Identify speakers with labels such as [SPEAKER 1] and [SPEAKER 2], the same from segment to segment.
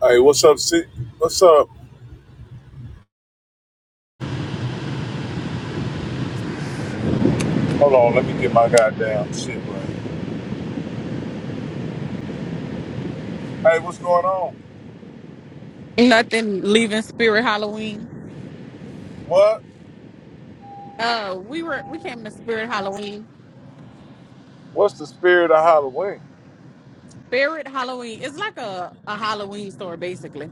[SPEAKER 1] Hey, what's up, Sid? What's up? Hold on, let me get my goddamn shit right. Hey, what's going on?
[SPEAKER 2] Nothing leaving Spirit Halloween.
[SPEAKER 1] What?
[SPEAKER 2] Uh we were we came to Spirit Halloween.
[SPEAKER 1] What's the spirit of Halloween?
[SPEAKER 2] Spirit Halloween is like a, a Halloween store basically.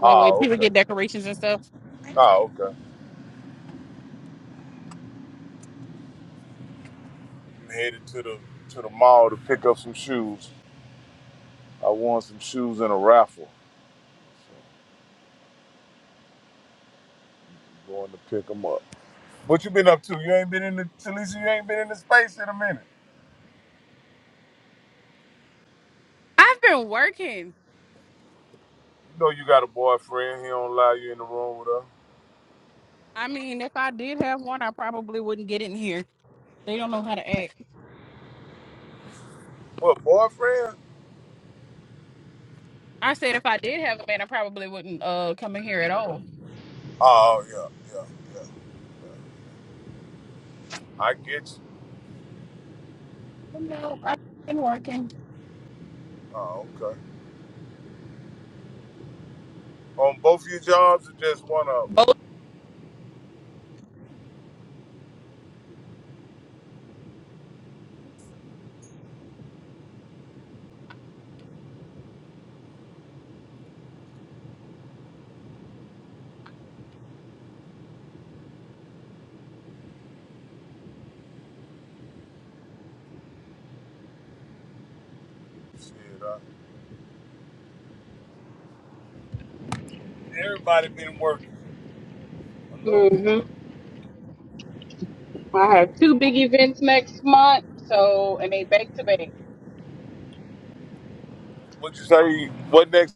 [SPEAKER 2] Like where
[SPEAKER 1] Oh,
[SPEAKER 2] people
[SPEAKER 1] okay.
[SPEAKER 2] get decorations and stuff.
[SPEAKER 1] Oh, okay. I'm headed to the to the mall to pick up some shoes. I won some shoes in a raffle. So I'm going to pick them up. What you been up to? You ain't been in the Talisa, you ain't been in the space in a minute.
[SPEAKER 2] I've been working.
[SPEAKER 1] You know you got a boyfriend, he don't allow you in the room with her.
[SPEAKER 2] I mean, if I did have one, I probably wouldn't get in here. They don't know how to act.
[SPEAKER 1] What, boyfriend?
[SPEAKER 2] I said if I did have a man, I probably wouldn't uh come in here at all.
[SPEAKER 1] Oh yeah, yeah, yeah. I get you.
[SPEAKER 2] But no, I've been working.
[SPEAKER 1] Oh, okay. On both of your jobs or just one of them?
[SPEAKER 2] Both
[SPEAKER 1] Shit, uh, everybody been working a little
[SPEAKER 2] hmm
[SPEAKER 1] bit.
[SPEAKER 2] I have two big events next month, so and they back to back.
[SPEAKER 1] What you say? What next?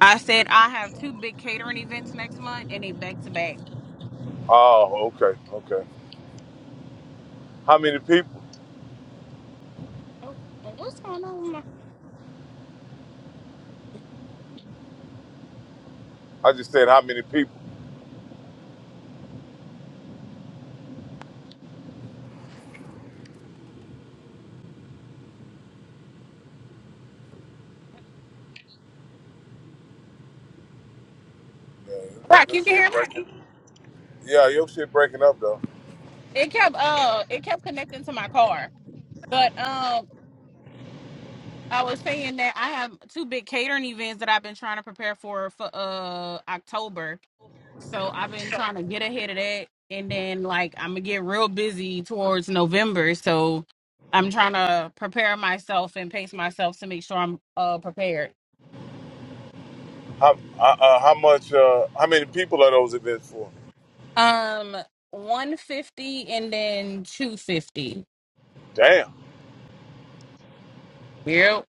[SPEAKER 2] I said I have two big catering events next month and they back to back.
[SPEAKER 1] Oh, okay, okay. How many people?
[SPEAKER 2] Oh, well, What's going on? with my-
[SPEAKER 1] I just said how many people. Yeah,
[SPEAKER 2] Rock,
[SPEAKER 1] your
[SPEAKER 2] you can hear
[SPEAKER 1] shit
[SPEAKER 2] me?
[SPEAKER 1] breaking. Yeah, your shit breaking up though.
[SPEAKER 2] It kept uh it kept connecting to my car. But um I was saying that I have two big catering events that I've been trying to prepare for for uh October. So I've been trying to get ahead of that and then like I'm going to get real busy towards November. So I'm trying to prepare myself and pace myself to make sure I'm uh prepared.
[SPEAKER 1] How uh, uh, how much? Uh, how many people are those events for?
[SPEAKER 2] Um, one fifty and then two fifty.
[SPEAKER 1] Damn.
[SPEAKER 2] Yep.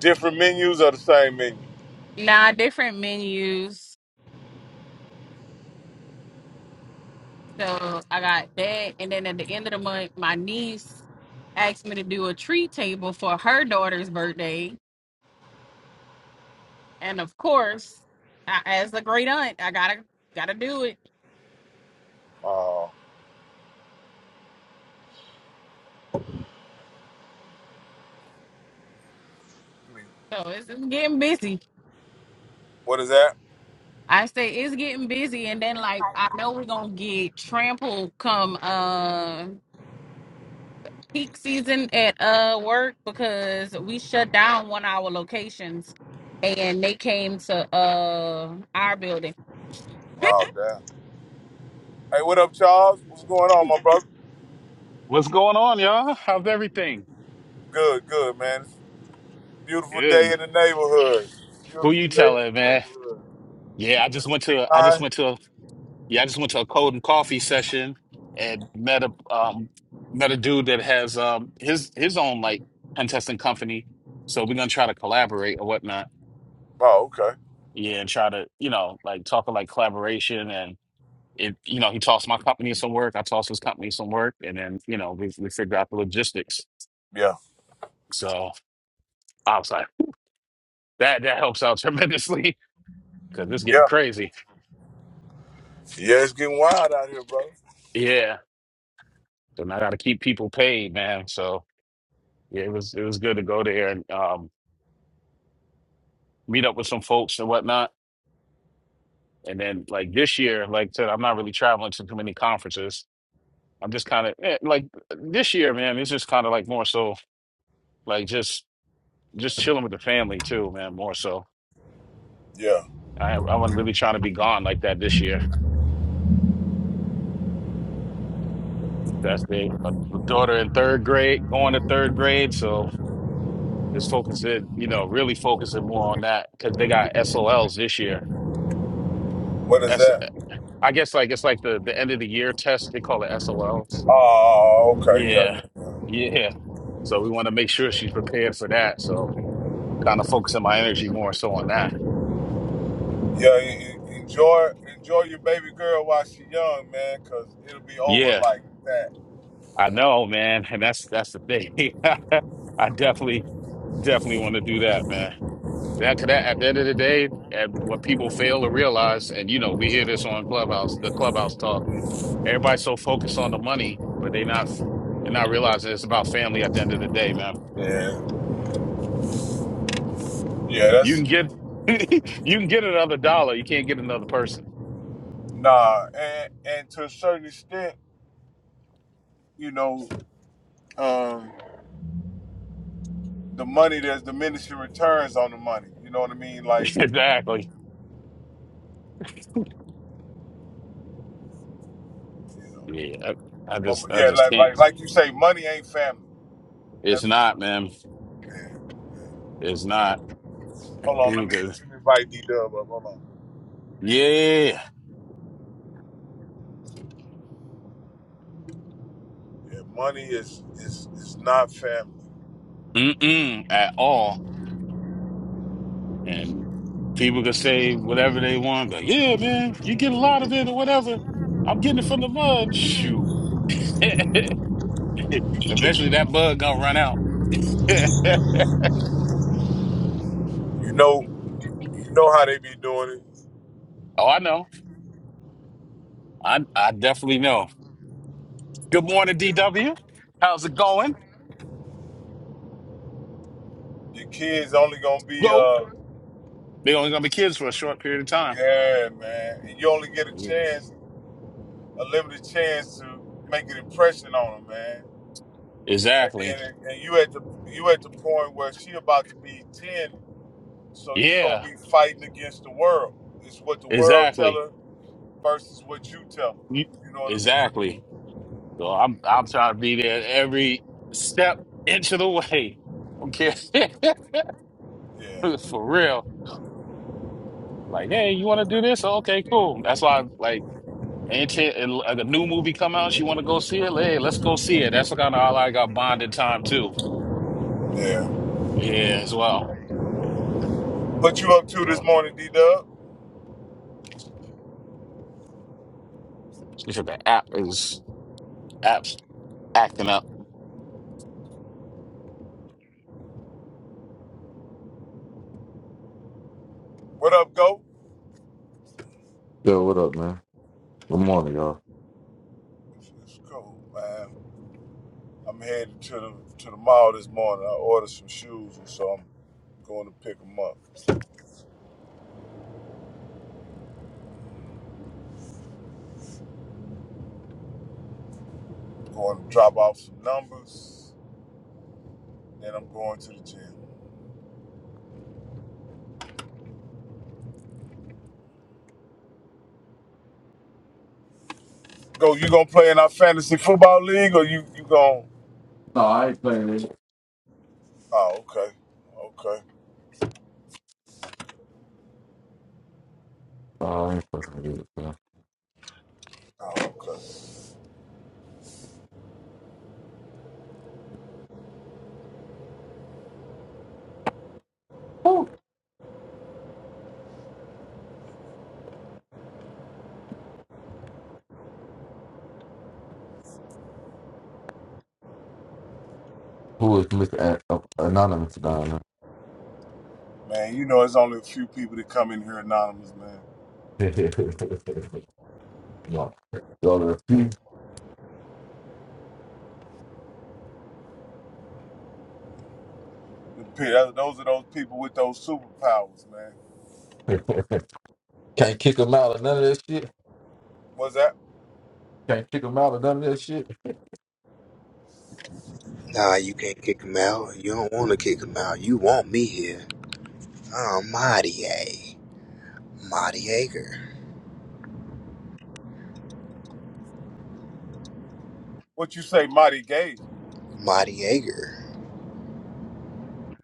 [SPEAKER 1] Different menus or the same menu?
[SPEAKER 2] Nah, different menus. So I got that, and then at the end of the month, my niece asked me to do a treat table for her daughter's birthday, and of course, I, as a great aunt, I gotta gotta do it.
[SPEAKER 1] Oh,
[SPEAKER 2] So it's, it's getting busy.
[SPEAKER 1] what is that?
[SPEAKER 2] I say it's getting busy, and then like I know we're gonna get trampled come. uh. peak season at uh work because we shut down one of our locations and they came to uh our building.
[SPEAKER 1] Oh, damn. Hey, what up, Charles? What's going on, my brother?
[SPEAKER 3] What's going on, y'all? How's everything?
[SPEAKER 1] Good, good, man. Beautiful day
[SPEAKER 3] Good.
[SPEAKER 1] in the neighborhood.
[SPEAKER 3] Who
[SPEAKER 1] Beautiful
[SPEAKER 3] you
[SPEAKER 1] day in
[SPEAKER 3] telling,
[SPEAKER 1] the
[SPEAKER 3] man?
[SPEAKER 1] neighborhood.
[SPEAKER 3] Yeah, I
[SPEAKER 1] Would
[SPEAKER 3] just
[SPEAKER 1] you
[SPEAKER 3] went
[SPEAKER 1] be
[SPEAKER 3] to a, I just
[SPEAKER 1] mine?
[SPEAKER 3] went to a, yeah, I just went to a cold and coffee session and met a um met a dude that has um his his own like pen testing company. So we're gonna try to collaborate or whatnot.
[SPEAKER 1] Oh, okay.
[SPEAKER 3] Yeah, and try to, you know, like talk of like collaboration and it you know, he tossed my company some work, I tossed his company some work, and then, you know, we we figured out the logistics.
[SPEAKER 1] Yeah.
[SPEAKER 3] So I was like, that that helps out tremendously because it's
[SPEAKER 1] Yeah.
[SPEAKER 3] getting crazy.
[SPEAKER 1] Yeah, it's getting wild out here, bro.
[SPEAKER 3] Yeah. And I got to keep people paid, man. So yeah, it was it was good to go there and um, meet up with some folks and whatnot. And then like this year, like I said, I'm not really traveling to too many conferences. I'm just kind of like this year, man. It's just kind of like more so like just just chilling with the family too, man. More so,
[SPEAKER 1] Yeah.
[SPEAKER 3] I I wasn't really trying to be gone like that this year. That's the my my daughter in third grade, going to third grade, so just focusing, you know, really focusing more on that because they got SOLs this year.
[SPEAKER 1] What is that?
[SPEAKER 3] I guess like it's like the the end of the year test. They call it SOLs.
[SPEAKER 1] Oh, okay.
[SPEAKER 3] Yeah,
[SPEAKER 1] Yeah.
[SPEAKER 3] yeah. So we want to make sure she's prepared for that. So kind of focusing my energy more so on that.
[SPEAKER 1] Yeah. en- en- Enjoy, enjoy your baby girl while she young, man, cause it'll be over
[SPEAKER 3] Yeah,
[SPEAKER 1] like that.
[SPEAKER 3] I know, man, and that's that's the thing. I definitely definitely want to do that, man. That, 'cause that at the end of the day, and what people fail to realize, and you know, we hear this on Clubhouse, the Clubhouse talk. Everybody's so focused on the money, but they not they're not realizing it's about family at the end of the day, man.
[SPEAKER 1] Yeah. Yeah.
[SPEAKER 3] You
[SPEAKER 1] That's
[SPEAKER 3] can get you can get another dollar. You can't get another person.
[SPEAKER 1] nah. And and to a certain extent, you know, um, the money there's diminishing returns on the money. You know what I mean? Like
[SPEAKER 3] exactly. Yeah. I, I
[SPEAKER 1] But
[SPEAKER 3] just I
[SPEAKER 1] yeah,
[SPEAKER 3] just
[SPEAKER 1] like like
[SPEAKER 3] can't.
[SPEAKER 1] like you say, money ain't family.
[SPEAKER 3] It's
[SPEAKER 1] That's for
[SPEAKER 3] not,
[SPEAKER 1] sure.
[SPEAKER 3] man. It's not.
[SPEAKER 1] Hold
[SPEAKER 3] And
[SPEAKER 1] on, let
[SPEAKER 3] People
[SPEAKER 1] me
[SPEAKER 3] could
[SPEAKER 1] let me invite D Dub up. Hold on.
[SPEAKER 3] yeah.
[SPEAKER 1] Yeah, money is is is not family.
[SPEAKER 3] Mm-mm at all. And people could say whatever they want, but yeah, man, you get a lot of it or whatever. I'm getting it from the mud. Shoot. Eventually that bug gonna run out.
[SPEAKER 1] You know, you know how they be doing it.
[SPEAKER 3] oh, I know. I I definitely know. Good morning, DW. How's it going?
[SPEAKER 1] Your kids only gonna be uh,
[SPEAKER 3] They're only gonna be kids for a short period of time.
[SPEAKER 1] yeah, man. And you only get a
[SPEAKER 3] Yeah.
[SPEAKER 1] chance, a limited chance to make an impression on them, man. And then
[SPEAKER 3] Exactly.
[SPEAKER 1] and you at the you at the point where she about to be ten, so you gonna
[SPEAKER 3] Yeah.
[SPEAKER 1] be fighting against the world. It's what the world tell
[SPEAKER 3] Exactly.
[SPEAKER 1] her versus what you tell
[SPEAKER 3] You-
[SPEAKER 1] them. You know what I mean?
[SPEAKER 3] Exactly. So I'm I'm trying to be there every step inch of the way. Okay.
[SPEAKER 1] Yeah,
[SPEAKER 3] for real. Like, hey, you want to do this? Okay, cool. That's why, like, ain't it- like a new movie come out? She want to go see it? Hey, let's go see it. That's kind of all I got bonded time too.
[SPEAKER 1] yeah.
[SPEAKER 3] Yeah, as well.
[SPEAKER 1] What you up to this
[SPEAKER 3] So,
[SPEAKER 1] morning, D Dub?
[SPEAKER 3] she said the app is apps acting up.
[SPEAKER 1] What up, go?
[SPEAKER 4] Yo, what up, man? Good morning, y'all.
[SPEAKER 1] It's it's cool, man. I'm headed to the to the mall this morning. I ordered some shoes, and so I'm going to pick them up. Going to drop off some numbers, then I'm going to the gym. Go, you gonna play in our fantasy football league, or you you gonna?
[SPEAKER 4] No, I ain't playing it.
[SPEAKER 1] Oh, okay, okay,
[SPEAKER 4] Uh, I ain't fucking with it, man.
[SPEAKER 1] oh, okay.
[SPEAKER 4] Who Who is Mr. An- uh, Anonymous down
[SPEAKER 1] Man, you know it's only a few people that come in here anonymous, man.
[SPEAKER 4] there? Y'all y'all are-
[SPEAKER 1] Those are those people with those superpowers, man.
[SPEAKER 4] Can't kick him out of none of that shit.
[SPEAKER 1] What's that?
[SPEAKER 4] Can't kick him out of none of that shit.
[SPEAKER 5] Nah, you can't kick him out. You don't want to kick him out. You want me here. I'm Marty A. Marty Ager.
[SPEAKER 1] What you say, Mighty Gay?
[SPEAKER 5] Marty Ager.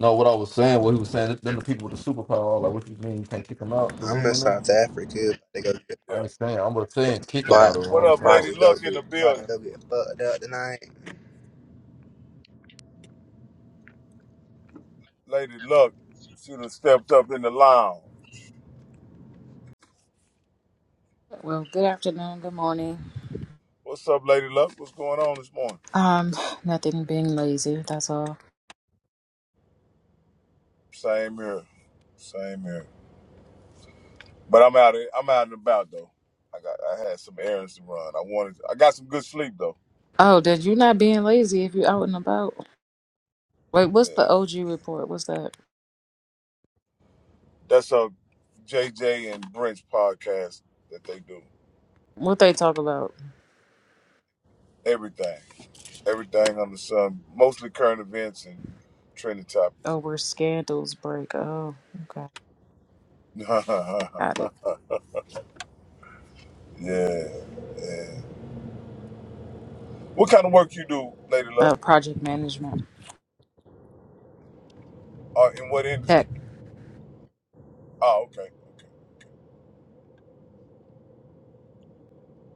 [SPEAKER 4] No, what I was saying, what he was saying, then the people with the superpower, I was like, what you mean you can't kick him out the
[SPEAKER 5] I'm
[SPEAKER 4] room
[SPEAKER 5] in
[SPEAKER 4] or nothing?
[SPEAKER 5] South Africa. About to
[SPEAKER 4] I
[SPEAKER 1] Yeah.
[SPEAKER 4] ain't saying, I'm just saying kick him out of the room. I
[SPEAKER 1] What
[SPEAKER 4] was
[SPEAKER 1] up,
[SPEAKER 4] saying, I
[SPEAKER 5] go get, about, about
[SPEAKER 1] Lady
[SPEAKER 4] was,
[SPEAKER 5] to go
[SPEAKER 1] Luck in the
[SPEAKER 5] get, about to
[SPEAKER 1] building?
[SPEAKER 5] go get fucked up tonight.
[SPEAKER 1] Lady Luck, she done stepped up in the lounge.
[SPEAKER 6] Well, good afternoon, good morning.
[SPEAKER 1] What's up, Lady Luck? What's going on this morning?
[SPEAKER 6] Um, nothing being lazy, that's all.
[SPEAKER 1] Same here, same here. But I'm out. Of, I'm out and about though. I got. I had some errands to run. I wanted. I got some good sleep though.
[SPEAKER 6] Oh, did you not being lazy if you are out and about? Wait, what's
[SPEAKER 1] Yeah.
[SPEAKER 6] the OG report? What's that?
[SPEAKER 1] That's a JJ and Brent's podcast that they do.
[SPEAKER 6] What they talk about?
[SPEAKER 1] Everything. everything under the sun, mostly current events and trending topics.
[SPEAKER 6] Oh, where scandals break. Oh, okay. Got it.
[SPEAKER 1] yeah, yeah. What kind of work you do, Lady Love?
[SPEAKER 6] Uh, project management.
[SPEAKER 1] Uh, in what
[SPEAKER 6] Tech.
[SPEAKER 1] industry? Oh, okay. okay.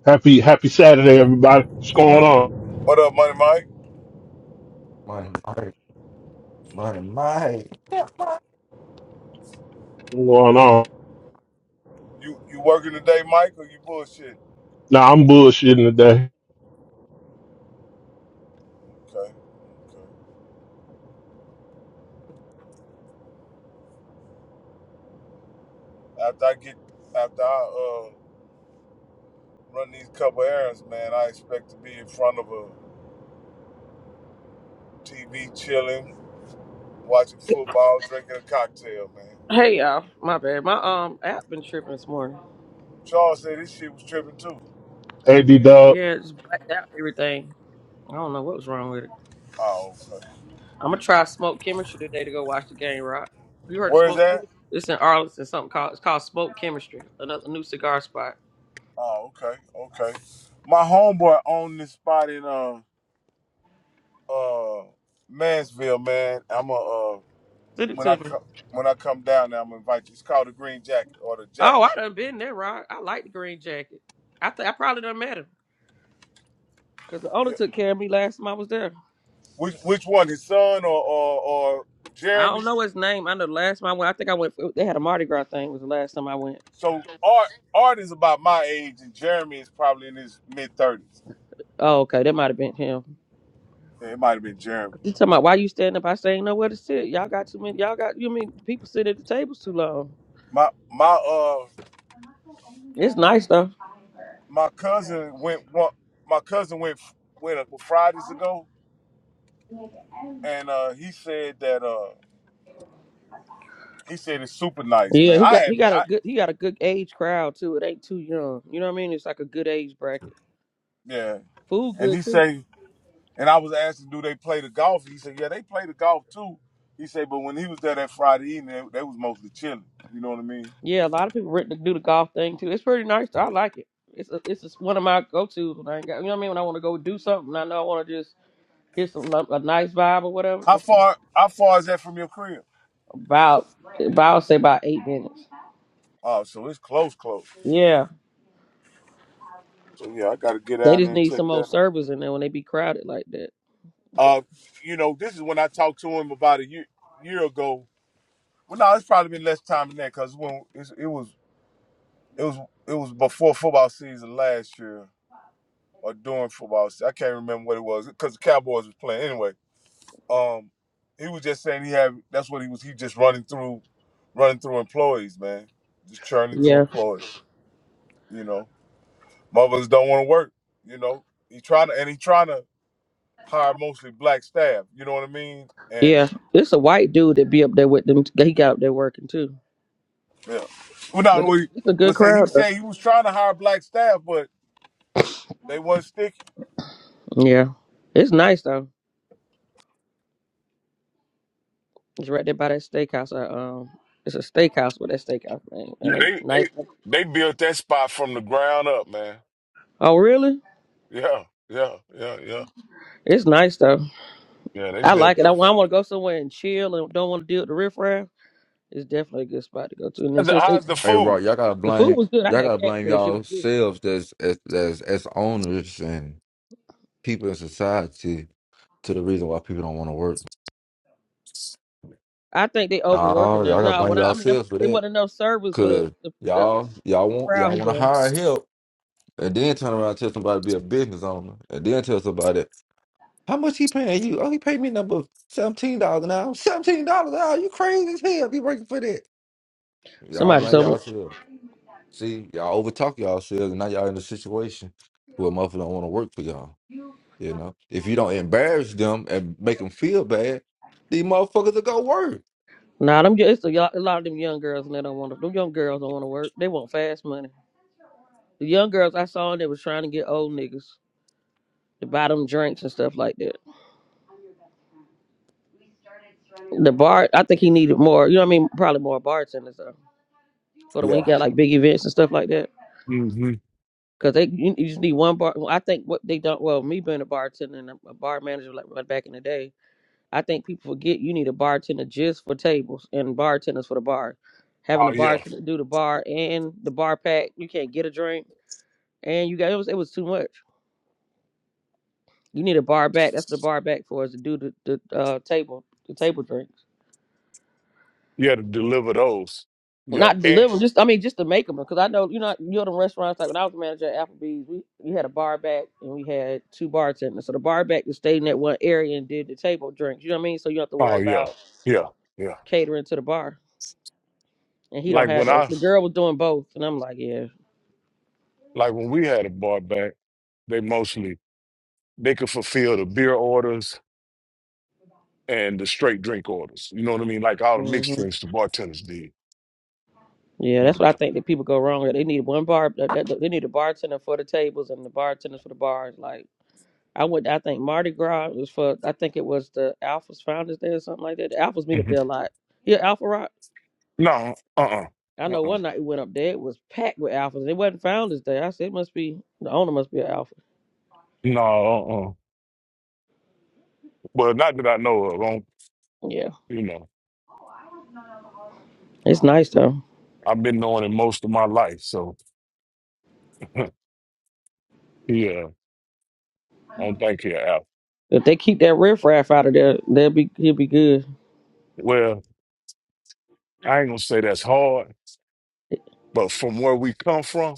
[SPEAKER 7] Happy happy Saturday, everybody. What's going on?
[SPEAKER 1] What up, Money Mike?
[SPEAKER 4] my, my, my, my,
[SPEAKER 7] What's going on?
[SPEAKER 1] You you working today, Mike, or you bullshit?
[SPEAKER 7] Now I'm bullshitting today.
[SPEAKER 1] Okay. okay. After I get after I uh run these couple errands, man, I expect to be in front of a TV chilling, watching football, drinking a cocktail, man.
[SPEAKER 8] Hey y'all, my bad. My um app been tripping this morning.
[SPEAKER 1] Charles said this shit was tripping too.
[SPEAKER 7] AD Dub,
[SPEAKER 8] Yeah, it just blacked out everything. I don't know what was wrong with it.
[SPEAKER 1] Oh, okay.
[SPEAKER 8] I'm gonna try smoke chemistry today to go watch the game. Rock. You heard of
[SPEAKER 1] Where's
[SPEAKER 8] smoke
[SPEAKER 1] that?
[SPEAKER 8] chemistry? It's in Arlington. Something called it's called smoke chemistry. Another new cigar spot.
[SPEAKER 1] Oh, okay, okay. My homeboy owned this spot in uh uh Mansville, man. I'm a uh
[SPEAKER 8] Send it
[SPEAKER 1] when
[SPEAKER 8] to
[SPEAKER 1] I
[SPEAKER 8] me.
[SPEAKER 1] come when I come down there, I'm gonna invite you. It's called the Green Jacket or the Jacket.
[SPEAKER 8] Oh, I done been there, Rock. I like the green jacket. I think I probably done met him because the owner
[SPEAKER 1] Yeah.
[SPEAKER 8] took care of me last time I was there.
[SPEAKER 1] Which which one? His son or or, or
[SPEAKER 8] I don't
[SPEAKER 1] Jeremy?
[SPEAKER 8] know his name. I know the last time I went, I think I went. they had a Mardi Gras thing. Was the last time I went.
[SPEAKER 1] So Art Art is about my age, and Jeremy is probably in his mid thirties.
[SPEAKER 8] Oh, okay, that might have been him.
[SPEAKER 1] It might have been Jeremy.
[SPEAKER 8] You talking about why you standing up? I say ain't nowhere to sit. Y'all got too many. Y'all got you mean people sit at the tables too long.
[SPEAKER 1] My my uh
[SPEAKER 8] It's nice though.
[SPEAKER 1] my cousin went one. My cousin went went a, well, Fridays ago, and uh he said that. uh. He said it's super nice,
[SPEAKER 8] Yeah,
[SPEAKER 1] man.
[SPEAKER 8] he
[SPEAKER 1] I
[SPEAKER 8] got he
[SPEAKER 1] had,
[SPEAKER 8] got a
[SPEAKER 1] I,
[SPEAKER 8] good he got a good age crowd too. It ain't too young. You know what I mean? It's like a good age bracket.
[SPEAKER 1] yeah.
[SPEAKER 8] Food
[SPEAKER 1] And he
[SPEAKER 8] good too.
[SPEAKER 1] say, and I was asking, do they play the golf? He said, yeah, they play the golf too. He said, but when he was there that Friday evening, they, they was mostly chilling. You know what I mean?
[SPEAKER 8] Yeah, a lot of people rent to do the golf thing too. It's pretty nice. I like it. It's a, it's just one of my go tos when I ain't got you know what I mean when I want to go do something. I know I want to just hear some lo- a nice vibe or whatever.
[SPEAKER 1] How
[SPEAKER 8] It's
[SPEAKER 1] far, how far is that from your crib?
[SPEAKER 8] about about say about eight minutes.
[SPEAKER 1] Oh, so it's close, close.
[SPEAKER 8] Yeah,
[SPEAKER 1] So yeah, I got to get
[SPEAKER 8] they
[SPEAKER 1] down
[SPEAKER 8] just
[SPEAKER 1] there and
[SPEAKER 8] need
[SPEAKER 1] check
[SPEAKER 8] some old
[SPEAKER 1] that out.
[SPEAKER 8] servers in there when they be crowded like
[SPEAKER 1] Uh, you know, this is when I talked to him about a year, year ago. Well, no, it's probably been less time than that because when it's, it was, it was, it was before football season last year or during football. se- I can't remember what it was because the Cowboys was playing anyway. Um, he was just saying he had. That's what he was. He just running through, running through employees, man. Just churning
[SPEAKER 8] that.
[SPEAKER 1] through employees. You know, mothers don't want to work. You know, he trying to and he trying to hire mostly black staff. You know what I mean? And
[SPEAKER 8] Yeah, it's a white dude that be up there with them. He got up there working too.
[SPEAKER 1] yeah, well, not
[SPEAKER 8] But it's,
[SPEAKER 1] we
[SPEAKER 8] it's a good
[SPEAKER 1] Was saying he
[SPEAKER 8] crowd though.
[SPEAKER 1] said he was trying to hire black staff, but they wasn't sticking.
[SPEAKER 8] Yeah, it's nice though. It's right there by that steakhouse. I, um, it's a steakhouse with that steakhouse name
[SPEAKER 1] Yeah,
[SPEAKER 8] and a
[SPEAKER 1] they
[SPEAKER 8] nice.
[SPEAKER 1] they they built that spot from the ground up, man.
[SPEAKER 8] Oh really?
[SPEAKER 1] Yeah, yeah, yeah, yeah.
[SPEAKER 8] It's nice though.
[SPEAKER 1] Yeah, they
[SPEAKER 8] I
[SPEAKER 1] built
[SPEAKER 8] like it.
[SPEAKER 1] that.
[SPEAKER 8] I, want to go somewhere and chill and don't want to deal with the riffraff. It's definitely a good spot to go to. And then
[SPEAKER 1] How's the
[SPEAKER 8] since they,
[SPEAKER 1] how's the
[SPEAKER 4] Hey,
[SPEAKER 1] food?
[SPEAKER 4] right, y'all gotta
[SPEAKER 8] the food
[SPEAKER 4] blame
[SPEAKER 8] was good, I
[SPEAKER 4] y'all gotta
[SPEAKER 8] had
[SPEAKER 4] blame you
[SPEAKER 8] catfish. It was good.
[SPEAKER 4] yourselves as as as, as owners and people in society to the reason why people don't want to work.
[SPEAKER 8] I think they
[SPEAKER 4] Nah,
[SPEAKER 8] overworking
[SPEAKER 4] y'all
[SPEAKER 8] them.
[SPEAKER 4] gotta
[SPEAKER 8] No,
[SPEAKER 4] blame
[SPEAKER 8] when I, I mean,
[SPEAKER 4] yourselves for
[SPEAKER 8] it
[SPEAKER 4] that.
[SPEAKER 8] wasn't enough service for the
[SPEAKER 4] Cause
[SPEAKER 8] the, the,
[SPEAKER 4] y'all y'all
[SPEAKER 8] the
[SPEAKER 4] want y'all
[SPEAKER 8] crowd he
[SPEAKER 4] want to
[SPEAKER 8] had.
[SPEAKER 4] hire help and then turn around and tell somebody to be a business owner and then tell somebody how much he paying you? Oh, he paid me number seventeen dollars an hour. Seventeen dollars an hour? You crazy as hell? Be working for that? Y'all
[SPEAKER 8] Somebody
[SPEAKER 4] blame
[SPEAKER 8] told me
[SPEAKER 4] y'all selves. See, y'all overtalk y'all selves, and now y'all in a situation where motherfucker don't want to work for y'all. You know, if you don't embarrass them and make them feel bad, these motherfuckers will go work.
[SPEAKER 8] Nah, them it's a, yo- a lot of them young girls and they don't want to. Them young girls don't want to work. They want fast money. The young girls I saw they was trying to get old niggas to buy them drinks and stuff like that. The bar, I think he needed more. You know what I mean? Probably more bartenders though. For the when he
[SPEAKER 1] Yeah.
[SPEAKER 8] got like big events and stuff like that.
[SPEAKER 1] hmm
[SPEAKER 8] Cause they you, you just need one bar. well, I think what they don't. Well, me being a bartender and a, a bar manager like like back in the day, I think people forget you need a bartender just for tables and bartenders for the bar. Having
[SPEAKER 1] Oh
[SPEAKER 8] a
[SPEAKER 1] yeah.
[SPEAKER 8] bartender do the bar and the bar pack, you can't get a drink and you got it was it was too much. You need a bar back. That's what a bar back for is to do the, the uh, table the table drinks,
[SPEAKER 1] You had to deliver those. Yeah.
[SPEAKER 8] not
[SPEAKER 1] And
[SPEAKER 8] deliver. Just I mean just to make them because I know you know you know the restaurants like when I was a manager at Applebee's we we had a bar back and we had two bartenders. So the bar back just stayed in that one area and did the table drinks. You know what I mean? So you don't have to
[SPEAKER 1] oh
[SPEAKER 8] worry
[SPEAKER 1] yeah.
[SPEAKER 8] about
[SPEAKER 1] Yeah. Yeah.
[SPEAKER 8] catering to the bar. And he don't
[SPEAKER 1] Like
[SPEAKER 8] have
[SPEAKER 1] when
[SPEAKER 8] that.
[SPEAKER 1] I
[SPEAKER 8] The girl was doing both, and I'm like, yeah.
[SPEAKER 1] like when we had a bar back, they mostly they could fulfill the beer orders and the straight drink orders. You know what I mean? Like all the mixed
[SPEAKER 8] hmm
[SPEAKER 1] drinks the bartenders did.
[SPEAKER 8] Yeah,
[SPEAKER 1] But
[SPEAKER 8] that's what I
[SPEAKER 1] the,
[SPEAKER 8] think that people go wrong. with. They need one bar. that- that- They need a bartender for the tables and the bartenders for the bars. Like I went. I think Mardi Gras was for. I think it was the Alphas Founders Day or something like that. The Alphas meet up
[SPEAKER 1] Mhm.
[SPEAKER 8] there a lot. Yeah, Alpha Rock.
[SPEAKER 1] no, uh uh-uh,
[SPEAKER 8] I know
[SPEAKER 1] uh.
[SPEAKER 8] one night we went up there. It was packed with Alphas. and It wasn't Founders Day. I said it must be the owner must be an Alpha.
[SPEAKER 1] No, uh uh. Well not that I know of. I don't,
[SPEAKER 8] Yeah,
[SPEAKER 1] you know.
[SPEAKER 8] it's nice though.
[SPEAKER 1] I've been knowing it most of my life, so yeah. I don't think here.
[SPEAKER 8] If they keep that riffraff out of there, they'll be he'll be good.
[SPEAKER 1] Well, I ain't gonna say that's hard, but from where we come from,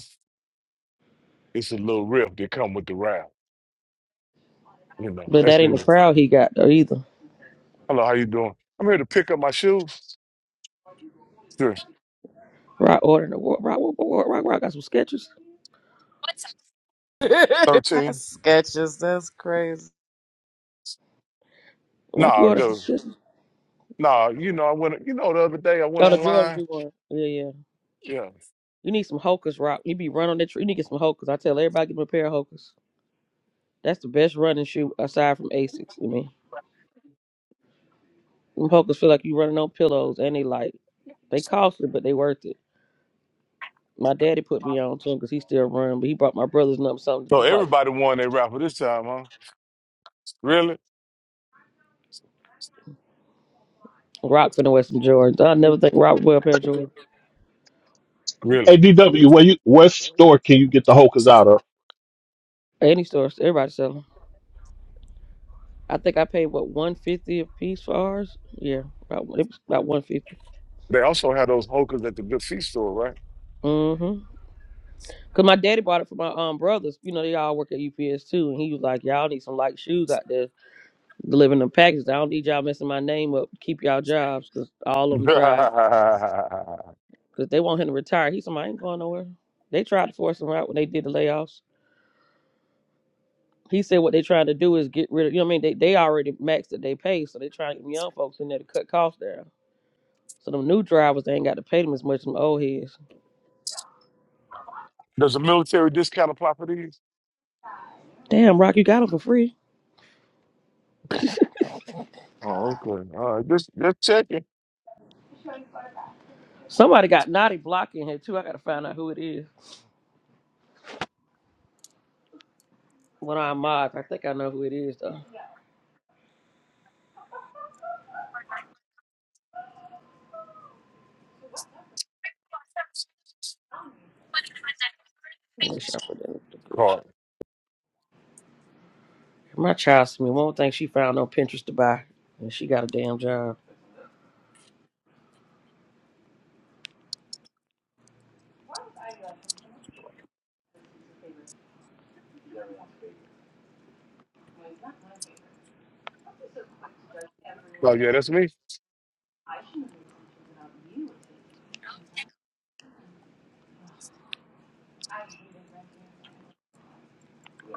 [SPEAKER 1] it's a little rift that come with the route. You know,
[SPEAKER 8] But
[SPEAKER 1] that's
[SPEAKER 8] that ain't
[SPEAKER 1] the
[SPEAKER 8] the crowd he got though either.
[SPEAKER 1] hello. How you doing? I'm here to pick up my shoes. Sure.
[SPEAKER 8] Rock ordering the rock rock rock rock rock. rock. Got some sketches.
[SPEAKER 6] That's
[SPEAKER 1] Thirteen.
[SPEAKER 6] sketches. That's crazy.
[SPEAKER 8] Rock you
[SPEAKER 1] No,
[SPEAKER 8] ordered some
[SPEAKER 1] dude.
[SPEAKER 8] sketches.
[SPEAKER 1] No, you know I went. You know the other day I went
[SPEAKER 8] Oh, the Jordans
[SPEAKER 1] online.
[SPEAKER 8] you want? Yeah, yeah.
[SPEAKER 1] Yeah.
[SPEAKER 8] You need some hokers, Rock. You be running on that tree. You need to get some hokers. I tell everybody, get them a pair of hokers. That's the best running shoe aside from Asics to me. Them hokas feel like you running on pillows and they light. They costly, but they worth it. My daddy put me on to 'em 'cause he still run, but he brought my brother's number something.
[SPEAKER 1] So
[SPEAKER 8] He's my
[SPEAKER 1] everybody won their raffle this time, huh? Really?
[SPEAKER 8] Rock finna wear some Jordans. I never think Rock would wear a pair of Jordans.
[SPEAKER 1] Really?
[SPEAKER 7] ADW, where you what store can you get the Hokers out of?
[SPEAKER 8] Any stores, everybody sell 'em. I think I paid what one fifty a piece for ours. Yeah, about it was about one fifty.
[SPEAKER 1] They also had those hokers at the good feast store, right?
[SPEAKER 8] Mm-hmm. Cause my daddy bought it for my um brothers. You know they all work at UPS too, and he was like, "Y'all need some light shoes out there." delivering them packages. I don't need y'all messing my name up. Keep y'all jobs because all of them drive because they want him to retire. He said, I ain't going nowhere. They tried to force him out when they did the layoffs. He said what they trying to do is get rid of, you know what I mean? They, they already maxed that they pay, so they trying to get young folks in there to cut costs down. So them new drivers, they ain't got to pay them as much as them old heads.
[SPEAKER 1] Does a military discount apply for these?
[SPEAKER 8] Damn, Rock, you got them for free.
[SPEAKER 1] Oh, okay. All right. Just just checking.
[SPEAKER 8] Somebody got Naughty Block in here, too. I got to find out who it is. One of our mods. I think I know who it is, though. Let me shuffle that. up.
[SPEAKER 1] Card.
[SPEAKER 8] My child sent me one thing she found on Pinterest to buy, and she got a damn job.
[SPEAKER 1] Oh yeah, that's me.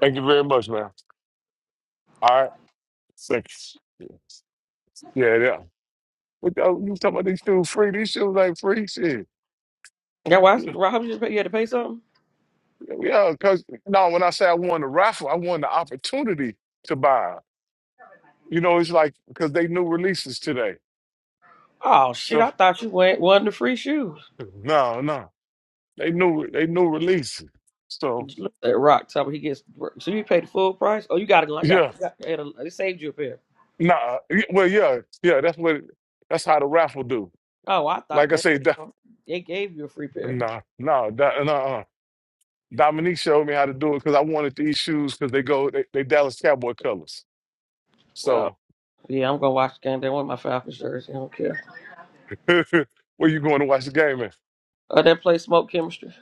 [SPEAKER 1] Thank you very much, man. All right. Thanks. Yeah, yeah. What the, oh, you was talking about these shoes free? These shoes ain't free. Shit.
[SPEAKER 8] That why Rob you just pay- you had to pay something?
[SPEAKER 1] Yeah, because no, when I say I won the raffle, I won the opportunity to buy. 'em. You know, it's like because they new releases today.
[SPEAKER 8] Oh shit!
[SPEAKER 1] So
[SPEAKER 8] I thought you went wasn't the free shoes.
[SPEAKER 1] no, no. They new they new releases. So
[SPEAKER 8] Just Look at that rock top. He gets so you paid the full price. Oh, you got it. Like got,
[SPEAKER 1] yeah.
[SPEAKER 8] you got they saved you a pair.
[SPEAKER 1] Nah. y- Well, yeah, yeah, that's what that's how the raffle do.
[SPEAKER 8] Oh, I thought
[SPEAKER 1] Like I
[SPEAKER 8] that
[SPEAKER 1] say, that,
[SPEAKER 8] damn, they gave you a free pair.
[SPEAKER 1] nah, nah, that, nah. Dominique showed me how to do it because I wanted these shoes because they go they, they Dallas Cowboy colors.
[SPEAKER 8] Oh
[SPEAKER 1] So
[SPEAKER 8] yeah, I'm gonna watch the game. They want my Falcons jersey. I don't care.
[SPEAKER 1] where you going to watch the game at?
[SPEAKER 8] Uh, that play smoke chemistry.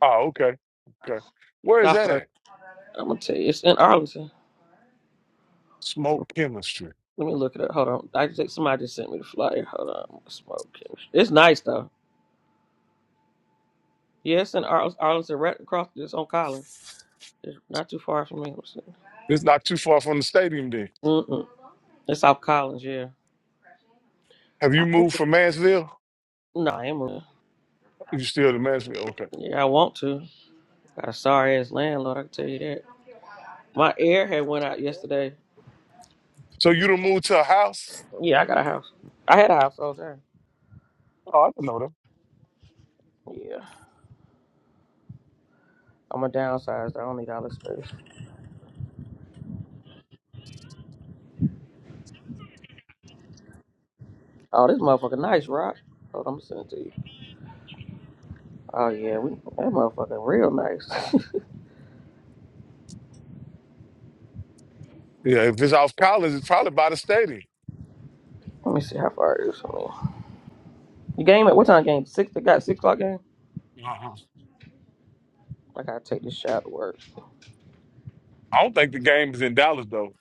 [SPEAKER 1] Oh, okay. Okay. Where is
[SPEAKER 8] Stop
[SPEAKER 1] that
[SPEAKER 8] her.
[SPEAKER 1] at?
[SPEAKER 8] I'm gonna tell you, it's in Arlington.
[SPEAKER 1] Smoke chemistry.
[SPEAKER 8] Let me look it up. Hold on. I think somebody just sent me the flyer. Hold on. Smoke chemistry. It's nice though. Yes, in Arl- Arlington, right across. It's on Collins. It's not too far from me.
[SPEAKER 1] It's not too far from the stadium then.
[SPEAKER 8] Mm-mm. It's off Collins. Yeah.
[SPEAKER 1] Have
[SPEAKER 8] I
[SPEAKER 1] you
[SPEAKER 8] think
[SPEAKER 1] moved
[SPEAKER 8] it's,
[SPEAKER 1] from Mansville?
[SPEAKER 8] no, I am. A,
[SPEAKER 1] You still in Mansville? Okay.
[SPEAKER 8] yeah, I want to. Got a sorry ass landlord. I can tell you that. My air had went out yesterday.
[SPEAKER 1] So you done moved to a house?
[SPEAKER 8] Yeah, I got a house. I had a house all the time.
[SPEAKER 1] Oh, I don't know them.
[SPEAKER 8] Yeah, I'm a downsized. I don't need all this space. Oh, this motherfucker nice, Rock. Hold on, I'm sending it to you. Oh yeah, we, that motherfucker real nice.
[SPEAKER 1] Yeah, if it's off Collins, it's probably by the stadium.
[SPEAKER 8] Let me see how far it is from me. The game at what time? Game six. They got six o'clock game.
[SPEAKER 1] Uh-huh.
[SPEAKER 8] I gotta take this shot to work.
[SPEAKER 1] I don't think the game is in Dallas though.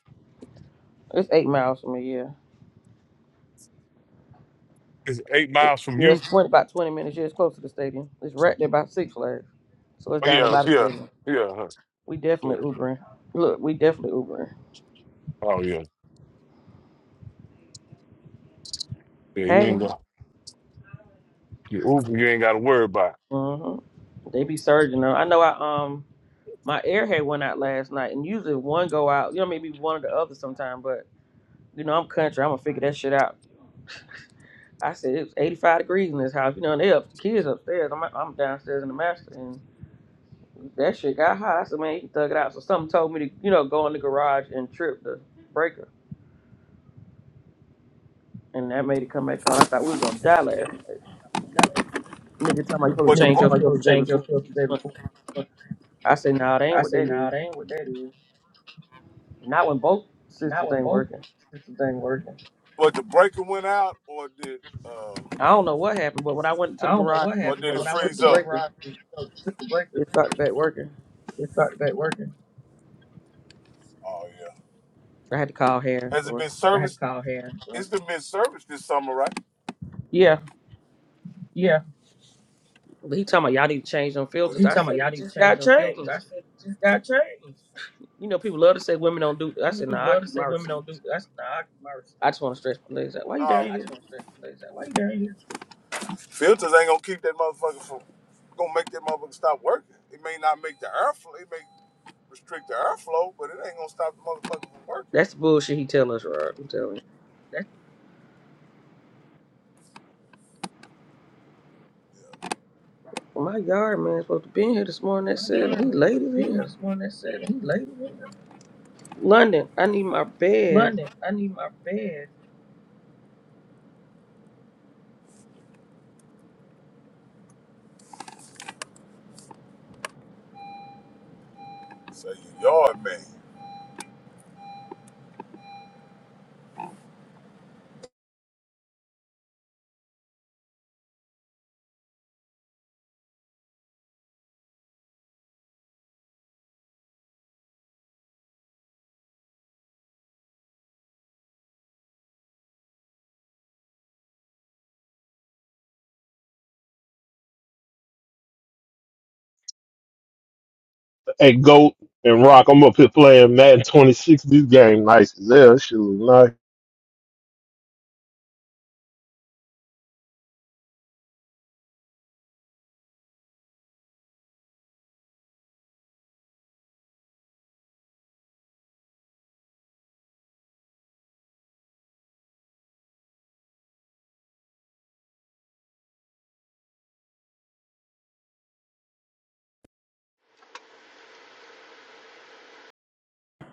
[SPEAKER 8] It's eight miles from here.
[SPEAKER 1] It's eight
[SPEAKER 8] Yeah,
[SPEAKER 1] miles from
[SPEAKER 8] Yeah,
[SPEAKER 1] you.
[SPEAKER 8] it's 20, about twenty minutes. Yeah, it's close to the stadium. It's right there by Six Flags, so it's
[SPEAKER 1] Oh,
[SPEAKER 8] down there
[SPEAKER 1] yeah,
[SPEAKER 8] by the
[SPEAKER 1] yeah,
[SPEAKER 8] stadium.
[SPEAKER 1] yeah, huh,
[SPEAKER 8] We
[SPEAKER 1] yeah.
[SPEAKER 8] definitely Ubering. Look, we definitely Ubering.
[SPEAKER 1] Oh yeah, yeah. You
[SPEAKER 8] Hey,
[SPEAKER 1] ain't go. You Uber, you ain't got to worry about.
[SPEAKER 8] mm-hmm. they be surging
[SPEAKER 1] it.
[SPEAKER 8] though. I know. I um, my airhead went out last night, and usually one go out. You know, maybe one or the other sometime. But you know, I'm country. I'm gonna figure that shit out. I said it was 85 degrees in this house. You know, and they up the kids upstairs. I'm I'm downstairs in the master, That shit got hot, so man, he dug it out. So something told me to, you know, go in the garage and trip the breaker. And that made it come back on. I thought we was gonna die last night. Nigga talking about you supposed
[SPEAKER 1] But
[SPEAKER 8] to
[SPEAKER 1] the Nigga book, talking
[SPEAKER 8] change
[SPEAKER 1] book,
[SPEAKER 8] your
[SPEAKER 1] about you gonna
[SPEAKER 8] filters every
[SPEAKER 1] change your
[SPEAKER 8] four to
[SPEAKER 1] stuff
[SPEAKER 8] six
[SPEAKER 1] today
[SPEAKER 8] months.
[SPEAKER 1] before.
[SPEAKER 8] I said, nah, that
[SPEAKER 1] I
[SPEAKER 8] ain't what
[SPEAKER 1] said,
[SPEAKER 8] that
[SPEAKER 1] nah,
[SPEAKER 8] is.
[SPEAKER 1] that ain't what that is.
[SPEAKER 8] Not when both
[SPEAKER 1] Not
[SPEAKER 8] systems
[SPEAKER 1] when
[SPEAKER 8] ain't
[SPEAKER 1] both
[SPEAKER 8] working.
[SPEAKER 1] systems ain't working. but the breaker went out, or did uh,
[SPEAKER 8] I don't know what happened, but when I went to
[SPEAKER 1] I
[SPEAKER 8] the
[SPEAKER 1] don't know
[SPEAKER 8] garage
[SPEAKER 1] what or
[SPEAKER 8] and
[SPEAKER 1] happened,
[SPEAKER 8] you
[SPEAKER 1] did but it
[SPEAKER 8] know,
[SPEAKER 1] when I went
[SPEAKER 8] took
[SPEAKER 1] freeze
[SPEAKER 8] the
[SPEAKER 1] to up?
[SPEAKER 8] breaker,
[SPEAKER 1] ride and uh, took the breaker,
[SPEAKER 8] it started back working.
[SPEAKER 1] it started back working. Oh yeah.
[SPEAKER 8] So I had to call Harry, of
[SPEAKER 1] Has it been
[SPEAKER 8] course.
[SPEAKER 1] I had to serviced? call Harry. It's been been serviced this summer, right?
[SPEAKER 8] Yeah.
[SPEAKER 1] Yeah.
[SPEAKER 8] But he talking about y'all need to change them
[SPEAKER 1] Was
[SPEAKER 8] filters.
[SPEAKER 1] He
[SPEAKER 8] I
[SPEAKER 1] talking about
[SPEAKER 8] said,
[SPEAKER 1] y'all
[SPEAKER 8] it
[SPEAKER 1] need to
[SPEAKER 8] just
[SPEAKER 1] change
[SPEAKER 8] got
[SPEAKER 1] your filters. I
[SPEAKER 8] changed.
[SPEAKER 1] said, it just got changed.
[SPEAKER 8] You know, people love to say women don't do I
[SPEAKER 1] You
[SPEAKER 8] said,
[SPEAKER 1] people
[SPEAKER 8] nah, I
[SPEAKER 1] love to
[SPEAKER 8] keep
[SPEAKER 1] say
[SPEAKER 8] my
[SPEAKER 1] women don't do that.
[SPEAKER 8] receipts.
[SPEAKER 1] That's not nah, I- my response.
[SPEAKER 8] I just want to stretch my legs out. Why
[SPEAKER 1] no,
[SPEAKER 8] you
[SPEAKER 1] I
[SPEAKER 8] down here?
[SPEAKER 1] just want to say, like, why you down here? Filters ain't gonna keep that motherfucker from gonna make that motherfucker stop working. It may not make the airflow, it may restrict the airflow, but it ain't gonna stop the motherfucker from working.
[SPEAKER 8] That's the bullshit he telling us, Rod. I'm telling you.
[SPEAKER 1] That's
[SPEAKER 8] Well, my yard man supposed to be in here this morning at
[SPEAKER 1] my
[SPEAKER 8] seven. He
[SPEAKER 1] yard man
[SPEAKER 8] late
[SPEAKER 1] fucking been
[SPEAKER 8] as
[SPEAKER 1] here
[SPEAKER 8] hell.
[SPEAKER 1] this morning. That said he late.
[SPEAKER 8] London, I need my bed.
[SPEAKER 1] London, I need my bed. Say you yard man.
[SPEAKER 7] Hey, Goat and Rock, I'm up here playing Madden 26. This game nice as hell. This Shit look nice.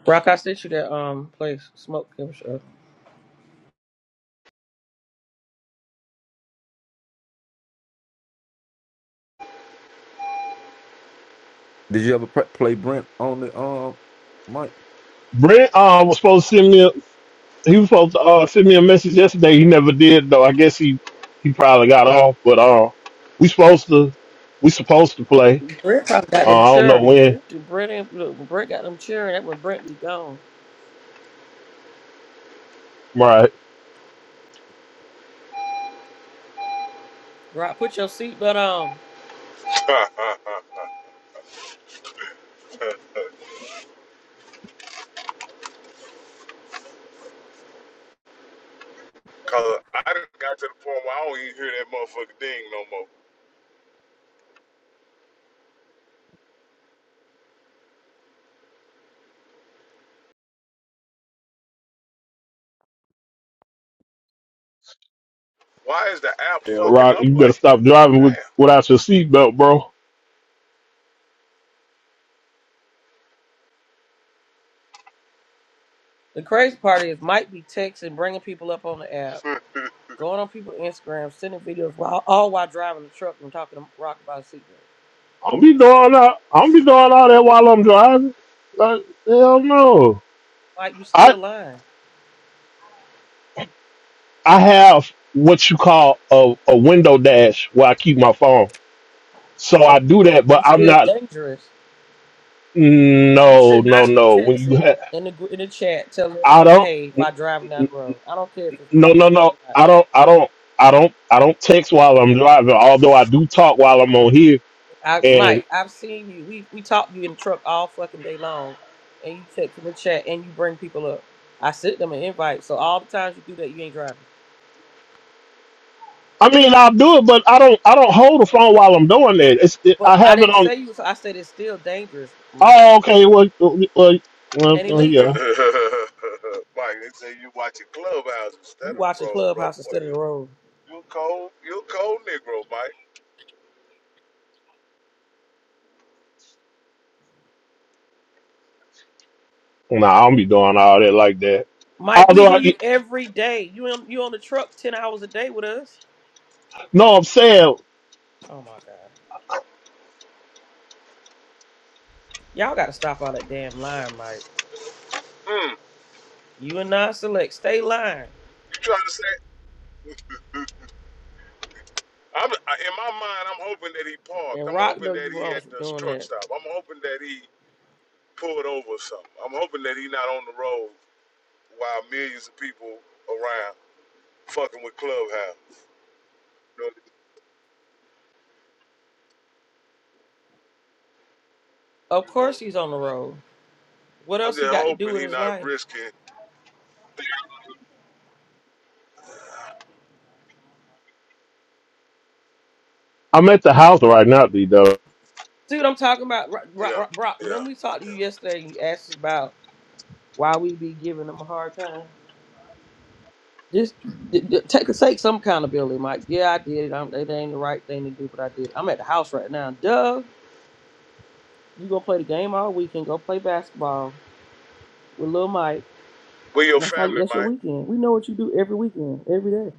[SPEAKER 8] Rock, I sent you that um place. Smoke him shot.
[SPEAKER 4] Did you ever pre- play Brent on the um mic?
[SPEAKER 7] Brent uh, was supposed to send me. A, he was supposed to uh, send me a message yesterday. He never did though. I guess he he probably got off. But uh, we supposed to we supposed to play.
[SPEAKER 8] Brett probably got
[SPEAKER 7] Uh,
[SPEAKER 8] them
[SPEAKER 7] I don't know
[SPEAKER 8] cheering.
[SPEAKER 7] when.
[SPEAKER 8] Dude, Brett, ain't- look, when Brett got them cheering. That when Brett be gone.
[SPEAKER 7] Right.
[SPEAKER 8] Rock, put your seatbelt on.
[SPEAKER 1] Cause I done got to the point where I don't even hear that motherfucker ding no more. Why is the app
[SPEAKER 7] Yeah,
[SPEAKER 1] fucking
[SPEAKER 7] Rock,
[SPEAKER 1] up
[SPEAKER 7] you better
[SPEAKER 1] like
[SPEAKER 7] stop driving
[SPEAKER 1] that?
[SPEAKER 7] with without your seatbelt, bro.
[SPEAKER 8] The crazy part is Mike be texting, bringing people up on the app,
[SPEAKER 1] Damn.
[SPEAKER 8] going on people's Instagram, sending videos, while, all while driving the truck and talking to Rock about a seatbelt.
[SPEAKER 7] I don't be doing that. I don't be doing all that while I'm driving. Like, hell no.
[SPEAKER 8] Mike, you
[SPEAKER 7] I
[SPEAKER 8] still lying.
[SPEAKER 7] I have what you call a, a window dash where I keep my phone. So I do
[SPEAKER 8] Again,
[SPEAKER 7] that, but
[SPEAKER 8] it's
[SPEAKER 7] I'm
[SPEAKER 8] still
[SPEAKER 7] not.
[SPEAKER 8] dangerous. You
[SPEAKER 7] No,
[SPEAKER 8] should
[SPEAKER 7] no,
[SPEAKER 8] not be
[SPEAKER 7] no. When you
[SPEAKER 8] texting
[SPEAKER 7] have,
[SPEAKER 8] in the gr- in the chat telling
[SPEAKER 7] I
[SPEAKER 8] everybody,
[SPEAKER 7] don't.
[SPEAKER 8] "Hey,
[SPEAKER 7] n-
[SPEAKER 8] while driving down
[SPEAKER 7] n-
[SPEAKER 8] the road." I don't care if it's
[SPEAKER 7] No,
[SPEAKER 8] private
[SPEAKER 7] no, no.
[SPEAKER 8] or not.
[SPEAKER 7] I don't. I don't. I don't. I don't text while I'm driving. Although I do talk while I'm on here.
[SPEAKER 8] I, Mike, I've seen you. We we talked to you in the truck all fucking day long, and you text in the chat and you bring people up. I sent them an invite, so all the times you do that, you ain't driving.
[SPEAKER 7] I mean, I'll do it, but I don't. I don't hold the phone while I'm doing that. It's, it,
[SPEAKER 8] But
[SPEAKER 7] I
[SPEAKER 8] I
[SPEAKER 7] have it
[SPEAKER 8] didn't
[SPEAKER 7] on.
[SPEAKER 8] say you. So I said it's still dangerous, Mike,
[SPEAKER 7] Oh, okay. Well, well, well, well
[SPEAKER 8] and
[SPEAKER 7] well,
[SPEAKER 8] illegal.
[SPEAKER 7] yeah.
[SPEAKER 1] Mike, they say you watching Clubhouse
[SPEAKER 8] You
[SPEAKER 1] instead of
[SPEAKER 8] watching
[SPEAKER 1] Road, brother.
[SPEAKER 8] Clubhouse
[SPEAKER 1] Boy,
[SPEAKER 8] instead of
[SPEAKER 1] you
[SPEAKER 8] the road,
[SPEAKER 1] you a cold, you a cold Negro, Mike.
[SPEAKER 7] Nah, I don't be doing all that like that.
[SPEAKER 8] Mike. We
[SPEAKER 7] Although,
[SPEAKER 8] hear
[SPEAKER 7] I,
[SPEAKER 8] you every day. You on, you on the truck ten hours a day with us.
[SPEAKER 7] no, I'm saying
[SPEAKER 8] Oh my God, y'all got to stop all that damn lying, Mike.
[SPEAKER 1] Hmm.
[SPEAKER 8] You and I select. Stay lying.
[SPEAKER 1] you trying to say? I'm I, in my mind. I'm hoping that he parked.
[SPEAKER 8] And
[SPEAKER 1] I'm
[SPEAKER 8] Rock
[SPEAKER 1] hoping
[SPEAKER 8] know
[SPEAKER 1] that
[SPEAKER 8] you
[SPEAKER 1] he
[SPEAKER 8] wrong
[SPEAKER 1] at
[SPEAKER 8] for
[SPEAKER 1] the
[SPEAKER 8] doing
[SPEAKER 1] truck
[SPEAKER 8] that.
[SPEAKER 1] stop. I'm hoping that he pulled over or something. I'm hoping that he not on the road while millions of people around fucking with Clubhouse. You know,
[SPEAKER 8] Of
[SPEAKER 1] you know.
[SPEAKER 8] course he's on the road. What
[SPEAKER 1] I'm
[SPEAKER 8] else he
[SPEAKER 1] just
[SPEAKER 8] got to do
[SPEAKER 1] hoping
[SPEAKER 8] with
[SPEAKER 1] he
[SPEAKER 8] his
[SPEAKER 1] not
[SPEAKER 8] life?
[SPEAKER 1] risking.
[SPEAKER 7] I'm at the house right now, D. Though.
[SPEAKER 8] See what I'm talking about, Rock? Rock,
[SPEAKER 1] Yeah,
[SPEAKER 8] Rock, Rock
[SPEAKER 1] yeah,
[SPEAKER 8] when we talked to you
[SPEAKER 1] yeah.
[SPEAKER 8] yesterday, you asked us about why we be giving him a hard time. Just d- d- take take some accountability, Mike. Yeah, I did it. I'm, it ain't the right thing to do, but I did. I'm at the house right now. Duh. You gonna play the game all weekend? Go play basketball with Lil Mike,
[SPEAKER 1] Where your
[SPEAKER 8] and that's how you,
[SPEAKER 1] family,
[SPEAKER 8] that's your
[SPEAKER 1] Mike?
[SPEAKER 8] weekend. We know what you do every weekend, every day.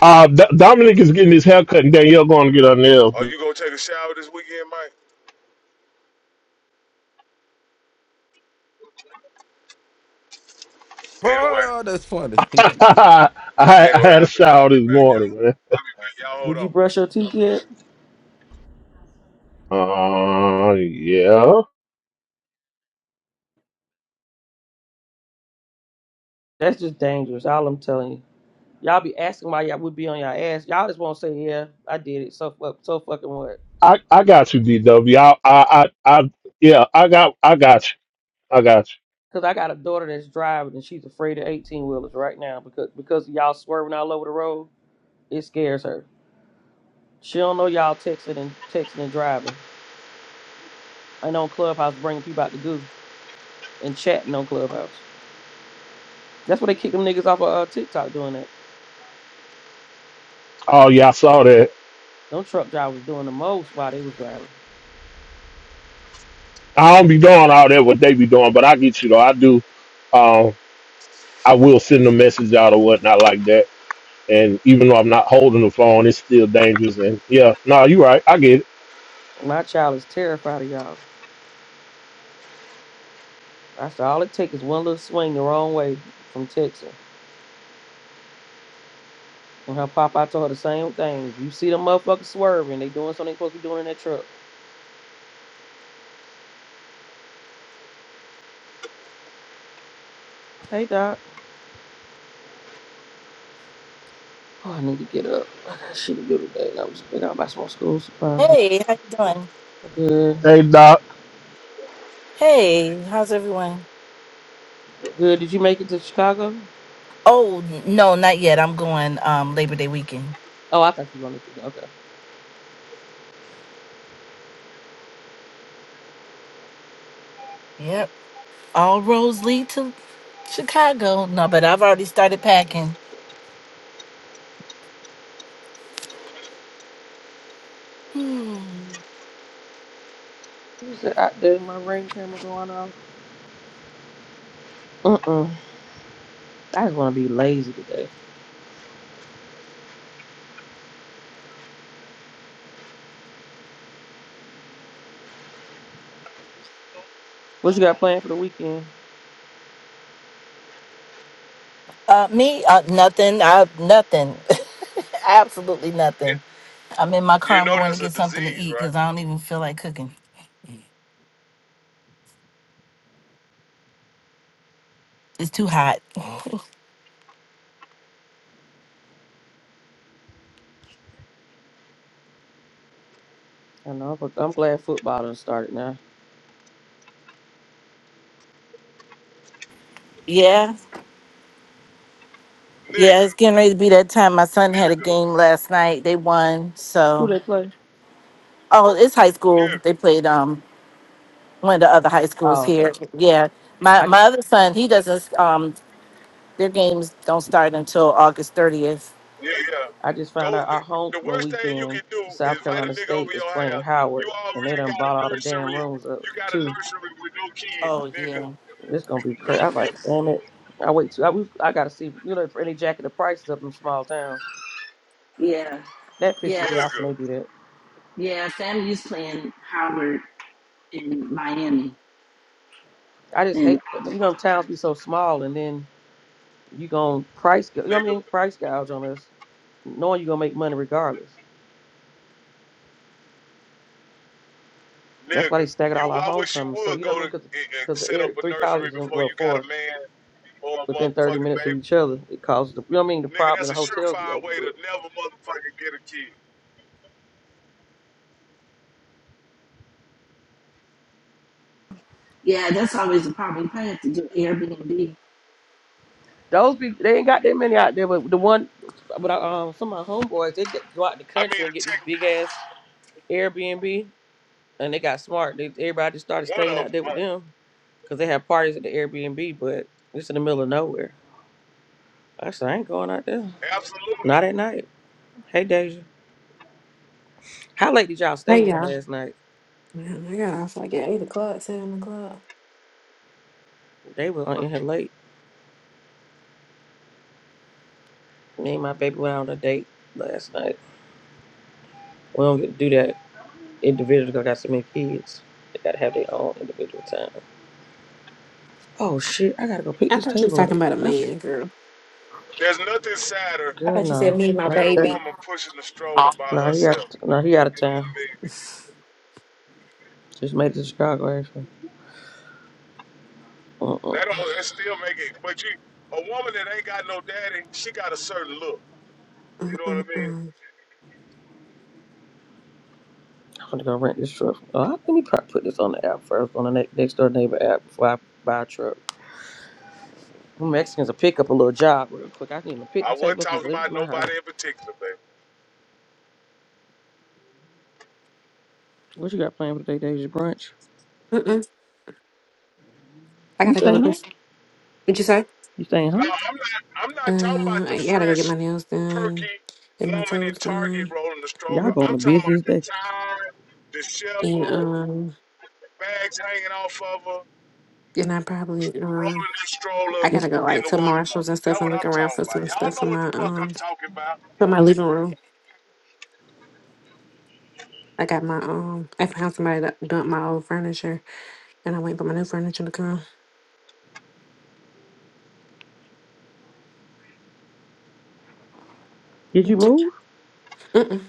[SPEAKER 7] Uh, D- Dominic is getting his hair cut, and Danielle going to get her nails.
[SPEAKER 1] Are you gonna take a shower this weekend, Mike? Anyway,
[SPEAKER 4] Oh, that's funny.
[SPEAKER 7] I, I
[SPEAKER 1] anyway,
[SPEAKER 7] had a
[SPEAKER 1] I'll be, I'll
[SPEAKER 7] shower
[SPEAKER 1] be
[SPEAKER 7] this
[SPEAKER 1] back,
[SPEAKER 7] morning,
[SPEAKER 1] y'all.
[SPEAKER 7] man.
[SPEAKER 1] I'll be back. Y'all hold
[SPEAKER 8] Did you
[SPEAKER 1] on.
[SPEAKER 8] brush your
[SPEAKER 1] I'll
[SPEAKER 8] teeth
[SPEAKER 1] be back.
[SPEAKER 8] yet?
[SPEAKER 7] Uh, yeah.
[SPEAKER 8] That's just dangerous. All I'm telling you. Y'all be asking why y'all would be on y'all ass. Y'all just won't say, yeah, I did it. So fuck, so fucking what?
[SPEAKER 7] I, I got you, DW. I, I, I, I, yeah. I got, I got you. I got you.
[SPEAKER 8] Cause I got a daughter that's driving and she's afraid of eighteen wheelers right now because because y'all swerving all over the road. It scares her. She don't know y'all texting and texting and driving. And on Clubhouse bringing people out to goo and chatting on Clubhouse. That's why they kicked them niggas off of uh, TikTok doing that.
[SPEAKER 7] Oh yeah, I saw that.
[SPEAKER 8] Them truck drivers doing the most while they was driving.
[SPEAKER 7] I don't be doing all that what they be doing, but I get you though. I do. Um, I will send a message out or whatnot like that. And even though I'm not holding the phone, it's still dangerous. And yeah, no, nah, you right. I get it.
[SPEAKER 8] My child is terrified of y'all. That's all it takes is one little swing the wrong way from texting. And her pop out told her the same thing. If you see them motherfuckers swerving, they doing something they supposed to be doing in that truck. Hey doc. Oh, I need to get up. I got shit to do today. And I'm just picking out my small school supplies.
[SPEAKER 9] Hey, how you doing?
[SPEAKER 8] Good.
[SPEAKER 7] Hey doc,
[SPEAKER 9] Hey, how's everyone?
[SPEAKER 8] Good. Did you make it to Chicago?
[SPEAKER 9] Oh n- no, not yet. I'm going um Labor Day weekend.
[SPEAKER 8] Oh, I thought you were going this weekend. Okay.
[SPEAKER 9] Yep. All roads lead to Chicago. No, but I've already started packing.
[SPEAKER 8] Was it out there? My ring camera going off. Mm-mm. I just want to be lazy today. What you got planned for the weekend?
[SPEAKER 9] Uh me, uh nothing. I nothing. Absolutely
[SPEAKER 1] You
[SPEAKER 9] nothing. I'm in my car.
[SPEAKER 1] you
[SPEAKER 9] I'm
[SPEAKER 1] know
[SPEAKER 9] going to
[SPEAKER 1] that's a
[SPEAKER 9] get something to
[SPEAKER 1] disease,
[SPEAKER 9] eat
[SPEAKER 1] right?
[SPEAKER 9] cuz I don't even feel like cooking. It's too hot.
[SPEAKER 8] I know, but I'm glad football done started now.
[SPEAKER 9] Yeah. Yeah,
[SPEAKER 1] Nigga,
[SPEAKER 9] it's getting ready to be that time. My son had a
[SPEAKER 1] nigga,
[SPEAKER 9] game last night. They won.
[SPEAKER 8] Who
[SPEAKER 9] So,
[SPEAKER 8] they play?
[SPEAKER 9] oh, it's high school.
[SPEAKER 1] nigga.
[SPEAKER 9] They played um one of the other high schools
[SPEAKER 8] Oh, okay.
[SPEAKER 9] here. Yeah, my
[SPEAKER 8] I
[SPEAKER 9] my other son, he doesn't. Um, their games don't start until August thirtieth.
[SPEAKER 1] Yeah, yeah.
[SPEAKER 8] I just found
[SPEAKER 1] Go.
[SPEAKER 8] out our
[SPEAKER 1] The
[SPEAKER 8] homecoming
[SPEAKER 1] worst thing you
[SPEAKER 8] weekend,
[SPEAKER 1] can do is
[SPEAKER 8] South
[SPEAKER 1] invite a
[SPEAKER 8] Carolina
[SPEAKER 1] nigga over
[SPEAKER 8] State is
[SPEAKER 1] your
[SPEAKER 8] playing
[SPEAKER 1] house. You
[SPEAKER 8] Howard, and they
[SPEAKER 1] already
[SPEAKER 8] done
[SPEAKER 1] got a
[SPEAKER 8] bought all the damn
[SPEAKER 1] nursery.
[SPEAKER 8] rooms up
[SPEAKER 1] You got a
[SPEAKER 8] too.
[SPEAKER 1] nursery with no kid,
[SPEAKER 9] Oh
[SPEAKER 1] nigga,
[SPEAKER 9] yeah.
[SPEAKER 8] It's gonna be crazy. I'm like, damn it. I wait till I, we, I gotta see, you know, for any jacket the prices up in small towns.
[SPEAKER 9] Yeah,
[SPEAKER 8] That
[SPEAKER 9] yeah,
[SPEAKER 8] pisses me off
[SPEAKER 1] nigga,
[SPEAKER 8] when they do that.
[SPEAKER 9] yeah. FAMU's playing Howard in Miami,
[SPEAKER 8] I just
[SPEAKER 9] and
[SPEAKER 8] hate, that. you know, towns be so small, and then you gonna price, gou- you know what I
[SPEAKER 1] nigga,
[SPEAKER 8] mean, price gouge on us, knowing you gonna make money regardless. That's why
[SPEAKER 1] nigga.
[SPEAKER 8] they staggered
[SPEAKER 1] You,
[SPEAKER 8] all our
[SPEAKER 1] I wish you
[SPEAKER 8] homecomings. So
[SPEAKER 1] would
[SPEAKER 8] you know
[SPEAKER 1] go
[SPEAKER 8] what I
[SPEAKER 1] to
[SPEAKER 8] mean, because
[SPEAKER 1] and and
[SPEAKER 8] because the
[SPEAKER 1] set up
[SPEAKER 8] area,
[SPEAKER 1] a
[SPEAKER 8] three
[SPEAKER 1] nursery
[SPEAKER 8] colleges, and
[SPEAKER 1] before
[SPEAKER 8] well,
[SPEAKER 1] you got
[SPEAKER 8] four
[SPEAKER 1] a man or a
[SPEAKER 8] within 30
[SPEAKER 1] motherfucking
[SPEAKER 8] minutes of
[SPEAKER 1] baby.
[SPEAKER 8] each other. It causes the, you know what I mean, the
[SPEAKER 1] Nigga,
[SPEAKER 8] problem in
[SPEAKER 1] that's
[SPEAKER 8] the
[SPEAKER 1] a
[SPEAKER 8] hotels be
[SPEAKER 1] surefire way to
[SPEAKER 8] overbooked.
[SPEAKER 1] never motherfucking get a kid.
[SPEAKER 9] yeah, that's always a problem. You probably have to do Airbnb.
[SPEAKER 8] Those people, they ain't got that many out there, but the one, but I, um, some of my homeboys, they get, go out the
[SPEAKER 1] I mean,
[SPEAKER 8] country and
[SPEAKER 1] to
[SPEAKER 8] get this
[SPEAKER 1] take
[SPEAKER 8] big ass Airbnb, and they got smart. They, everybody just started
[SPEAKER 1] one
[SPEAKER 8] staying
[SPEAKER 1] of
[SPEAKER 8] out there with
[SPEAKER 1] them,
[SPEAKER 8] them because they have parties at the Airbnb, but it's in the middle of nowhere. I said, I ain't going out there.
[SPEAKER 1] absolutely.
[SPEAKER 8] Not at night. Hey, Deja. How late did y'all stay
[SPEAKER 10] Hey
[SPEAKER 8] in here
[SPEAKER 10] y'all.
[SPEAKER 8] last night?
[SPEAKER 10] Man, I got off like at eight o'clock, seven o'clock.
[SPEAKER 8] They was on in here late. Me and my baby went out on a date last night. We don't get to do that individuals that got so many kids. They gotta have their own individual time. Oh shit! I gotta go pick
[SPEAKER 10] I
[SPEAKER 8] this
[SPEAKER 10] thought you was
[SPEAKER 8] table up.
[SPEAKER 10] talking about a
[SPEAKER 8] I f-
[SPEAKER 10] man, girl.
[SPEAKER 1] There's nothing sadder
[SPEAKER 10] I
[SPEAKER 8] Girl,
[SPEAKER 10] thought you said
[SPEAKER 8] no,
[SPEAKER 10] me and my
[SPEAKER 1] than
[SPEAKER 8] not
[SPEAKER 1] a
[SPEAKER 8] that.
[SPEAKER 10] baby.
[SPEAKER 1] woman pushing the stroller
[SPEAKER 10] Oh.
[SPEAKER 1] by
[SPEAKER 8] No, he
[SPEAKER 1] herself.
[SPEAKER 8] got, no, he out of
[SPEAKER 1] You know what
[SPEAKER 8] town.
[SPEAKER 1] I mean?
[SPEAKER 8] Just made it to Chicago actually.
[SPEAKER 1] That
[SPEAKER 8] Mm-mm.
[SPEAKER 1] don't that still make it. But you, a woman that ain't got no daddy, she got a certain look. You know what I mean?
[SPEAKER 10] Mm-mm-mm.
[SPEAKER 8] I'm gonna go rent this truck. Oh, I- let me probably put this on the app first on the ne- next door neighbor app before I buy a truck. Them Mexicans will pick up a little job real quick. I need to pick
[SPEAKER 1] I
[SPEAKER 8] the
[SPEAKER 1] wasn't
[SPEAKER 8] table up and
[SPEAKER 1] talking
[SPEAKER 8] deliver it
[SPEAKER 1] about
[SPEAKER 8] to my house.
[SPEAKER 1] nobody in particular, baby.
[SPEAKER 8] What you got planned for today, Deja? Brunch?
[SPEAKER 10] Mm-mm. I
[SPEAKER 8] You
[SPEAKER 10] gotta go
[SPEAKER 8] staying
[SPEAKER 10] with
[SPEAKER 8] home?
[SPEAKER 10] this. What'd you say?
[SPEAKER 8] You staying
[SPEAKER 1] No,
[SPEAKER 8] home?
[SPEAKER 1] I'm not. I'm not talking about
[SPEAKER 10] Um,
[SPEAKER 1] the
[SPEAKER 10] I gotta go get my
[SPEAKER 1] fresh,
[SPEAKER 10] nails done,
[SPEAKER 1] perky
[SPEAKER 10] get my
[SPEAKER 1] woman in
[SPEAKER 10] toes
[SPEAKER 1] Target
[SPEAKER 10] done,
[SPEAKER 1] rolling the
[SPEAKER 8] Y'all
[SPEAKER 1] stroller.
[SPEAKER 8] going
[SPEAKER 1] I'm
[SPEAKER 8] the
[SPEAKER 1] talking about
[SPEAKER 8] busiest
[SPEAKER 1] the
[SPEAKER 8] day.
[SPEAKER 1] tired,
[SPEAKER 10] and
[SPEAKER 1] disheveled,
[SPEAKER 10] um,
[SPEAKER 1] bags hanging off of her.
[SPEAKER 10] and I probably um,
[SPEAKER 1] rolling this stroller
[SPEAKER 10] I gotta
[SPEAKER 8] It's,
[SPEAKER 10] go
[SPEAKER 1] in
[SPEAKER 10] like
[SPEAKER 1] the
[SPEAKER 10] to
[SPEAKER 1] Walmart.
[SPEAKER 10] Marshalls and
[SPEAKER 1] That's
[SPEAKER 10] stuff and
[SPEAKER 1] what
[SPEAKER 10] look
[SPEAKER 1] I'm
[SPEAKER 10] around
[SPEAKER 1] talking
[SPEAKER 10] for
[SPEAKER 1] about.
[SPEAKER 10] some
[SPEAKER 1] Y'all
[SPEAKER 10] stuff
[SPEAKER 1] know
[SPEAKER 10] for
[SPEAKER 1] what
[SPEAKER 10] my
[SPEAKER 1] the fuck I'm
[SPEAKER 10] um
[SPEAKER 1] talking about.
[SPEAKER 10] for my living room. I got my um, I found somebody that dumped my old furniture, and I wait for my new furniture to come.
[SPEAKER 8] did you move?
[SPEAKER 10] Mm-mm.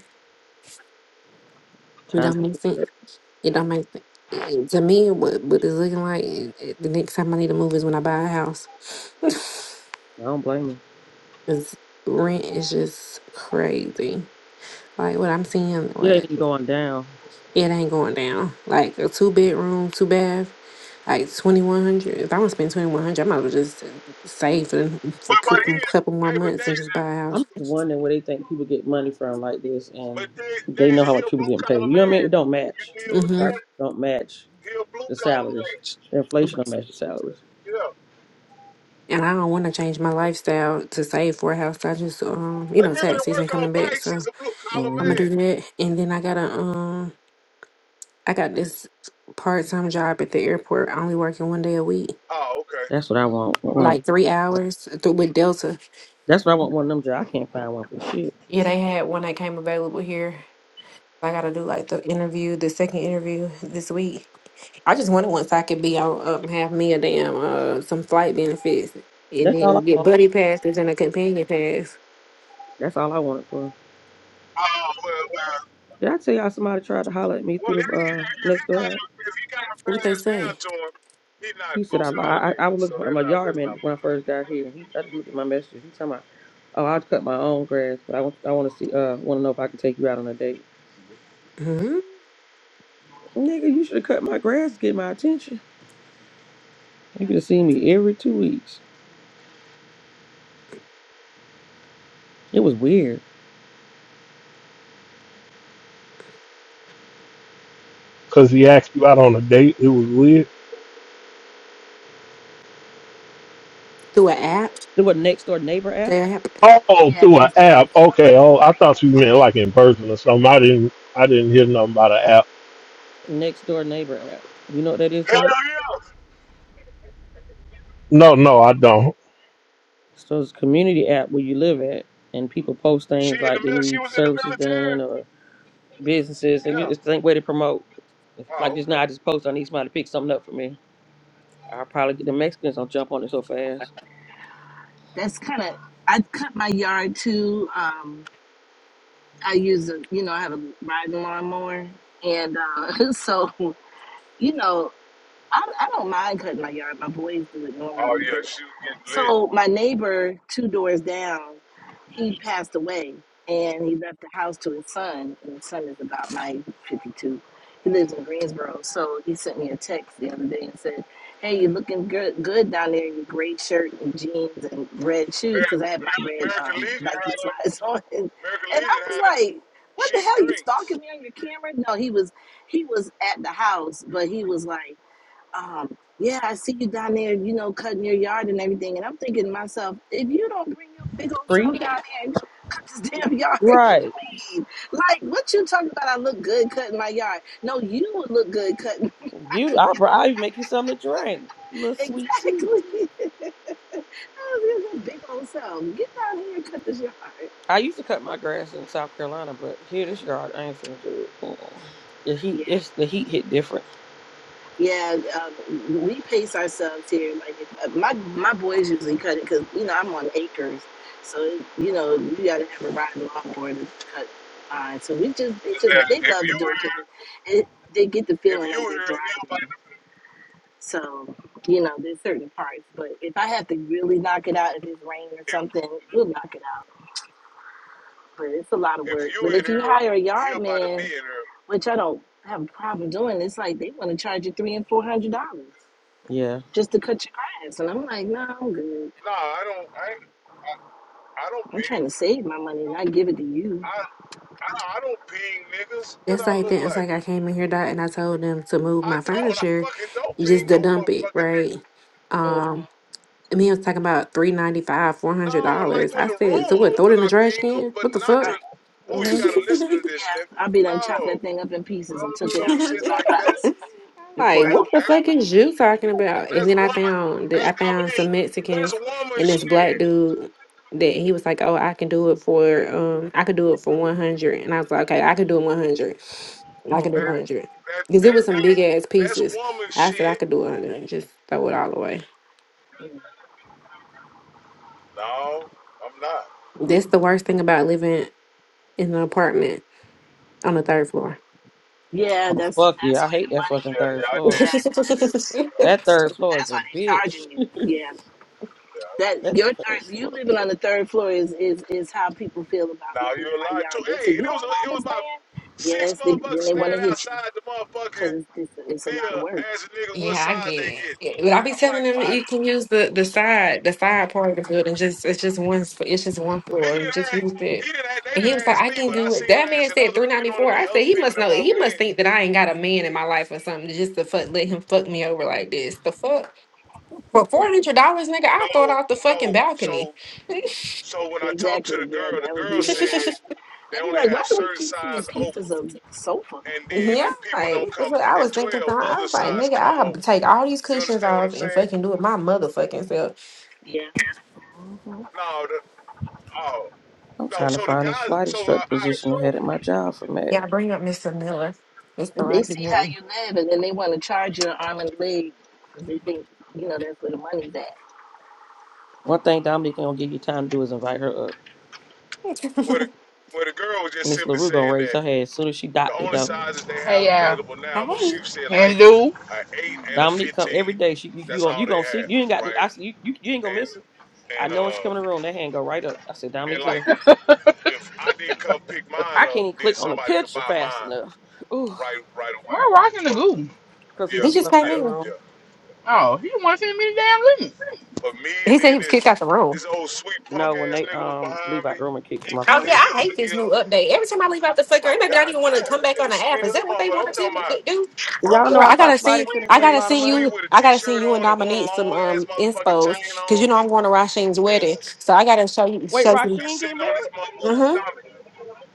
[SPEAKER 10] It
[SPEAKER 8] Time.
[SPEAKER 10] don't make sense. It don't make it- to me what what it's looking like. It, it- the next time I need to move is when I buy a house.
[SPEAKER 8] I don't blame you.
[SPEAKER 10] 'Cause rent is just crazy. Like what I'm seeing,
[SPEAKER 8] It
[SPEAKER 10] what
[SPEAKER 8] ain't going down.
[SPEAKER 10] it ain't going down. Like a two bedroom, two bath, like twenty one hundred. If I'm gonna spend twenty one hundred, I might as well just uh, save for, the- for a
[SPEAKER 1] But but he,
[SPEAKER 10] couple couple more
[SPEAKER 1] hey, but
[SPEAKER 10] months and
[SPEAKER 1] Daisy,
[SPEAKER 10] just buy a
[SPEAKER 8] I'm
[SPEAKER 10] house.
[SPEAKER 8] just wondering where they think people get money from like this,
[SPEAKER 1] but
[SPEAKER 8] and
[SPEAKER 1] Da-
[SPEAKER 8] they know
[SPEAKER 1] Daisy,
[SPEAKER 8] how
[SPEAKER 1] he a
[SPEAKER 8] much people
[SPEAKER 1] blue
[SPEAKER 8] getting paid.
[SPEAKER 1] collar
[SPEAKER 8] You know what I
[SPEAKER 1] man.
[SPEAKER 8] mean? It don't
[SPEAKER 1] You
[SPEAKER 8] match.
[SPEAKER 1] deal
[SPEAKER 8] The
[SPEAKER 1] with
[SPEAKER 10] hmm
[SPEAKER 8] price
[SPEAKER 1] that?
[SPEAKER 8] don't match
[SPEAKER 1] He a blue
[SPEAKER 8] the
[SPEAKER 1] collar
[SPEAKER 8] salaries.
[SPEAKER 1] man.
[SPEAKER 8] The inflation don't match the salaries.
[SPEAKER 1] Yeah,
[SPEAKER 10] And I don't want to change my lifestyle to save for a house. I just, um, you
[SPEAKER 1] a
[SPEAKER 10] know,
[SPEAKER 1] nigga
[SPEAKER 10] tax
[SPEAKER 1] that work
[SPEAKER 10] season
[SPEAKER 1] on
[SPEAKER 10] coming back,
[SPEAKER 1] bikes
[SPEAKER 10] so.
[SPEAKER 1] is a blue collar
[SPEAKER 10] I'm
[SPEAKER 8] hmm
[SPEAKER 10] gonna
[SPEAKER 1] man.
[SPEAKER 10] do that, and then I gotta um, I got this part time job at the airport. I only working one day a week,
[SPEAKER 1] Oh, okay.
[SPEAKER 8] That's what I want. I
[SPEAKER 1] All
[SPEAKER 8] want
[SPEAKER 1] right.
[SPEAKER 10] like
[SPEAKER 8] 'em-
[SPEAKER 10] three hours th- with Delta.
[SPEAKER 8] that's what I want. One of them jobs. I can't find one for shit.
[SPEAKER 10] Yeah, they had one that came available here. I gotta do like the interview, the second interview this week. I just wanted once I could be on up and have me a damn uh some flight benefits, and
[SPEAKER 8] That's all I
[SPEAKER 10] then get
[SPEAKER 8] want.
[SPEAKER 10] buddy passes and a companion pass.
[SPEAKER 8] That's all I want it for.
[SPEAKER 1] Oh well, well,
[SPEAKER 8] Did I tell y'all somebody tried to holler at me
[SPEAKER 1] well.
[SPEAKER 8] through
[SPEAKER 1] If
[SPEAKER 8] the
[SPEAKER 1] he
[SPEAKER 8] uh,
[SPEAKER 1] if he
[SPEAKER 8] next door
[SPEAKER 1] got
[SPEAKER 8] app?
[SPEAKER 1] it, if he got it
[SPEAKER 10] What they
[SPEAKER 1] passed down
[SPEAKER 10] say?
[SPEAKER 1] to him, he not
[SPEAKER 8] He said,
[SPEAKER 1] blue
[SPEAKER 8] I, li-
[SPEAKER 1] collar
[SPEAKER 8] I,
[SPEAKER 1] then.
[SPEAKER 8] I was
[SPEAKER 1] So
[SPEAKER 8] looking for
[SPEAKER 1] that's
[SPEAKER 8] my
[SPEAKER 1] not
[SPEAKER 8] yard
[SPEAKER 1] that's not.
[SPEAKER 8] man when I
[SPEAKER 1] blue.
[SPEAKER 8] first got here, and he, I just looked at my messages. He talking about, oh, I'll cut my own grass, but I want, I want to see, uh, want to know if I can take you out on a date.
[SPEAKER 10] hmm
[SPEAKER 8] Nigga, you should have cut my grass to get my attention. You could have seen me every two weeks. It was weird.
[SPEAKER 7] because he asked you out on a date. It was weird.
[SPEAKER 10] Through an app.
[SPEAKER 8] It was next door neighbor app.
[SPEAKER 7] Oh,
[SPEAKER 9] Yeah,
[SPEAKER 7] through an
[SPEAKER 9] next door.
[SPEAKER 7] app.
[SPEAKER 9] That's
[SPEAKER 7] Okay. Oh, I thought you meant like in person or something. I didn't. I didn't hear nothing about an app.
[SPEAKER 8] Next door neighbor app. You know what that is,
[SPEAKER 1] Hell
[SPEAKER 8] Mike?
[SPEAKER 1] yeah.
[SPEAKER 7] No, no, I don't.
[SPEAKER 8] So it's a community app where you live at, and people post
[SPEAKER 1] She
[SPEAKER 8] things
[SPEAKER 1] in the
[SPEAKER 8] like they
[SPEAKER 1] mil- She
[SPEAKER 8] need
[SPEAKER 1] was in the
[SPEAKER 8] services
[SPEAKER 1] military.
[SPEAKER 8] done or businesses, and
[SPEAKER 1] Yeah.
[SPEAKER 8] it's the same way to promote. Like
[SPEAKER 1] Oh,
[SPEAKER 8] just
[SPEAKER 1] okay.
[SPEAKER 8] now, I just posted, I need somebody to pick something up for me. I probably get the Mexicans don't jump on it so fast.
[SPEAKER 9] that's kind of. I cut my yard too. Um, I use a you know I have a riding lawnmower, and uh, so you know I I don't mind cutting my yard. My boys do it
[SPEAKER 1] Oh
[SPEAKER 9] normally,
[SPEAKER 1] yeah, she was getting lit.
[SPEAKER 9] So my neighbor, two doors down, he passed away, and he left the house to his son, and his son is about my age, 52. He lives in Greensboro, so he sent me a text the other day and said, "Hey, you're looking good, good down there in your gray shirt and jeans and red
[SPEAKER 1] Amer-
[SPEAKER 9] shoes, because I had my
[SPEAKER 1] Amer-
[SPEAKER 9] red
[SPEAKER 1] American
[SPEAKER 9] um,
[SPEAKER 1] Legion
[SPEAKER 9] Nike
[SPEAKER 1] had them.
[SPEAKER 9] slides on." And,
[SPEAKER 1] American
[SPEAKER 9] and I
[SPEAKER 1] Legion
[SPEAKER 9] was
[SPEAKER 1] had them
[SPEAKER 9] like, "What the
[SPEAKER 1] cheap
[SPEAKER 9] hell? You stalking
[SPEAKER 1] drinks.
[SPEAKER 9] me on your camera?" No, he was he was at the house, but he was like um, yeah, I see you down there, you know, cutting your yard and everything. And I'm thinking to myself, if you don't bring your big old
[SPEAKER 8] Free?
[SPEAKER 9] self down there and cut this damn yard,
[SPEAKER 8] Right.
[SPEAKER 9] like what you talking about? I look good cutting my yard. No, you would look good cutting.
[SPEAKER 8] You I br- I even make you something to drink. A little
[SPEAKER 9] exactly.
[SPEAKER 8] sweet tea.
[SPEAKER 9] I was your big old self. Get down here and cut this yard.
[SPEAKER 8] I used to cut my grass in South Carolina, but here this yard I ain't finna do it. Mm-mm. The heat it's the heat hit different.
[SPEAKER 9] Yeah, um, we pace ourselves here. Like if, uh, my my boys usually cut it because you know I'm on acres, so it, you know you got to have a riding lawnmower to cut mine. So we just they just
[SPEAKER 1] That
[SPEAKER 9] they
[SPEAKER 1] if
[SPEAKER 9] love to
[SPEAKER 1] you
[SPEAKER 9] do it because it,
[SPEAKER 1] here,
[SPEAKER 9] it they get the
[SPEAKER 1] if
[SPEAKER 9] feeling
[SPEAKER 1] you
[SPEAKER 9] like they're
[SPEAKER 1] here, he about
[SPEAKER 9] driving.
[SPEAKER 1] to,
[SPEAKER 9] So you know there's certain parts, but if I have to really knock it out, if it's rain or something, we'll knock it out. But it's a lot of
[SPEAKER 1] if
[SPEAKER 9] work.
[SPEAKER 1] you
[SPEAKER 9] But
[SPEAKER 1] in
[SPEAKER 9] if you
[SPEAKER 1] here,
[SPEAKER 9] hire a
[SPEAKER 1] he
[SPEAKER 9] yard
[SPEAKER 1] about to be
[SPEAKER 9] man,
[SPEAKER 1] in here.
[SPEAKER 9] which I don't have a problem doing, it's like they want to charge you three and four hundred dollars.
[SPEAKER 8] Yeah.
[SPEAKER 9] just to cut your grass. And I'm like, no, I'm good.
[SPEAKER 1] Nah, I don't. I ain't- I, I don't
[SPEAKER 9] I'm trying
[SPEAKER 1] ping.
[SPEAKER 9] to save my money, not give it to you.
[SPEAKER 1] I, I I don't ping niggas. What
[SPEAKER 10] That's
[SPEAKER 1] I
[SPEAKER 10] like
[SPEAKER 1] look
[SPEAKER 10] that. It's
[SPEAKER 1] like?
[SPEAKER 10] like I came in here, Dot, and I told them to move
[SPEAKER 1] I
[SPEAKER 10] my
[SPEAKER 1] don't. I
[SPEAKER 10] furniture,
[SPEAKER 1] fucking don't ping
[SPEAKER 10] just to
[SPEAKER 1] no
[SPEAKER 10] dump it,
[SPEAKER 1] motherfucking
[SPEAKER 10] right?
[SPEAKER 1] niggas.
[SPEAKER 9] Mm,
[SPEAKER 10] Um, and he was talking about three ninety five, four hundred
[SPEAKER 1] No, like
[SPEAKER 10] dollars.
[SPEAKER 1] when
[SPEAKER 10] I
[SPEAKER 1] the
[SPEAKER 10] said,
[SPEAKER 1] room
[SPEAKER 10] so what? Throw
[SPEAKER 1] open,
[SPEAKER 10] it in the
[SPEAKER 1] I
[SPEAKER 10] trash
[SPEAKER 1] ping them,
[SPEAKER 10] can?
[SPEAKER 1] but
[SPEAKER 10] What the
[SPEAKER 1] not to.
[SPEAKER 10] fuck?
[SPEAKER 9] right.
[SPEAKER 1] Ooh, you
[SPEAKER 9] hmm
[SPEAKER 1] gotta listen to this nigga.
[SPEAKER 9] Yeah, I'll be done chopped
[SPEAKER 1] No,
[SPEAKER 9] that thing up in
[SPEAKER 1] I
[SPEAKER 9] pieces and
[SPEAKER 1] don't do
[SPEAKER 9] took it
[SPEAKER 1] no
[SPEAKER 9] out piece
[SPEAKER 1] shit
[SPEAKER 9] by
[SPEAKER 1] like that.
[SPEAKER 9] piece
[SPEAKER 10] I'm
[SPEAKER 9] before
[SPEAKER 10] like,
[SPEAKER 9] I
[SPEAKER 10] what the
[SPEAKER 1] That,
[SPEAKER 10] fuck is you talking about? And
[SPEAKER 1] That's
[SPEAKER 10] then I
[SPEAKER 1] woman.
[SPEAKER 10] found that
[SPEAKER 1] That's
[SPEAKER 10] I found some
[SPEAKER 1] Dominique. That's
[SPEAKER 10] Mexicans
[SPEAKER 1] woman
[SPEAKER 10] and this black
[SPEAKER 1] shit.
[SPEAKER 10] dude that he was like, oh, I can do it for um, I could do it for one hundred, and I was like, okay, I could do it one hundred.
[SPEAKER 9] give my
[SPEAKER 10] I
[SPEAKER 9] money to
[SPEAKER 10] could
[SPEAKER 9] you.
[SPEAKER 10] do
[SPEAKER 1] That,
[SPEAKER 10] 100.
[SPEAKER 1] that,
[SPEAKER 10] Because it
[SPEAKER 1] that,
[SPEAKER 10] was some
[SPEAKER 1] that,
[SPEAKER 10] big ass
[SPEAKER 1] that's
[SPEAKER 10] pieces.
[SPEAKER 1] woman
[SPEAKER 10] I said I
[SPEAKER 1] shit.
[SPEAKER 10] could do 100 and just throw it all away.
[SPEAKER 9] mm mm.
[SPEAKER 1] No, I'm not.
[SPEAKER 10] That's the worst thing about living in an apartment on the
[SPEAKER 9] mm.
[SPEAKER 10] third floor.
[SPEAKER 9] Yeah, that's
[SPEAKER 8] Fuck
[SPEAKER 9] that's
[SPEAKER 8] yeah, I
[SPEAKER 9] where
[SPEAKER 8] hate
[SPEAKER 9] the
[SPEAKER 8] that fucking
[SPEAKER 9] money
[SPEAKER 1] Yeah,
[SPEAKER 8] third
[SPEAKER 1] yeah, I
[SPEAKER 8] floor.
[SPEAKER 9] is.
[SPEAKER 10] yeah,
[SPEAKER 1] did.
[SPEAKER 9] Yeah,
[SPEAKER 1] I did.
[SPEAKER 9] that's
[SPEAKER 8] That third floor is
[SPEAKER 9] that's why
[SPEAKER 8] a
[SPEAKER 9] they're
[SPEAKER 8] bitch.
[SPEAKER 9] charging you. Yeah,
[SPEAKER 1] Yeah.
[SPEAKER 9] that
[SPEAKER 8] That
[SPEAKER 9] your
[SPEAKER 8] third
[SPEAKER 9] third, you
[SPEAKER 8] floor.
[SPEAKER 9] living on the third floor is is is how people feel about
[SPEAKER 1] Now
[SPEAKER 9] looking
[SPEAKER 1] you a
[SPEAKER 9] at my
[SPEAKER 1] lie
[SPEAKER 9] yard.
[SPEAKER 1] too.
[SPEAKER 9] They say
[SPEAKER 1] Hey, and
[SPEAKER 9] you
[SPEAKER 1] it
[SPEAKER 9] own
[SPEAKER 1] was it
[SPEAKER 9] all
[SPEAKER 1] was
[SPEAKER 9] this
[SPEAKER 1] about
[SPEAKER 9] land.
[SPEAKER 1] six
[SPEAKER 9] Yes, they, then
[SPEAKER 1] motherfuckers
[SPEAKER 9] they want
[SPEAKER 1] standing
[SPEAKER 9] to hit you
[SPEAKER 1] outside the
[SPEAKER 9] because
[SPEAKER 1] motherfucking
[SPEAKER 9] it's, it's it's a lot
[SPEAKER 1] deal
[SPEAKER 9] of work.
[SPEAKER 1] asking niggas what
[SPEAKER 10] I get
[SPEAKER 1] size they
[SPEAKER 10] it.
[SPEAKER 1] get.
[SPEAKER 10] Yeah, But I be
[SPEAKER 1] I'm
[SPEAKER 10] telling
[SPEAKER 1] like,
[SPEAKER 10] them that
[SPEAKER 1] what?
[SPEAKER 10] you can use the, the side the side part of the building. Just it's just one sp- it's just one
[SPEAKER 1] Nigga
[SPEAKER 10] floor.
[SPEAKER 1] didn't
[SPEAKER 10] Just
[SPEAKER 1] ask,
[SPEAKER 10] use
[SPEAKER 1] he
[SPEAKER 10] it.
[SPEAKER 1] didn't ask, they
[SPEAKER 10] And he
[SPEAKER 1] didn't
[SPEAKER 10] was like,
[SPEAKER 1] ask
[SPEAKER 10] I
[SPEAKER 1] me,
[SPEAKER 10] can
[SPEAKER 1] but I
[SPEAKER 10] do it.
[SPEAKER 1] seen them
[SPEAKER 10] That man
[SPEAKER 1] asking
[SPEAKER 10] said
[SPEAKER 1] other,
[SPEAKER 10] three
[SPEAKER 1] you
[SPEAKER 10] ninety
[SPEAKER 1] know what I
[SPEAKER 10] four. I
[SPEAKER 1] mean,
[SPEAKER 10] said
[SPEAKER 1] other
[SPEAKER 10] he
[SPEAKER 1] people
[SPEAKER 10] must
[SPEAKER 1] that
[SPEAKER 10] know. He
[SPEAKER 1] walking
[SPEAKER 10] must
[SPEAKER 1] in.
[SPEAKER 10] think that I ain't got a man in my life or something. Just to fuck let him fuck me over like this. The fuck. For four hundred dollars, nigga, I throw it
[SPEAKER 1] No,
[SPEAKER 10] out the fucking
[SPEAKER 1] no. So
[SPEAKER 10] balcony.
[SPEAKER 1] So when I talked to
[SPEAKER 9] Exactly.
[SPEAKER 1] the
[SPEAKER 9] Yeah,
[SPEAKER 1] girl, the
[SPEAKER 9] that would
[SPEAKER 1] girl
[SPEAKER 9] be me. i
[SPEAKER 1] said they
[SPEAKER 9] They'd be
[SPEAKER 1] only
[SPEAKER 9] like, why
[SPEAKER 1] have
[SPEAKER 9] do we
[SPEAKER 1] certain
[SPEAKER 9] keep seeing
[SPEAKER 1] size
[SPEAKER 9] pieces
[SPEAKER 1] open,
[SPEAKER 9] of sofa?
[SPEAKER 1] and then
[SPEAKER 10] yeah,
[SPEAKER 1] if people
[SPEAKER 10] like
[SPEAKER 1] don't
[SPEAKER 10] what the
[SPEAKER 1] come
[SPEAKER 10] fuck? I
[SPEAKER 1] at
[SPEAKER 10] was thinking, something.
[SPEAKER 1] twelve,
[SPEAKER 10] I
[SPEAKER 1] other
[SPEAKER 10] was like,
[SPEAKER 1] size
[SPEAKER 10] nigga,
[SPEAKER 1] come
[SPEAKER 10] I have
[SPEAKER 1] open.
[SPEAKER 10] take all these
[SPEAKER 1] You
[SPEAKER 10] cushions
[SPEAKER 1] understand what I'm
[SPEAKER 10] off and
[SPEAKER 1] saying?
[SPEAKER 10] fucking do it my motherfucking self.
[SPEAKER 9] Yeah. hmm
[SPEAKER 1] No, the, oh
[SPEAKER 8] I'm
[SPEAKER 1] no.
[SPEAKER 8] trying to
[SPEAKER 1] So the
[SPEAKER 8] find this
[SPEAKER 1] guys,
[SPEAKER 8] flight
[SPEAKER 1] so I,
[SPEAKER 8] instructor
[SPEAKER 1] I
[SPEAKER 8] position they
[SPEAKER 1] assume
[SPEAKER 8] had at my job for Matt.
[SPEAKER 10] Yeah, bring up Mr. Miller, Mr.
[SPEAKER 9] They
[SPEAKER 10] Roger
[SPEAKER 9] see
[SPEAKER 10] Miller.
[SPEAKER 9] how you live and then they want to charge you an arm and a leg because they think, you know, that's where the money's at.
[SPEAKER 8] One thing Dominique ain't gonna give you time to do is invite her up.
[SPEAKER 1] where the where the girl was just
[SPEAKER 8] Miss
[SPEAKER 1] simply
[SPEAKER 8] LaRue gonna
[SPEAKER 1] saying
[SPEAKER 8] raise
[SPEAKER 1] that
[SPEAKER 8] her hand as soon as she
[SPEAKER 1] the
[SPEAKER 8] docked the
[SPEAKER 1] only
[SPEAKER 8] door.
[SPEAKER 1] sizes they
[SPEAKER 11] Hey,
[SPEAKER 1] have
[SPEAKER 11] yeah.
[SPEAKER 1] available now was she
[SPEAKER 10] hey,
[SPEAKER 1] said
[SPEAKER 8] Hey,
[SPEAKER 1] like
[SPEAKER 11] And dude,
[SPEAKER 1] an eight and a
[SPEAKER 8] Dominique come every
[SPEAKER 1] fifteen.
[SPEAKER 8] day. She you you
[SPEAKER 1] That's
[SPEAKER 8] gonna,
[SPEAKER 1] all
[SPEAKER 8] you
[SPEAKER 1] they
[SPEAKER 8] gonna see
[SPEAKER 1] have,
[SPEAKER 8] you ain't got to,
[SPEAKER 1] right?
[SPEAKER 8] I s- you, you you ain't gonna
[SPEAKER 1] And
[SPEAKER 8] miss her. I
[SPEAKER 1] and
[SPEAKER 8] know when she
[SPEAKER 1] uh
[SPEAKER 8] come in the room, that hand go right up. I said
[SPEAKER 1] and
[SPEAKER 8] Dominique's
[SPEAKER 1] like
[SPEAKER 8] here.
[SPEAKER 1] if I did come pick
[SPEAKER 8] I
[SPEAKER 1] mine up,
[SPEAKER 8] can't even
[SPEAKER 1] then
[SPEAKER 8] click on the
[SPEAKER 1] somebody could
[SPEAKER 8] picture
[SPEAKER 1] buy
[SPEAKER 8] fast
[SPEAKER 1] mine.
[SPEAKER 8] enough. Ooh,
[SPEAKER 1] right right away
[SPEAKER 11] we're
[SPEAKER 1] at
[SPEAKER 11] rocking the
[SPEAKER 1] 12.
[SPEAKER 11] goo.
[SPEAKER 8] cause he
[SPEAKER 1] Yeah,
[SPEAKER 10] he
[SPEAKER 8] just
[SPEAKER 10] just
[SPEAKER 8] left
[SPEAKER 10] came
[SPEAKER 8] out
[SPEAKER 1] yeah,
[SPEAKER 8] the
[SPEAKER 10] in.
[SPEAKER 8] room.
[SPEAKER 1] yeah.
[SPEAKER 11] Oh, he want to send me the damn limit.
[SPEAKER 1] But me and
[SPEAKER 10] He said
[SPEAKER 1] then
[SPEAKER 10] he was
[SPEAKER 1] this
[SPEAKER 10] kicked out the room.
[SPEAKER 1] this old sweet punk
[SPEAKER 8] No, when
[SPEAKER 1] ass
[SPEAKER 8] they
[SPEAKER 1] nigga was
[SPEAKER 8] um leave
[SPEAKER 1] behind
[SPEAKER 8] out
[SPEAKER 1] me.
[SPEAKER 8] the room and kicks
[SPEAKER 1] He
[SPEAKER 8] him off
[SPEAKER 1] come
[SPEAKER 10] Oh
[SPEAKER 8] the
[SPEAKER 10] yeah,
[SPEAKER 1] he
[SPEAKER 8] stage.
[SPEAKER 10] I
[SPEAKER 1] come to
[SPEAKER 10] hate this
[SPEAKER 1] get
[SPEAKER 10] new
[SPEAKER 1] him.
[SPEAKER 10] update. Every time I leave out the
[SPEAKER 1] I'm
[SPEAKER 10] fucker, it
[SPEAKER 1] like,
[SPEAKER 10] maybe not
[SPEAKER 1] God
[SPEAKER 10] even want to
[SPEAKER 1] damn,
[SPEAKER 10] come
[SPEAKER 1] that
[SPEAKER 10] back on
[SPEAKER 1] nigga
[SPEAKER 10] the app.
[SPEAKER 1] sweet
[SPEAKER 10] Is
[SPEAKER 1] as a
[SPEAKER 10] that what they
[SPEAKER 1] motherfucker.
[SPEAKER 10] want
[SPEAKER 1] I'm
[SPEAKER 10] to tell
[SPEAKER 1] talking
[SPEAKER 10] me
[SPEAKER 1] about
[SPEAKER 10] to do? Oh,
[SPEAKER 8] Y'all
[SPEAKER 10] girl,
[SPEAKER 8] know I
[SPEAKER 10] I
[SPEAKER 8] thought
[SPEAKER 10] gotta
[SPEAKER 8] flight
[SPEAKER 10] see.
[SPEAKER 1] sweet
[SPEAKER 8] attendants
[SPEAKER 10] I
[SPEAKER 8] made a
[SPEAKER 1] with
[SPEAKER 10] gotta
[SPEAKER 8] lot of
[SPEAKER 10] send
[SPEAKER 1] sweet
[SPEAKER 8] money.
[SPEAKER 10] you.
[SPEAKER 1] with a
[SPEAKER 10] I gotta send
[SPEAKER 1] t-shirt
[SPEAKER 10] you and
[SPEAKER 1] on and one
[SPEAKER 10] Dominique some
[SPEAKER 1] long ass
[SPEAKER 10] um
[SPEAKER 1] motherfucking chain
[SPEAKER 10] inspos because
[SPEAKER 1] on
[SPEAKER 10] you know I'm going to Rasheen's
[SPEAKER 1] and
[SPEAKER 10] wedding, so I gotta show you
[SPEAKER 8] Wait,
[SPEAKER 10] show you.
[SPEAKER 1] they
[SPEAKER 8] Rasheen getting
[SPEAKER 1] sitting on this
[SPEAKER 8] married?
[SPEAKER 1] motherfucker's
[SPEAKER 10] Mm-hmm.
[SPEAKER 1] stomach.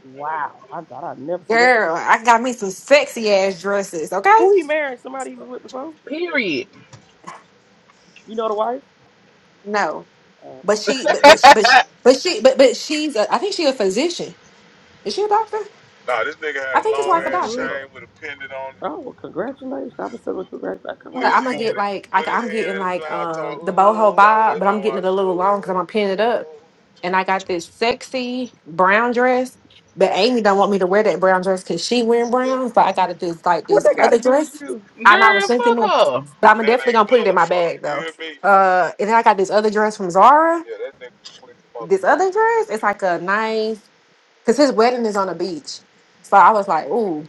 [SPEAKER 8] Wow, I thought I'd never see that.
[SPEAKER 10] Girl, I got me some sexy ass dresses. Okay,
[SPEAKER 8] Who he married? Somebody he was with before?
[SPEAKER 11] Period.
[SPEAKER 8] You know the wife?
[SPEAKER 10] no,
[SPEAKER 8] Uh,
[SPEAKER 10] but she, but but she- but she, but she, but but she's. A, I think she's a physician. Is she a doctor?
[SPEAKER 1] Nah, this nigga
[SPEAKER 10] I
[SPEAKER 1] had a
[SPEAKER 10] think his
[SPEAKER 1] long
[SPEAKER 11] Oh,
[SPEAKER 10] wife a
[SPEAKER 11] that's
[SPEAKER 1] ass
[SPEAKER 10] doctor.
[SPEAKER 11] what's up.
[SPEAKER 1] chain with a pendant on it,
[SPEAKER 8] oh, well, congratulations! I'm a congratulations.
[SPEAKER 1] with
[SPEAKER 10] But
[SPEAKER 1] his
[SPEAKER 10] I'm gonna
[SPEAKER 8] Come
[SPEAKER 10] get
[SPEAKER 8] on.
[SPEAKER 1] hand in-
[SPEAKER 10] like I,
[SPEAKER 1] with his
[SPEAKER 10] I'm
[SPEAKER 1] hand
[SPEAKER 10] getting
[SPEAKER 1] in the
[SPEAKER 10] like
[SPEAKER 1] mouth talking,
[SPEAKER 10] um the boho
[SPEAKER 1] ooh, I'm
[SPEAKER 10] bob, but
[SPEAKER 1] waiting on
[SPEAKER 10] I'm getting
[SPEAKER 1] my
[SPEAKER 10] it a little long because I'm
[SPEAKER 1] shoe.
[SPEAKER 10] gonna pin it up.
[SPEAKER 1] Ooh.
[SPEAKER 10] And I got this sexy brown dress, but Amy don't want me to wear that brown dress because she wearing
[SPEAKER 1] Yeah.
[SPEAKER 10] brown. So I got this like
[SPEAKER 8] What
[SPEAKER 10] this
[SPEAKER 8] they got
[SPEAKER 10] other
[SPEAKER 8] to do with
[SPEAKER 10] dress.
[SPEAKER 8] you?
[SPEAKER 10] And I was
[SPEAKER 11] Girl,
[SPEAKER 10] thinking, this, but I'm
[SPEAKER 1] That
[SPEAKER 10] definitely
[SPEAKER 1] ain't
[SPEAKER 10] gonna put it in my
[SPEAKER 1] motherfucker.
[SPEAKER 10] bag
[SPEAKER 1] You
[SPEAKER 10] though.
[SPEAKER 1] hear me?
[SPEAKER 10] Uh, and then I got this other dress from Zara.
[SPEAKER 1] Yeah, that nigga sweet the
[SPEAKER 10] This other
[SPEAKER 1] motherfucker.
[SPEAKER 10] dress, it's like a nice because his wedding is on the beach. So I was like, ooh,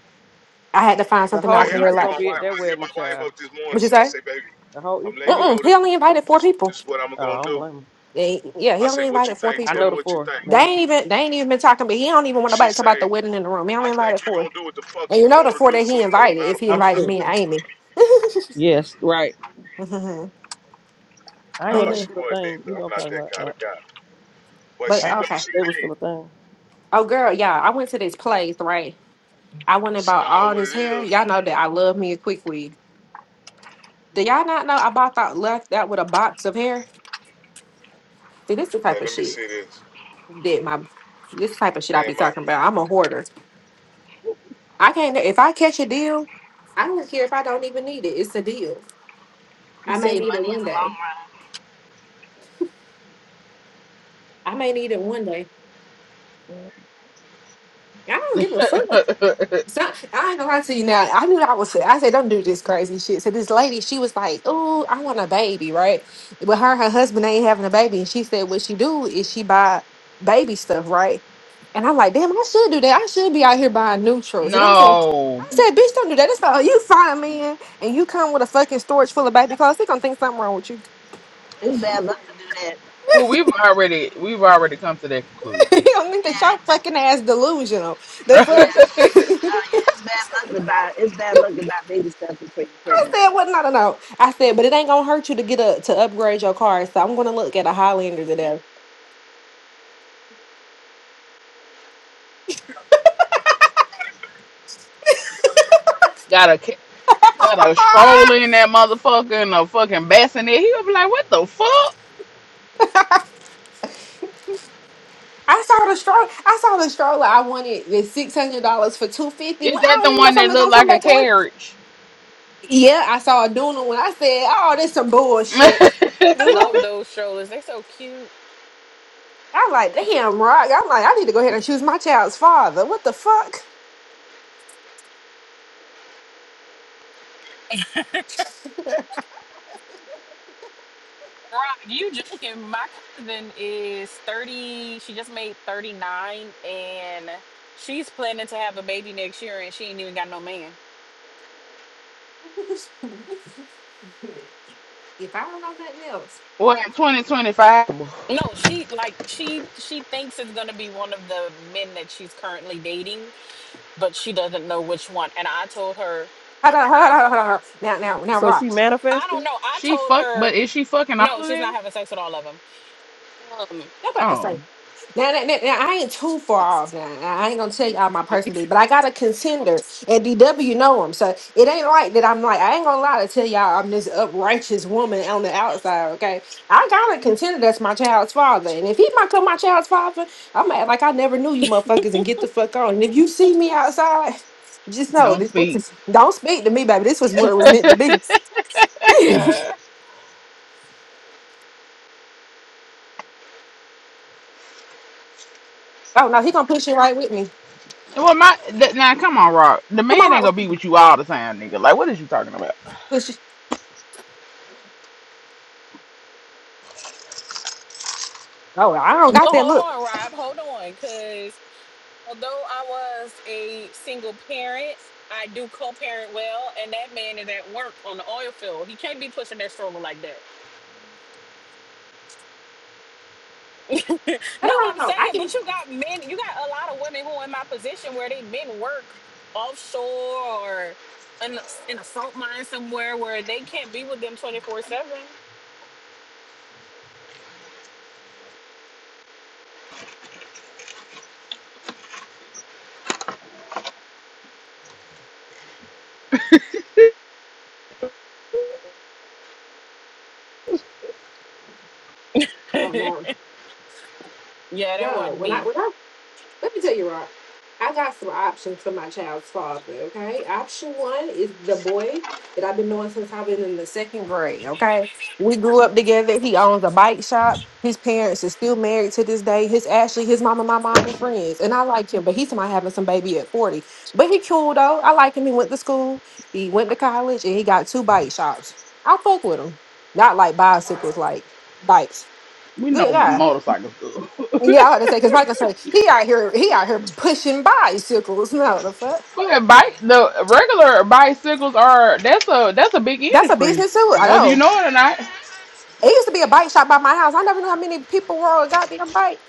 [SPEAKER 10] I had to find
[SPEAKER 8] The
[SPEAKER 10] something that
[SPEAKER 1] I
[SPEAKER 10] I
[SPEAKER 8] whole
[SPEAKER 1] hear,
[SPEAKER 10] can
[SPEAKER 1] I
[SPEAKER 10] wear.
[SPEAKER 8] Easter
[SPEAKER 1] hear
[SPEAKER 10] Like,
[SPEAKER 8] gonna
[SPEAKER 1] my
[SPEAKER 8] be at
[SPEAKER 1] wife. I
[SPEAKER 8] that
[SPEAKER 1] hear
[SPEAKER 8] wedding,
[SPEAKER 1] my wife
[SPEAKER 8] child.
[SPEAKER 1] up this morning.
[SPEAKER 10] what you
[SPEAKER 1] She, I
[SPEAKER 10] say?
[SPEAKER 1] say, baby,
[SPEAKER 8] The whole
[SPEAKER 1] I'm
[SPEAKER 8] Easter
[SPEAKER 1] letting
[SPEAKER 8] gonna be
[SPEAKER 1] you
[SPEAKER 8] at
[SPEAKER 10] Mm-mm,
[SPEAKER 8] the
[SPEAKER 1] know
[SPEAKER 10] he
[SPEAKER 1] this.
[SPEAKER 8] wedding.
[SPEAKER 10] only
[SPEAKER 1] wh-
[SPEAKER 10] invited four
[SPEAKER 1] This,
[SPEAKER 10] people.
[SPEAKER 1] this is what I'm
[SPEAKER 8] Oh, I
[SPEAKER 1] gonna
[SPEAKER 8] don't
[SPEAKER 1] do.
[SPEAKER 8] blame him.
[SPEAKER 10] They- Yeah,
[SPEAKER 1] I
[SPEAKER 10] he
[SPEAKER 1] say,
[SPEAKER 10] only
[SPEAKER 1] what you
[SPEAKER 10] invited four
[SPEAKER 1] think?
[SPEAKER 8] I
[SPEAKER 1] Tell
[SPEAKER 10] people.
[SPEAKER 1] me
[SPEAKER 8] know the
[SPEAKER 1] what you
[SPEAKER 8] four.
[SPEAKER 1] think.
[SPEAKER 10] They
[SPEAKER 8] Never mind.
[SPEAKER 10] ain't even they ain't even been talking, but he don't even want
[SPEAKER 1] She
[SPEAKER 10] nobody to talk about
[SPEAKER 1] say,
[SPEAKER 10] the wedding in the room. He
[SPEAKER 1] I
[SPEAKER 10] only
[SPEAKER 1] think
[SPEAKER 10] invited
[SPEAKER 1] you
[SPEAKER 10] four.
[SPEAKER 1] gonna do what the fuck
[SPEAKER 10] And
[SPEAKER 1] you
[SPEAKER 10] you know the
[SPEAKER 1] wanna
[SPEAKER 10] four
[SPEAKER 1] do.
[SPEAKER 10] that
[SPEAKER 1] So
[SPEAKER 10] he
[SPEAKER 1] it don't
[SPEAKER 10] invited,
[SPEAKER 1] matter
[SPEAKER 10] if he
[SPEAKER 1] what.
[SPEAKER 8] I'm
[SPEAKER 1] I
[SPEAKER 10] invited
[SPEAKER 1] do.
[SPEAKER 8] sure.
[SPEAKER 10] me and Amy.
[SPEAKER 8] Yes, right.
[SPEAKER 10] Mhm.
[SPEAKER 8] I
[SPEAKER 1] No,
[SPEAKER 8] didn't know
[SPEAKER 10] but
[SPEAKER 8] that was
[SPEAKER 10] yeah.
[SPEAKER 1] she
[SPEAKER 8] still a
[SPEAKER 1] wasn't
[SPEAKER 8] thing.
[SPEAKER 1] either.
[SPEAKER 8] You
[SPEAKER 1] I'm
[SPEAKER 8] know what
[SPEAKER 1] not
[SPEAKER 8] I'm
[SPEAKER 1] that
[SPEAKER 8] talking
[SPEAKER 1] kind of
[SPEAKER 8] about.
[SPEAKER 1] guy. But
[SPEAKER 8] Uh,
[SPEAKER 10] But
[SPEAKER 1] she
[SPEAKER 8] I didn't
[SPEAKER 1] knows
[SPEAKER 10] okay.
[SPEAKER 1] she
[SPEAKER 8] know it was still
[SPEAKER 1] ain't.
[SPEAKER 8] a thing.
[SPEAKER 10] Oh girl, yeah, I went to this place, right? I went and
[SPEAKER 1] She
[SPEAKER 10] bought
[SPEAKER 1] know
[SPEAKER 10] all
[SPEAKER 1] what
[SPEAKER 10] this
[SPEAKER 1] it
[SPEAKER 10] hair.
[SPEAKER 1] is.
[SPEAKER 10] Y'all know that I love me a quick wig. Do y'all not know I bought that left that with a box of hair? See, this the
[SPEAKER 1] Okay,
[SPEAKER 10] type of
[SPEAKER 1] let me
[SPEAKER 10] shit
[SPEAKER 1] see this.
[SPEAKER 10] that my this type of shit I be
[SPEAKER 1] Man, my
[SPEAKER 10] talking about. I'm a hoarder. I can't if I catch a deal, I don't care if I don't even need it. It's a deal.
[SPEAKER 9] You
[SPEAKER 10] I
[SPEAKER 9] save
[SPEAKER 10] may need it
[SPEAKER 9] money
[SPEAKER 10] one day.
[SPEAKER 9] in
[SPEAKER 10] I may need it one day.
[SPEAKER 9] the long run. Mhm.
[SPEAKER 10] I don't give a fuck.
[SPEAKER 11] fuck her.
[SPEAKER 10] So, I ain't gonna lie to you now. I knew that I was sick. I said, don't do this crazy shit. So this lady, she was like, oh, I want a baby, right? But her and her husband ain't having a baby. And she said, what she do is she buy baby stuff, right? And I'm like, damn, I should do that. I should be out here buying neutrals. And I said,
[SPEAKER 11] no.
[SPEAKER 10] I said, bitch, don't do that. It's all you find a man and you come with a fucking storage full of baby clothes. They gonna think something wrong with you.
[SPEAKER 9] It's bad luck to do that.
[SPEAKER 11] Well, we've already we've already come to that conclusion.
[SPEAKER 10] you don't think that y'all fucking ass delusional. The
[SPEAKER 9] Yeah. Yeah.
[SPEAKER 10] fuck.
[SPEAKER 9] No, you, it's bad luck to buy. It's bad luck to buy baby stuff before you're pregnant.
[SPEAKER 10] said, "What? No, no, no." I said, "But it ain't gonna hurt you to get a to upgrade your car." So I'm gonna look at a Highlander today.
[SPEAKER 11] got a ca- got a stroller
[SPEAKER 10] Ah,
[SPEAKER 11] in that motherfucker and a fucking bassinet. He'll be like, "What the fuck?
[SPEAKER 10] I saw the stroller. I saw the stroller. I wanted the six hundred dollars for two fifty.
[SPEAKER 11] Is
[SPEAKER 10] Well, I
[SPEAKER 11] that
[SPEAKER 10] don't
[SPEAKER 11] the
[SPEAKER 10] even know
[SPEAKER 11] one
[SPEAKER 10] if I'm
[SPEAKER 11] that looked
[SPEAKER 10] gonna come
[SPEAKER 11] like a
[SPEAKER 10] back to one.
[SPEAKER 11] carriage?"
[SPEAKER 10] Yeah, I saw a Duna when I said, "Oh, this some bullshit." The
[SPEAKER 2] I love
[SPEAKER 10] fuck?
[SPEAKER 2] those strollers. They're so cute.
[SPEAKER 10] I'm like, damn, rock. I'm like, I need to go ahead and choose my child's father. What the fuck?
[SPEAKER 2] Rock, you joking. My cousin is 30. She just made 39 and she's planning to have a baby next year and she ain't even got no man.
[SPEAKER 10] if I don't know nothing else,
[SPEAKER 11] what in twenty twenty five?
[SPEAKER 2] No, she like she she thinks it's gonna be one of the men that she's currently dating, but she doesn't know which one. And I told her,
[SPEAKER 10] hold on, hold on, hold on, hold on. Now, now, now,
[SPEAKER 8] So she
[SPEAKER 10] rock.
[SPEAKER 2] I don't
[SPEAKER 8] manifested?
[SPEAKER 2] know. I
[SPEAKER 11] She
[SPEAKER 2] told
[SPEAKER 11] fuck,
[SPEAKER 2] her
[SPEAKER 11] but is she fucking all
[SPEAKER 2] No,
[SPEAKER 11] of
[SPEAKER 2] she's
[SPEAKER 11] them?
[SPEAKER 2] not having sex with all of them. Um,
[SPEAKER 10] you about to say.
[SPEAKER 11] Oh.
[SPEAKER 10] Now, that, that- now I ain't too far off. Now I ain't gonna tell y'all my personal business, but I got a contender, and DW know him, so it ain't like that. I'm like I ain't gonna lie to tell y'all I'm this uprighteous woman on the outside. Okay, I got a contender that's my child's father, and if he might come my child's father, I'm act like I never knew you motherfuckers and get the fuck on. And if you see me outside, just know
[SPEAKER 11] Don't
[SPEAKER 10] this,
[SPEAKER 11] speak.
[SPEAKER 10] this is, don't speak to me, baby. This was what it was meant to be. oh
[SPEAKER 11] well,
[SPEAKER 10] no, he gonna push it right with me.
[SPEAKER 11] my th- now come on, Rock. The
[SPEAKER 10] Come on,
[SPEAKER 11] man ain't
[SPEAKER 10] right,
[SPEAKER 11] gonna be
[SPEAKER 10] with
[SPEAKER 11] with you all the time, nigga. Like, what is you talking about?
[SPEAKER 10] push it. Oh, I don't
[SPEAKER 2] but
[SPEAKER 10] got that
[SPEAKER 2] hold
[SPEAKER 10] look.
[SPEAKER 2] on, Rob. Hold on, because although I was a single parent, I do co-parent well, and that man is at work on the oil field. He can't be pushing that stroller like that.
[SPEAKER 10] No,
[SPEAKER 2] No,
[SPEAKER 10] no, no,
[SPEAKER 2] I'm
[SPEAKER 10] no. no,
[SPEAKER 2] saying,
[SPEAKER 10] I can.
[SPEAKER 2] but you got men, you got a lot of women who are in my position where they men work offshore or in, in a salt mine somewhere where they can't be with them 24 7.
[SPEAKER 10] Oh
[SPEAKER 2] yeah,
[SPEAKER 10] no,
[SPEAKER 2] that
[SPEAKER 10] no.
[SPEAKER 2] wasn't
[SPEAKER 10] When I
[SPEAKER 2] me.
[SPEAKER 10] when I let me tell you, Rock, I got some options for my child's father. Okay, option one is the boy that I've been knowing since I've been in the second grade. Okay, we grew up together. He owns a bike shop. His parents are still married to this day. His Ashley, his mama, my mama, friends, and I like him. But he's somebody having some baby at forty. But he cool though. I like him. He went to school. He went to college, and he got two bike shops. I fuck with him. Not like bicycles, like bikes.
[SPEAKER 11] We know
[SPEAKER 10] Good guy
[SPEAKER 11] motorcycles. good.
[SPEAKER 10] Yeah, I had to say because Michael say he out here, he out here pushing bicycles. No, the fuck,
[SPEAKER 11] Go ahead, bike. The regular bicycles are that's a that's a big
[SPEAKER 10] that's a
[SPEAKER 11] industry,
[SPEAKER 10] business too. I
[SPEAKER 11] whether you
[SPEAKER 10] know.
[SPEAKER 11] know it or not.
[SPEAKER 10] It used to be a bike shop by my house. I never knew how many people were on a goddamn bike.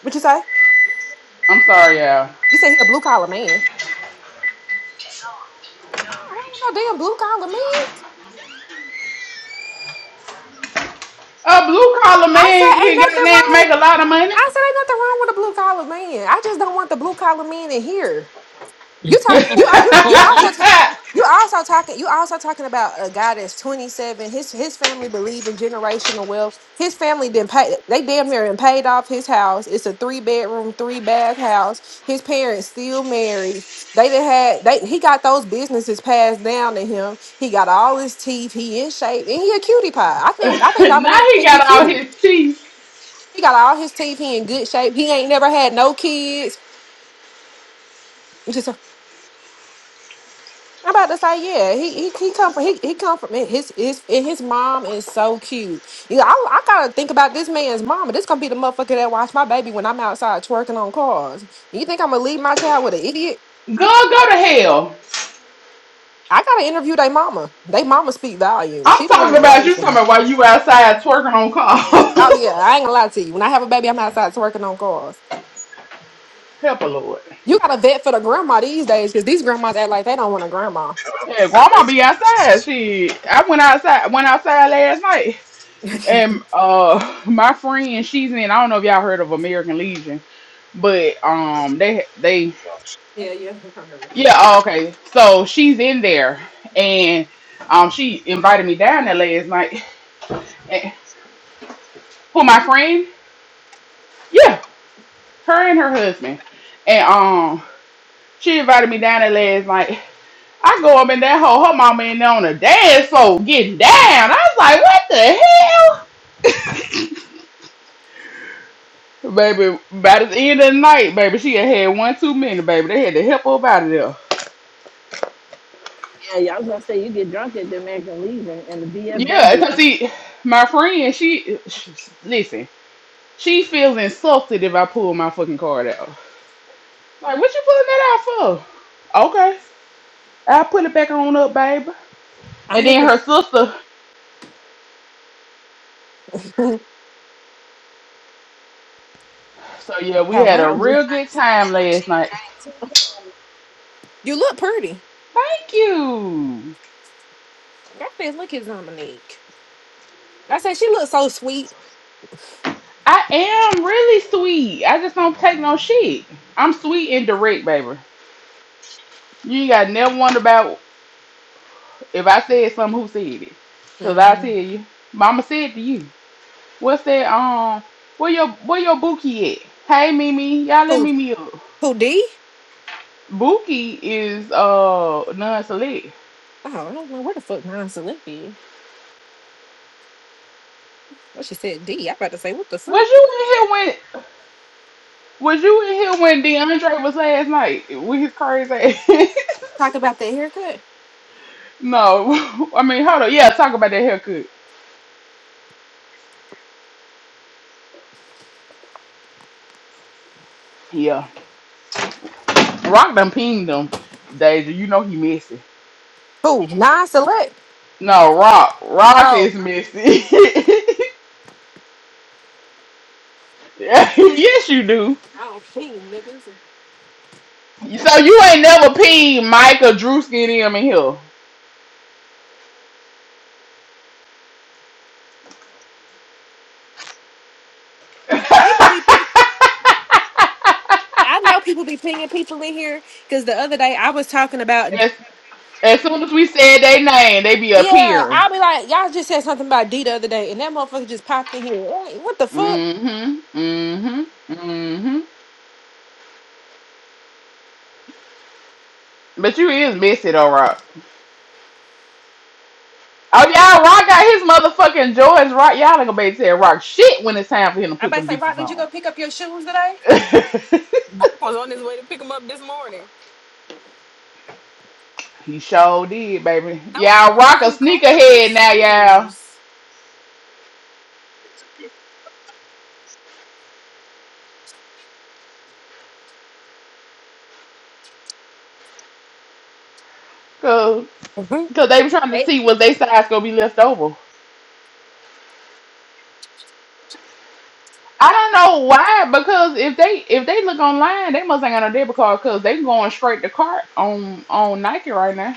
[SPEAKER 10] What you say?
[SPEAKER 11] I'm sorry, y'all.
[SPEAKER 10] You say he a blue collar man? I don't know, damn blue collar man.
[SPEAKER 11] A blue collar
[SPEAKER 10] I
[SPEAKER 11] man
[SPEAKER 10] said ain't
[SPEAKER 11] can
[SPEAKER 10] nothing
[SPEAKER 11] goddamn
[SPEAKER 10] wrong.
[SPEAKER 11] make a lot of money.
[SPEAKER 10] I said ain't nothing wrong with a blue collar man. I just don't want the blue collar man in here. You talk. You
[SPEAKER 2] Mark
[SPEAKER 10] are. You you also. ta- You also talking. You also talking about a guy that's twenty seven. His his family believe in generational wealth. His family didn't pay. They damn near and paid off his house. It's a three bedroom, three bath house. His parents still married. They didn't had. They he got those businesses passed down to him. He got all his teeth. He in shape and he a cutie pie. I think. I think
[SPEAKER 11] now
[SPEAKER 10] Dominique
[SPEAKER 11] he
[SPEAKER 10] think he
[SPEAKER 11] got all
[SPEAKER 10] cute.
[SPEAKER 11] his teeth.
[SPEAKER 10] He got all his teeth. He in good shape. He ain't never had no kids. I'm about to say, yeah, he he he come from he he come from his his and his mom is so cute. You know, I I gotta think about this man's mama. This gonna be the motherfucker that watch my baby when I'm outside twerking on cars. You think I'm gonna leave my child with an idiot?
[SPEAKER 11] Go go to hell.
[SPEAKER 10] I gotta interview their mama. They mama speak volume.
[SPEAKER 11] I'm
[SPEAKER 10] She the one
[SPEAKER 11] talking
[SPEAKER 10] that
[SPEAKER 11] about you
[SPEAKER 10] raised
[SPEAKER 11] talking
[SPEAKER 10] them.
[SPEAKER 11] about while you outside twerking on
[SPEAKER 10] Oh yeah,
[SPEAKER 11] calls.
[SPEAKER 10] I ain't gonna lie to you. When I have a baby, I'm outside twerking on cars.
[SPEAKER 11] Help a Lord.
[SPEAKER 10] You gotta vet for the grandma these days because these grandmas act like they don't want a grandma.
[SPEAKER 1] God,
[SPEAKER 11] Yeah,
[SPEAKER 1] these
[SPEAKER 11] grandma be
[SPEAKER 1] basement.
[SPEAKER 11] outside. She I went outside went outside last night. And uh my friend, she's in I don't know if y'all heard of American Legion, but um they they
[SPEAKER 1] No, she-
[SPEAKER 10] Yeah, yeah.
[SPEAKER 11] yeah, oh, okay. So she's in there and um she invited me down there last night. And, who my friend? Yeah, her and her husband. And um she invited me down there last night I go up in that hole, her mama in there on the dance floor getting down. I was like, what the hell? Baby, by the end of the night, baby, she had had one too many, baby. They had to help her up out of there.
[SPEAKER 9] Yeah, yeah. I was gonna say you get drunk at the American Legion and the
[SPEAKER 11] Yeah, because
[SPEAKER 9] VFW.
[SPEAKER 11] see, my friend, she, sh listen, she feels insulted if I pull my fucking card out. Like, what you pulling that out for? Okay, I'll put it back on up, baby. And
[SPEAKER 10] I'm
[SPEAKER 11] then
[SPEAKER 10] looking.
[SPEAKER 11] her
[SPEAKER 10] For,
[SPEAKER 11] sister, so yeah, we
[SPEAKER 10] How
[SPEAKER 11] had a
[SPEAKER 10] what?
[SPEAKER 9] I was just
[SPEAKER 11] real
[SPEAKER 9] about
[SPEAKER 11] good
[SPEAKER 9] to say
[SPEAKER 11] time
[SPEAKER 9] that them
[SPEAKER 11] last night.
[SPEAKER 9] cheap drinks.
[SPEAKER 10] You look pretty.
[SPEAKER 11] Thank you.
[SPEAKER 10] That feels like his Dominique. I said she looks so sweet.
[SPEAKER 11] I am really sweet. I just don't take no shit. I'm sweet and direct, baby. You ain't got never wonder about if I said something, who said it. Cause I
[SPEAKER 10] hmm
[SPEAKER 11] tell you, Mama said to you, "What's that? Um, where your where your bookie at? Hey, Mimi, y'all let
[SPEAKER 10] Who
[SPEAKER 11] Mimi up.
[SPEAKER 10] who D?
[SPEAKER 11] Bookie is uh non-select.
[SPEAKER 10] Oh, I don't know where the fuck Nine Select is. Well, she said D. I about to say what the fuck.
[SPEAKER 11] Was you in here when? Was you in here when DeAndre was last night with his crazy ass?
[SPEAKER 10] Talk about that haircut.
[SPEAKER 11] no, I mean hold on. Yeah, talk about that haircut. Yeah. Rock done pinged them, Deja, you know he messy.
[SPEAKER 10] Who Nine Select?
[SPEAKER 11] No, Rock. Rock
[SPEAKER 10] Oh,
[SPEAKER 11] is messy. yes, you do.
[SPEAKER 10] I don't ping niggas.
[SPEAKER 11] So you ain't never pinged Micah, Drewski, and him in here.
[SPEAKER 10] People be ping. I know people be pinging people in here because the other day I was talking about.
[SPEAKER 11] as, as soon as we said they name, they be
[SPEAKER 10] Yeah,
[SPEAKER 11] appearing.
[SPEAKER 10] I'll be like, y'all just said something about D the other day, and that motherfucker just popped in here. Hey, what the fuck?
[SPEAKER 11] Mm-hmm. Mm-hmm. Mm-hmm. But you is messy though, Rock. Oh y'all, Rock got his motherfucking George Rock. Y'all ain't gonna be able to tell Rock shit when it's time for him to
[SPEAKER 10] I
[SPEAKER 11] put
[SPEAKER 10] about to
[SPEAKER 11] them
[SPEAKER 10] say,
[SPEAKER 11] bitches
[SPEAKER 10] Rock, did you go pick up your shoes today?
[SPEAKER 11] on.
[SPEAKER 2] was on his way to pick him up this morning.
[SPEAKER 11] He sure did, baby.
[SPEAKER 2] Those
[SPEAKER 11] Y'all
[SPEAKER 2] are
[SPEAKER 11] rock a
[SPEAKER 2] uncomfortable
[SPEAKER 11] sneakerhead now, y'all.
[SPEAKER 2] shoes.
[SPEAKER 11] Cause,
[SPEAKER 2] Y'all,
[SPEAKER 11] Cause they were trying to see what they size gonna be left over. I don't know why, because if they if they look online, they must ain't got no debit card because they going straight to cart on on Nike right now.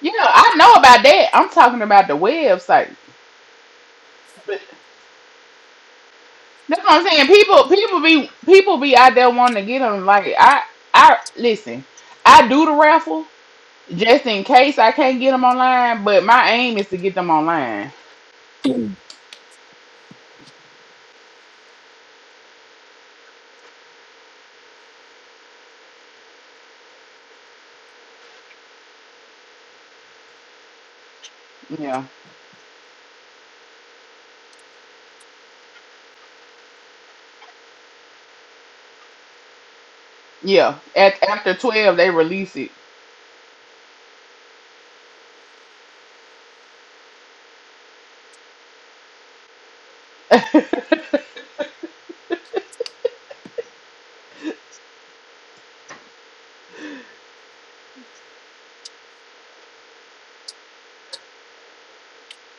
[SPEAKER 11] Yeah, I know about that. I'm talking about the website. But that's what I'm saying. People people be people be out there wanting to get them. Like I I listen, I do the raffle, just in case I can't get them online, but my aim is to get them online. Yeah. Yeah. At after 12 they release it.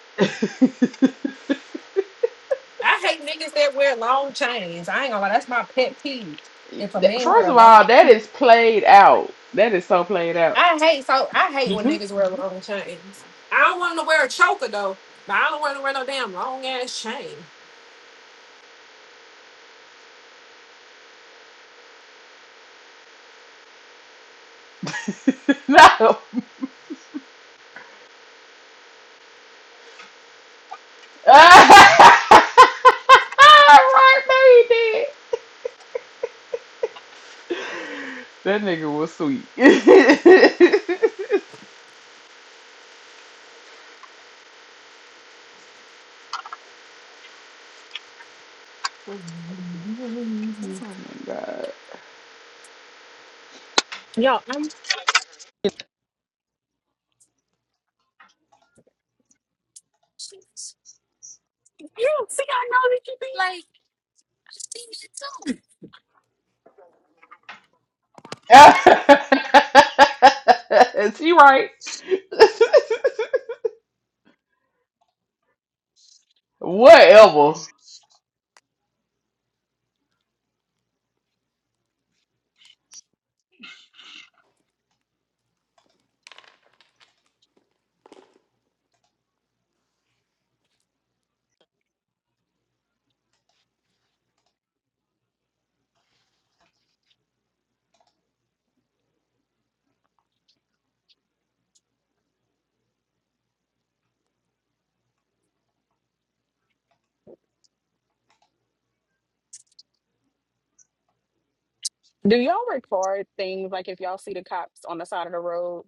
[SPEAKER 10] I hate niggas that wear long chains. I ain't gonna lie, that's my pet peeve. If a
[SPEAKER 11] That-
[SPEAKER 10] man
[SPEAKER 11] First
[SPEAKER 10] wear a
[SPEAKER 11] of
[SPEAKER 10] long,
[SPEAKER 11] all, that is played out. That is so played out.
[SPEAKER 10] I hate so I hate when niggas wear long chains. I don't want 'em to wear a choker though, but I don't want 'em to wear no damn long ass chain.
[SPEAKER 11] no. right, baby. That nigga was sweet. oh my god.
[SPEAKER 2] I'm, you see, I know that you be like,
[SPEAKER 11] Is she right? Whatever.
[SPEAKER 2] do y'all record things like if y'all see the cops on the side of the road?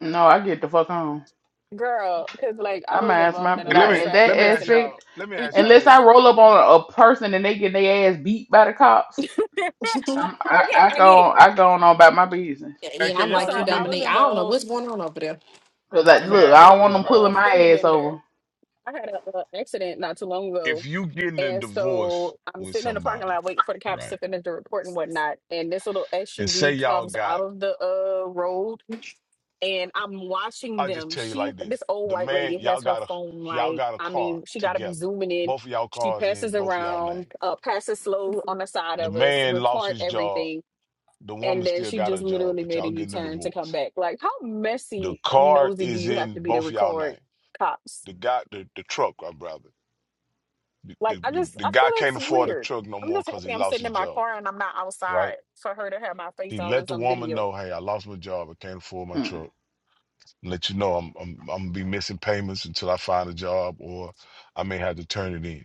[SPEAKER 11] No, I get the fuck home.
[SPEAKER 2] Girl, because like I
[SPEAKER 11] I'm gonna
[SPEAKER 2] was
[SPEAKER 11] ask
[SPEAKER 2] involved
[SPEAKER 11] my
[SPEAKER 2] in a
[SPEAKER 1] Hey, let
[SPEAKER 11] now
[SPEAKER 2] little
[SPEAKER 1] me
[SPEAKER 11] in
[SPEAKER 1] let
[SPEAKER 11] that
[SPEAKER 2] traffic
[SPEAKER 1] me ask
[SPEAKER 2] incident.
[SPEAKER 1] y'all.
[SPEAKER 11] aspect.
[SPEAKER 1] Let me ask y'all
[SPEAKER 11] Unless
[SPEAKER 1] this.
[SPEAKER 11] I roll up on a, person and they get their ass beat by the cops,
[SPEAKER 2] okay,
[SPEAKER 11] I'm, I I
[SPEAKER 2] I
[SPEAKER 11] go
[SPEAKER 2] get it.
[SPEAKER 11] on, I go on about my business.
[SPEAKER 10] Yeah,
[SPEAKER 1] Hey,
[SPEAKER 10] yeah,
[SPEAKER 1] can
[SPEAKER 10] I'm
[SPEAKER 1] y'all
[SPEAKER 10] like you,
[SPEAKER 2] So
[SPEAKER 1] hear
[SPEAKER 2] I
[SPEAKER 1] me?
[SPEAKER 2] was
[SPEAKER 10] Dominique. I don't know
[SPEAKER 2] involved
[SPEAKER 10] what's going on over there.
[SPEAKER 11] Cause
[SPEAKER 2] I
[SPEAKER 11] like,
[SPEAKER 1] Let
[SPEAKER 2] was
[SPEAKER 1] me
[SPEAKER 11] look,
[SPEAKER 1] ask
[SPEAKER 2] involved
[SPEAKER 11] I
[SPEAKER 2] in a
[SPEAKER 11] don't
[SPEAKER 1] y'all
[SPEAKER 11] want
[SPEAKER 2] little
[SPEAKER 1] this
[SPEAKER 11] them
[SPEAKER 1] right
[SPEAKER 2] uh,
[SPEAKER 11] pulling
[SPEAKER 1] quick.
[SPEAKER 11] my
[SPEAKER 2] fender
[SPEAKER 11] ass
[SPEAKER 2] bender.
[SPEAKER 11] over.
[SPEAKER 2] I had an accident not too long
[SPEAKER 1] If
[SPEAKER 2] ago.
[SPEAKER 1] you getting a
[SPEAKER 2] And
[SPEAKER 1] divorce
[SPEAKER 2] so I'm
[SPEAKER 1] with
[SPEAKER 2] sitting in the parking
[SPEAKER 1] somebody,
[SPEAKER 2] lot waiting for the cops
[SPEAKER 1] right?
[SPEAKER 2] to finish the report and whatnot. And this little
[SPEAKER 1] And say
[SPEAKER 2] SUV
[SPEAKER 1] y'all
[SPEAKER 2] comes out
[SPEAKER 1] got,
[SPEAKER 2] of the uh, road and I'm watching
[SPEAKER 1] I'll just
[SPEAKER 2] them.
[SPEAKER 1] tell you
[SPEAKER 2] She,
[SPEAKER 1] like this.
[SPEAKER 2] this old
[SPEAKER 1] The
[SPEAKER 2] white
[SPEAKER 1] man,
[SPEAKER 2] lady
[SPEAKER 1] y'all
[SPEAKER 2] has her
[SPEAKER 1] got a
[SPEAKER 2] phone
[SPEAKER 1] y'all
[SPEAKER 2] like,
[SPEAKER 1] got a
[SPEAKER 2] I
[SPEAKER 1] car
[SPEAKER 2] mean, she got to be
[SPEAKER 1] together.
[SPEAKER 2] zooming in.
[SPEAKER 1] Both of y'all
[SPEAKER 2] She
[SPEAKER 1] cars in
[SPEAKER 2] passes
[SPEAKER 1] both of y'all
[SPEAKER 2] around,
[SPEAKER 1] name.
[SPEAKER 2] uh, passes slow on the side
[SPEAKER 1] The
[SPEAKER 2] of us,
[SPEAKER 1] man lost
[SPEAKER 2] record
[SPEAKER 1] his job.
[SPEAKER 2] everything
[SPEAKER 1] The
[SPEAKER 2] and
[SPEAKER 1] woman
[SPEAKER 2] then
[SPEAKER 1] still
[SPEAKER 2] she
[SPEAKER 1] got
[SPEAKER 2] just
[SPEAKER 1] her job,
[SPEAKER 2] literally
[SPEAKER 1] but
[SPEAKER 2] made a
[SPEAKER 1] y'all getting a
[SPEAKER 2] U-turn to come
[SPEAKER 1] divorce.
[SPEAKER 2] back. Like, how
[SPEAKER 1] The
[SPEAKER 2] messy and
[SPEAKER 1] car
[SPEAKER 2] nosy do
[SPEAKER 1] is
[SPEAKER 2] you have
[SPEAKER 1] in
[SPEAKER 2] to be to
[SPEAKER 1] both of y'all
[SPEAKER 2] record
[SPEAKER 1] name.
[SPEAKER 2] cops?
[SPEAKER 1] The guy, the, the truck, my brother. The,
[SPEAKER 2] Like,
[SPEAKER 1] the,
[SPEAKER 2] I
[SPEAKER 1] the,
[SPEAKER 2] just
[SPEAKER 1] the
[SPEAKER 2] I feel
[SPEAKER 1] guy can't
[SPEAKER 2] it's
[SPEAKER 1] afford the
[SPEAKER 2] weird.
[SPEAKER 1] truck no
[SPEAKER 2] I'm
[SPEAKER 1] more
[SPEAKER 2] just
[SPEAKER 1] because
[SPEAKER 2] happy
[SPEAKER 1] he
[SPEAKER 2] I'm
[SPEAKER 1] lost
[SPEAKER 2] sitting
[SPEAKER 1] his
[SPEAKER 2] in my
[SPEAKER 1] job,
[SPEAKER 2] car and I'm not
[SPEAKER 1] right?
[SPEAKER 2] outside for her to have my face
[SPEAKER 1] She
[SPEAKER 2] all in
[SPEAKER 1] let the
[SPEAKER 2] some
[SPEAKER 1] woman
[SPEAKER 2] video.
[SPEAKER 1] know, hey, I lost my job. I can't afford my
[SPEAKER 11] Hmm.
[SPEAKER 1] truck. Let you know I'm I'm I'm gonna be missing payments until I find a job or I may have to turn it in.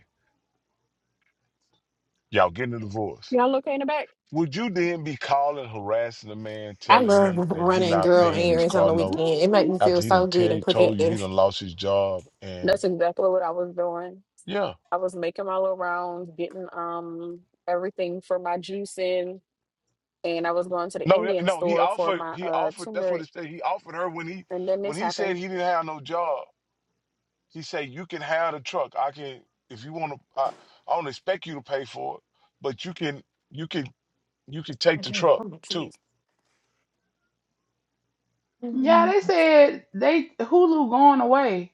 [SPEAKER 1] Y'all getting a divorce.
[SPEAKER 2] Y'all okay in the back?
[SPEAKER 1] Would you then be calling, harassing a man,
[SPEAKER 10] I
[SPEAKER 1] telling
[SPEAKER 10] love
[SPEAKER 1] him that he
[SPEAKER 10] running
[SPEAKER 1] not
[SPEAKER 10] girl
[SPEAKER 11] When
[SPEAKER 1] paying his
[SPEAKER 11] you
[SPEAKER 10] errands on
[SPEAKER 1] car
[SPEAKER 11] still
[SPEAKER 10] the
[SPEAKER 1] note
[SPEAKER 10] weekend. It
[SPEAKER 11] love
[SPEAKER 10] makes
[SPEAKER 11] me.
[SPEAKER 10] me
[SPEAKER 1] after
[SPEAKER 10] feel
[SPEAKER 1] he done
[SPEAKER 10] so good
[SPEAKER 1] tell,
[SPEAKER 10] and
[SPEAKER 1] told you he
[SPEAKER 10] productive.
[SPEAKER 1] done lost his job and
[SPEAKER 2] That's exactly what I was doing.
[SPEAKER 1] yeah.
[SPEAKER 2] I was making my little rounds, getting um everything for my juice in, and I was going to the
[SPEAKER 1] No, yeah,
[SPEAKER 2] Indian
[SPEAKER 1] no, he
[SPEAKER 2] store for
[SPEAKER 1] offered
[SPEAKER 2] my
[SPEAKER 1] he
[SPEAKER 2] uh
[SPEAKER 1] offered that's what
[SPEAKER 2] turmeric.
[SPEAKER 1] it said. He offered her when he
[SPEAKER 2] And then
[SPEAKER 1] when
[SPEAKER 2] this
[SPEAKER 1] he said
[SPEAKER 2] happened.
[SPEAKER 1] he didn't have no job. He said, "You can have the truck. I can, if you want to. I, I don't expect you to pay for it, but you can, you can, you can take
[SPEAKER 10] I
[SPEAKER 1] the
[SPEAKER 10] do.
[SPEAKER 1] truck
[SPEAKER 10] Oh, my
[SPEAKER 1] too."
[SPEAKER 10] cheese.
[SPEAKER 11] Yeah,
[SPEAKER 10] Oh,
[SPEAKER 11] they said they Hulu going away.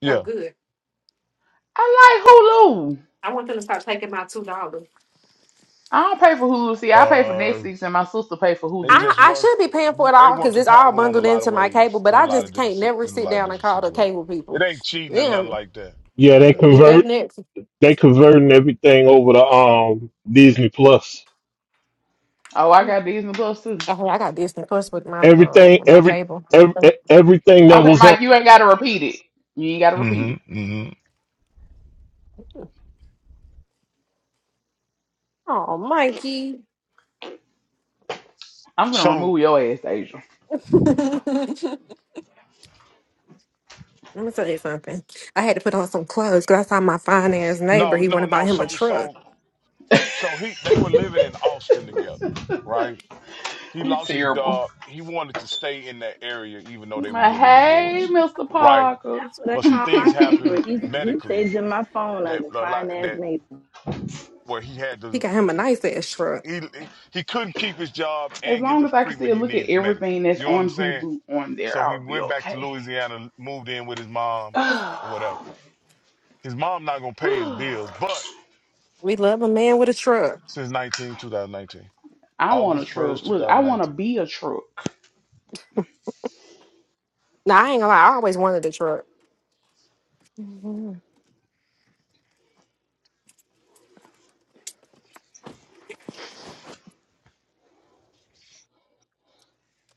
[SPEAKER 1] Yeah.
[SPEAKER 10] good.
[SPEAKER 11] I like Hulu.
[SPEAKER 10] I want them to start taking my two dollars.
[SPEAKER 11] I don't pay for Hulu. See, I pay for
[SPEAKER 1] Uh,
[SPEAKER 11] Netflix, and my sister pay for
[SPEAKER 1] they
[SPEAKER 11] Hulu.
[SPEAKER 10] I,
[SPEAKER 1] just
[SPEAKER 10] I
[SPEAKER 1] weren't
[SPEAKER 10] should be paying for it
[SPEAKER 1] they
[SPEAKER 10] all
[SPEAKER 1] weren't
[SPEAKER 10] because it's all
[SPEAKER 1] compatible on a
[SPEAKER 10] bundled
[SPEAKER 1] lot of
[SPEAKER 10] into my cable,
[SPEAKER 1] ways
[SPEAKER 10] but
[SPEAKER 1] in a
[SPEAKER 10] I
[SPEAKER 1] lot of
[SPEAKER 10] just
[SPEAKER 1] different
[SPEAKER 10] can't
[SPEAKER 1] si-
[SPEAKER 10] never
[SPEAKER 1] in a
[SPEAKER 10] sit
[SPEAKER 1] lot of
[SPEAKER 10] down and
[SPEAKER 1] different
[SPEAKER 10] call the
[SPEAKER 1] situations.
[SPEAKER 10] cable
[SPEAKER 1] It
[SPEAKER 10] people.
[SPEAKER 1] ain't cheating or nothing
[SPEAKER 10] Then
[SPEAKER 1] like that. It
[SPEAKER 7] Yeah,
[SPEAKER 1] ain't
[SPEAKER 7] they
[SPEAKER 1] nothing
[SPEAKER 10] did
[SPEAKER 1] like
[SPEAKER 10] that
[SPEAKER 7] convert.
[SPEAKER 1] that.
[SPEAKER 10] next.
[SPEAKER 7] They converting everything over to um Disney Plus.
[SPEAKER 11] Oh, I got Disney Plus too.
[SPEAKER 10] Oh, I got Disney Plus with my uh,
[SPEAKER 7] Everything.
[SPEAKER 10] with my
[SPEAKER 7] Every
[SPEAKER 10] cable.
[SPEAKER 7] every, everything that
[SPEAKER 11] Okay,
[SPEAKER 7] was on
[SPEAKER 11] Mike, you ain't got to repeat it. You ain't got to repeat it.
[SPEAKER 1] Mm-hmm. Mm-hmm.
[SPEAKER 10] Oh, Mikey.
[SPEAKER 11] I'm gonna
[SPEAKER 1] So
[SPEAKER 11] remove your ass, Asia.
[SPEAKER 10] Let me tell you something. I had to put on some clothes because I saw my fine ass neighbor.
[SPEAKER 1] no,
[SPEAKER 10] He went
[SPEAKER 1] no,
[SPEAKER 10] to
[SPEAKER 1] no.
[SPEAKER 10] buy him a
[SPEAKER 1] So
[SPEAKER 10] truck.
[SPEAKER 1] so so he they were living in Austin together, right? He
[SPEAKER 11] You
[SPEAKER 1] lost his
[SPEAKER 11] terrible.
[SPEAKER 1] job. He wanted to stay in that area, even though they were
[SPEAKER 11] My
[SPEAKER 1] getting a
[SPEAKER 11] hey,
[SPEAKER 1] divorce,
[SPEAKER 11] Mr.
[SPEAKER 1] right?
[SPEAKER 11] Parker.
[SPEAKER 9] That's what I
[SPEAKER 1] But some
[SPEAKER 9] call
[SPEAKER 1] things
[SPEAKER 9] my neighbor.
[SPEAKER 1] happened
[SPEAKER 9] He's he's
[SPEAKER 1] medically
[SPEAKER 9] saving my phone
[SPEAKER 1] that
[SPEAKER 9] under fine ass
[SPEAKER 1] that
[SPEAKER 9] neighbor.
[SPEAKER 1] where he had
[SPEAKER 10] He
[SPEAKER 1] to
[SPEAKER 10] got him a nice ass truck.
[SPEAKER 1] he he couldn't keep his job
[SPEAKER 11] as
[SPEAKER 1] and get
[SPEAKER 11] long
[SPEAKER 1] the
[SPEAKER 11] as I can
[SPEAKER 1] treatment
[SPEAKER 11] still
[SPEAKER 1] he
[SPEAKER 11] look at
[SPEAKER 1] needed medically.
[SPEAKER 11] everything that's
[SPEAKER 1] You know what I'm
[SPEAKER 11] on
[SPEAKER 1] saying?
[SPEAKER 11] Hulu on there,
[SPEAKER 1] So he
[SPEAKER 11] I'll be
[SPEAKER 1] went back to
[SPEAKER 11] okay.
[SPEAKER 1] Louisiana, moved in with his mom, or whatever.
[SPEAKER 11] I
[SPEAKER 1] His mom not gonna pay his bills, but
[SPEAKER 10] We love a man with a truck.
[SPEAKER 1] since 19, 2019,
[SPEAKER 11] want a
[SPEAKER 1] August 1st,
[SPEAKER 11] truck. Look, I want to
[SPEAKER 1] 2019.
[SPEAKER 11] be a truck.
[SPEAKER 10] Now I ain't gonna lie, I always wanted a truck. Mhm.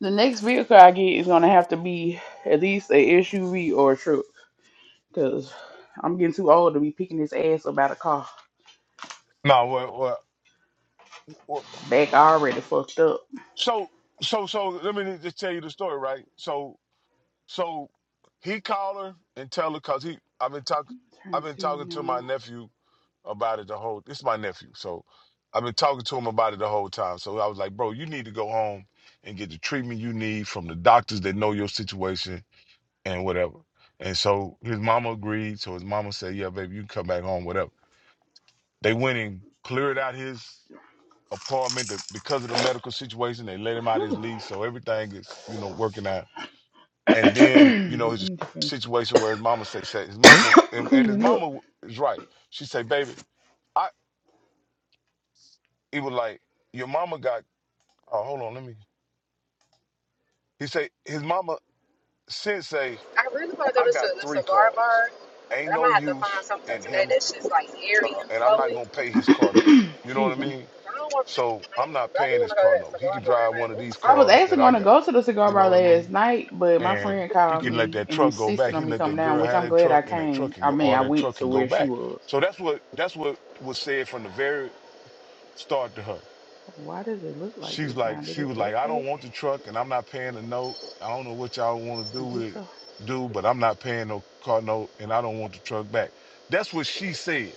[SPEAKER 11] The next vehicle I get is gonna have to be at least a SUV or a truck, cause I'm getting too old to be picking this ass up out of car.
[SPEAKER 1] No, well, well, well,
[SPEAKER 11] Back already fucked up.
[SPEAKER 1] so so so let me just tell you the story, right? So So he called her and tell her because he I've been talking
[SPEAKER 11] Turn
[SPEAKER 1] I've been
[SPEAKER 11] the
[SPEAKER 1] talking
[SPEAKER 11] TV
[SPEAKER 1] to my
[SPEAKER 11] on.
[SPEAKER 1] nephew about it the whole it's my nephew, so I've been talking to him about it the whole time. So I was like, bro, you need to go home and get the treatment you need from the doctors that know your situation and whatever. And so his mama agreed. So his mama said, Yeah, baby, you can come back home, whatever. They went and cleared out his apartment to- because of the medical situation. They let him out his
[SPEAKER 11] Whew.
[SPEAKER 1] lease. So everything is, you know, working out. And then, you know,
[SPEAKER 11] I
[SPEAKER 1] it's a
[SPEAKER 11] need to finish
[SPEAKER 1] situation where his mama say, say his mama, and, and his
[SPEAKER 11] cleaning up.
[SPEAKER 1] mama is right. She say, baby, I, he was like, your mama got, oh, hold on, let me, he say, his mama said, say,
[SPEAKER 10] I really want to go
[SPEAKER 1] I
[SPEAKER 10] to
[SPEAKER 1] got
[SPEAKER 10] the
[SPEAKER 1] three
[SPEAKER 10] cigar
[SPEAKER 1] cars.
[SPEAKER 10] bar
[SPEAKER 1] Ain't
[SPEAKER 10] But I'm
[SPEAKER 1] no
[SPEAKER 10] gonna have to find
[SPEAKER 1] use
[SPEAKER 10] something
[SPEAKER 1] in
[SPEAKER 10] today
[SPEAKER 1] him,
[SPEAKER 10] that's just like
[SPEAKER 1] uh,
[SPEAKER 10] airy and
[SPEAKER 1] and I'm not
[SPEAKER 10] flowy.
[SPEAKER 1] going to pay his car note. You know what I
[SPEAKER 11] Excuse me.
[SPEAKER 1] mean?
[SPEAKER 10] I don't want.
[SPEAKER 1] So
[SPEAKER 10] I
[SPEAKER 1] I'm
[SPEAKER 10] don't
[SPEAKER 1] not
[SPEAKER 10] I do
[SPEAKER 1] paying his
[SPEAKER 10] want to go to
[SPEAKER 1] car
[SPEAKER 10] that
[SPEAKER 1] note. He
[SPEAKER 10] cigar
[SPEAKER 1] can
[SPEAKER 10] bar
[SPEAKER 1] drive
[SPEAKER 10] tonight.
[SPEAKER 1] one of
[SPEAKER 10] Ooh.
[SPEAKER 1] these
[SPEAKER 11] I was
[SPEAKER 1] cars
[SPEAKER 11] actually
[SPEAKER 1] that I
[SPEAKER 11] gonna
[SPEAKER 1] got.
[SPEAKER 11] go to the cigar
[SPEAKER 1] You know
[SPEAKER 11] bar
[SPEAKER 1] what I mean?
[SPEAKER 11] last night, but my
[SPEAKER 1] and
[SPEAKER 11] friend
[SPEAKER 1] he
[SPEAKER 11] called
[SPEAKER 1] can let
[SPEAKER 11] me
[SPEAKER 1] that
[SPEAKER 11] and
[SPEAKER 1] truck go back.
[SPEAKER 11] insisted
[SPEAKER 1] He
[SPEAKER 11] on
[SPEAKER 1] can
[SPEAKER 11] me
[SPEAKER 1] let
[SPEAKER 11] coming
[SPEAKER 1] that
[SPEAKER 11] down,
[SPEAKER 1] girl
[SPEAKER 11] which
[SPEAKER 1] have
[SPEAKER 11] I'm
[SPEAKER 1] that
[SPEAKER 11] glad
[SPEAKER 1] truck,
[SPEAKER 11] I
[SPEAKER 1] and that truck
[SPEAKER 11] came.
[SPEAKER 1] can
[SPEAKER 11] I
[SPEAKER 1] go,
[SPEAKER 11] mean,
[SPEAKER 1] or
[SPEAKER 11] I
[SPEAKER 1] that
[SPEAKER 11] went
[SPEAKER 1] truck can
[SPEAKER 11] to
[SPEAKER 1] go
[SPEAKER 11] where she
[SPEAKER 1] back.
[SPEAKER 11] was.
[SPEAKER 1] So that's what that's what was said from the very start to her.
[SPEAKER 11] Why does it look like
[SPEAKER 1] She's
[SPEAKER 11] this now?
[SPEAKER 1] like,
[SPEAKER 11] Did
[SPEAKER 1] she
[SPEAKER 11] it
[SPEAKER 1] was like, I don't
[SPEAKER 11] update?
[SPEAKER 1] want the truck, and I'm not paying the note. I don't know what y'all want to
[SPEAKER 11] I
[SPEAKER 1] do with
[SPEAKER 11] guess
[SPEAKER 1] it,
[SPEAKER 11] so.
[SPEAKER 1] do, but I'm not paying no car note, and I don't want the truck back. That's what she said,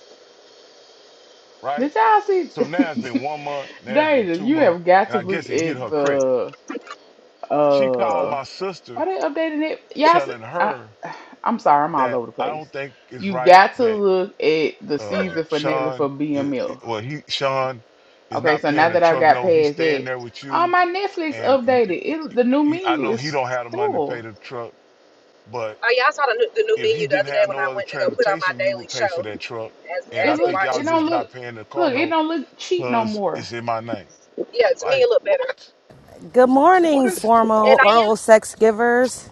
[SPEAKER 1] right?
[SPEAKER 11] Did y'all see?
[SPEAKER 1] So now it's been one month, now it's been
[SPEAKER 11] Deja,
[SPEAKER 1] two
[SPEAKER 11] you
[SPEAKER 1] months,
[SPEAKER 11] have got
[SPEAKER 1] and
[SPEAKER 11] to
[SPEAKER 1] I
[SPEAKER 11] look
[SPEAKER 1] guess it hit
[SPEAKER 11] at
[SPEAKER 1] her credit.
[SPEAKER 11] the.
[SPEAKER 1] She called
[SPEAKER 11] Uh,
[SPEAKER 1] my
[SPEAKER 11] are
[SPEAKER 1] sister,
[SPEAKER 11] they updating it? Yes.
[SPEAKER 1] telling
[SPEAKER 11] I, s-
[SPEAKER 1] her
[SPEAKER 11] I, am sorry, I'm all
[SPEAKER 1] that
[SPEAKER 11] over the
[SPEAKER 1] I
[SPEAKER 11] place.
[SPEAKER 1] don't think it's
[SPEAKER 11] You
[SPEAKER 1] right
[SPEAKER 11] got to
[SPEAKER 1] that
[SPEAKER 11] look at the
[SPEAKER 1] uh
[SPEAKER 11] season finale for
[SPEAKER 1] Sean it, it-
[SPEAKER 11] BMF.
[SPEAKER 1] well he Sean is
[SPEAKER 11] Okay,
[SPEAKER 1] not
[SPEAKER 11] so
[SPEAKER 1] paying
[SPEAKER 11] now
[SPEAKER 1] the
[SPEAKER 11] that I've
[SPEAKER 1] truck
[SPEAKER 11] got
[SPEAKER 1] note. He's
[SPEAKER 11] past
[SPEAKER 1] staying
[SPEAKER 11] that,
[SPEAKER 1] there with
[SPEAKER 11] on
[SPEAKER 1] you
[SPEAKER 11] my Netflix
[SPEAKER 1] and y
[SPEAKER 11] updated,
[SPEAKER 1] y
[SPEAKER 11] it
[SPEAKER 1] y
[SPEAKER 11] the new
[SPEAKER 1] y- I
[SPEAKER 11] menu
[SPEAKER 1] know he
[SPEAKER 11] is
[SPEAKER 1] don't have the money to pay
[SPEAKER 11] cool.
[SPEAKER 1] the truck, but
[SPEAKER 10] Oh yeah, I saw the new, the new
[SPEAKER 1] if he
[SPEAKER 10] menu the
[SPEAKER 1] didn't
[SPEAKER 10] other day
[SPEAKER 1] have
[SPEAKER 10] when
[SPEAKER 1] no
[SPEAKER 10] I
[SPEAKER 1] other
[SPEAKER 10] went to go put on my
[SPEAKER 1] transportation, you
[SPEAKER 10] daily
[SPEAKER 1] would pay for
[SPEAKER 10] show
[SPEAKER 1] that truck.
[SPEAKER 10] as
[SPEAKER 1] And
[SPEAKER 11] It
[SPEAKER 1] I
[SPEAKER 10] as it
[SPEAKER 11] look,
[SPEAKER 1] think y'all
[SPEAKER 11] it
[SPEAKER 10] watches
[SPEAKER 11] don't
[SPEAKER 10] me.
[SPEAKER 1] just
[SPEAKER 11] look,
[SPEAKER 1] not paying the car
[SPEAKER 11] look, it
[SPEAKER 1] note
[SPEAKER 11] don't look cheap no
[SPEAKER 1] because
[SPEAKER 11] more.
[SPEAKER 1] it's in my name.
[SPEAKER 10] Yeah,
[SPEAKER 1] I'm
[SPEAKER 10] to me
[SPEAKER 1] like,
[SPEAKER 10] it looked better.
[SPEAKER 1] what?
[SPEAKER 12] Good
[SPEAKER 1] What
[SPEAKER 12] morning,
[SPEAKER 1] is
[SPEAKER 10] And
[SPEAKER 12] formal
[SPEAKER 10] I am.
[SPEAKER 12] oral sex givers.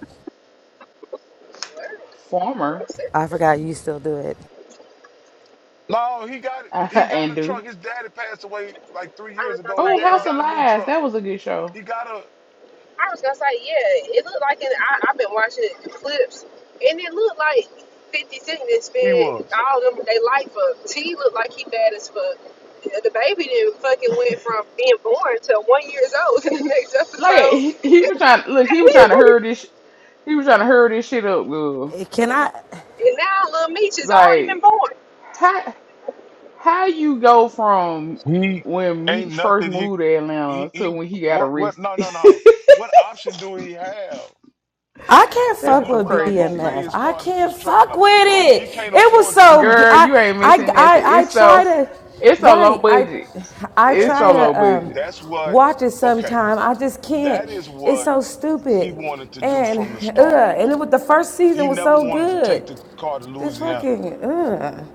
[SPEAKER 11] Former
[SPEAKER 10] girl
[SPEAKER 12] I forgot you still do it.
[SPEAKER 1] No, he got it. He got
[SPEAKER 11] and
[SPEAKER 1] a
[SPEAKER 11] do.
[SPEAKER 1] truck. His daddy passed away like three
[SPEAKER 10] I
[SPEAKER 1] years
[SPEAKER 10] was gonna
[SPEAKER 1] ago. His
[SPEAKER 11] Oh,
[SPEAKER 10] say
[SPEAKER 1] daddy
[SPEAKER 11] House of
[SPEAKER 1] got
[SPEAKER 10] um.
[SPEAKER 1] a new
[SPEAKER 11] Lies,
[SPEAKER 1] truck.
[SPEAKER 11] that was a good show.
[SPEAKER 1] He got a
[SPEAKER 10] I was gonna say, yeah, it looked like it. I, I've been watching the clips, and it looked like 50 Cent that
[SPEAKER 1] he
[SPEAKER 10] spent
[SPEAKER 1] was.
[SPEAKER 10] all them they life up. T looked like he bad as fuck. The baby didn't fucking went from being born to one years old in the next
[SPEAKER 11] Like
[SPEAKER 10] episode,
[SPEAKER 11] he, he was trying, look, he was trying to hurry
[SPEAKER 10] and
[SPEAKER 11] this, sh- he was trying to hurry this shit up, girl.
[SPEAKER 12] It- Can I?
[SPEAKER 10] now little Meech has already been
[SPEAKER 11] Like
[SPEAKER 10] born.
[SPEAKER 11] How how you go from
[SPEAKER 1] He
[SPEAKER 11] when
[SPEAKER 1] ain't
[SPEAKER 11] Meach first
[SPEAKER 1] nothing. He
[SPEAKER 11] moved to
[SPEAKER 1] he
[SPEAKER 11] Atlanta to
[SPEAKER 1] he.
[SPEAKER 11] when he got
[SPEAKER 1] What what?
[SPEAKER 11] arrested?
[SPEAKER 1] No no no. What option do he have?
[SPEAKER 12] I can't
[SPEAKER 11] That
[SPEAKER 1] His
[SPEAKER 11] is
[SPEAKER 12] fuck
[SPEAKER 11] some
[SPEAKER 12] with
[SPEAKER 1] mama not
[SPEAKER 12] B
[SPEAKER 11] crazy
[SPEAKER 1] gonna
[SPEAKER 12] M
[SPEAKER 1] pay
[SPEAKER 12] F.
[SPEAKER 1] his
[SPEAKER 11] shit.
[SPEAKER 12] I
[SPEAKER 1] car
[SPEAKER 12] can't
[SPEAKER 1] his truck
[SPEAKER 12] fuck
[SPEAKER 1] note.
[SPEAKER 12] with
[SPEAKER 1] He
[SPEAKER 12] it.
[SPEAKER 1] can't
[SPEAKER 12] It was
[SPEAKER 1] afford the
[SPEAKER 12] so.
[SPEAKER 1] truck
[SPEAKER 12] good.
[SPEAKER 11] Girl,
[SPEAKER 1] note.
[SPEAKER 12] I.
[SPEAKER 11] you ain't
[SPEAKER 12] I. I. I
[SPEAKER 11] missing nothing. It's
[SPEAKER 12] try
[SPEAKER 11] so
[SPEAKER 12] to.
[SPEAKER 11] it's so low
[SPEAKER 12] Right. I
[SPEAKER 11] budget.
[SPEAKER 12] I
[SPEAKER 11] It's
[SPEAKER 1] That's
[SPEAKER 11] so
[SPEAKER 12] try
[SPEAKER 1] what.
[SPEAKER 11] low
[SPEAKER 12] to um,
[SPEAKER 11] budget.
[SPEAKER 1] That's what.
[SPEAKER 12] watch it
[SPEAKER 1] Okay.
[SPEAKER 12] sometime. I just can't.
[SPEAKER 1] That is
[SPEAKER 12] It's
[SPEAKER 1] what
[SPEAKER 12] so
[SPEAKER 1] he
[SPEAKER 12] stupid.
[SPEAKER 1] wanted to do
[SPEAKER 12] And
[SPEAKER 1] from the start.
[SPEAKER 12] uh, and it was the first
[SPEAKER 1] He
[SPEAKER 12] season was
[SPEAKER 1] never
[SPEAKER 12] so
[SPEAKER 1] wanted to
[SPEAKER 12] good.
[SPEAKER 1] take the car to
[SPEAKER 12] Just
[SPEAKER 1] Louisiana
[SPEAKER 12] fucking ugh.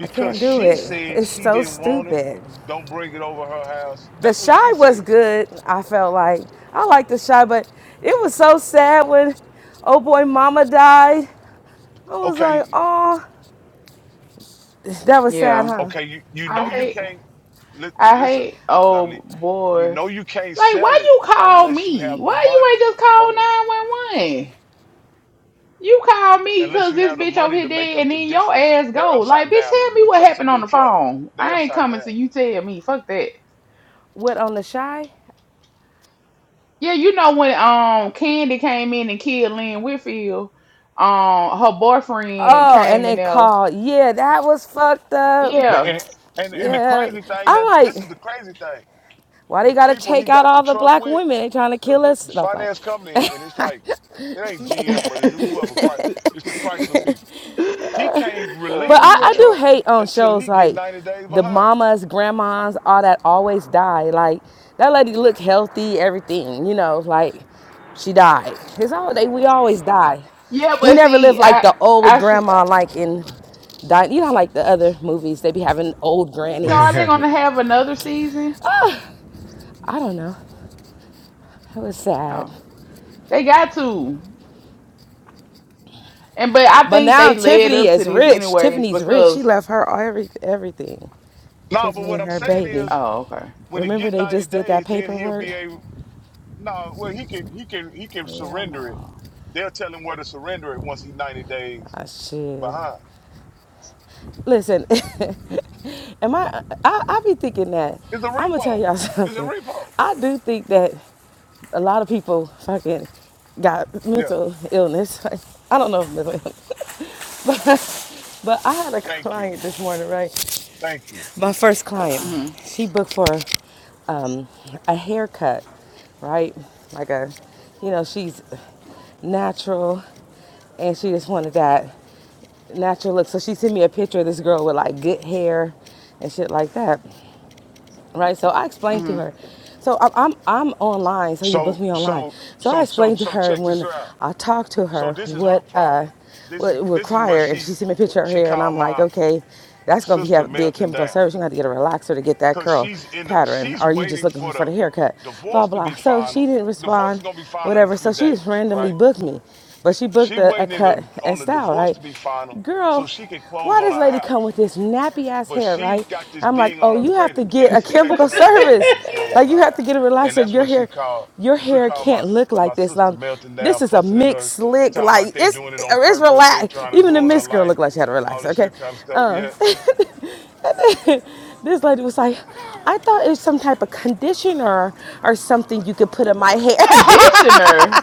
[SPEAKER 12] I can't do
[SPEAKER 1] she
[SPEAKER 12] it.
[SPEAKER 1] said
[SPEAKER 12] It's
[SPEAKER 1] she
[SPEAKER 12] so
[SPEAKER 1] didn't want it.
[SPEAKER 12] stupid.
[SPEAKER 1] Don't bring it over her house.
[SPEAKER 12] The
[SPEAKER 1] That's what she
[SPEAKER 12] shy was
[SPEAKER 1] said.
[SPEAKER 12] good. I felt like I liked the shy, but it was so sad when oh boy, mama died. I was like,
[SPEAKER 1] Okay.
[SPEAKER 12] oh, that was sad,
[SPEAKER 11] Yeah.
[SPEAKER 12] huh?
[SPEAKER 1] Okay, you, you
[SPEAKER 11] I
[SPEAKER 1] know you
[SPEAKER 11] hate
[SPEAKER 1] can't li-
[SPEAKER 11] I
[SPEAKER 1] listen,
[SPEAKER 11] hate oh
[SPEAKER 1] Dominique. You
[SPEAKER 11] boy.
[SPEAKER 1] know you can't
[SPEAKER 11] Like
[SPEAKER 1] sell
[SPEAKER 11] why
[SPEAKER 1] it
[SPEAKER 11] you call
[SPEAKER 1] unless you
[SPEAKER 11] me?
[SPEAKER 1] have the
[SPEAKER 11] Why
[SPEAKER 1] money.
[SPEAKER 11] you ain't just
[SPEAKER 1] Go
[SPEAKER 11] call
[SPEAKER 1] ahead.
[SPEAKER 11] nine one one? You call me
[SPEAKER 1] Unless
[SPEAKER 11] cause
[SPEAKER 1] you
[SPEAKER 11] this
[SPEAKER 1] have the
[SPEAKER 11] bitch over
[SPEAKER 1] money
[SPEAKER 11] here
[SPEAKER 1] to make
[SPEAKER 11] dead
[SPEAKER 1] up
[SPEAKER 11] and
[SPEAKER 1] the
[SPEAKER 11] then your
[SPEAKER 1] difference.
[SPEAKER 11] ass
[SPEAKER 1] They're
[SPEAKER 11] go. Like
[SPEAKER 1] upside
[SPEAKER 11] bitch
[SPEAKER 1] down in
[SPEAKER 11] tell
[SPEAKER 1] it.
[SPEAKER 11] me
[SPEAKER 1] The
[SPEAKER 11] what
[SPEAKER 1] truck, it's a
[SPEAKER 11] happened on
[SPEAKER 1] new
[SPEAKER 11] the
[SPEAKER 1] truck.
[SPEAKER 11] phone.
[SPEAKER 1] They
[SPEAKER 11] I ain't
[SPEAKER 1] upside
[SPEAKER 11] coming
[SPEAKER 1] down.
[SPEAKER 11] to you tell me. Fuck that.
[SPEAKER 12] What on the shy?
[SPEAKER 11] Yeah, you know when um Candy came in and killed Lynn Whitfield, um her boyfriend
[SPEAKER 12] Oh, and
[SPEAKER 11] came in
[SPEAKER 12] they
[SPEAKER 11] there.
[SPEAKER 12] called. Yeah, that was fucked up.
[SPEAKER 1] Man,
[SPEAKER 11] Yeah.
[SPEAKER 1] and, and and the
[SPEAKER 12] Yeah,
[SPEAKER 1] crazy thing
[SPEAKER 12] I'm
[SPEAKER 1] that this is
[SPEAKER 12] like,
[SPEAKER 1] the crazy thing.
[SPEAKER 12] why they
[SPEAKER 1] The
[SPEAKER 12] gotta
[SPEAKER 1] people he
[SPEAKER 12] take out
[SPEAKER 1] got the
[SPEAKER 12] all the
[SPEAKER 1] truck
[SPEAKER 12] black
[SPEAKER 1] with,
[SPEAKER 12] women? They trying to
[SPEAKER 1] the,
[SPEAKER 12] kill us?
[SPEAKER 1] the
[SPEAKER 12] No, I'm
[SPEAKER 1] finance company, and it's
[SPEAKER 12] playing.
[SPEAKER 1] like it ain't GM, but it's whoever Chrysler. It's the Chrysler people. He can't
[SPEAKER 12] But
[SPEAKER 1] relinquish
[SPEAKER 12] I,
[SPEAKER 1] the
[SPEAKER 12] I
[SPEAKER 11] oh god.
[SPEAKER 1] truck
[SPEAKER 12] do hate on
[SPEAKER 1] until
[SPEAKER 12] shows
[SPEAKER 1] he get
[SPEAKER 12] like
[SPEAKER 1] ninety days
[SPEAKER 12] the
[SPEAKER 1] behind.
[SPEAKER 12] mamas, grandmas, all that always die. Like that lady looked healthy, everything, you know, like she died. It's all they we always die.
[SPEAKER 11] Yeah,
[SPEAKER 12] We
[SPEAKER 11] but
[SPEAKER 12] never live
[SPEAKER 11] see,
[SPEAKER 12] like
[SPEAKER 11] I
[SPEAKER 12] the old
[SPEAKER 11] I see.
[SPEAKER 12] grandma like in di- you know like the other movies, they be having old
[SPEAKER 11] So are
[SPEAKER 12] grannies.
[SPEAKER 11] they gonna have another season?
[SPEAKER 12] Ah, I don't know. It was sad.
[SPEAKER 11] Oh, they got to. And but I
[SPEAKER 12] But
[SPEAKER 11] think
[SPEAKER 12] now
[SPEAKER 11] they led
[SPEAKER 12] Tiffany
[SPEAKER 11] up to
[SPEAKER 12] is
[SPEAKER 11] this
[SPEAKER 12] rich.
[SPEAKER 11] anyways
[SPEAKER 12] Tiffany's rich. She
[SPEAKER 11] because
[SPEAKER 12] left her every everything.
[SPEAKER 1] No, but
[SPEAKER 12] Tiffany
[SPEAKER 1] what
[SPEAKER 12] and
[SPEAKER 1] I'm
[SPEAKER 12] her
[SPEAKER 1] saying
[SPEAKER 12] baby.
[SPEAKER 1] is
[SPEAKER 11] oh okay.
[SPEAKER 1] when it
[SPEAKER 12] Remember
[SPEAKER 1] get
[SPEAKER 12] they
[SPEAKER 1] 90
[SPEAKER 12] just did that
[SPEAKER 1] days, then he'll
[SPEAKER 12] paperwork?
[SPEAKER 1] be able no, well he can he can he can
[SPEAKER 11] Hell
[SPEAKER 1] surrender it.
[SPEAKER 11] no.
[SPEAKER 1] They'll tell him where to surrender it once he's 90 days
[SPEAKER 12] Ah shit.
[SPEAKER 1] behind.
[SPEAKER 12] Listen, am I, I? I be thinking that.
[SPEAKER 1] It's a
[SPEAKER 12] I'm gonna tell
[SPEAKER 1] repo.
[SPEAKER 12] y'all
[SPEAKER 1] It's a
[SPEAKER 12] something.
[SPEAKER 1] repo.
[SPEAKER 12] I do think that a lot of people fucking got
[SPEAKER 1] Yeah.
[SPEAKER 12] mental illness. I don't know if mental illness, but but I had a
[SPEAKER 1] Thank you.
[SPEAKER 12] client this morning, right?
[SPEAKER 1] Thank you.
[SPEAKER 12] My first client.
[SPEAKER 11] Mhm.
[SPEAKER 12] She booked for um, a haircut, right? Like a, you know, she's natural, and she just wanted that natural look. So she sent me a picture of this girl with like good hair and shit like that right? So I explained to
[SPEAKER 11] Mhm.
[SPEAKER 12] her. So I'm, I'm I'm online. So you
[SPEAKER 1] So
[SPEAKER 12] booked me online.
[SPEAKER 1] so
[SPEAKER 12] So I
[SPEAKER 1] so so
[SPEAKER 12] explained to
[SPEAKER 1] so
[SPEAKER 12] her
[SPEAKER 1] check this
[SPEAKER 12] when
[SPEAKER 1] out.
[SPEAKER 12] I talked to
[SPEAKER 1] So
[SPEAKER 12] her
[SPEAKER 1] this is her
[SPEAKER 12] what uh
[SPEAKER 1] problem. This
[SPEAKER 12] what
[SPEAKER 1] is
[SPEAKER 12] it would
[SPEAKER 1] this is where
[SPEAKER 12] require, and she
[SPEAKER 1] she
[SPEAKER 12] sent me a picture of her
[SPEAKER 1] she
[SPEAKER 12] hair, and I'm
[SPEAKER 1] called
[SPEAKER 12] like,
[SPEAKER 1] my
[SPEAKER 12] okay, that's gonna be
[SPEAKER 1] sister
[SPEAKER 12] have, be a
[SPEAKER 1] melting
[SPEAKER 12] chemical
[SPEAKER 1] down.
[SPEAKER 12] service. You are gonna have to get a relaxer to get that
[SPEAKER 1] Cause
[SPEAKER 12] curl
[SPEAKER 1] she's in the
[SPEAKER 12] pattern.
[SPEAKER 1] she's
[SPEAKER 12] are you just
[SPEAKER 1] waiting
[SPEAKER 12] looking
[SPEAKER 1] for
[SPEAKER 12] for the
[SPEAKER 1] the
[SPEAKER 12] haircut? Blah
[SPEAKER 1] divorce to
[SPEAKER 12] blah.
[SPEAKER 1] be
[SPEAKER 12] So she
[SPEAKER 1] final.
[SPEAKER 12] didn't
[SPEAKER 1] Divorce is
[SPEAKER 12] respond,
[SPEAKER 1] gonna be final in a
[SPEAKER 12] whatever. So
[SPEAKER 1] few
[SPEAKER 12] she just
[SPEAKER 1] days,
[SPEAKER 12] randomly
[SPEAKER 1] right?
[SPEAKER 12] booked me, but she booked
[SPEAKER 1] She
[SPEAKER 12] a, a
[SPEAKER 1] waiting in the,
[SPEAKER 12] cut and
[SPEAKER 1] on the
[SPEAKER 12] style,
[SPEAKER 1] divorce
[SPEAKER 12] right?
[SPEAKER 1] to be final so
[SPEAKER 12] Girl.
[SPEAKER 1] she can close
[SPEAKER 12] Why
[SPEAKER 1] on
[SPEAKER 12] does
[SPEAKER 1] her
[SPEAKER 12] lady come
[SPEAKER 1] house.
[SPEAKER 12] with this nappy ass
[SPEAKER 1] But
[SPEAKER 12] hair,
[SPEAKER 1] she
[SPEAKER 12] right?
[SPEAKER 1] got this
[SPEAKER 12] I'm like,
[SPEAKER 1] ding on
[SPEAKER 12] oh,
[SPEAKER 1] her
[SPEAKER 12] you have to
[SPEAKER 1] credit and
[SPEAKER 12] get a
[SPEAKER 1] it's
[SPEAKER 12] chemical
[SPEAKER 1] affecting her ability
[SPEAKER 12] service.
[SPEAKER 1] to close
[SPEAKER 12] Like
[SPEAKER 1] on her
[SPEAKER 12] you have
[SPEAKER 1] house.
[SPEAKER 12] to get a
[SPEAKER 1] And
[SPEAKER 12] relaxer.
[SPEAKER 1] that's
[SPEAKER 12] Your
[SPEAKER 1] what she
[SPEAKER 12] hair,
[SPEAKER 1] called.
[SPEAKER 12] your
[SPEAKER 1] She
[SPEAKER 12] hair
[SPEAKER 1] called my
[SPEAKER 12] can't
[SPEAKER 1] s-
[SPEAKER 12] look
[SPEAKER 1] my
[SPEAKER 12] like this.
[SPEAKER 1] sister
[SPEAKER 12] Um,
[SPEAKER 1] melting down,
[SPEAKER 12] this is a
[SPEAKER 1] fussing at
[SPEAKER 12] mixed
[SPEAKER 1] her,
[SPEAKER 12] slick,
[SPEAKER 1] talking about
[SPEAKER 12] like
[SPEAKER 1] they
[SPEAKER 12] it's
[SPEAKER 1] doing it on
[SPEAKER 12] it's
[SPEAKER 1] purpose. They
[SPEAKER 12] relaxed.
[SPEAKER 1] trying to
[SPEAKER 12] Even the
[SPEAKER 1] ruin her
[SPEAKER 12] mixed girl
[SPEAKER 1] life,
[SPEAKER 12] looked like she had a
[SPEAKER 1] all
[SPEAKER 12] relaxer,
[SPEAKER 1] this
[SPEAKER 12] okay?
[SPEAKER 1] shit kind of stuff.
[SPEAKER 12] Um
[SPEAKER 1] Yeah,
[SPEAKER 12] this lady was like, I thought it was some type of conditioner or something you could put in my hair.
[SPEAKER 11] conditioner,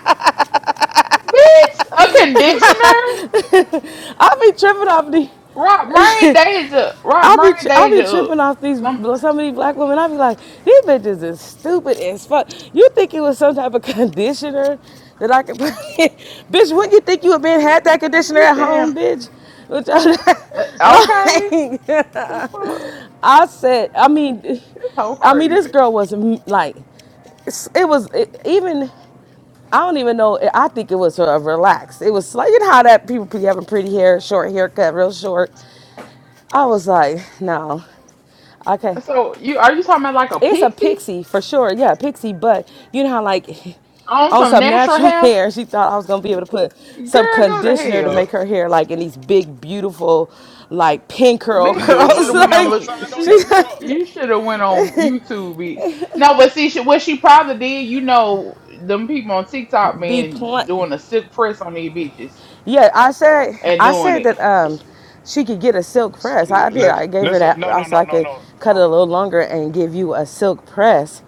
[SPEAKER 11] bitch. A conditioner.
[SPEAKER 12] I be tripping off these.
[SPEAKER 11] Rob, learn days Rob,
[SPEAKER 12] I be
[SPEAKER 11] learn
[SPEAKER 12] tri- I
[SPEAKER 11] days
[SPEAKER 12] be
[SPEAKER 11] up.
[SPEAKER 12] tripping off these
[SPEAKER 11] Some
[SPEAKER 12] some of these black women. I be like, these bitches is stupid as fuck. You think it was some type of conditioner that I could put in? bitch? Wouldn't you think you would been had that conditioner
[SPEAKER 11] you
[SPEAKER 12] at
[SPEAKER 11] damn
[SPEAKER 12] home, bitch? Which I-
[SPEAKER 11] uh, okay.
[SPEAKER 12] like
[SPEAKER 11] The fuck,
[SPEAKER 12] I said, I mean,
[SPEAKER 11] this whole
[SPEAKER 12] I mean
[SPEAKER 11] crazy.
[SPEAKER 12] this girl was mm, like, it's- it was it, even. I don't even know. I think it was uh, relaxed. It was like you know how that people be having pretty hair, short haircut, real short. I was like, no, okay.
[SPEAKER 11] So you are you talking about like a
[SPEAKER 12] It's a
[SPEAKER 11] pixie
[SPEAKER 12] pixie for sure. Yeah, pixie. But you know how like
[SPEAKER 11] on
[SPEAKER 12] on
[SPEAKER 11] some
[SPEAKER 12] some
[SPEAKER 11] natural
[SPEAKER 12] natural
[SPEAKER 11] hair?
[SPEAKER 12] hair, she thought I was gonna be able to put
[SPEAKER 11] Girl,
[SPEAKER 12] some
[SPEAKER 11] go to
[SPEAKER 12] conditioner to
[SPEAKER 1] yeah.
[SPEAKER 12] make
[SPEAKER 11] hell,
[SPEAKER 12] her hair like in these big, beautiful, like pin curl
[SPEAKER 1] See,
[SPEAKER 11] bitch.
[SPEAKER 1] your
[SPEAKER 11] You should
[SPEAKER 12] curls.
[SPEAKER 11] have
[SPEAKER 1] husband,
[SPEAKER 11] went
[SPEAKER 1] he
[SPEAKER 11] on
[SPEAKER 12] like
[SPEAKER 11] look.
[SPEAKER 1] co-signed on your
[SPEAKER 12] she
[SPEAKER 11] She, she
[SPEAKER 1] truck.
[SPEAKER 11] you should have went on YouTube, bitch. No, but see, she, what she probably did, you know, them people on TikTok
[SPEAKER 12] be
[SPEAKER 11] been
[SPEAKER 12] blunt.
[SPEAKER 11] doing a silk press on these bitches
[SPEAKER 12] Yeah, I said
[SPEAKER 11] and
[SPEAKER 12] I
[SPEAKER 11] doing
[SPEAKER 12] said
[SPEAKER 11] it.
[SPEAKER 12] that um she could get a silk press.
[SPEAKER 1] Yeah.
[SPEAKER 12] I did.
[SPEAKER 1] Let's
[SPEAKER 12] I gave her
[SPEAKER 1] listen.
[SPEAKER 12] that.
[SPEAKER 1] No,
[SPEAKER 12] I
[SPEAKER 1] no,
[SPEAKER 12] said
[SPEAKER 1] no,
[SPEAKER 12] I
[SPEAKER 1] no,
[SPEAKER 12] could
[SPEAKER 1] no,
[SPEAKER 12] cut it
[SPEAKER 1] no.
[SPEAKER 12] a little longer and give you a silk press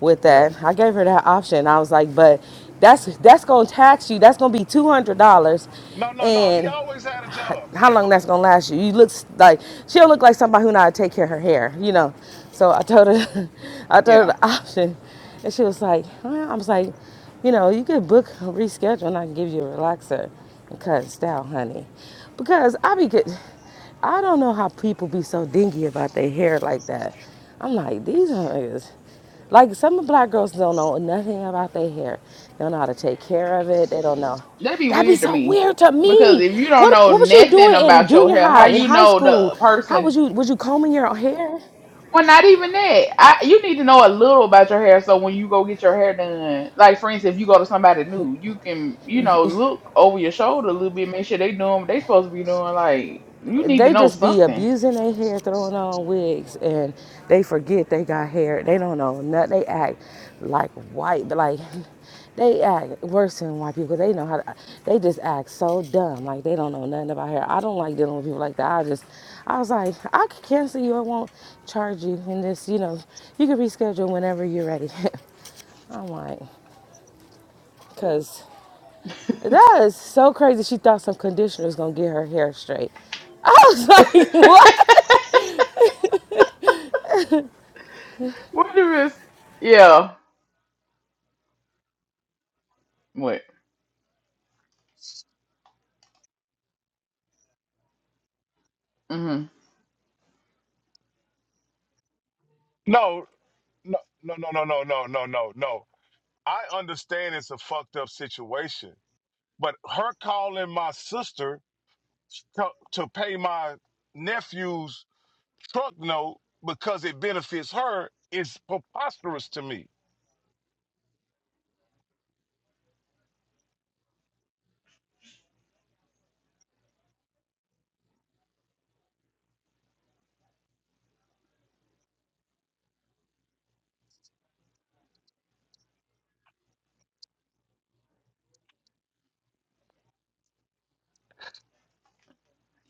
[SPEAKER 12] with
[SPEAKER 1] Yeah.
[SPEAKER 12] that. I gave her that option. I was like, but that's that's gonna tax you. That's gonna be two hundred dollars,
[SPEAKER 1] No, no, no. He
[SPEAKER 12] and
[SPEAKER 1] always had a job. He
[SPEAKER 12] how long that's
[SPEAKER 1] always.
[SPEAKER 12] gonna last you. You look like she'll look like somebody who know how to take care of her hair, you know. So I told her, I told her
[SPEAKER 11] yeah.
[SPEAKER 12] the option, and she was like, well, I was like, you know, you could book a reschedule, and I can give you a relaxer and cut and style, honey, because I be good. I don't know how people be so dingy about their hair like that. I'm like, these niggas. Like some of black girls don't know nothing about their hair. They don't know how to take care of it. They don't know.
[SPEAKER 11] That'd be
[SPEAKER 12] That'd be
[SPEAKER 11] weird to
[SPEAKER 12] so
[SPEAKER 11] me
[SPEAKER 12] weird to
[SPEAKER 11] because
[SPEAKER 12] me.
[SPEAKER 11] if you don't
[SPEAKER 12] What
[SPEAKER 11] know
[SPEAKER 12] what was you
[SPEAKER 11] nothing
[SPEAKER 12] doing in
[SPEAKER 11] about your
[SPEAKER 12] junior
[SPEAKER 11] hair, how
[SPEAKER 12] high,
[SPEAKER 1] I'm
[SPEAKER 12] in
[SPEAKER 11] you
[SPEAKER 1] sure.
[SPEAKER 12] high
[SPEAKER 11] know
[SPEAKER 12] school?
[SPEAKER 11] the
[SPEAKER 12] How was
[SPEAKER 11] person?
[SPEAKER 12] you was you combing your hair?
[SPEAKER 11] Well, not even that. I you need to know a little about your hair so when you go get your hair done, like for instance, if you go to somebody new, you can you know look over your shoulder a little bit, make sure they doing what they supposed to be doing. Like you need to
[SPEAKER 12] They
[SPEAKER 11] know
[SPEAKER 12] just be
[SPEAKER 11] something.
[SPEAKER 12] abusing their hair, throwing on wigs, and they forget they got hair. They don't know nothing. They act like white, but like they act worse than white people. They know how to, they just act so dumb. Like they don't know nothing about hair. I don't like dealing with people like that. I just, I was like, I can cancel you. I won't charge you. And this, you know, you can reschedule whenever you're ready. I'm like, cause that is so crazy. She thought some conditioner was gonna get her hair straight. I was like, what?
[SPEAKER 11] what is? Yeah. What? hmm
[SPEAKER 1] No. No, no, no, no, no, no, no, no, no. I understand it's a fucked up situation, but her calling my sister to to pay my nephew's truck note because it benefits her is preposterous to me.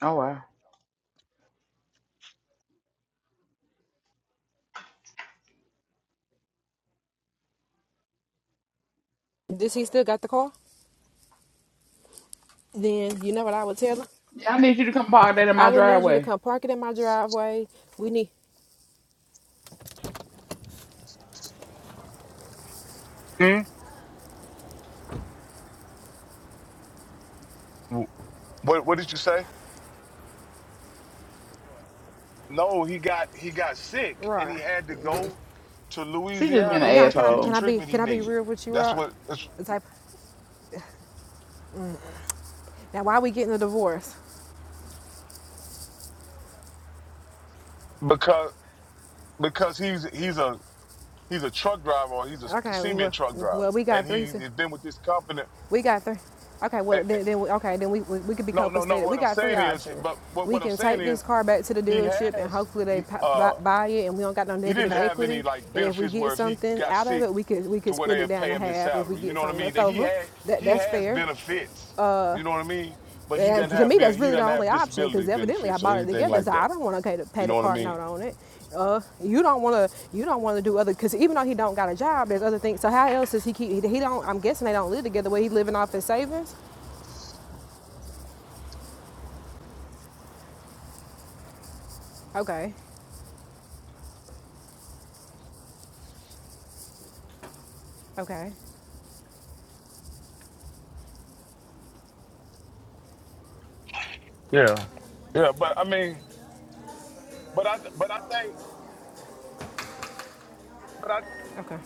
[SPEAKER 11] Oh wow.
[SPEAKER 10] Does he still got the car? Then you know what I would tell him.
[SPEAKER 11] Yeah, I need you to come park that in
[SPEAKER 10] I
[SPEAKER 11] my
[SPEAKER 10] would need you to
[SPEAKER 11] driveway.
[SPEAKER 10] come park it in my driveway. We need
[SPEAKER 1] Hmm? Wh- What What did you say? No, he got he got sick and
[SPEAKER 10] right.
[SPEAKER 1] he had to go to
[SPEAKER 11] She just been
[SPEAKER 1] Louisiana
[SPEAKER 11] an
[SPEAKER 10] Yeah,
[SPEAKER 1] to
[SPEAKER 10] can I be
[SPEAKER 1] get the
[SPEAKER 10] can
[SPEAKER 11] asshole.
[SPEAKER 10] I be
[SPEAKER 1] treatment
[SPEAKER 10] can
[SPEAKER 1] he
[SPEAKER 10] I be
[SPEAKER 1] needed.
[SPEAKER 10] real with you,
[SPEAKER 1] That's
[SPEAKER 10] Rod?
[SPEAKER 1] what. That's
[SPEAKER 10] It's like, Now, why are we getting a divorce?
[SPEAKER 1] because because he's he's a He's a truck driver or he's a
[SPEAKER 10] Okay,
[SPEAKER 1] cement
[SPEAKER 10] well,
[SPEAKER 1] truck driver.
[SPEAKER 10] well, we
[SPEAKER 1] And
[SPEAKER 10] got
[SPEAKER 1] he,
[SPEAKER 10] three. si-
[SPEAKER 1] he's been with this company.
[SPEAKER 10] We got three. Okay,
[SPEAKER 1] And,
[SPEAKER 10] well,
[SPEAKER 1] and-
[SPEAKER 10] then, then we, okay, then we, we, we could be
[SPEAKER 1] no, no, no.
[SPEAKER 10] compensated. We
[SPEAKER 1] What I'm
[SPEAKER 10] got three
[SPEAKER 1] saying is,
[SPEAKER 10] options.
[SPEAKER 1] but what,
[SPEAKER 10] We
[SPEAKER 1] what I'm
[SPEAKER 10] can
[SPEAKER 1] saying
[SPEAKER 10] take this
[SPEAKER 1] is
[SPEAKER 10] car back to the
[SPEAKER 1] he
[SPEAKER 10] dealership and
[SPEAKER 1] has,
[SPEAKER 10] hopefully they
[SPEAKER 1] he, uh,
[SPEAKER 10] buy it, and we don't got no
[SPEAKER 1] he didn't
[SPEAKER 10] negative
[SPEAKER 1] have any
[SPEAKER 10] equity.
[SPEAKER 1] like
[SPEAKER 10] And if we
[SPEAKER 1] benefits
[SPEAKER 10] get
[SPEAKER 1] where if he
[SPEAKER 10] something
[SPEAKER 1] got
[SPEAKER 10] out of
[SPEAKER 1] sick
[SPEAKER 10] it, we could we
[SPEAKER 1] to
[SPEAKER 10] could
[SPEAKER 1] where they
[SPEAKER 10] split it
[SPEAKER 1] would
[SPEAKER 10] down
[SPEAKER 1] pay
[SPEAKER 10] to
[SPEAKER 1] him his
[SPEAKER 10] half if we
[SPEAKER 1] salary. You
[SPEAKER 10] get
[SPEAKER 1] know what I
[SPEAKER 10] something
[SPEAKER 1] mean?
[SPEAKER 10] left
[SPEAKER 1] That he
[SPEAKER 10] over.
[SPEAKER 1] had,
[SPEAKER 10] That
[SPEAKER 1] he
[SPEAKER 10] that's
[SPEAKER 1] has
[SPEAKER 10] fair.
[SPEAKER 1] benefits.
[SPEAKER 10] Uh,
[SPEAKER 1] You know what I mean? But he
[SPEAKER 10] and
[SPEAKER 1] doesn't
[SPEAKER 10] to
[SPEAKER 1] have
[SPEAKER 10] me, that's
[SPEAKER 1] ben, he
[SPEAKER 10] really the
[SPEAKER 1] doesn't have
[SPEAKER 10] only option
[SPEAKER 1] disability
[SPEAKER 10] because evidently I
[SPEAKER 1] benefits or
[SPEAKER 10] bought it
[SPEAKER 1] anything
[SPEAKER 10] together,
[SPEAKER 1] like
[SPEAKER 10] so
[SPEAKER 1] that.
[SPEAKER 10] I don't want to pay the, pay
[SPEAKER 1] You
[SPEAKER 10] the
[SPEAKER 1] know what I
[SPEAKER 10] card
[SPEAKER 1] mean?
[SPEAKER 10] note on it. Uh, you don't want to you don't want to do other because even though he don't got a job, there's other things. So how else does he keep? He, he don't. I'm guessing they don't live together. Where he living off his savings? Okay, okay,
[SPEAKER 1] Yeah. Yeah. But I mean, but I, but I think, but I
[SPEAKER 10] okay.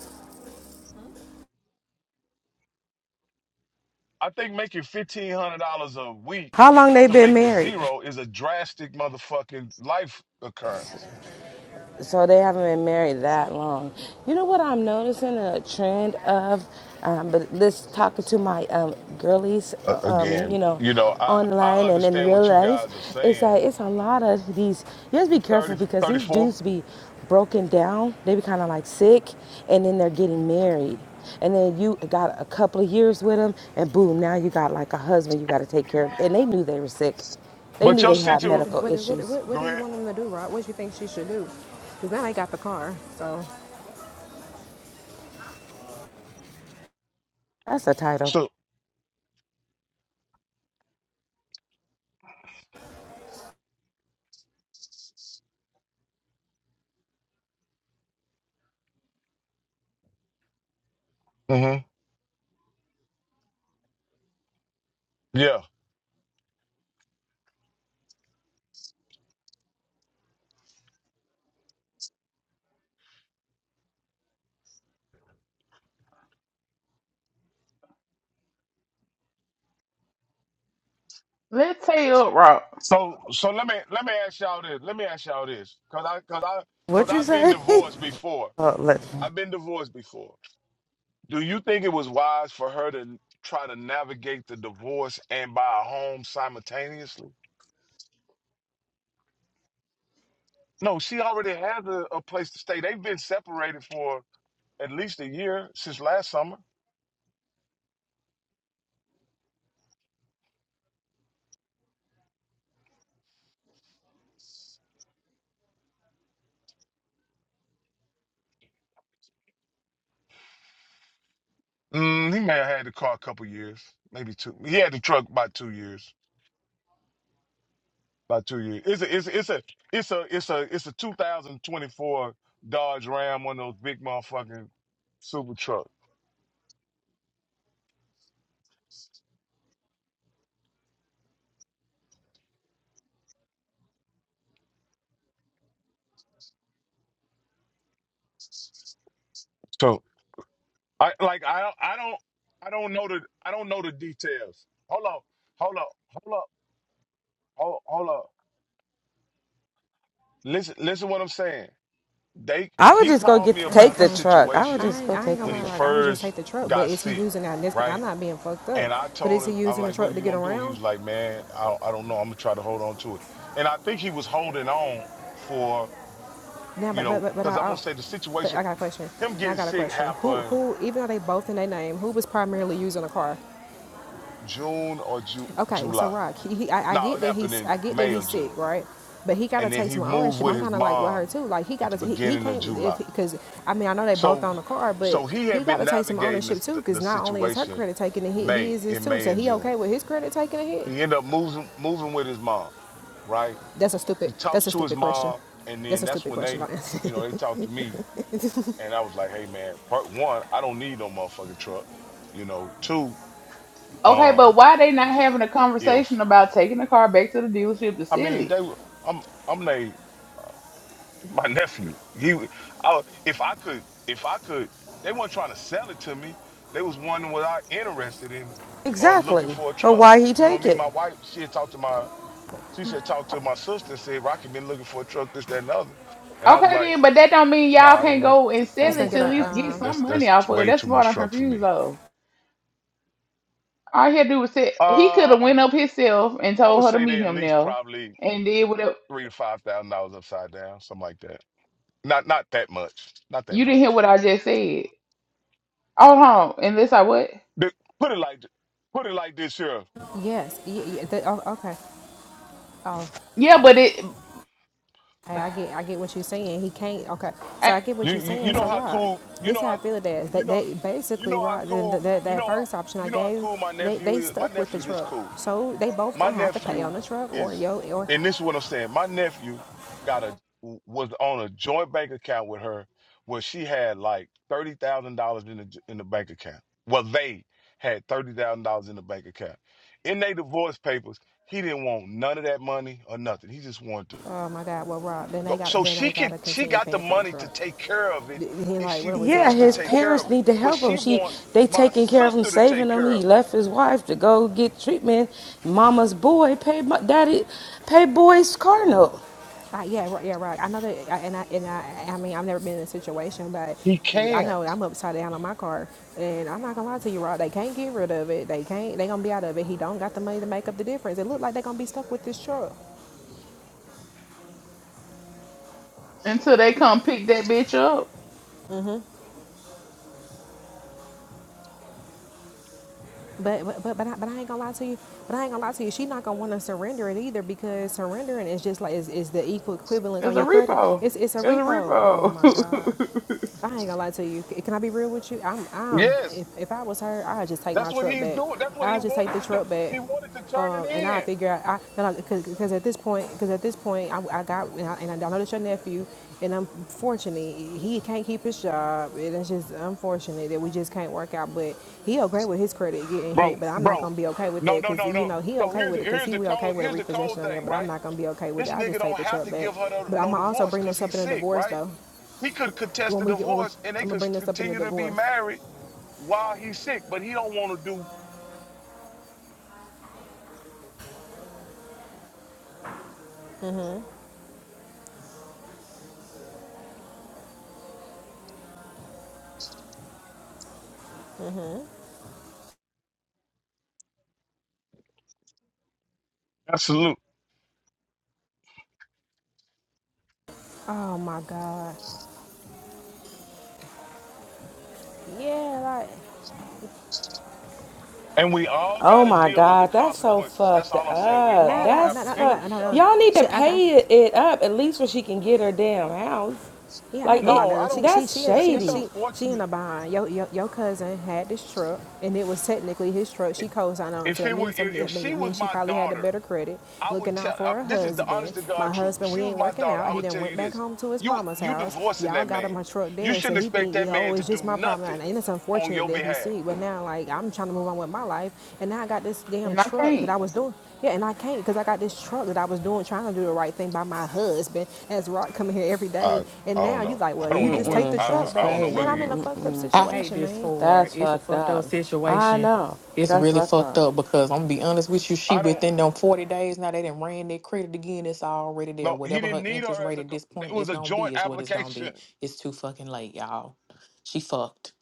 [SPEAKER 1] I think making fifteen hundred dollars a week
[SPEAKER 12] How long they
[SPEAKER 1] to
[SPEAKER 12] been
[SPEAKER 1] make it
[SPEAKER 12] married?
[SPEAKER 1] zero is a drastic motherfucking life occurrence.
[SPEAKER 12] So they haven't been married that long. You know what I'm noticing a trend of, um, but this talking to my um, girlies,
[SPEAKER 1] Uh,
[SPEAKER 12] um, you
[SPEAKER 1] again,
[SPEAKER 12] know,
[SPEAKER 1] you know, I I
[SPEAKER 12] online and in
[SPEAKER 1] understand
[SPEAKER 12] real
[SPEAKER 1] what you
[SPEAKER 12] life,
[SPEAKER 1] guys are
[SPEAKER 12] is
[SPEAKER 1] saying.
[SPEAKER 12] that it's a lot of these. You have to be
[SPEAKER 1] You
[SPEAKER 12] careful
[SPEAKER 1] 30,
[SPEAKER 12] because these
[SPEAKER 1] 34.
[SPEAKER 12] dudes be broken down. They be kind of like sick, and then they're getting married. And then you got a couple of years with them, and boom, now you got like a husband you got to take care of. And they knew they were sick. They
[SPEAKER 1] but
[SPEAKER 12] knew
[SPEAKER 1] your
[SPEAKER 12] they had
[SPEAKER 1] situation.
[SPEAKER 10] What do,
[SPEAKER 12] medical
[SPEAKER 10] what, do, what, do-
[SPEAKER 12] issues.
[SPEAKER 10] what
[SPEAKER 1] Go
[SPEAKER 10] do you
[SPEAKER 1] ahead.
[SPEAKER 10] want him to do, Rod? What do you think she should do? Because now they got the car, so
[SPEAKER 12] That's the title.
[SPEAKER 1] So, hmm yeah.
[SPEAKER 11] Let's say up rock.
[SPEAKER 1] So, so let me let me ask y'all this. Let me ask y'all this, cause I cause I cause
[SPEAKER 12] What you
[SPEAKER 1] I've been
[SPEAKER 12] say?
[SPEAKER 1] divorced before.
[SPEAKER 12] oh, look.
[SPEAKER 1] I've been divorced before. Do you think it was wise for her to try to navigate the divorce and buy a home simultaneously? No, she already has a, a place to stay. They've been separated for at least a year since last summer. Mm, he may have had the car a couple years, maybe two. He had the truck about two years. About two years. It's a it's a, it's a it's a it's a it's a 2024 Dodge Ram, one of those big motherfucking super truck. So I like I don't I don't I don't know the I don't know the details. Hold on, hold up, hold up, hold hold up. Listen listen what I'm saying. They
[SPEAKER 12] I would
[SPEAKER 1] he
[SPEAKER 12] just go
[SPEAKER 1] called
[SPEAKER 12] get
[SPEAKER 1] me
[SPEAKER 12] to
[SPEAKER 10] I ain't,
[SPEAKER 12] take
[SPEAKER 1] about the
[SPEAKER 12] the
[SPEAKER 10] I ain't,
[SPEAKER 12] truck. I would
[SPEAKER 1] situation
[SPEAKER 10] I
[SPEAKER 12] just
[SPEAKER 10] ain't,
[SPEAKER 12] go
[SPEAKER 10] I ain't
[SPEAKER 12] take
[SPEAKER 10] gonna
[SPEAKER 12] the
[SPEAKER 1] when he
[SPEAKER 10] lie,
[SPEAKER 12] truck.
[SPEAKER 10] Rock. I would just
[SPEAKER 1] first
[SPEAKER 10] take the truck, but
[SPEAKER 1] got
[SPEAKER 10] is he
[SPEAKER 1] sick,
[SPEAKER 10] using that? I'm
[SPEAKER 1] right?
[SPEAKER 10] not being fucked up,
[SPEAKER 1] And I
[SPEAKER 10] but
[SPEAKER 1] told
[SPEAKER 10] is he
[SPEAKER 1] him, I'm
[SPEAKER 10] using the
[SPEAKER 1] like, what are
[SPEAKER 10] truck to
[SPEAKER 1] you
[SPEAKER 10] get
[SPEAKER 1] gonna do? He
[SPEAKER 10] around?
[SPEAKER 1] was like, man, I don't, I don't know. I'm gonna try to hold on to it. And I think he was holding on for,
[SPEAKER 10] Now,
[SPEAKER 1] you
[SPEAKER 10] but but
[SPEAKER 1] know,
[SPEAKER 10] but, but I,
[SPEAKER 1] because I want
[SPEAKER 10] I
[SPEAKER 1] to say the
[SPEAKER 10] but
[SPEAKER 1] situation,
[SPEAKER 10] I got a question.
[SPEAKER 1] him
[SPEAKER 10] Now I
[SPEAKER 1] getting
[SPEAKER 10] got a
[SPEAKER 1] sick
[SPEAKER 10] question. Who
[SPEAKER 1] happened
[SPEAKER 10] who even though they both in their name, who was primarily using the car?
[SPEAKER 1] June or Ju-
[SPEAKER 10] Okay, so
[SPEAKER 1] July.
[SPEAKER 10] Rock, he, he I, I
[SPEAKER 1] No,
[SPEAKER 10] get
[SPEAKER 1] it
[SPEAKER 10] that
[SPEAKER 1] happened
[SPEAKER 10] he's
[SPEAKER 1] in
[SPEAKER 10] I get that
[SPEAKER 1] May or
[SPEAKER 10] he's
[SPEAKER 1] June.
[SPEAKER 10] sick, right? But he gotta
[SPEAKER 1] And then
[SPEAKER 10] take
[SPEAKER 1] he
[SPEAKER 10] some
[SPEAKER 1] moved
[SPEAKER 10] ownership.
[SPEAKER 1] with
[SPEAKER 10] I'm
[SPEAKER 1] his
[SPEAKER 10] kind of like with her
[SPEAKER 1] mom
[SPEAKER 10] too. Like he
[SPEAKER 1] at the
[SPEAKER 10] gotta he, he
[SPEAKER 1] beginning of
[SPEAKER 10] can't if
[SPEAKER 1] July
[SPEAKER 10] because I mean I know they both
[SPEAKER 1] So
[SPEAKER 10] own the car, but
[SPEAKER 1] so he
[SPEAKER 10] he
[SPEAKER 1] had been
[SPEAKER 10] gotta take some
[SPEAKER 1] navigating
[SPEAKER 10] ownership
[SPEAKER 1] this,
[SPEAKER 10] too.
[SPEAKER 1] the,
[SPEAKER 10] Because
[SPEAKER 1] the
[SPEAKER 10] not only is her
[SPEAKER 1] situation
[SPEAKER 10] credit taking a hit, he
[SPEAKER 1] May
[SPEAKER 10] is his
[SPEAKER 1] in
[SPEAKER 10] too.
[SPEAKER 1] May
[SPEAKER 10] So
[SPEAKER 1] and
[SPEAKER 10] he
[SPEAKER 1] June.
[SPEAKER 10] okay with his credit taking a hit?
[SPEAKER 1] He ended up moving moving with his mom, right?
[SPEAKER 10] That's a stupid.
[SPEAKER 1] He talks
[SPEAKER 10] That's a
[SPEAKER 1] to his
[SPEAKER 10] stupid question.
[SPEAKER 1] mom, and then
[SPEAKER 10] That's a
[SPEAKER 1] that's
[SPEAKER 10] stupid
[SPEAKER 1] when
[SPEAKER 10] question.
[SPEAKER 1] they,
[SPEAKER 10] Don't answer
[SPEAKER 1] you
[SPEAKER 10] it.
[SPEAKER 1] know, they talked to me, and I was like, "Hey, man, part one, I don't need no motherfucking truck, you know. Two,
[SPEAKER 11] Okay,
[SPEAKER 1] um,
[SPEAKER 11] but why they not having a conversation
[SPEAKER 1] if
[SPEAKER 11] about taking the car back to the dealership to
[SPEAKER 1] I
[SPEAKER 11] sell
[SPEAKER 1] mean
[SPEAKER 11] it?
[SPEAKER 1] they, I'm I'm they my nephew. He, w- I, if I could, if I could, they weren't trying to sell it to me. They was wondering was I interested in or looking
[SPEAKER 12] Exactly.
[SPEAKER 1] for a
[SPEAKER 12] But
[SPEAKER 1] truck.
[SPEAKER 12] why he
[SPEAKER 1] You know what I
[SPEAKER 12] take
[SPEAKER 1] mean?
[SPEAKER 12] it?
[SPEAKER 1] My wife, she had talked to my, she said talked to my sister and said Rocky been looking for a truck, this, that, and the other. And I was
[SPEAKER 11] Okay
[SPEAKER 1] like,
[SPEAKER 11] then, but that don't mean
[SPEAKER 1] no,
[SPEAKER 11] y'all
[SPEAKER 1] I don't
[SPEAKER 11] can't
[SPEAKER 1] want,
[SPEAKER 11] go and
[SPEAKER 1] I
[SPEAKER 10] I'm just
[SPEAKER 11] sell
[SPEAKER 1] don't
[SPEAKER 11] it
[SPEAKER 10] gonna
[SPEAKER 1] want
[SPEAKER 11] to
[SPEAKER 10] get
[SPEAKER 11] at
[SPEAKER 10] a
[SPEAKER 1] that kind
[SPEAKER 11] least
[SPEAKER 1] of
[SPEAKER 11] get
[SPEAKER 1] truck.
[SPEAKER 10] um,
[SPEAKER 11] some
[SPEAKER 1] That's
[SPEAKER 11] money
[SPEAKER 1] that's
[SPEAKER 11] off
[SPEAKER 1] t-
[SPEAKER 11] of it.
[SPEAKER 1] way
[SPEAKER 11] That's
[SPEAKER 1] too
[SPEAKER 11] the part
[SPEAKER 1] much
[SPEAKER 11] I'm
[SPEAKER 1] truck for me.
[SPEAKER 11] confused of. All he had to do was say he could have
[SPEAKER 1] Uh,
[SPEAKER 11] went up himself and
[SPEAKER 1] I would
[SPEAKER 11] told her to
[SPEAKER 1] say
[SPEAKER 11] meet
[SPEAKER 1] they at
[SPEAKER 11] him
[SPEAKER 1] least
[SPEAKER 11] now
[SPEAKER 1] probably
[SPEAKER 11] and did what
[SPEAKER 1] three to five thousand dollars upside down, something like that. Not not that much, not that
[SPEAKER 11] you didn't hear
[SPEAKER 1] much.
[SPEAKER 11] what I just said. Hold on, unless I what?
[SPEAKER 1] The- Put it like, th- put it like this here.
[SPEAKER 10] yes. Y- y- the, oh, okay. Oh,
[SPEAKER 11] Yeah, but it
[SPEAKER 10] Hey, I get, I get what you're saying. He can't. Okay, so
[SPEAKER 11] I,
[SPEAKER 10] I get what
[SPEAKER 1] You,
[SPEAKER 10] you're
[SPEAKER 1] you you
[SPEAKER 10] saying.
[SPEAKER 1] know
[SPEAKER 10] So
[SPEAKER 1] how
[SPEAKER 10] Rod,
[SPEAKER 1] cool you
[SPEAKER 10] this
[SPEAKER 1] know
[SPEAKER 10] how I
[SPEAKER 1] how
[SPEAKER 10] feel it is. They,
[SPEAKER 1] you know
[SPEAKER 10] they
[SPEAKER 1] you know
[SPEAKER 10] basically
[SPEAKER 1] how
[SPEAKER 10] Rod, then th-
[SPEAKER 1] cool
[SPEAKER 10] that
[SPEAKER 1] you
[SPEAKER 10] that
[SPEAKER 1] know how,
[SPEAKER 10] first option I
[SPEAKER 1] you know how
[SPEAKER 10] gave,
[SPEAKER 1] cool my
[SPEAKER 10] they
[SPEAKER 1] nephew
[SPEAKER 10] they
[SPEAKER 1] is. My
[SPEAKER 10] stuck with the
[SPEAKER 1] nephew this cool.
[SPEAKER 10] truck. So they both
[SPEAKER 1] My
[SPEAKER 10] gonna have to pay on
[SPEAKER 1] nephew
[SPEAKER 10] the truck, or
[SPEAKER 1] is,
[SPEAKER 10] yo, or
[SPEAKER 1] and this is what I'm saying. My nephew got a was on a joint bank account with her where she had like thirty thousand dollars in the in the bank account. Well, they had thirty thousand dollars in the bank account. In their divorce papers, he didn't want none of that money or nothing. He just wanted to.
[SPEAKER 10] oh my God, well Rod, then
[SPEAKER 1] Go,
[SPEAKER 10] they got
[SPEAKER 1] so
[SPEAKER 10] then they
[SPEAKER 1] she can
[SPEAKER 10] gotta
[SPEAKER 1] she
[SPEAKER 10] continue
[SPEAKER 1] got the
[SPEAKER 10] paying for the
[SPEAKER 1] money to
[SPEAKER 10] truck.
[SPEAKER 1] take care of it
[SPEAKER 10] He
[SPEAKER 1] if
[SPEAKER 10] like,
[SPEAKER 1] she
[SPEAKER 10] what are we
[SPEAKER 12] Yeah,
[SPEAKER 10] talking
[SPEAKER 1] wants to
[SPEAKER 12] his
[SPEAKER 10] about?
[SPEAKER 1] take
[SPEAKER 11] w-
[SPEAKER 1] care
[SPEAKER 12] parents
[SPEAKER 1] of it.
[SPEAKER 12] need to
[SPEAKER 1] But
[SPEAKER 12] help him.
[SPEAKER 1] she
[SPEAKER 12] She,
[SPEAKER 1] wants
[SPEAKER 12] they
[SPEAKER 1] my
[SPEAKER 12] taking care of him,
[SPEAKER 1] sister to
[SPEAKER 12] saving
[SPEAKER 1] take
[SPEAKER 12] him.
[SPEAKER 1] care
[SPEAKER 12] He
[SPEAKER 1] of
[SPEAKER 12] left his wife to go get treatment. Mama's boy paid my daddy, paid boy's car note.
[SPEAKER 10] Uh, yeah, right, yeah, right. I know that, I- and I, and I, I mean, I've never been in a situation, but
[SPEAKER 1] it. He
[SPEAKER 10] you, I
[SPEAKER 1] can't.
[SPEAKER 10] know I'm upside down on my car, and I'm not gonna lie to you, Rod. They can't get rid of it. They can't. They gonna be out of it. He don't got the money to make up the difference. It look like they gonna be stuck with this truck.
[SPEAKER 11] until they come pick that bitch up,
[SPEAKER 10] But but but but I, but I ain't gonna lie to you. But I ain't gonna lie to you. She not gonna want to surrender it either because surrendering is just like is, is the equal equivalent on
[SPEAKER 11] it's a
[SPEAKER 10] your credit.
[SPEAKER 11] repo.
[SPEAKER 10] It's it's a
[SPEAKER 11] It's a
[SPEAKER 10] repo. Oh my god.
[SPEAKER 11] repo,
[SPEAKER 10] I ain't gonna lie to you. C- Can I be real with you? I'm, I'm.
[SPEAKER 1] Yes.
[SPEAKER 10] If, if I was her, I'd just take my
[SPEAKER 1] That's what
[SPEAKER 10] truck
[SPEAKER 1] he's
[SPEAKER 10] back.
[SPEAKER 1] doing. That's what he
[SPEAKER 10] I'd just take
[SPEAKER 1] wanted
[SPEAKER 10] the
[SPEAKER 1] to do.
[SPEAKER 10] truck back,
[SPEAKER 1] He wanted to turn
[SPEAKER 10] um,
[SPEAKER 1] it
[SPEAKER 10] and I
[SPEAKER 1] in.
[SPEAKER 10] figure out. I because because at this point, because at this point, I, I got and I, and I know that's your nephew, and unfortunately, he can't keep his job, and it's just unfortunate that we just can't work out. But he okay with his credit getting hit,
[SPEAKER 1] Bro,
[SPEAKER 10] but I'm not
[SPEAKER 1] bro.
[SPEAKER 10] gonna be okay with
[SPEAKER 1] No,
[SPEAKER 10] that
[SPEAKER 1] no,
[SPEAKER 10] because
[SPEAKER 1] no,
[SPEAKER 10] you
[SPEAKER 1] no.
[SPEAKER 10] know he
[SPEAKER 1] So
[SPEAKER 10] okay
[SPEAKER 1] here's
[SPEAKER 10] with it because
[SPEAKER 1] here's
[SPEAKER 10] he
[SPEAKER 1] the
[SPEAKER 10] will okay
[SPEAKER 1] cold
[SPEAKER 10] with a
[SPEAKER 1] here's the cold
[SPEAKER 10] repossession on there,
[SPEAKER 1] thing,
[SPEAKER 10] but I'm
[SPEAKER 1] right?
[SPEAKER 10] not gonna be okay with it.
[SPEAKER 1] This
[SPEAKER 10] I
[SPEAKER 1] nigga
[SPEAKER 10] just take
[SPEAKER 1] don't
[SPEAKER 10] the
[SPEAKER 1] have
[SPEAKER 10] truck
[SPEAKER 1] to
[SPEAKER 10] back.
[SPEAKER 1] give her no,
[SPEAKER 10] But I'm
[SPEAKER 1] no
[SPEAKER 10] gonna also
[SPEAKER 1] divorce
[SPEAKER 10] bring
[SPEAKER 1] because
[SPEAKER 10] this up
[SPEAKER 1] he's
[SPEAKER 10] in a
[SPEAKER 1] sick,
[SPEAKER 10] divorce
[SPEAKER 1] right?
[SPEAKER 10] though
[SPEAKER 1] He could contest
[SPEAKER 10] when
[SPEAKER 1] the
[SPEAKER 10] we get when we,
[SPEAKER 1] divorce and they
[SPEAKER 10] I'm gonna
[SPEAKER 1] could
[SPEAKER 10] bring this up in the
[SPEAKER 1] continue to be
[SPEAKER 10] divorce.
[SPEAKER 1] married while he's sick, but he don't want to do Absolutely.
[SPEAKER 10] Oh my God. Yeah, like
[SPEAKER 1] And we all
[SPEAKER 12] Oh
[SPEAKER 1] got to
[SPEAKER 12] my
[SPEAKER 1] deal with the
[SPEAKER 12] God, that's so
[SPEAKER 1] consequences. That's
[SPEAKER 12] fucked
[SPEAKER 1] all I'm saying. We
[SPEAKER 12] up.
[SPEAKER 10] nah,
[SPEAKER 1] all
[SPEAKER 10] nah,
[SPEAKER 1] have
[SPEAKER 10] nah,
[SPEAKER 1] to
[SPEAKER 12] That's
[SPEAKER 10] nah, nah,
[SPEAKER 1] deal
[SPEAKER 12] fuck.
[SPEAKER 1] with
[SPEAKER 10] nah,
[SPEAKER 1] the
[SPEAKER 10] nah. nah.
[SPEAKER 12] Y'all need
[SPEAKER 1] consequences.
[SPEAKER 12] to
[SPEAKER 10] Shit, I, I
[SPEAKER 12] pay it, it up at least where she can get her damn house.
[SPEAKER 10] Yeah, I
[SPEAKER 12] Like
[SPEAKER 10] ain't gonna
[SPEAKER 12] it,
[SPEAKER 10] lie.
[SPEAKER 1] No,
[SPEAKER 10] To
[SPEAKER 1] I
[SPEAKER 10] you. She,
[SPEAKER 1] don't.
[SPEAKER 10] she,
[SPEAKER 12] that's
[SPEAKER 10] she, she,
[SPEAKER 1] It's
[SPEAKER 12] shady.
[SPEAKER 10] she, she in a
[SPEAKER 1] unfortunate.
[SPEAKER 10] bind. Your, your, your cousin had this truck, and it was technically his truck. She co-signed on,
[SPEAKER 1] If
[SPEAKER 10] so that
[SPEAKER 1] it were,
[SPEAKER 10] means
[SPEAKER 1] if,
[SPEAKER 10] something.
[SPEAKER 1] if
[SPEAKER 10] That
[SPEAKER 1] she
[SPEAKER 10] mean-
[SPEAKER 1] was
[SPEAKER 10] means she
[SPEAKER 1] my
[SPEAKER 10] probably had the
[SPEAKER 1] daughter,
[SPEAKER 10] better credit,
[SPEAKER 1] I would
[SPEAKER 10] looking
[SPEAKER 1] tell.
[SPEAKER 10] out for
[SPEAKER 1] uh,
[SPEAKER 10] her
[SPEAKER 1] this is the
[SPEAKER 10] husband.
[SPEAKER 1] honest to
[SPEAKER 10] My
[SPEAKER 1] God truth. If
[SPEAKER 10] husband,
[SPEAKER 1] she
[SPEAKER 10] we
[SPEAKER 1] was
[SPEAKER 10] ain't
[SPEAKER 1] my
[SPEAKER 10] working
[SPEAKER 1] daughter,
[SPEAKER 10] out.
[SPEAKER 1] I
[SPEAKER 10] He
[SPEAKER 1] would
[SPEAKER 10] done
[SPEAKER 1] tell
[SPEAKER 10] went
[SPEAKER 1] you
[SPEAKER 10] back
[SPEAKER 1] this:
[SPEAKER 10] home to his
[SPEAKER 1] you
[SPEAKER 10] mama's
[SPEAKER 1] you
[SPEAKER 10] house.
[SPEAKER 1] divorcing
[SPEAKER 10] Y'all
[SPEAKER 1] that
[SPEAKER 10] got
[SPEAKER 1] man.
[SPEAKER 10] him a truck
[SPEAKER 1] You
[SPEAKER 10] there, so
[SPEAKER 1] shouldn't
[SPEAKER 10] he
[SPEAKER 1] expect
[SPEAKER 10] think,
[SPEAKER 1] that man
[SPEAKER 10] oh,
[SPEAKER 1] to
[SPEAKER 10] it's just
[SPEAKER 1] do
[SPEAKER 10] my problem. And
[SPEAKER 1] nothing
[SPEAKER 10] it's
[SPEAKER 1] on
[SPEAKER 10] unfortunate
[SPEAKER 1] your
[SPEAKER 10] that he
[SPEAKER 1] behalf.
[SPEAKER 10] sick, but now like I'm trying to move on with my life, and now I got this damn
[SPEAKER 11] and I
[SPEAKER 10] truck that
[SPEAKER 11] can't.
[SPEAKER 10] I was doing. Yeah, and I can't because I got this truck that I was doing, trying to do the right thing by my husband. As Rock coming here every day,
[SPEAKER 1] I
[SPEAKER 10] and
[SPEAKER 1] I don't
[SPEAKER 10] now you
[SPEAKER 1] know.
[SPEAKER 10] like,
[SPEAKER 1] I
[SPEAKER 10] well, you
[SPEAKER 1] don't know
[SPEAKER 10] just
[SPEAKER 1] what
[SPEAKER 10] take the
[SPEAKER 12] Mm-mm,
[SPEAKER 1] I
[SPEAKER 10] truck
[SPEAKER 12] that's
[SPEAKER 1] I I don't
[SPEAKER 10] back,
[SPEAKER 1] know
[SPEAKER 12] crazy.
[SPEAKER 10] man.
[SPEAKER 1] whether
[SPEAKER 10] I'm
[SPEAKER 1] he.
[SPEAKER 10] in a
[SPEAKER 12] Mm-mm.
[SPEAKER 10] fucked up
[SPEAKER 13] I hate
[SPEAKER 10] situation,
[SPEAKER 13] this
[SPEAKER 10] man.
[SPEAKER 13] for her.
[SPEAKER 12] That's
[SPEAKER 13] It's a
[SPEAKER 12] fucked
[SPEAKER 13] fucked up
[SPEAKER 12] up. I
[SPEAKER 13] situation.
[SPEAKER 12] know.
[SPEAKER 13] It's
[SPEAKER 12] That's
[SPEAKER 13] really
[SPEAKER 12] fucked
[SPEAKER 13] fucked
[SPEAKER 12] up.
[SPEAKER 13] up because I'm gonna be honest with you. She
[SPEAKER 1] I don't.
[SPEAKER 13] within them 40 days now. They didn't ran their credit again. It's already there.
[SPEAKER 1] No, he
[SPEAKER 13] Whatever her
[SPEAKER 1] didn't need
[SPEAKER 13] interest
[SPEAKER 1] her as
[SPEAKER 13] rate
[SPEAKER 1] a.
[SPEAKER 13] at
[SPEAKER 1] co-
[SPEAKER 13] this
[SPEAKER 1] It
[SPEAKER 13] point
[SPEAKER 1] was
[SPEAKER 13] is
[SPEAKER 1] a
[SPEAKER 13] gonna
[SPEAKER 1] joint
[SPEAKER 13] be is what it's gonna be.
[SPEAKER 1] application.
[SPEAKER 13] It's too fucking late, y'all. She fucked.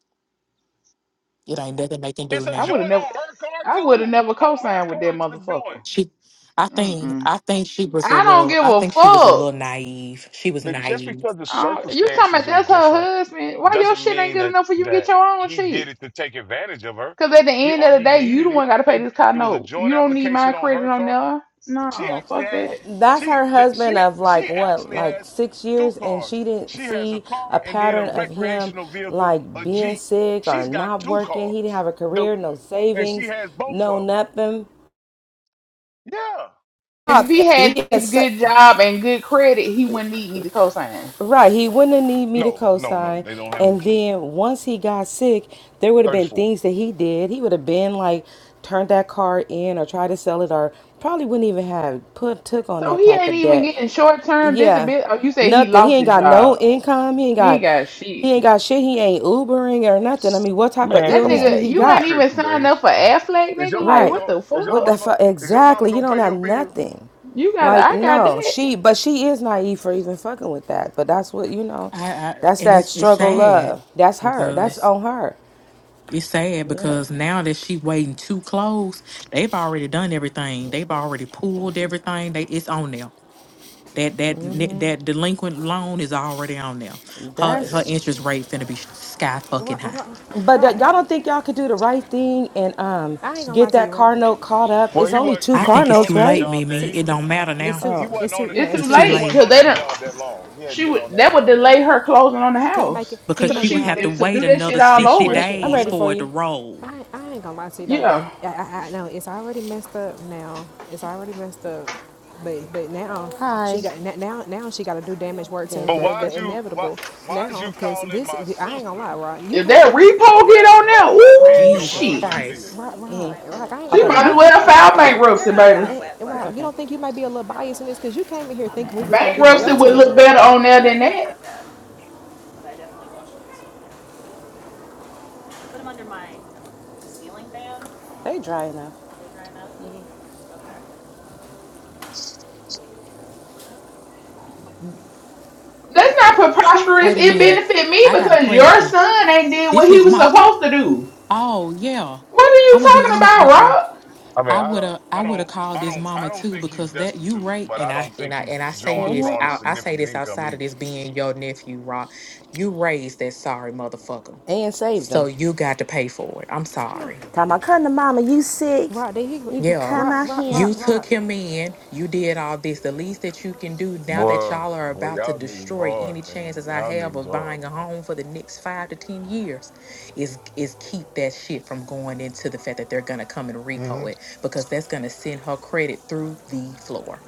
[SPEAKER 13] It ain't nothing they can
[SPEAKER 1] It's
[SPEAKER 13] do
[SPEAKER 1] a
[SPEAKER 11] I
[SPEAKER 13] now.
[SPEAKER 11] would have
[SPEAKER 1] joint
[SPEAKER 11] never.
[SPEAKER 1] on her card
[SPEAKER 11] I would have
[SPEAKER 1] too.
[SPEAKER 11] never
[SPEAKER 1] On her
[SPEAKER 11] co-signed with that
[SPEAKER 1] card is the joint.
[SPEAKER 11] motherfucker.
[SPEAKER 13] She, I think,
[SPEAKER 11] Mm-mm.
[SPEAKER 13] I think she was a
[SPEAKER 11] I don't
[SPEAKER 13] little.
[SPEAKER 11] give
[SPEAKER 13] I
[SPEAKER 11] a
[SPEAKER 13] think she was a little
[SPEAKER 11] fuck.
[SPEAKER 13] naive. She was
[SPEAKER 1] But just
[SPEAKER 13] naive.
[SPEAKER 1] because the
[SPEAKER 11] I don't- you talking about
[SPEAKER 1] circumstances are
[SPEAKER 11] that's her
[SPEAKER 1] different
[SPEAKER 11] husband? Why your
[SPEAKER 1] doesn't
[SPEAKER 11] shit ain't
[SPEAKER 1] mean
[SPEAKER 11] good
[SPEAKER 1] that
[SPEAKER 11] enough for you to get
[SPEAKER 1] that
[SPEAKER 11] your own
[SPEAKER 1] he did
[SPEAKER 11] shit?
[SPEAKER 1] it to take advantage of her.
[SPEAKER 11] Cause at the
[SPEAKER 1] He
[SPEAKER 11] end
[SPEAKER 1] or
[SPEAKER 11] of the
[SPEAKER 1] he
[SPEAKER 11] day, you the
[SPEAKER 1] needed it.
[SPEAKER 11] one got to
[SPEAKER 1] They
[SPEAKER 11] pay this car
[SPEAKER 1] it was a
[SPEAKER 11] note.
[SPEAKER 1] joint
[SPEAKER 11] You don't need my
[SPEAKER 1] application on
[SPEAKER 11] credit
[SPEAKER 1] her
[SPEAKER 11] on
[SPEAKER 1] card.
[SPEAKER 11] there.
[SPEAKER 1] She
[SPEAKER 11] No,
[SPEAKER 1] actually
[SPEAKER 11] fuck
[SPEAKER 1] has
[SPEAKER 11] that.
[SPEAKER 12] That's
[SPEAKER 1] she
[SPEAKER 12] her
[SPEAKER 1] she
[SPEAKER 12] husband of like
[SPEAKER 1] she
[SPEAKER 12] what,
[SPEAKER 1] actually
[SPEAKER 12] like
[SPEAKER 1] has
[SPEAKER 12] six
[SPEAKER 1] two
[SPEAKER 12] years, and
[SPEAKER 1] cars.
[SPEAKER 12] she didn't
[SPEAKER 1] She has a
[SPEAKER 12] see a
[SPEAKER 1] car and then a
[SPEAKER 12] pattern of him
[SPEAKER 1] recreational vehicle,
[SPEAKER 12] like
[SPEAKER 1] a
[SPEAKER 12] being
[SPEAKER 1] Jeep.
[SPEAKER 12] sick or
[SPEAKER 1] She's got
[SPEAKER 12] not
[SPEAKER 1] two
[SPEAKER 12] working.
[SPEAKER 1] cars.
[SPEAKER 12] He didn't have a
[SPEAKER 1] No,
[SPEAKER 12] career, no
[SPEAKER 1] and she
[SPEAKER 12] savings,
[SPEAKER 1] has both of
[SPEAKER 12] no
[SPEAKER 1] them.
[SPEAKER 12] nothing.
[SPEAKER 1] Yeah.
[SPEAKER 11] If he had
[SPEAKER 12] He had
[SPEAKER 11] this
[SPEAKER 12] sa-
[SPEAKER 11] good job and good credit, he wouldn't need me to co-sign.
[SPEAKER 12] Right, he wouldn't have need me to
[SPEAKER 1] No, no, no.
[SPEAKER 12] co-sign.
[SPEAKER 1] They don't have any
[SPEAKER 12] And
[SPEAKER 1] kids.
[SPEAKER 12] then once he got sick, there would have been
[SPEAKER 1] 34.
[SPEAKER 12] things that he did. He would have been like turned that car in or tried to sell it or probably wouldn't even have put took on
[SPEAKER 11] So
[SPEAKER 12] that
[SPEAKER 11] he
[SPEAKER 12] type
[SPEAKER 11] ain't
[SPEAKER 12] of
[SPEAKER 11] even
[SPEAKER 12] debt.
[SPEAKER 11] getting short-term
[SPEAKER 12] Yeah.
[SPEAKER 11] disability. Oh, you say he
[SPEAKER 12] Nothing. He
[SPEAKER 11] lost
[SPEAKER 12] ain't
[SPEAKER 11] his
[SPEAKER 12] got no
[SPEAKER 11] job?
[SPEAKER 12] income. He ain't
[SPEAKER 11] He ain't
[SPEAKER 12] got
[SPEAKER 11] got shit.
[SPEAKER 12] he ain't got shit. He ain't Ubering or nothing. I mean, what type of
[SPEAKER 1] Man,
[SPEAKER 11] That
[SPEAKER 1] come
[SPEAKER 12] illness do
[SPEAKER 1] on.
[SPEAKER 11] nigga,
[SPEAKER 12] he
[SPEAKER 11] you
[SPEAKER 1] You
[SPEAKER 11] ain't
[SPEAKER 12] got?
[SPEAKER 11] even
[SPEAKER 1] tripping,
[SPEAKER 11] signed up
[SPEAKER 1] Days.
[SPEAKER 11] for Affleck,
[SPEAKER 1] Is your
[SPEAKER 11] nigga. Like,
[SPEAKER 1] mama
[SPEAKER 12] Right.
[SPEAKER 11] what
[SPEAKER 1] going
[SPEAKER 11] the
[SPEAKER 1] to is your
[SPEAKER 12] What
[SPEAKER 11] fuck?
[SPEAKER 12] the
[SPEAKER 1] mama
[SPEAKER 12] fuck?
[SPEAKER 1] is your mama
[SPEAKER 12] Exactly. You
[SPEAKER 1] gonna
[SPEAKER 12] don't
[SPEAKER 1] pay
[SPEAKER 12] have
[SPEAKER 1] your bills?
[SPEAKER 12] nothing.
[SPEAKER 11] You got to
[SPEAKER 12] Like,
[SPEAKER 11] I got
[SPEAKER 12] no.
[SPEAKER 11] that.
[SPEAKER 12] She, but she is naive for even fucking with that. But that's what, you know,
[SPEAKER 13] I, I
[SPEAKER 12] that's
[SPEAKER 13] and
[SPEAKER 12] that
[SPEAKER 13] it's it's
[SPEAKER 12] struggle
[SPEAKER 13] sad
[SPEAKER 12] love. That's her. That's
[SPEAKER 13] because.
[SPEAKER 12] on her.
[SPEAKER 13] It's sad
[SPEAKER 12] Yeah.
[SPEAKER 13] because now that she waiting too close, they've already done everything. They've already pulled everything. They it's on there. That that ne- that delinquent loan is already on there. Her her interest
[SPEAKER 12] That's,
[SPEAKER 13] rate finna be sky fucking
[SPEAKER 10] Right,
[SPEAKER 13] high.
[SPEAKER 10] right,
[SPEAKER 12] but that
[SPEAKER 10] right.
[SPEAKER 12] y'all don't think y'all could do the right thing and um
[SPEAKER 10] I ain't gonna
[SPEAKER 12] get
[SPEAKER 10] lie to
[SPEAKER 12] that
[SPEAKER 10] you, Rock.
[SPEAKER 12] car note caught up?
[SPEAKER 1] Well,
[SPEAKER 12] It's
[SPEAKER 1] he
[SPEAKER 12] only
[SPEAKER 1] was
[SPEAKER 12] two
[SPEAKER 13] I
[SPEAKER 1] he
[SPEAKER 12] car
[SPEAKER 13] think
[SPEAKER 1] wasn't
[SPEAKER 13] it's
[SPEAKER 1] on
[SPEAKER 12] notes,
[SPEAKER 13] too
[SPEAKER 1] that
[SPEAKER 13] late,
[SPEAKER 12] right?
[SPEAKER 1] job that
[SPEAKER 13] Mimi.
[SPEAKER 1] he
[SPEAKER 10] Six.
[SPEAKER 13] It don't matter
[SPEAKER 1] he
[SPEAKER 10] It's
[SPEAKER 13] now.
[SPEAKER 10] too.
[SPEAKER 1] he wasn't
[SPEAKER 10] It's too.
[SPEAKER 1] on it.
[SPEAKER 10] Yeah,
[SPEAKER 11] It's
[SPEAKER 10] it's
[SPEAKER 11] too
[SPEAKER 13] It's
[SPEAKER 10] too.
[SPEAKER 13] too
[SPEAKER 1] He
[SPEAKER 11] late
[SPEAKER 1] wasn't
[SPEAKER 13] late
[SPEAKER 11] because
[SPEAKER 1] on
[SPEAKER 11] they
[SPEAKER 1] that
[SPEAKER 11] don't.
[SPEAKER 1] job that long. He hadn't
[SPEAKER 11] She
[SPEAKER 1] been on
[SPEAKER 11] would
[SPEAKER 1] that
[SPEAKER 11] that would
[SPEAKER 1] job that
[SPEAKER 11] delay
[SPEAKER 1] long.
[SPEAKER 11] her closing on the
[SPEAKER 10] Can you make
[SPEAKER 11] house
[SPEAKER 10] it? Can
[SPEAKER 13] because
[SPEAKER 10] you
[SPEAKER 11] because
[SPEAKER 13] she
[SPEAKER 10] make it
[SPEAKER 13] would
[SPEAKER 11] she
[SPEAKER 13] have
[SPEAKER 10] hotter?
[SPEAKER 13] to
[SPEAKER 11] if to
[SPEAKER 13] wait
[SPEAKER 11] do that shit
[SPEAKER 13] another
[SPEAKER 11] all
[SPEAKER 1] He
[SPEAKER 13] sixty
[SPEAKER 11] over.
[SPEAKER 10] Make
[SPEAKER 1] switched.
[SPEAKER 10] it
[SPEAKER 12] I'm
[SPEAKER 13] days
[SPEAKER 12] ready
[SPEAKER 10] warmer?
[SPEAKER 12] for
[SPEAKER 13] for it to
[SPEAKER 12] you.
[SPEAKER 13] roll.
[SPEAKER 10] I, I ain't gonna lie to you though.
[SPEAKER 11] Yeah,
[SPEAKER 10] I, I, I know it's already messed up now. It's already messed up, but but now she got na- now now she got to do damage work to
[SPEAKER 12] Good,
[SPEAKER 1] But
[SPEAKER 12] good,
[SPEAKER 10] avoid
[SPEAKER 1] why'd
[SPEAKER 12] good.
[SPEAKER 10] the
[SPEAKER 1] you why
[SPEAKER 10] inevitable.
[SPEAKER 1] why'd you
[SPEAKER 10] Now, cause
[SPEAKER 1] calling
[SPEAKER 10] this
[SPEAKER 1] my
[SPEAKER 10] I ain't gonna
[SPEAKER 1] sister
[SPEAKER 10] lie, Rock. You
[SPEAKER 11] if
[SPEAKER 10] came
[SPEAKER 11] that
[SPEAKER 10] in
[SPEAKER 11] repo
[SPEAKER 10] here.
[SPEAKER 11] get
[SPEAKER 1] harassing
[SPEAKER 11] on
[SPEAKER 1] her
[SPEAKER 11] there,
[SPEAKER 1] about
[SPEAKER 10] Oh
[SPEAKER 1] paying
[SPEAKER 11] ooh
[SPEAKER 10] my
[SPEAKER 1] your
[SPEAKER 10] god,
[SPEAKER 13] Jesus
[SPEAKER 11] shit,
[SPEAKER 1] husband's bills?
[SPEAKER 13] Christ!
[SPEAKER 10] Rock, Rock, Rock. I ain't
[SPEAKER 12] I'll
[SPEAKER 10] gonna
[SPEAKER 11] she
[SPEAKER 10] lie
[SPEAKER 12] put it
[SPEAKER 10] to
[SPEAKER 12] in
[SPEAKER 10] you.
[SPEAKER 11] might
[SPEAKER 10] You
[SPEAKER 11] as
[SPEAKER 12] dry.
[SPEAKER 10] can,
[SPEAKER 11] well
[SPEAKER 12] My
[SPEAKER 11] file bankruptcy, baby.
[SPEAKER 10] eh,
[SPEAKER 12] It's
[SPEAKER 10] Rock. You
[SPEAKER 12] okay.
[SPEAKER 10] don't think you might be a little biased in this? Cause you came in here thinking we was gonna be
[SPEAKER 12] No,
[SPEAKER 10] on
[SPEAKER 12] they
[SPEAKER 11] Bankruptcy
[SPEAKER 10] your
[SPEAKER 12] aren't
[SPEAKER 11] would
[SPEAKER 12] that
[SPEAKER 10] team.
[SPEAKER 11] look
[SPEAKER 12] bad.
[SPEAKER 11] better on there than that.
[SPEAKER 12] They dry enough.
[SPEAKER 11] That's not preposterous.
[SPEAKER 13] Wait a
[SPEAKER 11] It
[SPEAKER 13] minute.
[SPEAKER 11] benefit me
[SPEAKER 13] I got a
[SPEAKER 11] because your
[SPEAKER 13] question.
[SPEAKER 11] son ain't did
[SPEAKER 13] This
[SPEAKER 11] what he
[SPEAKER 13] his
[SPEAKER 11] was
[SPEAKER 13] mama?
[SPEAKER 11] supposed to do.
[SPEAKER 13] Oh yeah.
[SPEAKER 11] What are you
[SPEAKER 13] I'm gonna be
[SPEAKER 11] talking
[SPEAKER 13] honest
[SPEAKER 11] about,
[SPEAKER 13] with you.
[SPEAKER 11] Rob?
[SPEAKER 1] I mean,
[SPEAKER 13] I
[SPEAKER 1] I
[SPEAKER 13] would
[SPEAKER 1] don't
[SPEAKER 13] have I
[SPEAKER 1] I
[SPEAKER 13] would
[SPEAKER 1] don't
[SPEAKER 13] have called
[SPEAKER 1] I
[SPEAKER 13] this
[SPEAKER 1] don't I
[SPEAKER 13] mama
[SPEAKER 1] don't
[SPEAKER 13] too
[SPEAKER 1] think he's
[SPEAKER 13] because that you
[SPEAKER 1] destitute,
[SPEAKER 13] right
[SPEAKER 1] but
[SPEAKER 13] and
[SPEAKER 1] I don't
[SPEAKER 13] I and
[SPEAKER 1] think
[SPEAKER 13] I
[SPEAKER 1] he's
[SPEAKER 13] and I say
[SPEAKER 1] drawing
[SPEAKER 13] this
[SPEAKER 1] drawing a
[SPEAKER 13] out I say
[SPEAKER 1] significant
[SPEAKER 13] this
[SPEAKER 1] income
[SPEAKER 13] outside of
[SPEAKER 1] either.
[SPEAKER 13] this being your nephew, Rock. You raised that sorry motherfucker.
[SPEAKER 12] And saved
[SPEAKER 13] So
[SPEAKER 12] them.
[SPEAKER 13] you got to pay for it. I'm sorry.
[SPEAKER 12] Time I come to mama, you sick?
[SPEAKER 10] Rock, did he?
[SPEAKER 12] You can
[SPEAKER 13] Yeah.
[SPEAKER 12] come
[SPEAKER 10] Rock,
[SPEAKER 12] out
[SPEAKER 10] Rock,
[SPEAKER 12] here.
[SPEAKER 13] You
[SPEAKER 10] Rock,
[SPEAKER 13] took
[SPEAKER 10] Rock.
[SPEAKER 13] him in. You did all this. The least that you can do now that
[SPEAKER 1] Boy,
[SPEAKER 13] y'all are
[SPEAKER 1] boy,
[SPEAKER 13] about to
[SPEAKER 1] y'all niggas
[SPEAKER 13] destroy any
[SPEAKER 1] hard, man.
[SPEAKER 13] chances I
[SPEAKER 1] Y'all
[SPEAKER 13] have
[SPEAKER 1] niggas
[SPEAKER 13] of
[SPEAKER 1] hard,
[SPEAKER 13] buying a
[SPEAKER 1] boy.
[SPEAKER 13] home for the next five to ten years is is keep that shit from going into the fact that they're gonna come and
[SPEAKER 1] hmm
[SPEAKER 13] repo it because that's gonna send her credit through the floor.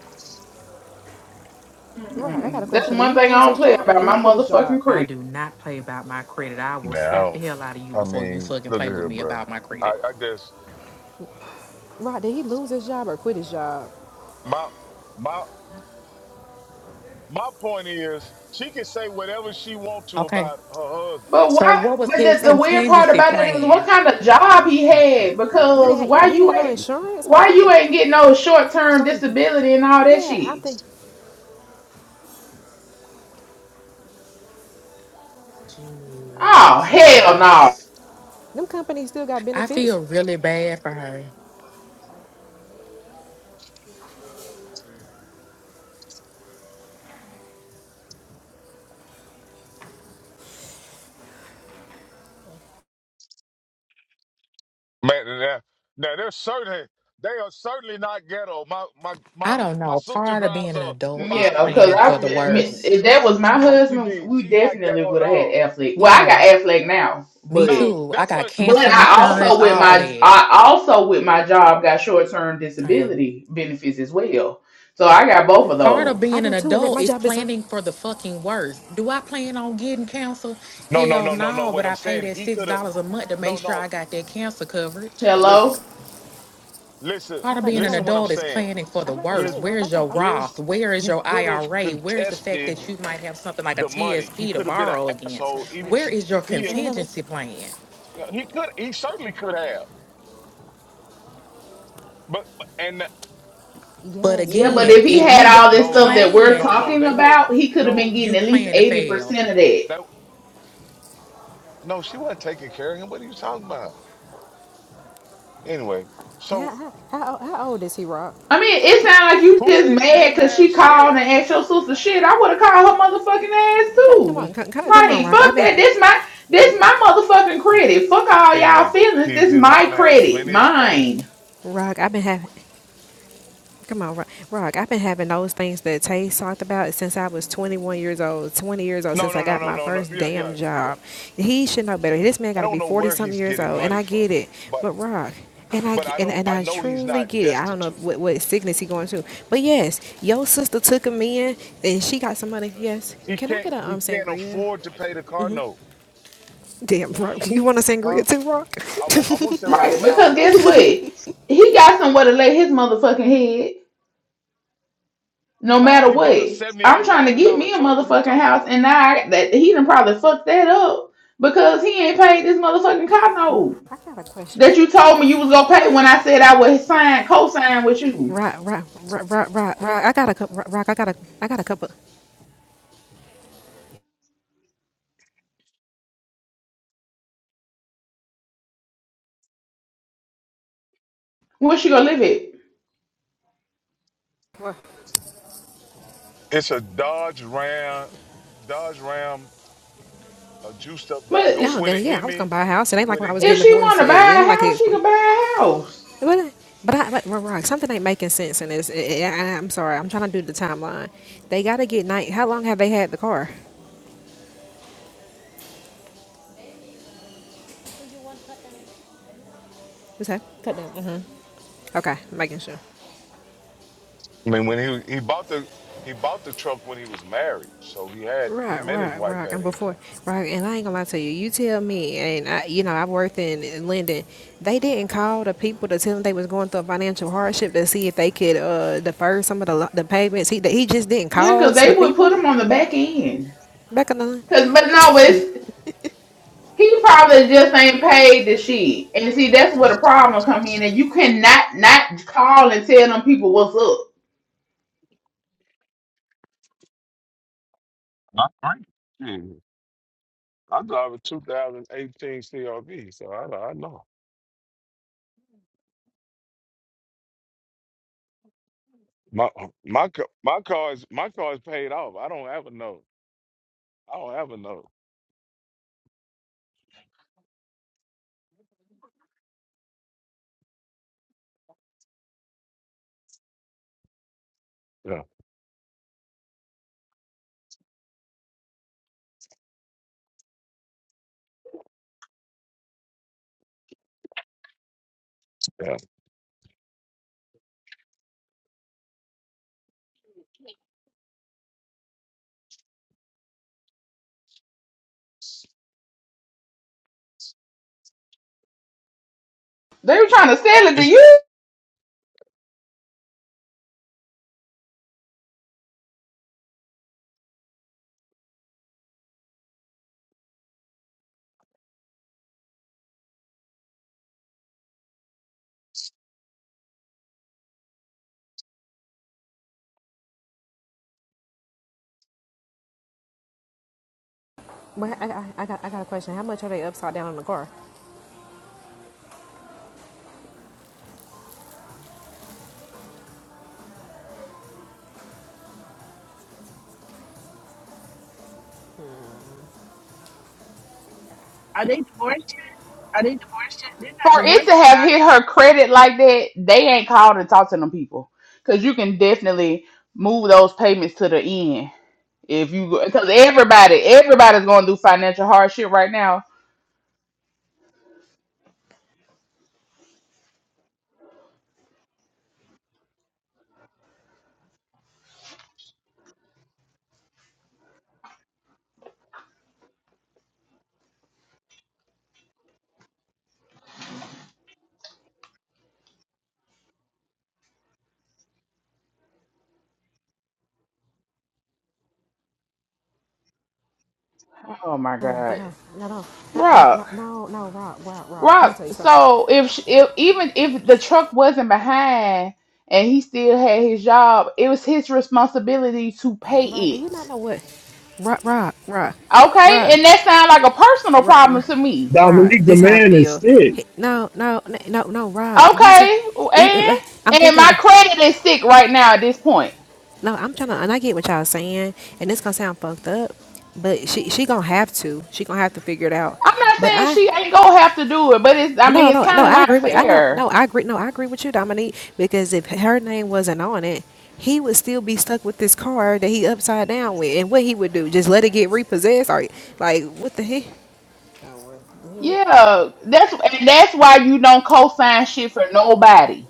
[SPEAKER 10] Rock, I got a
[SPEAKER 11] Mm-mm. That's
[SPEAKER 10] question. Did
[SPEAKER 11] one
[SPEAKER 10] he
[SPEAKER 11] thing I
[SPEAKER 10] lose
[SPEAKER 11] don't
[SPEAKER 10] his
[SPEAKER 11] play
[SPEAKER 10] job or
[SPEAKER 11] about
[SPEAKER 10] did
[SPEAKER 11] my
[SPEAKER 10] he quit his job?
[SPEAKER 11] motherfucking credit.
[SPEAKER 13] I do not play about my credit. I will
[SPEAKER 1] Man, I
[SPEAKER 13] slap the
[SPEAKER 1] don't.
[SPEAKER 13] hell out of you
[SPEAKER 1] I
[SPEAKER 13] before you
[SPEAKER 1] mean,
[SPEAKER 13] fucking
[SPEAKER 1] look at
[SPEAKER 13] play with
[SPEAKER 1] here,
[SPEAKER 13] me
[SPEAKER 1] bro.
[SPEAKER 13] about my
[SPEAKER 1] I,
[SPEAKER 13] credit.
[SPEAKER 1] I guess
[SPEAKER 10] Rock, did he lose his job or quit his job?
[SPEAKER 1] my my my point is she can say whatever she want to
[SPEAKER 13] Okay.
[SPEAKER 1] about her husband.
[SPEAKER 11] But
[SPEAKER 13] So
[SPEAKER 11] why?
[SPEAKER 13] what was
[SPEAKER 11] But
[SPEAKER 13] his
[SPEAKER 11] the, the
[SPEAKER 10] So
[SPEAKER 11] weird part
[SPEAKER 13] contingency
[SPEAKER 11] about that is what
[SPEAKER 13] plan?
[SPEAKER 11] kind of job he had
[SPEAKER 10] He didn't.
[SPEAKER 11] because
[SPEAKER 10] Have,
[SPEAKER 11] why
[SPEAKER 10] yeah, he didn't
[SPEAKER 11] you
[SPEAKER 10] have no
[SPEAKER 11] ain't
[SPEAKER 10] insurance. Something
[SPEAKER 11] why
[SPEAKER 10] like
[SPEAKER 11] you
[SPEAKER 10] it.
[SPEAKER 11] ain't getting no short term
[SPEAKER 10] Something.
[SPEAKER 11] disability and all that
[SPEAKER 10] Yeah, I
[SPEAKER 11] shit.
[SPEAKER 10] think
[SPEAKER 11] Oh hell no.
[SPEAKER 13] Jesus.
[SPEAKER 10] them companies still got
[SPEAKER 13] I feel
[SPEAKER 10] benefits.
[SPEAKER 13] really bad for her.
[SPEAKER 1] Man, now, now they're certain they are certainly not ghetto. My my my
[SPEAKER 13] I don't
[SPEAKER 1] my
[SPEAKER 13] know.
[SPEAKER 1] sister
[SPEAKER 13] Part of being
[SPEAKER 1] drives
[SPEAKER 13] an
[SPEAKER 1] a
[SPEAKER 13] adult is
[SPEAKER 11] Yeah,
[SPEAKER 1] 550
[SPEAKER 11] because
[SPEAKER 13] planning for
[SPEAKER 11] I
[SPEAKER 13] the
[SPEAKER 1] SEL.
[SPEAKER 11] if
[SPEAKER 13] worst.
[SPEAKER 11] that was
[SPEAKER 1] What the
[SPEAKER 11] my
[SPEAKER 1] fuck you
[SPEAKER 11] husband,
[SPEAKER 1] mean?
[SPEAKER 11] we
[SPEAKER 1] She's not
[SPEAKER 11] definitely
[SPEAKER 1] ghetto at
[SPEAKER 11] would have had
[SPEAKER 1] all.
[SPEAKER 11] Affleck. Well, I
[SPEAKER 13] Yeah,
[SPEAKER 11] got Affleck now,
[SPEAKER 13] me
[SPEAKER 11] but
[SPEAKER 1] No,
[SPEAKER 13] too. I
[SPEAKER 1] that's
[SPEAKER 13] got
[SPEAKER 1] what
[SPEAKER 11] but
[SPEAKER 13] cancer
[SPEAKER 11] I
[SPEAKER 1] Mimi
[SPEAKER 13] insurance,
[SPEAKER 11] also
[SPEAKER 1] said.
[SPEAKER 11] with
[SPEAKER 13] all
[SPEAKER 11] my
[SPEAKER 13] that.
[SPEAKER 11] I also with my job got short term
[SPEAKER 13] Same.
[SPEAKER 11] disability benefits as well. So I got
[SPEAKER 10] I
[SPEAKER 11] both
[SPEAKER 10] do.
[SPEAKER 11] of
[SPEAKER 10] I
[SPEAKER 13] Part
[SPEAKER 10] do.
[SPEAKER 13] of
[SPEAKER 11] those.
[SPEAKER 10] I
[SPEAKER 13] being an
[SPEAKER 10] do too. And that
[SPEAKER 13] adult
[SPEAKER 10] my
[SPEAKER 13] is
[SPEAKER 10] job is. Huh?
[SPEAKER 13] planning for the fucking worst. Do I plan on getting cancer?
[SPEAKER 1] No, no,
[SPEAKER 13] Hell
[SPEAKER 1] no, no, no.
[SPEAKER 13] no,
[SPEAKER 1] What
[SPEAKER 13] but
[SPEAKER 1] I'm
[SPEAKER 13] I pay
[SPEAKER 1] saying,
[SPEAKER 13] that
[SPEAKER 1] he
[SPEAKER 13] $6
[SPEAKER 1] could have.
[SPEAKER 13] a month to
[SPEAKER 1] No,
[SPEAKER 13] make sure
[SPEAKER 1] no.
[SPEAKER 13] I got that cancer coverage.
[SPEAKER 1] Listen,
[SPEAKER 11] Hello.
[SPEAKER 1] listen,
[SPEAKER 10] I
[SPEAKER 13] Part
[SPEAKER 10] am
[SPEAKER 13] of
[SPEAKER 10] about to
[SPEAKER 13] being an
[SPEAKER 1] listen.
[SPEAKER 10] say.
[SPEAKER 1] What I'm
[SPEAKER 13] adult is
[SPEAKER 1] saying.
[SPEAKER 13] planning for
[SPEAKER 10] I am
[SPEAKER 13] the
[SPEAKER 10] about to
[SPEAKER 1] His,
[SPEAKER 13] worst.
[SPEAKER 10] say.
[SPEAKER 13] Where
[SPEAKER 10] Rock. I
[SPEAKER 13] is
[SPEAKER 10] got.
[SPEAKER 13] your
[SPEAKER 10] oh,
[SPEAKER 1] his.
[SPEAKER 13] Roth? Where is
[SPEAKER 1] He
[SPEAKER 13] your
[SPEAKER 1] could have
[SPEAKER 13] IRA? Where is the fact
[SPEAKER 1] contested
[SPEAKER 13] that you might have something like a
[SPEAKER 1] the money. He
[SPEAKER 13] TSP to
[SPEAKER 1] could have been
[SPEAKER 13] borrow
[SPEAKER 1] an
[SPEAKER 13] against?
[SPEAKER 10] okay,
[SPEAKER 1] asshole. Even
[SPEAKER 10] thank
[SPEAKER 13] Where
[SPEAKER 10] you.
[SPEAKER 1] she,
[SPEAKER 13] is your
[SPEAKER 1] he,
[SPEAKER 13] contingency plan?
[SPEAKER 1] he could. He certainly could have. But but- and
[SPEAKER 13] But
[SPEAKER 10] Yes,
[SPEAKER 11] Yeah,
[SPEAKER 10] but
[SPEAKER 11] but
[SPEAKER 10] but,
[SPEAKER 13] again,
[SPEAKER 11] if he
[SPEAKER 10] but
[SPEAKER 13] if
[SPEAKER 11] had
[SPEAKER 13] you
[SPEAKER 10] Rock.
[SPEAKER 11] all
[SPEAKER 13] don't
[SPEAKER 11] this
[SPEAKER 1] no,
[SPEAKER 11] stuff that
[SPEAKER 1] no,
[SPEAKER 11] we're
[SPEAKER 13] plan,
[SPEAKER 1] no, no.
[SPEAKER 11] talking
[SPEAKER 1] They were
[SPEAKER 11] about, he could have been
[SPEAKER 1] no.
[SPEAKER 13] you
[SPEAKER 11] getting at least
[SPEAKER 13] plan to
[SPEAKER 11] eighty
[SPEAKER 13] fail.
[SPEAKER 11] percent of that.
[SPEAKER 1] That no. She wasn't taking care of him. What are you talking about? Anyway, so
[SPEAKER 10] How, how, how, how old is he, Rock?
[SPEAKER 11] I mean, it sounds like you
[SPEAKER 1] who
[SPEAKER 11] just
[SPEAKER 1] said he
[SPEAKER 11] mad
[SPEAKER 1] didn't
[SPEAKER 11] because
[SPEAKER 1] have
[SPEAKER 11] she called and
[SPEAKER 1] shit?
[SPEAKER 11] asked your sister shit. I would have called her motherfucking ass
[SPEAKER 10] Come come on,
[SPEAKER 11] too.
[SPEAKER 10] come come on,
[SPEAKER 11] Like,
[SPEAKER 10] Rock. I've
[SPEAKER 11] fuck
[SPEAKER 10] been
[SPEAKER 11] that.
[SPEAKER 1] He
[SPEAKER 11] This my this my motherfucking credit. Fuck all y'all
[SPEAKER 1] anyway.
[SPEAKER 11] feelings.
[SPEAKER 1] His
[SPEAKER 11] This
[SPEAKER 1] his
[SPEAKER 11] my
[SPEAKER 1] mom has
[SPEAKER 11] credit,
[SPEAKER 1] plenty of space.
[SPEAKER 11] mine.
[SPEAKER 10] Rock. I've been having. Come on, Ro- Rock. I've been having those things that Tay talked about since I was 21 years old, 20 years old,
[SPEAKER 1] No,
[SPEAKER 10] since
[SPEAKER 1] no,
[SPEAKER 10] I
[SPEAKER 1] no,
[SPEAKER 10] got
[SPEAKER 1] no,
[SPEAKER 10] my
[SPEAKER 1] no, no.
[SPEAKER 10] first
[SPEAKER 1] Yeah, yeah.
[SPEAKER 10] damn
[SPEAKER 1] You don't.
[SPEAKER 10] job. He should know better. This man
[SPEAKER 1] I
[SPEAKER 10] got to
[SPEAKER 1] don't
[SPEAKER 10] be
[SPEAKER 1] know
[SPEAKER 10] 40
[SPEAKER 1] where
[SPEAKER 10] something
[SPEAKER 1] he's
[SPEAKER 10] years
[SPEAKER 1] getting
[SPEAKER 10] old, and
[SPEAKER 1] money
[SPEAKER 10] I
[SPEAKER 1] from,
[SPEAKER 10] get it.
[SPEAKER 1] but
[SPEAKER 10] But, Rock, and I,
[SPEAKER 1] but
[SPEAKER 10] ge-
[SPEAKER 1] I
[SPEAKER 10] and,
[SPEAKER 1] don't
[SPEAKER 10] and
[SPEAKER 1] I
[SPEAKER 10] I
[SPEAKER 1] know he's
[SPEAKER 10] truly
[SPEAKER 1] not
[SPEAKER 10] get it. I don't know if,
[SPEAKER 1] destitute.
[SPEAKER 10] what, what sickness he going through. But, yes, your sister took him in, and she got some money. Yes.
[SPEAKER 1] He
[SPEAKER 10] Can I
[SPEAKER 1] can't
[SPEAKER 10] get a
[SPEAKER 1] he
[SPEAKER 10] um
[SPEAKER 1] can't
[SPEAKER 10] sangria?
[SPEAKER 1] afford to pay the car note,
[SPEAKER 10] Damn, Rock. You want a
[SPEAKER 1] huh?
[SPEAKER 10] sangria too, Rock?
[SPEAKER 1] I want I want to say around a
[SPEAKER 11] Right?
[SPEAKER 1] thousand
[SPEAKER 11] Because guess
[SPEAKER 1] dollars a
[SPEAKER 11] what?
[SPEAKER 1] month.
[SPEAKER 11] He got somewhere to lay his motherfucking head. No
[SPEAKER 1] No,
[SPEAKER 11] matter
[SPEAKER 1] he bought
[SPEAKER 11] what,
[SPEAKER 1] a seventy
[SPEAKER 11] I'm
[SPEAKER 1] eight
[SPEAKER 11] trying to
[SPEAKER 1] thousand
[SPEAKER 11] get
[SPEAKER 1] dollar
[SPEAKER 11] me a
[SPEAKER 1] truck. What are you
[SPEAKER 11] motherfucking
[SPEAKER 1] talking about?
[SPEAKER 11] house, and now I that he done probably fucked that up because he ain't paid this motherfucking car note
[SPEAKER 10] I got a question.
[SPEAKER 11] that you told me you was gonna pay when I said I would sign co-sign with you.
[SPEAKER 10] Rock, rock, rock, rock, rock, rock. I got a cup, rock. I got a, I got a couple.
[SPEAKER 11] Where she gonna live it?
[SPEAKER 1] It's a Dodge Ram, Dodge Ram, a juiced up Dodge
[SPEAKER 11] But
[SPEAKER 1] oh,
[SPEAKER 10] Oh,
[SPEAKER 1] with
[SPEAKER 10] then
[SPEAKER 1] a
[SPEAKER 10] yeah, I was
[SPEAKER 1] Hemi,
[SPEAKER 10] gonna buy a house. It ain't like
[SPEAKER 1] with
[SPEAKER 10] when I
[SPEAKER 1] a
[SPEAKER 10] was getting
[SPEAKER 11] if she
[SPEAKER 1] Hemi. Uh,
[SPEAKER 11] want
[SPEAKER 10] divorced. It
[SPEAKER 11] to buy
[SPEAKER 10] ain't
[SPEAKER 11] a
[SPEAKER 10] like
[SPEAKER 11] house,
[SPEAKER 10] it's.
[SPEAKER 11] she
[SPEAKER 10] But
[SPEAKER 11] can buy a house.
[SPEAKER 10] but I but we Something ain't making sense in this. I, I, I'm sorry. I'm trying to do the timeline. They gotta get night. How long have they had the car? What's that? Cut down. Mhm. Okay, making sure.
[SPEAKER 1] I mean, when he he bought the he bought the truck when he was married, so he had
[SPEAKER 10] Right,
[SPEAKER 1] him and his
[SPEAKER 10] right,
[SPEAKER 1] wife
[SPEAKER 10] right.
[SPEAKER 1] had
[SPEAKER 10] And before,
[SPEAKER 1] income.
[SPEAKER 10] right, and I ain't gonna lie to you. You tell me, and I, you know, I worked in, in Linden. They didn't call the people to tell them they was going through a financial hardship to see if they could uh, defer some of the lo- the payments. He he just didn't
[SPEAKER 11] Yeah,
[SPEAKER 10] call
[SPEAKER 11] cause
[SPEAKER 10] to the
[SPEAKER 11] they would put
[SPEAKER 10] people
[SPEAKER 11] them on the back end.
[SPEAKER 10] back on the
[SPEAKER 11] Cause but no,
[SPEAKER 10] line.
[SPEAKER 11] it's, he probably just ain't paid the shit. And see, that's where the problem come in, and you cannot not call and tell them people what's up.
[SPEAKER 1] All right. I drive a 2018 CRV, so I, I know. My my ca- my car is my car is paid off. I don't have a note. I don't have a note. Yeah, yeah.
[SPEAKER 11] They were trying to sell it to
[SPEAKER 1] It's,
[SPEAKER 11] you.
[SPEAKER 10] But I, I, I got I got a question. How much are they upside down in the car?
[SPEAKER 9] Are they divorced yet? Are they divorced yet? They're not
[SPEAKER 11] For it to
[SPEAKER 9] divorced yet,
[SPEAKER 11] have
[SPEAKER 9] are
[SPEAKER 11] hit
[SPEAKER 9] they?
[SPEAKER 11] her credit like that, they ain't called and talked to them people. Because you can definitely move those payments to the end. If you, because everybody, everybody's going through financial hardship right now. Oh my
[SPEAKER 10] Oh, but
[SPEAKER 11] God,
[SPEAKER 10] no, no, no, no,
[SPEAKER 11] Rock,
[SPEAKER 10] no, no, no, no, Rod, Rod, Rod. Let me
[SPEAKER 11] Rock.
[SPEAKER 10] tell you something.
[SPEAKER 11] So if sh- if even if the truck wasn't behind and he still had his job, it was his responsibility to pay
[SPEAKER 10] Rod, do you not
[SPEAKER 11] it.
[SPEAKER 10] know what? Rod, Rod, Rod,
[SPEAKER 11] Okay,
[SPEAKER 10] Rod,
[SPEAKER 11] and that sounds like a personal
[SPEAKER 10] Rod,
[SPEAKER 11] problem
[SPEAKER 10] Rod.
[SPEAKER 11] to me
[SPEAKER 10] Rod,
[SPEAKER 7] Dominique the
[SPEAKER 10] This how I
[SPEAKER 7] man is
[SPEAKER 10] feel.
[SPEAKER 7] sick.
[SPEAKER 10] Hey, no, no, no, no, no, Rod. Let me tell. you.
[SPEAKER 11] Okay,
[SPEAKER 10] Even
[SPEAKER 11] and
[SPEAKER 10] I'm
[SPEAKER 11] and
[SPEAKER 10] thinking
[SPEAKER 11] my
[SPEAKER 10] about.
[SPEAKER 11] credit is sick right now at this point.
[SPEAKER 10] No, I'm trying to, and I get what y'all saying, and it's gonna sound fucked up, but she she gonna have to. She gonna have to figure it out.
[SPEAKER 11] I'm not
[SPEAKER 10] But
[SPEAKER 11] saying
[SPEAKER 10] I
[SPEAKER 11] she ain't gonna have to do it, but it's I
[SPEAKER 10] But
[SPEAKER 11] mean
[SPEAKER 10] no,
[SPEAKER 11] it's
[SPEAKER 10] no, no,
[SPEAKER 11] kind
[SPEAKER 10] no.
[SPEAKER 11] of
[SPEAKER 10] I
[SPEAKER 11] not
[SPEAKER 10] agree with. I know.
[SPEAKER 11] fair.
[SPEAKER 10] No, I agree. No, I agree with you, Dominique. Because if her name wasn't on it, he would still be stuck with this car that he upside down with. And what he would do? Just let it get repossessed? Or like what the heck?
[SPEAKER 11] Yeah, that's and that's why you don't co-sign shit for nobody.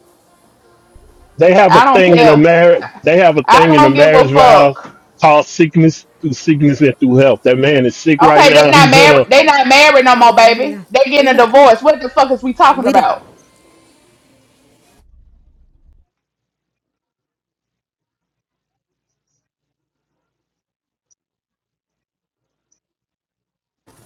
[SPEAKER 7] They have a
[SPEAKER 11] I don't
[SPEAKER 7] thing in a
[SPEAKER 11] care.
[SPEAKER 7] marriage. They have a
[SPEAKER 11] I
[SPEAKER 7] thing in the
[SPEAKER 11] don't give a
[SPEAKER 7] marriage vows
[SPEAKER 11] fuck.
[SPEAKER 7] called sickness through sickness and through health. That man is sick right
[SPEAKER 11] Okay, they
[SPEAKER 10] Well,
[SPEAKER 7] now.
[SPEAKER 11] not
[SPEAKER 7] He's
[SPEAKER 10] no,
[SPEAKER 7] in
[SPEAKER 10] but
[SPEAKER 11] married.
[SPEAKER 7] a
[SPEAKER 11] They
[SPEAKER 10] but
[SPEAKER 11] not married no
[SPEAKER 10] they're
[SPEAKER 11] more,
[SPEAKER 10] not married.
[SPEAKER 11] baby.
[SPEAKER 10] Now.
[SPEAKER 11] They
[SPEAKER 10] Are
[SPEAKER 11] getting
[SPEAKER 10] you
[SPEAKER 11] a
[SPEAKER 10] not?
[SPEAKER 11] divorce. What the fuck is we talking
[SPEAKER 10] We did.
[SPEAKER 11] about?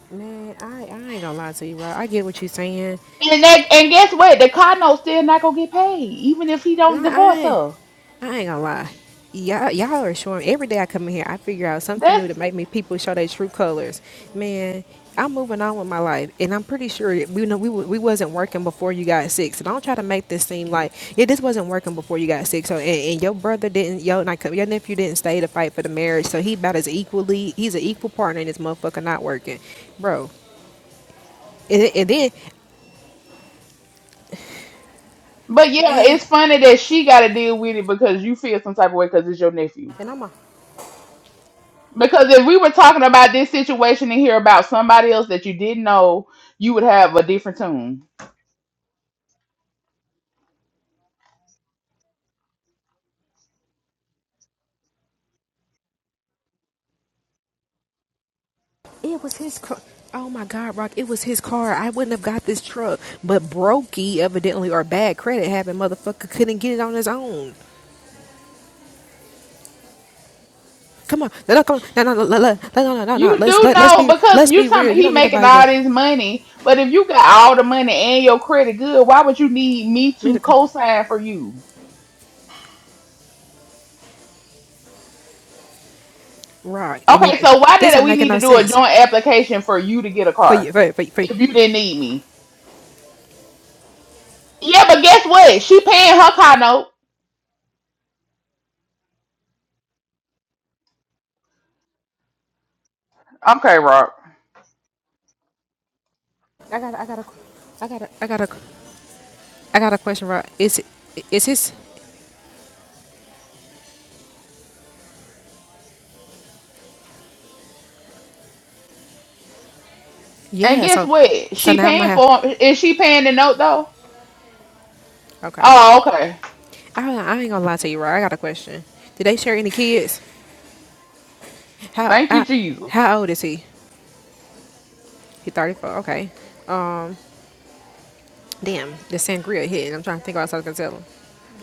[SPEAKER 10] Man, I I ain't gonna lie to you, bro. I get what you're saying.
[SPEAKER 11] And that, and guess what? The Cardinal still not gonna get paid, even if he don't
[SPEAKER 10] No, I
[SPEAKER 11] divorce
[SPEAKER 10] ain't.
[SPEAKER 11] her.
[SPEAKER 10] I ain't gonna lie. Y'all, y'all are showing every day I come in here, I figure out something new
[SPEAKER 11] That's.
[SPEAKER 10] to make me people show their true colors. Man, I'm moving on with my life, and I'm pretty sure that we know we, wa- we wasn't working before you got sick. So don't try to make this seem like yeah, this wasn't working before you got sick. So and, and your brother didn't, your like, your nephew didn't stay to fight for the marriage. So he about as equally, he's an equal partner in this motherfucker not working, bro. And, and then
[SPEAKER 11] But yeah,
[SPEAKER 10] man,
[SPEAKER 11] it's funny that she got to deal with it because you feel some type of way because it's your nephew.
[SPEAKER 10] and I'm a
[SPEAKER 11] Because if we were talking about this situation and hear about somebody else that you didn't know, you would have a different tune.
[SPEAKER 10] It was his car. Oh my God, Rock! It was his car. I wouldn't have got this truck, but Brokey evidently or bad credit having motherfucker couldn't get it on his own. Come on, no, no, come on. no, no, no, no, no, no, no, no, no.
[SPEAKER 11] You
[SPEAKER 10] Let's,
[SPEAKER 11] do
[SPEAKER 10] let, let's
[SPEAKER 11] know
[SPEAKER 10] be
[SPEAKER 11] because
[SPEAKER 10] let's
[SPEAKER 11] you
[SPEAKER 10] be
[SPEAKER 11] talking
[SPEAKER 10] real.
[SPEAKER 11] about
[SPEAKER 10] You
[SPEAKER 11] he
[SPEAKER 10] don't need
[SPEAKER 11] making
[SPEAKER 10] nobody
[SPEAKER 11] all
[SPEAKER 10] to
[SPEAKER 11] this money, but if you got all the money and your credit good, why would you need me
[SPEAKER 10] me
[SPEAKER 11] to
[SPEAKER 10] to
[SPEAKER 11] co-sign for you?
[SPEAKER 10] Rock. And
[SPEAKER 11] Okay, so
[SPEAKER 10] if
[SPEAKER 11] why
[SPEAKER 10] this
[SPEAKER 11] did
[SPEAKER 10] ain't
[SPEAKER 11] we
[SPEAKER 10] making
[SPEAKER 11] need to
[SPEAKER 10] no
[SPEAKER 11] do a
[SPEAKER 10] sense
[SPEAKER 11] joint application for you to get a
[SPEAKER 10] for you,
[SPEAKER 11] car
[SPEAKER 10] for you, for, you, for you,
[SPEAKER 11] if you didn't need me? Yeah, but guess what? She paying her car note. Okay, Rob.
[SPEAKER 10] I got I got a I got a I got a I got a question, Rock. Is it... is his?
[SPEAKER 11] And
[SPEAKER 10] Yeah.
[SPEAKER 11] guess
[SPEAKER 10] So
[SPEAKER 11] what?
[SPEAKER 10] so
[SPEAKER 11] She
[SPEAKER 10] now I'm gonna
[SPEAKER 11] paying
[SPEAKER 10] have
[SPEAKER 11] for him. Is she paying the note though?
[SPEAKER 10] okay.
[SPEAKER 11] Oh, okay.
[SPEAKER 10] I, I ain't gonna lie to you, Rock. I got a question. Did they share any kids? How
[SPEAKER 11] Thank
[SPEAKER 10] uh,
[SPEAKER 11] you, Jesus.
[SPEAKER 10] how old is he? He thirty four. Okay. Um. Damn, the sangria hit, I'm trying to think what else I was gonna tell him.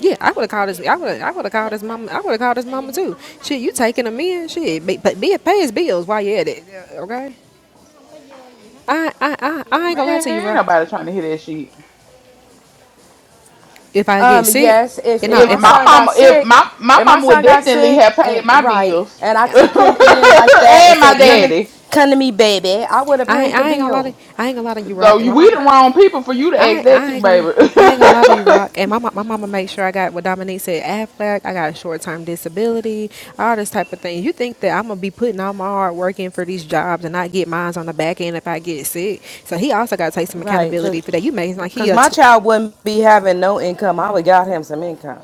[SPEAKER 10] Yeah, I would have called his. I would. I would have called his mom. I would have called his mama too. Shit, you taking him in? Shit, be, but be pay his bills while you at it. Okay. I I I, I ain't gonna lie
[SPEAKER 11] Man,
[SPEAKER 10] to you,
[SPEAKER 11] ain't
[SPEAKER 10] bro.
[SPEAKER 11] nobody trying to hear that shit.
[SPEAKER 10] If I get
[SPEAKER 12] Um,
[SPEAKER 10] sick,
[SPEAKER 12] yes, if
[SPEAKER 10] you know,
[SPEAKER 12] if
[SPEAKER 11] If
[SPEAKER 12] my
[SPEAKER 10] if I,
[SPEAKER 11] my
[SPEAKER 12] son got
[SPEAKER 11] mama, if
[SPEAKER 12] sick,
[SPEAKER 11] my my
[SPEAKER 12] if my
[SPEAKER 11] mama would
[SPEAKER 12] son got
[SPEAKER 11] definitely
[SPEAKER 12] sick
[SPEAKER 11] have paid
[SPEAKER 12] and
[SPEAKER 11] my
[SPEAKER 12] right,
[SPEAKER 11] bills
[SPEAKER 12] and I
[SPEAKER 11] and
[SPEAKER 12] took him in like that and
[SPEAKER 11] my
[SPEAKER 12] said,
[SPEAKER 10] yeah,
[SPEAKER 12] "Come to,
[SPEAKER 11] daddy.
[SPEAKER 12] come to me, baby," I would have
[SPEAKER 10] I
[SPEAKER 12] paid the
[SPEAKER 10] I ain't gonna lie to
[SPEAKER 12] bill,
[SPEAKER 10] I ain't gonna lie to you,
[SPEAKER 11] So
[SPEAKER 10] Rock.
[SPEAKER 11] you,
[SPEAKER 10] My
[SPEAKER 11] we the
[SPEAKER 10] mama.
[SPEAKER 11] wrong people for you to ask
[SPEAKER 10] I
[SPEAKER 11] that
[SPEAKER 10] I
[SPEAKER 11] to,
[SPEAKER 10] ain't gonna lie. I ain't gonna lie to you,
[SPEAKER 11] baby.
[SPEAKER 10] Rock. And my mo- my mama made sure I got what Dominique said, Aflac. I got a short term disability, all this type of thing. You think that I'm gonna be putting all my hard work in for these jobs and not get mines on the back end if I get sick? So he also got to take some
[SPEAKER 12] right? Cause,
[SPEAKER 10] accountability for that. You made it like he
[SPEAKER 12] cause
[SPEAKER 10] a
[SPEAKER 12] my
[SPEAKER 10] tw-
[SPEAKER 12] child wouldn't be having no income. I would got him some income.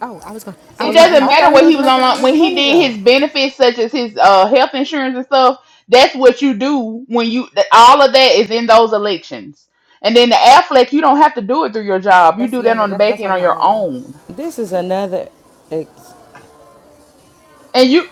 [SPEAKER 10] oh I was gonna I
[SPEAKER 11] it
[SPEAKER 12] So
[SPEAKER 10] was gonna
[SPEAKER 12] he,
[SPEAKER 11] doesn't
[SPEAKER 10] ask.
[SPEAKER 12] I
[SPEAKER 11] matter
[SPEAKER 12] thought he
[SPEAKER 11] what
[SPEAKER 12] was
[SPEAKER 11] he was
[SPEAKER 12] making all
[SPEAKER 11] on
[SPEAKER 12] this
[SPEAKER 11] when he
[SPEAKER 12] money
[SPEAKER 11] did
[SPEAKER 12] though.
[SPEAKER 11] his benefits such as his uh health insurance and stuff that's what you do when you that- all of that is in those elections and then the affleck you don't have to do it through your job you
[SPEAKER 10] That's
[SPEAKER 11] do
[SPEAKER 10] yeah.
[SPEAKER 11] that on the
[SPEAKER 10] that-
[SPEAKER 11] back
[SPEAKER 10] That's
[SPEAKER 11] end
[SPEAKER 10] on
[SPEAKER 11] on
[SPEAKER 10] your
[SPEAKER 11] your
[SPEAKER 10] own.
[SPEAKER 11] own
[SPEAKER 12] This is another, ex-
[SPEAKER 11] and you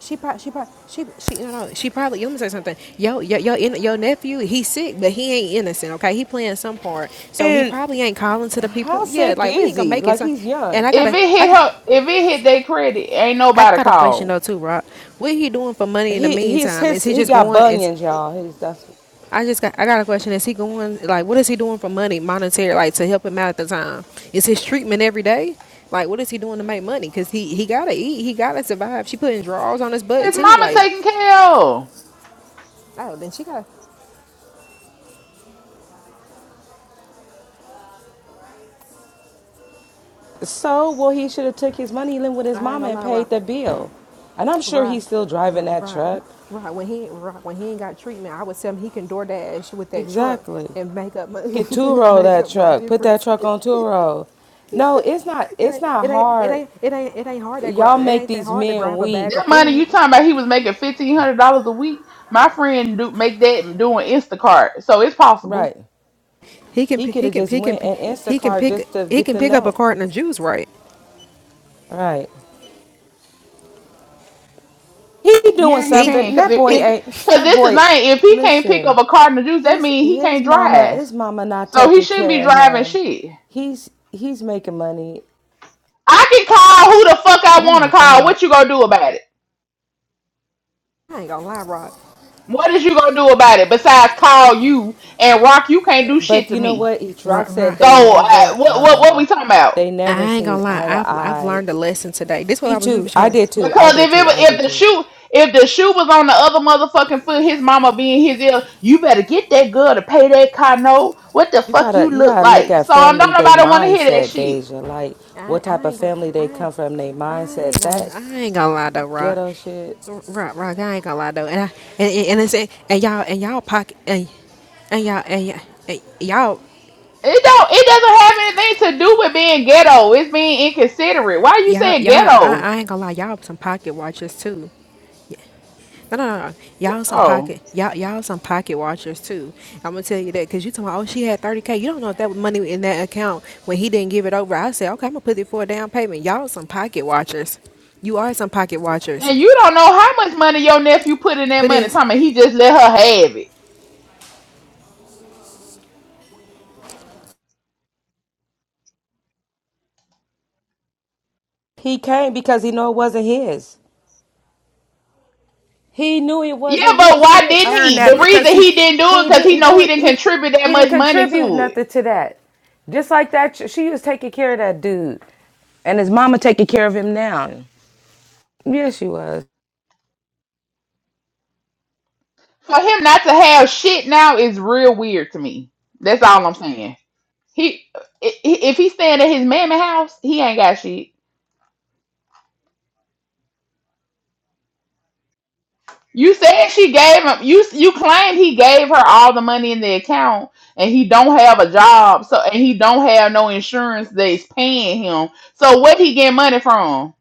[SPEAKER 10] She probably, she probably, she, she, you know, she probably, you let me say something. Yo, yo, yo, in, your nephew, he's sick, but he ain't innocent, okay? He playing some part. So he
[SPEAKER 12] and
[SPEAKER 10] probably ain't calling to the
[SPEAKER 12] how
[SPEAKER 10] people. Yeah,
[SPEAKER 12] sick
[SPEAKER 10] like, we
[SPEAKER 12] is
[SPEAKER 10] ain't gonna
[SPEAKER 12] he?
[SPEAKER 10] make it.
[SPEAKER 12] Like
[SPEAKER 10] So,
[SPEAKER 12] he's
[SPEAKER 10] and
[SPEAKER 12] young.
[SPEAKER 10] I
[SPEAKER 11] if
[SPEAKER 10] gotta,
[SPEAKER 11] it
[SPEAKER 10] I,
[SPEAKER 11] hit
[SPEAKER 10] got-
[SPEAKER 11] her if it hit their credit ain't
[SPEAKER 10] I
[SPEAKER 11] nobody
[SPEAKER 10] got a question
[SPEAKER 11] called
[SPEAKER 10] though, too, Rock. What he doing for money in the
[SPEAKER 12] He he's
[SPEAKER 10] meantime? Is
[SPEAKER 12] his
[SPEAKER 10] he
[SPEAKER 12] he
[SPEAKER 10] just
[SPEAKER 12] got
[SPEAKER 10] going, is,
[SPEAKER 12] bunions, y'all. He's that's
[SPEAKER 10] I just got, I got a question. Is he going, like, what is he doing for money, monetary, like, to help him out at the time? Is his treatment every day? Like, what is he doing to make money? Because he, he gotta eat, he gotta survive. She putting drawers on his butt,
[SPEAKER 11] his
[SPEAKER 10] too,
[SPEAKER 11] mama
[SPEAKER 10] like,
[SPEAKER 11] taking care of
[SPEAKER 10] Oh, then she got.
[SPEAKER 12] So, well, he should have took his money, lived with his
[SPEAKER 10] I ain't
[SPEAKER 12] mama,
[SPEAKER 10] gonna
[SPEAKER 12] and
[SPEAKER 10] lie, Rob.
[SPEAKER 12] paid the bill. And I'm sure
[SPEAKER 10] Rob,
[SPEAKER 12] he's still driving that
[SPEAKER 10] Rob,
[SPEAKER 12] truck.
[SPEAKER 10] Rob. When he Rock, when he ain't got treatment, I would tell him he can DoorDash with that truck
[SPEAKER 12] Exactly.
[SPEAKER 10] and make up my
[SPEAKER 12] Get two roll
[SPEAKER 10] make
[SPEAKER 12] that
[SPEAKER 10] up my
[SPEAKER 12] truck. Put that
[SPEAKER 10] difference.
[SPEAKER 12] truck on two roll. No, it's not.
[SPEAKER 10] It
[SPEAKER 12] It's
[SPEAKER 10] ain't
[SPEAKER 12] not
[SPEAKER 10] it ain't it
[SPEAKER 12] hard.
[SPEAKER 10] ain't it ain't it ain't hard to grab
[SPEAKER 12] Y'all
[SPEAKER 10] it
[SPEAKER 12] make
[SPEAKER 10] ain't that
[SPEAKER 12] these
[SPEAKER 10] hard to
[SPEAKER 12] men
[SPEAKER 10] grab a bag
[SPEAKER 12] weak,
[SPEAKER 10] of
[SPEAKER 11] that money you
[SPEAKER 10] food.
[SPEAKER 11] talking about he was making fifteen hundred dollars a week my friend do make that doing instacart so it's possible
[SPEAKER 12] right?
[SPEAKER 10] He can
[SPEAKER 12] He
[SPEAKER 10] pi-
[SPEAKER 12] could
[SPEAKER 10] he
[SPEAKER 12] have
[SPEAKER 10] can
[SPEAKER 12] just
[SPEAKER 10] he can
[SPEAKER 12] went
[SPEAKER 10] pi-
[SPEAKER 12] and
[SPEAKER 10] he can
[SPEAKER 12] Instacart
[SPEAKER 10] pick
[SPEAKER 12] just to
[SPEAKER 10] he
[SPEAKER 12] get
[SPEAKER 10] can
[SPEAKER 12] the
[SPEAKER 10] pick up a
[SPEAKER 12] note,
[SPEAKER 10] carton of juice, right?
[SPEAKER 12] right? He doing
[SPEAKER 11] Yeah, he
[SPEAKER 10] He
[SPEAKER 11] can.
[SPEAKER 12] something.
[SPEAKER 11] Cause
[SPEAKER 12] That
[SPEAKER 11] if,
[SPEAKER 12] boy
[SPEAKER 10] he
[SPEAKER 11] if
[SPEAKER 12] ain't.
[SPEAKER 11] cause
[SPEAKER 12] That
[SPEAKER 11] this is
[SPEAKER 12] boy.
[SPEAKER 11] thing, if he can't pick
[SPEAKER 12] Listen,
[SPEAKER 11] up a carton of juice, that
[SPEAKER 12] his
[SPEAKER 11] means he
[SPEAKER 12] his
[SPEAKER 11] can't
[SPEAKER 12] mama.
[SPEAKER 11] drive.
[SPEAKER 12] His mama not
[SPEAKER 11] So he
[SPEAKER 12] taking
[SPEAKER 11] shouldn't be
[SPEAKER 12] care of
[SPEAKER 11] driving
[SPEAKER 12] him.
[SPEAKER 11] shit.
[SPEAKER 12] He's he's making money.
[SPEAKER 11] I can call who the fuck I
[SPEAKER 12] Oh
[SPEAKER 11] want to
[SPEAKER 12] my
[SPEAKER 11] call.
[SPEAKER 12] God.
[SPEAKER 11] What you gonna do about it?
[SPEAKER 10] I ain't gonna lie, Rob.
[SPEAKER 11] What is you gonna do about it besides call you and Rock? You can't do shit
[SPEAKER 12] But
[SPEAKER 11] to
[SPEAKER 12] you know
[SPEAKER 11] me.
[SPEAKER 12] what? Each
[SPEAKER 10] Rob,
[SPEAKER 12] Rock said
[SPEAKER 10] Rob.
[SPEAKER 11] So
[SPEAKER 12] they
[SPEAKER 11] uh,
[SPEAKER 12] never
[SPEAKER 11] what what what we
[SPEAKER 12] um
[SPEAKER 11] talking about?
[SPEAKER 12] they never
[SPEAKER 10] I ain't
[SPEAKER 12] seen
[SPEAKER 10] gonna lie.
[SPEAKER 12] eye to
[SPEAKER 10] I've I've
[SPEAKER 12] eye.
[SPEAKER 10] learned a lesson today. This is what
[SPEAKER 12] Me
[SPEAKER 10] I was we
[SPEAKER 12] too.
[SPEAKER 10] was
[SPEAKER 12] I
[SPEAKER 10] trying to
[SPEAKER 12] did too. I
[SPEAKER 11] Because if
[SPEAKER 12] did
[SPEAKER 11] it,
[SPEAKER 12] too.
[SPEAKER 11] wa-
[SPEAKER 12] I
[SPEAKER 11] if
[SPEAKER 12] did
[SPEAKER 11] the
[SPEAKER 12] too.
[SPEAKER 11] shoe if the shoe was on the other motherfucking foot, his mama being his ear, you better get that girl to pay that car note. What the
[SPEAKER 12] You
[SPEAKER 11] fuck
[SPEAKER 12] gotta
[SPEAKER 11] you
[SPEAKER 12] you
[SPEAKER 11] look
[SPEAKER 12] gotta look
[SPEAKER 11] like?
[SPEAKER 12] at
[SPEAKER 11] So I
[SPEAKER 12] family
[SPEAKER 11] don't
[SPEAKER 12] they
[SPEAKER 11] nobody want to hear that
[SPEAKER 12] mindset,
[SPEAKER 11] shit.
[SPEAKER 12] Deja. Like
[SPEAKER 10] I,
[SPEAKER 12] what type
[SPEAKER 10] I
[SPEAKER 12] of
[SPEAKER 10] ain't gonna,
[SPEAKER 12] family they
[SPEAKER 10] I,
[SPEAKER 12] come from, they
[SPEAKER 10] I
[SPEAKER 12] mindset,
[SPEAKER 10] ain't gonna,
[SPEAKER 12] that
[SPEAKER 10] I ain't gonna lie though, Rock.
[SPEAKER 12] ghetto shit.
[SPEAKER 10] R- Rock, Rock, I ain't gonna lie though, and I, and, and, and it's, and y'all, and y'all pocket, and, and y'all, and, y'all, and y'all,
[SPEAKER 11] It don't. It doesn't have anything to do with being ghetto. It's being inconsiderate. Why you
[SPEAKER 10] y'all,
[SPEAKER 11] saying
[SPEAKER 10] y'all, I,
[SPEAKER 11] ghetto?
[SPEAKER 10] I ain't gonna lie, y'all some pocket watchers too. No, no, no, no. y'all some
[SPEAKER 11] Oh,
[SPEAKER 10] pocket, y'all, y'all some pocket watchers too. I'm gonna tell you that, cause you talking, about, oh, she had 30k. You don't know if that was money in that account when he didn't give it over. I said, okay, I'm gonna put it for a down payment. Y'all some pocket watchers. You are some pocket watchers.
[SPEAKER 11] and you don't know how much money your nephew put in that
[SPEAKER 10] Put
[SPEAKER 11] money.
[SPEAKER 10] in.
[SPEAKER 11] Time he just let her have it.
[SPEAKER 12] He came because he know it wasn't his. He knew it
[SPEAKER 11] Yeah,
[SPEAKER 12] wasn't
[SPEAKER 11] but
[SPEAKER 12] his. He
[SPEAKER 11] why
[SPEAKER 12] didn't
[SPEAKER 11] didn't
[SPEAKER 12] earn
[SPEAKER 11] he?
[SPEAKER 12] that
[SPEAKER 11] The
[SPEAKER 12] because
[SPEAKER 11] reason
[SPEAKER 12] he
[SPEAKER 11] he didn't do it
[SPEAKER 12] he
[SPEAKER 11] because he
[SPEAKER 12] didn't
[SPEAKER 11] know
[SPEAKER 12] do
[SPEAKER 11] he
[SPEAKER 12] it.
[SPEAKER 11] didn't
[SPEAKER 12] He
[SPEAKER 11] contribute that
[SPEAKER 12] he didn't
[SPEAKER 11] much money
[SPEAKER 12] contribute
[SPEAKER 11] to it.
[SPEAKER 12] nothing to that. Just like that, ch- she was taking care of that dude, and his mama taking care of him now. Yes, she was.
[SPEAKER 11] For him not to have shit now is real weird to me. That's all I'm saying. He i- i- if he staying at his mammy house, he ain't got shit. You said she gave him. You you claimed he gave her all the money in the account, and he don't have a job, so and he don't have no insurance that's paying him. So what he get money from?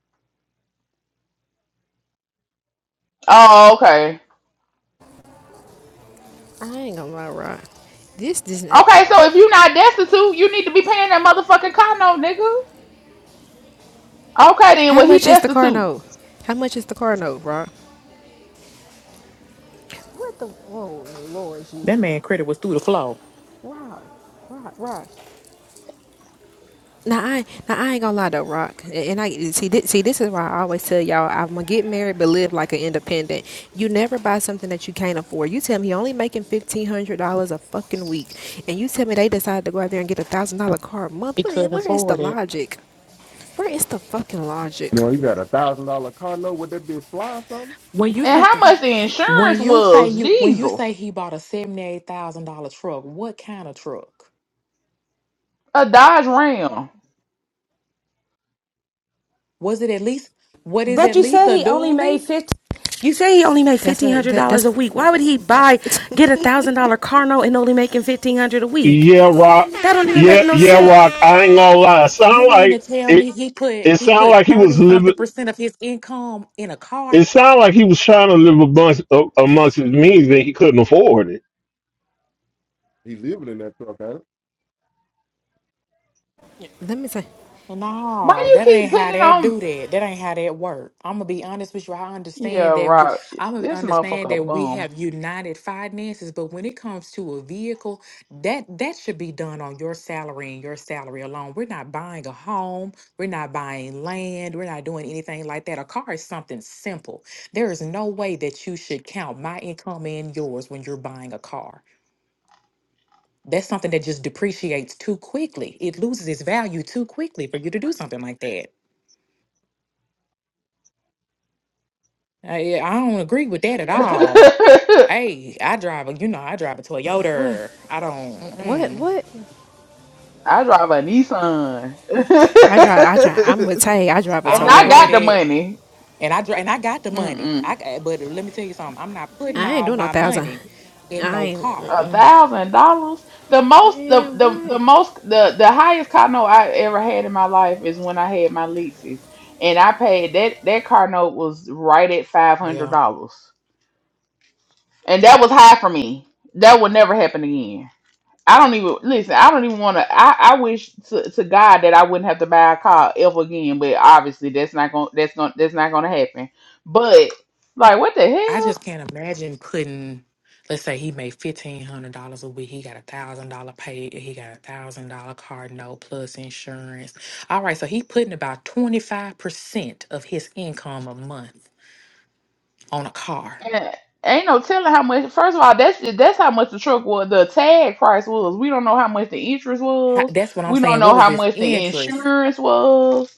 [SPEAKER 11] Oh, okay,
[SPEAKER 10] I ain't gonna lie, Rock. This does not.
[SPEAKER 11] okay. So if you not destitute, you need to be paying that motherfucking car note, nigga. Okay, then
[SPEAKER 10] How
[SPEAKER 11] well he
[SPEAKER 10] much is the car
[SPEAKER 11] destitute,
[SPEAKER 10] note? How much is the car note, Rock? What the? Oh Lord
[SPEAKER 13] That
[SPEAKER 10] Jesus,
[SPEAKER 13] man credit was through the floor.
[SPEAKER 10] Rock, Rock, Rock. Now I, now I ain't gonna lie though, Rock. And I see, thi- see, this is why I always tell y'all, I'm gonna get married, but live like an independent. You never buy something that you can't afford. You tell me you're only making fifteen hundred dollars a fucking week, and you tell me they decided to go out there and get a thousand dollar car a
[SPEAKER 13] He
[SPEAKER 10] month. Where
[SPEAKER 13] couldn't
[SPEAKER 10] where is the
[SPEAKER 13] afford it.
[SPEAKER 10] logic? Where is the fucking
[SPEAKER 14] You
[SPEAKER 10] logic?
[SPEAKER 14] know, he got a thousand dollar car note. Would that be a fly or something?
[SPEAKER 13] When you
[SPEAKER 11] and
[SPEAKER 13] say
[SPEAKER 10] What
[SPEAKER 11] how
[SPEAKER 10] the?
[SPEAKER 11] much the
[SPEAKER 13] when
[SPEAKER 11] insurance
[SPEAKER 13] you say
[SPEAKER 11] was?
[SPEAKER 13] you when you say
[SPEAKER 11] Jesus,
[SPEAKER 13] he bought a seventy eight thousand dollar truck, what kind of truck?
[SPEAKER 11] a Dodge Ram.
[SPEAKER 13] Was it at least what is
[SPEAKER 12] But
[SPEAKER 13] at
[SPEAKER 12] you
[SPEAKER 13] least
[SPEAKER 12] said
[SPEAKER 13] a
[SPEAKER 12] he only
[SPEAKER 13] dually?
[SPEAKER 12] made fifty. You say he only made
[SPEAKER 10] That's
[SPEAKER 12] fifteen
[SPEAKER 10] what.
[SPEAKER 12] hundred
[SPEAKER 10] That,
[SPEAKER 12] dollars a
[SPEAKER 10] that's.
[SPEAKER 12] week. Why would he buy get a thousand dollar car note and only making fifteen hundred a week?
[SPEAKER 7] yeah rock.
[SPEAKER 12] That don't even make
[SPEAKER 7] Yeah,
[SPEAKER 12] no
[SPEAKER 7] yeah
[SPEAKER 12] sense.
[SPEAKER 7] rock. I ain't gonna lie. It
[SPEAKER 13] You
[SPEAKER 7] Sound
[SPEAKER 13] mean
[SPEAKER 7] like
[SPEAKER 13] to tell
[SPEAKER 7] it.
[SPEAKER 13] me he
[SPEAKER 7] It
[SPEAKER 13] put he
[SPEAKER 7] sound
[SPEAKER 13] put
[SPEAKER 7] like he was
[SPEAKER 13] thirty something
[SPEAKER 7] living.
[SPEAKER 13] percent of his income in a car?
[SPEAKER 7] It sound like he was trying to live a bunch A amongst his means
[SPEAKER 13] Shit.
[SPEAKER 7] and he couldn't afford it.
[SPEAKER 14] He living in that truck, huh?
[SPEAKER 10] Let me say,
[SPEAKER 11] Why do
[SPEAKER 13] No,
[SPEAKER 11] you
[SPEAKER 13] that
[SPEAKER 11] keep
[SPEAKER 13] ain't how
[SPEAKER 11] putting it
[SPEAKER 13] that
[SPEAKER 11] on?
[SPEAKER 13] do that. That ain't how that work. I'm gonna be honest with you. I
[SPEAKER 11] Yeah,
[SPEAKER 13] understand that. We,
[SPEAKER 11] right.
[SPEAKER 13] I'm gonna
[SPEAKER 11] This
[SPEAKER 13] understand
[SPEAKER 11] motherfucker a
[SPEAKER 13] that we
[SPEAKER 11] bum.
[SPEAKER 13] have united finances, but when it comes to a vehicle, that that should be done on your salary and your salary alone. We're not buying a home. We're not buying land. We're not doing anything like that. A car is something simple. There is no way that you should count my income and yours when you're buying a car. That's something that just depreciates too quickly. It loses its value too quickly for you to do something like that. I, yeah, I don't agree with that at all. Hey, I drive a, you know, I drive a
[SPEAKER 10] what,
[SPEAKER 13] Toyota. I don't,
[SPEAKER 10] what,
[SPEAKER 13] mm-mm.
[SPEAKER 10] what?
[SPEAKER 11] I drive a Nissan, and
[SPEAKER 10] I drive. I drive. I'm with Tay. I drive a
[SPEAKER 13] I don't
[SPEAKER 11] I
[SPEAKER 13] play
[SPEAKER 10] Toyota.
[SPEAKER 11] got the
[SPEAKER 13] that.
[SPEAKER 11] money.
[SPEAKER 13] And I drive, and I got the money. I
[SPEAKER 11] Mm-mm.
[SPEAKER 13] got, but let me tell you something. I'm not putting
[SPEAKER 10] I ain't
[SPEAKER 13] all
[SPEAKER 10] doing no
[SPEAKER 13] my
[SPEAKER 10] thousand.
[SPEAKER 13] money in
[SPEAKER 10] I
[SPEAKER 13] no
[SPEAKER 10] ain't.
[SPEAKER 13] car.
[SPEAKER 11] A thousand dollars. The most, the,
[SPEAKER 10] Man,
[SPEAKER 11] the the
[SPEAKER 10] what?
[SPEAKER 11] most, the the highest car note I ever had in my life is when I had my leases, and I paid that that car note was right at five hundred
[SPEAKER 13] Yeah,
[SPEAKER 11] dollars, and that was high for me. That would never happen again. I don't even listen. I don't even want to. I, I wish to, to God that I wouldn't have to buy a car ever again. But obviously, that's not going. to That's going. That's not going to happen. But like, what the
[SPEAKER 13] I
[SPEAKER 11] hell?
[SPEAKER 13] just can't imagine putting. Let's say he made fifteen hundred dollars a week. He got a thousand dollar pay. He got a thousand dollar car note plus insurance. All right, so he putting about twenty five percent of his income a month on a car.
[SPEAKER 11] And ain't no telling how much. First of all, that's that's how much the truck was. The tag price was. We don't know how much the interest
[SPEAKER 13] How,
[SPEAKER 11] was.
[SPEAKER 13] that's what I'm
[SPEAKER 11] We don't
[SPEAKER 13] saying. What
[SPEAKER 11] know
[SPEAKER 13] was
[SPEAKER 11] how
[SPEAKER 13] his
[SPEAKER 11] much the
[SPEAKER 13] interest?
[SPEAKER 11] insurance was.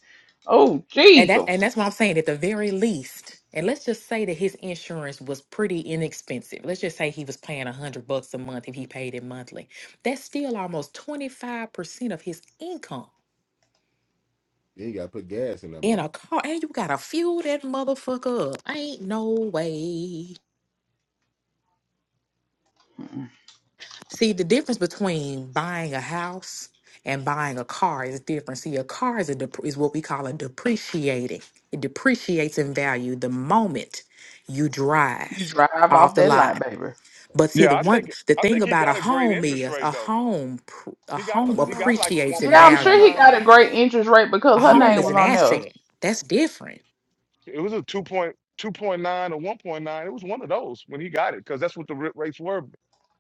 [SPEAKER 11] Oh
[SPEAKER 13] And that's
[SPEAKER 11] Jesus!
[SPEAKER 13] and that's what I'm saying. At the very least, and let's just say that his insurance was pretty inexpensive. Let's just say he was paying a hundred bucks a month if he paid it monthly. That's still almost twenty five percent of his income
[SPEAKER 14] Then he got to put gas in that
[SPEAKER 13] in a
[SPEAKER 14] mouth.
[SPEAKER 13] car. And you gotta fuel that motherfucker up. Ain't no way. See, the difference between buying a house and buying a car is different. See, a car is a dep- is what we call a depreciating. It depreciates in value the moment you drive
[SPEAKER 11] You drive
[SPEAKER 13] off
[SPEAKER 11] off
[SPEAKER 13] the
[SPEAKER 11] that lot,
[SPEAKER 13] lot.
[SPEAKER 11] baby.
[SPEAKER 13] But see,
[SPEAKER 1] yeah,
[SPEAKER 13] the
[SPEAKER 1] I
[SPEAKER 13] one
[SPEAKER 1] think
[SPEAKER 13] the
[SPEAKER 1] I
[SPEAKER 13] thing
[SPEAKER 1] think he
[SPEAKER 13] about a
[SPEAKER 1] got a great
[SPEAKER 13] home
[SPEAKER 1] interest
[SPEAKER 13] is
[SPEAKER 1] rate
[SPEAKER 13] a
[SPEAKER 1] though.
[SPEAKER 13] home pr- a
[SPEAKER 1] He got a
[SPEAKER 13] home
[SPEAKER 1] he got like a
[SPEAKER 13] appreciates in
[SPEAKER 11] Yeah, I'm sure
[SPEAKER 13] value.
[SPEAKER 11] he
[SPEAKER 1] 1.9.
[SPEAKER 11] got a great interest rate
[SPEAKER 13] A
[SPEAKER 11] because her
[SPEAKER 1] Yeah,
[SPEAKER 13] home
[SPEAKER 11] name
[SPEAKER 1] yeah.
[SPEAKER 13] is
[SPEAKER 11] was
[SPEAKER 13] an
[SPEAKER 11] on there.
[SPEAKER 13] asset. That's different.
[SPEAKER 1] It was a 2.2.9 or 1.9. It was one of those when he got it because that's what the ri- rates were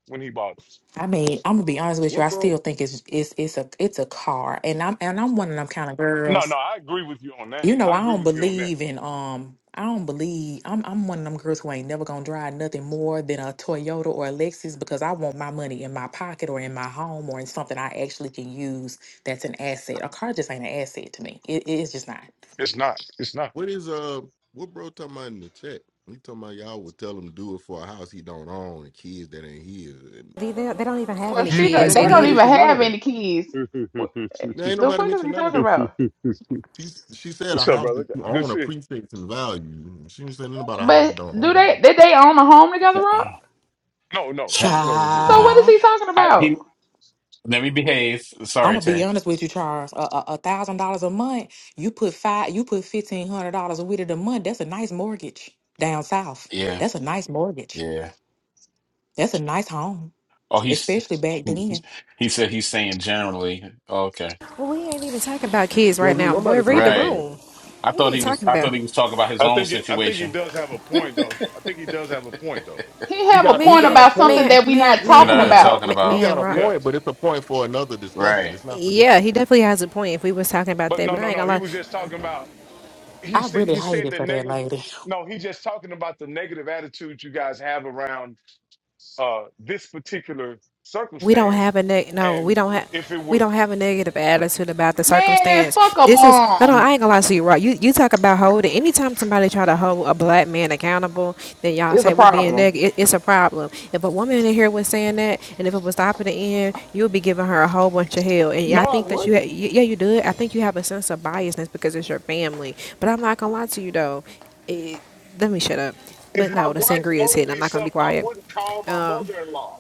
[SPEAKER 1] when he bought it.
[SPEAKER 13] I mean, I'm gonna be honest with you.
[SPEAKER 14] What
[SPEAKER 13] I still
[SPEAKER 14] bro?
[SPEAKER 13] think it's it's it's a it's a car, and I'm and I'm one of them kind of
[SPEAKER 1] No,
[SPEAKER 13] girls.
[SPEAKER 1] no, I agree with you on that.
[SPEAKER 13] You know,
[SPEAKER 1] I
[SPEAKER 13] I
[SPEAKER 1] agree
[SPEAKER 13] don't
[SPEAKER 1] with you on that.
[SPEAKER 13] believe in um I don't believe I'm I'm one of them girls who ain't never gonna drive nothing more than a Toyota or a Lexus because I want my money in my pocket or in my home or in something I actually can use that's an asset. A car just ain't an asset to me. It, it's just not.
[SPEAKER 1] It's not. It's not.
[SPEAKER 14] What is uh? What bro talking about in the chat? He talking about y'all would tell him do it for a house he don't own and kids that ain't his. And
[SPEAKER 10] They, they, they don't even have
[SPEAKER 11] Well,
[SPEAKER 10] any
[SPEAKER 11] she
[SPEAKER 14] Ain't
[SPEAKER 11] don't,
[SPEAKER 10] kids,
[SPEAKER 11] they
[SPEAKER 14] nobody
[SPEAKER 11] don't
[SPEAKER 10] idiot.
[SPEAKER 11] even
[SPEAKER 14] mentioned none of
[SPEAKER 11] have
[SPEAKER 14] that.
[SPEAKER 11] any kids. What
[SPEAKER 14] There ain't
[SPEAKER 11] the
[SPEAKER 14] nobody
[SPEAKER 11] fuck is
[SPEAKER 14] mentioned
[SPEAKER 11] he
[SPEAKER 14] none of
[SPEAKER 11] talking
[SPEAKER 14] that.
[SPEAKER 1] What's
[SPEAKER 11] about?
[SPEAKER 14] she she said a
[SPEAKER 1] up,
[SPEAKER 14] house
[SPEAKER 1] brother?
[SPEAKER 14] that you
[SPEAKER 1] Good
[SPEAKER 14] own
[SPEAKER 1] see.
[SPEAKER 14] appreciates in value. She didn't say nothing about a house you
[SPEAKER 11] But
[SPEAKER 14] don't
[SPEAKER 11] do
[SPEAKER 14] own, bro.
[SPEAKER 11] they did they own a home together, Rob?
[SPEAKER 1] No, no,
[SPEAKER 3] So,
[SPEAKER 1] no, they did.
[SPEAKER 11] So
[SPEAKER 3] yeah.
[SPEAKER 11] what is
[SPEAKER 13] Child.
[SPEAKER 11] he talking
[SPEAKER 3] I,
[SPEAKER 11] about?
[SPEAKER 3] he Let me behave.
[SPEAKER 13] I'm
[SPEAKER 3] Sorry,
[SPEAKER 13] gonna be
[SPEAKER 3] Tay.
[SPEAKER 13] honest with you, Charles. A a- a thousand dollars a month, you put five, you put fifteen hundred dollars with it a month. That's a nice mortgage down south.
[SPEAKER 3] Yeah,
[SPEAKER 13] That's a nice mortgage.
[SPEAKER 3] yeah.
[SPEAKER 13] That's a nice home,
[SPEAKER 3] Oh, he's
[SPEAKER 13] especially back then.
[SPEAKER 3] he said he's saying generally. Oh, Okay,
[SPEAKER 10] Well, we ain't even talking about kids
[SPEAKER 14] Yeah,
[SPEAKER 10] right
[SPEAKER 14] we,
[SPEAKER 10] now,
[SPEAKER 14] nobody
[SPEAKER 10] boy. Read
[SPEAKER 14] talking
[SPEAKER 10] the
[SPEAKER 14] about
[SPEAKER 3] right.
[SPEAKER 14] that.
[SPEAKER 10] room.
[SPEAKER 3] I
[SPEAKER 10] What are
[SPEAKER 3] thought
[SPEAKER 10] you
[SPEAKER 3] he was.
[SPEAKER 10] talking
[SPEAKER 3] I
[SPEAKER 10] about?
[SPEAKER 3] thought he was talking about his
[SPEAKER 1] I
[SPEAKER 3] own
[SPEAKER 1] think it, I think he
[SPEAKER 3] situation.
[SPEAKER 1] does have a point though. I think he does have a point though.
[SPEAKER 11] He
[SPEAKER 14] He
[SPEAKER 11] have a
[SPEAKER 14] got he
[SPEAKER 11] point
[SPEAKER 14] got
[SPEAKER 10] Man,
[SPEAKER 14] a
[SPEAKER 11] about something
[SPEAKER 14] point.
[SPEAKER 10] man,
[SPEAKER 11] that we not
[SPEAKER 10] man,
[SPEAKER 14] Hold
[SPEAKER 3] We're
[SPEAKER 14] on,
[SPEAKER 10] man,
[SPEAKER 14] hold
[SPEAKER 11] talking
[SPEAKER 3] not even
[SPEAKER 14] on.
[SPEAKER 10] man,
[SPEAKER 3] talking
[SPEAKER 11] about.
[SPEAKER 10] man,
[SPEAKER 14] He
[SPEAKER 3] about
[SPEAKER 10] man,
[SPEAKER 14] got a
[SPEAKER 10] rock.
[SPEAKER 1] Yeah,
[SPEAKER 14] point, but it's a point for another discussion.
[SPEAKER 3] right.
[SPEAKER 14] It's not for this.
[SPEAKER 10] Yeah, he definitely has a point if we was talking about
[SPEAKER 1] but
[SPEAKER 10] that,
[SPEAKER 1] no,
[SPEAKER 10] but I
[SPEAKER 1] no,
[SPEAKER 10] ain't
[SPEAKER 1] no. He
[SPEAKER 10] gonna
[SPEAKER 1] was just
[SPEAKER 10] lie.
[SPEAKER 1] talking about. He
[SPEAKER 13] I
[SPEAKER 1] said
[SPEAKER 13] really
[SPEAKER 1] he
[SPEAKER 13] hate
[SPEAKER 1] said
[SPEAKER 13] it
[SPEAKER 1] the
[SPEAKER 13] for that
[SPEAKER 1] negative.
[SPEAKER 13] lady.
[SPEAKER 1] No, he's just talking about the negative attitude you guys have around uh, this particular
[SPEAKER 10] we don't have
[SPEAKER 1] circumstance.
[SPEAKER 10] a neg- no we
[SPEAKER 1] And
[SPEAKER 10] don't have
[SPEAKER 1] if it
[SPEAKER 10] we
[SPEAKER 1] were
[SPEAKER 10] don't have a negative attitude about the
[SPEAKER 11] Man,
[SPEAKER 10] circumstance.
[SPEAKER 11] fuck a
[SPEAKER 10] This is no, no. I
[SPEAKER 11] bomb
[SPEAKER 10] ain't gonna lie to you, right? You you talk about holding. Anytime somebody try to hold a black man accountable, then y'all
[SPEAKER 11] is a
[SPEAKER 10] say we being
[SPEAKER 11] problem.
[SPEAKER 10] negative. It, it's a problem. If a woman in here was saying that, and if it was stopping the end, you would be giving her a whole bunch of hell. And yeah,
[SPEAKER 1] no,
[SPEAKER 10] I
[SPEAKER 1] I
[SPEAKER 10] think that you, ha-
[SPEAKER 1] wouldn't.
[SPEAKER 10] y- yeah, you do it. I think you have a sense of biasness because it's your family. But I'm not gonna lie to you though. It, let me shut up. But
[SPEAKER 1] If my
[SPEAKER 10] no, the
[SPEAKER 1] wife
[SPEAKER 10] sangria is
[SPEAKER 1] owed
[SPEAKER 10] hitting.
[SPEAKER 1] me
[SPEAKER 10] I'm not gonna be
[SPEAKER 1] something, I
[SPEAKER 10] quiet.
[SPEAKER 1] wouldn't call my mother-in-law.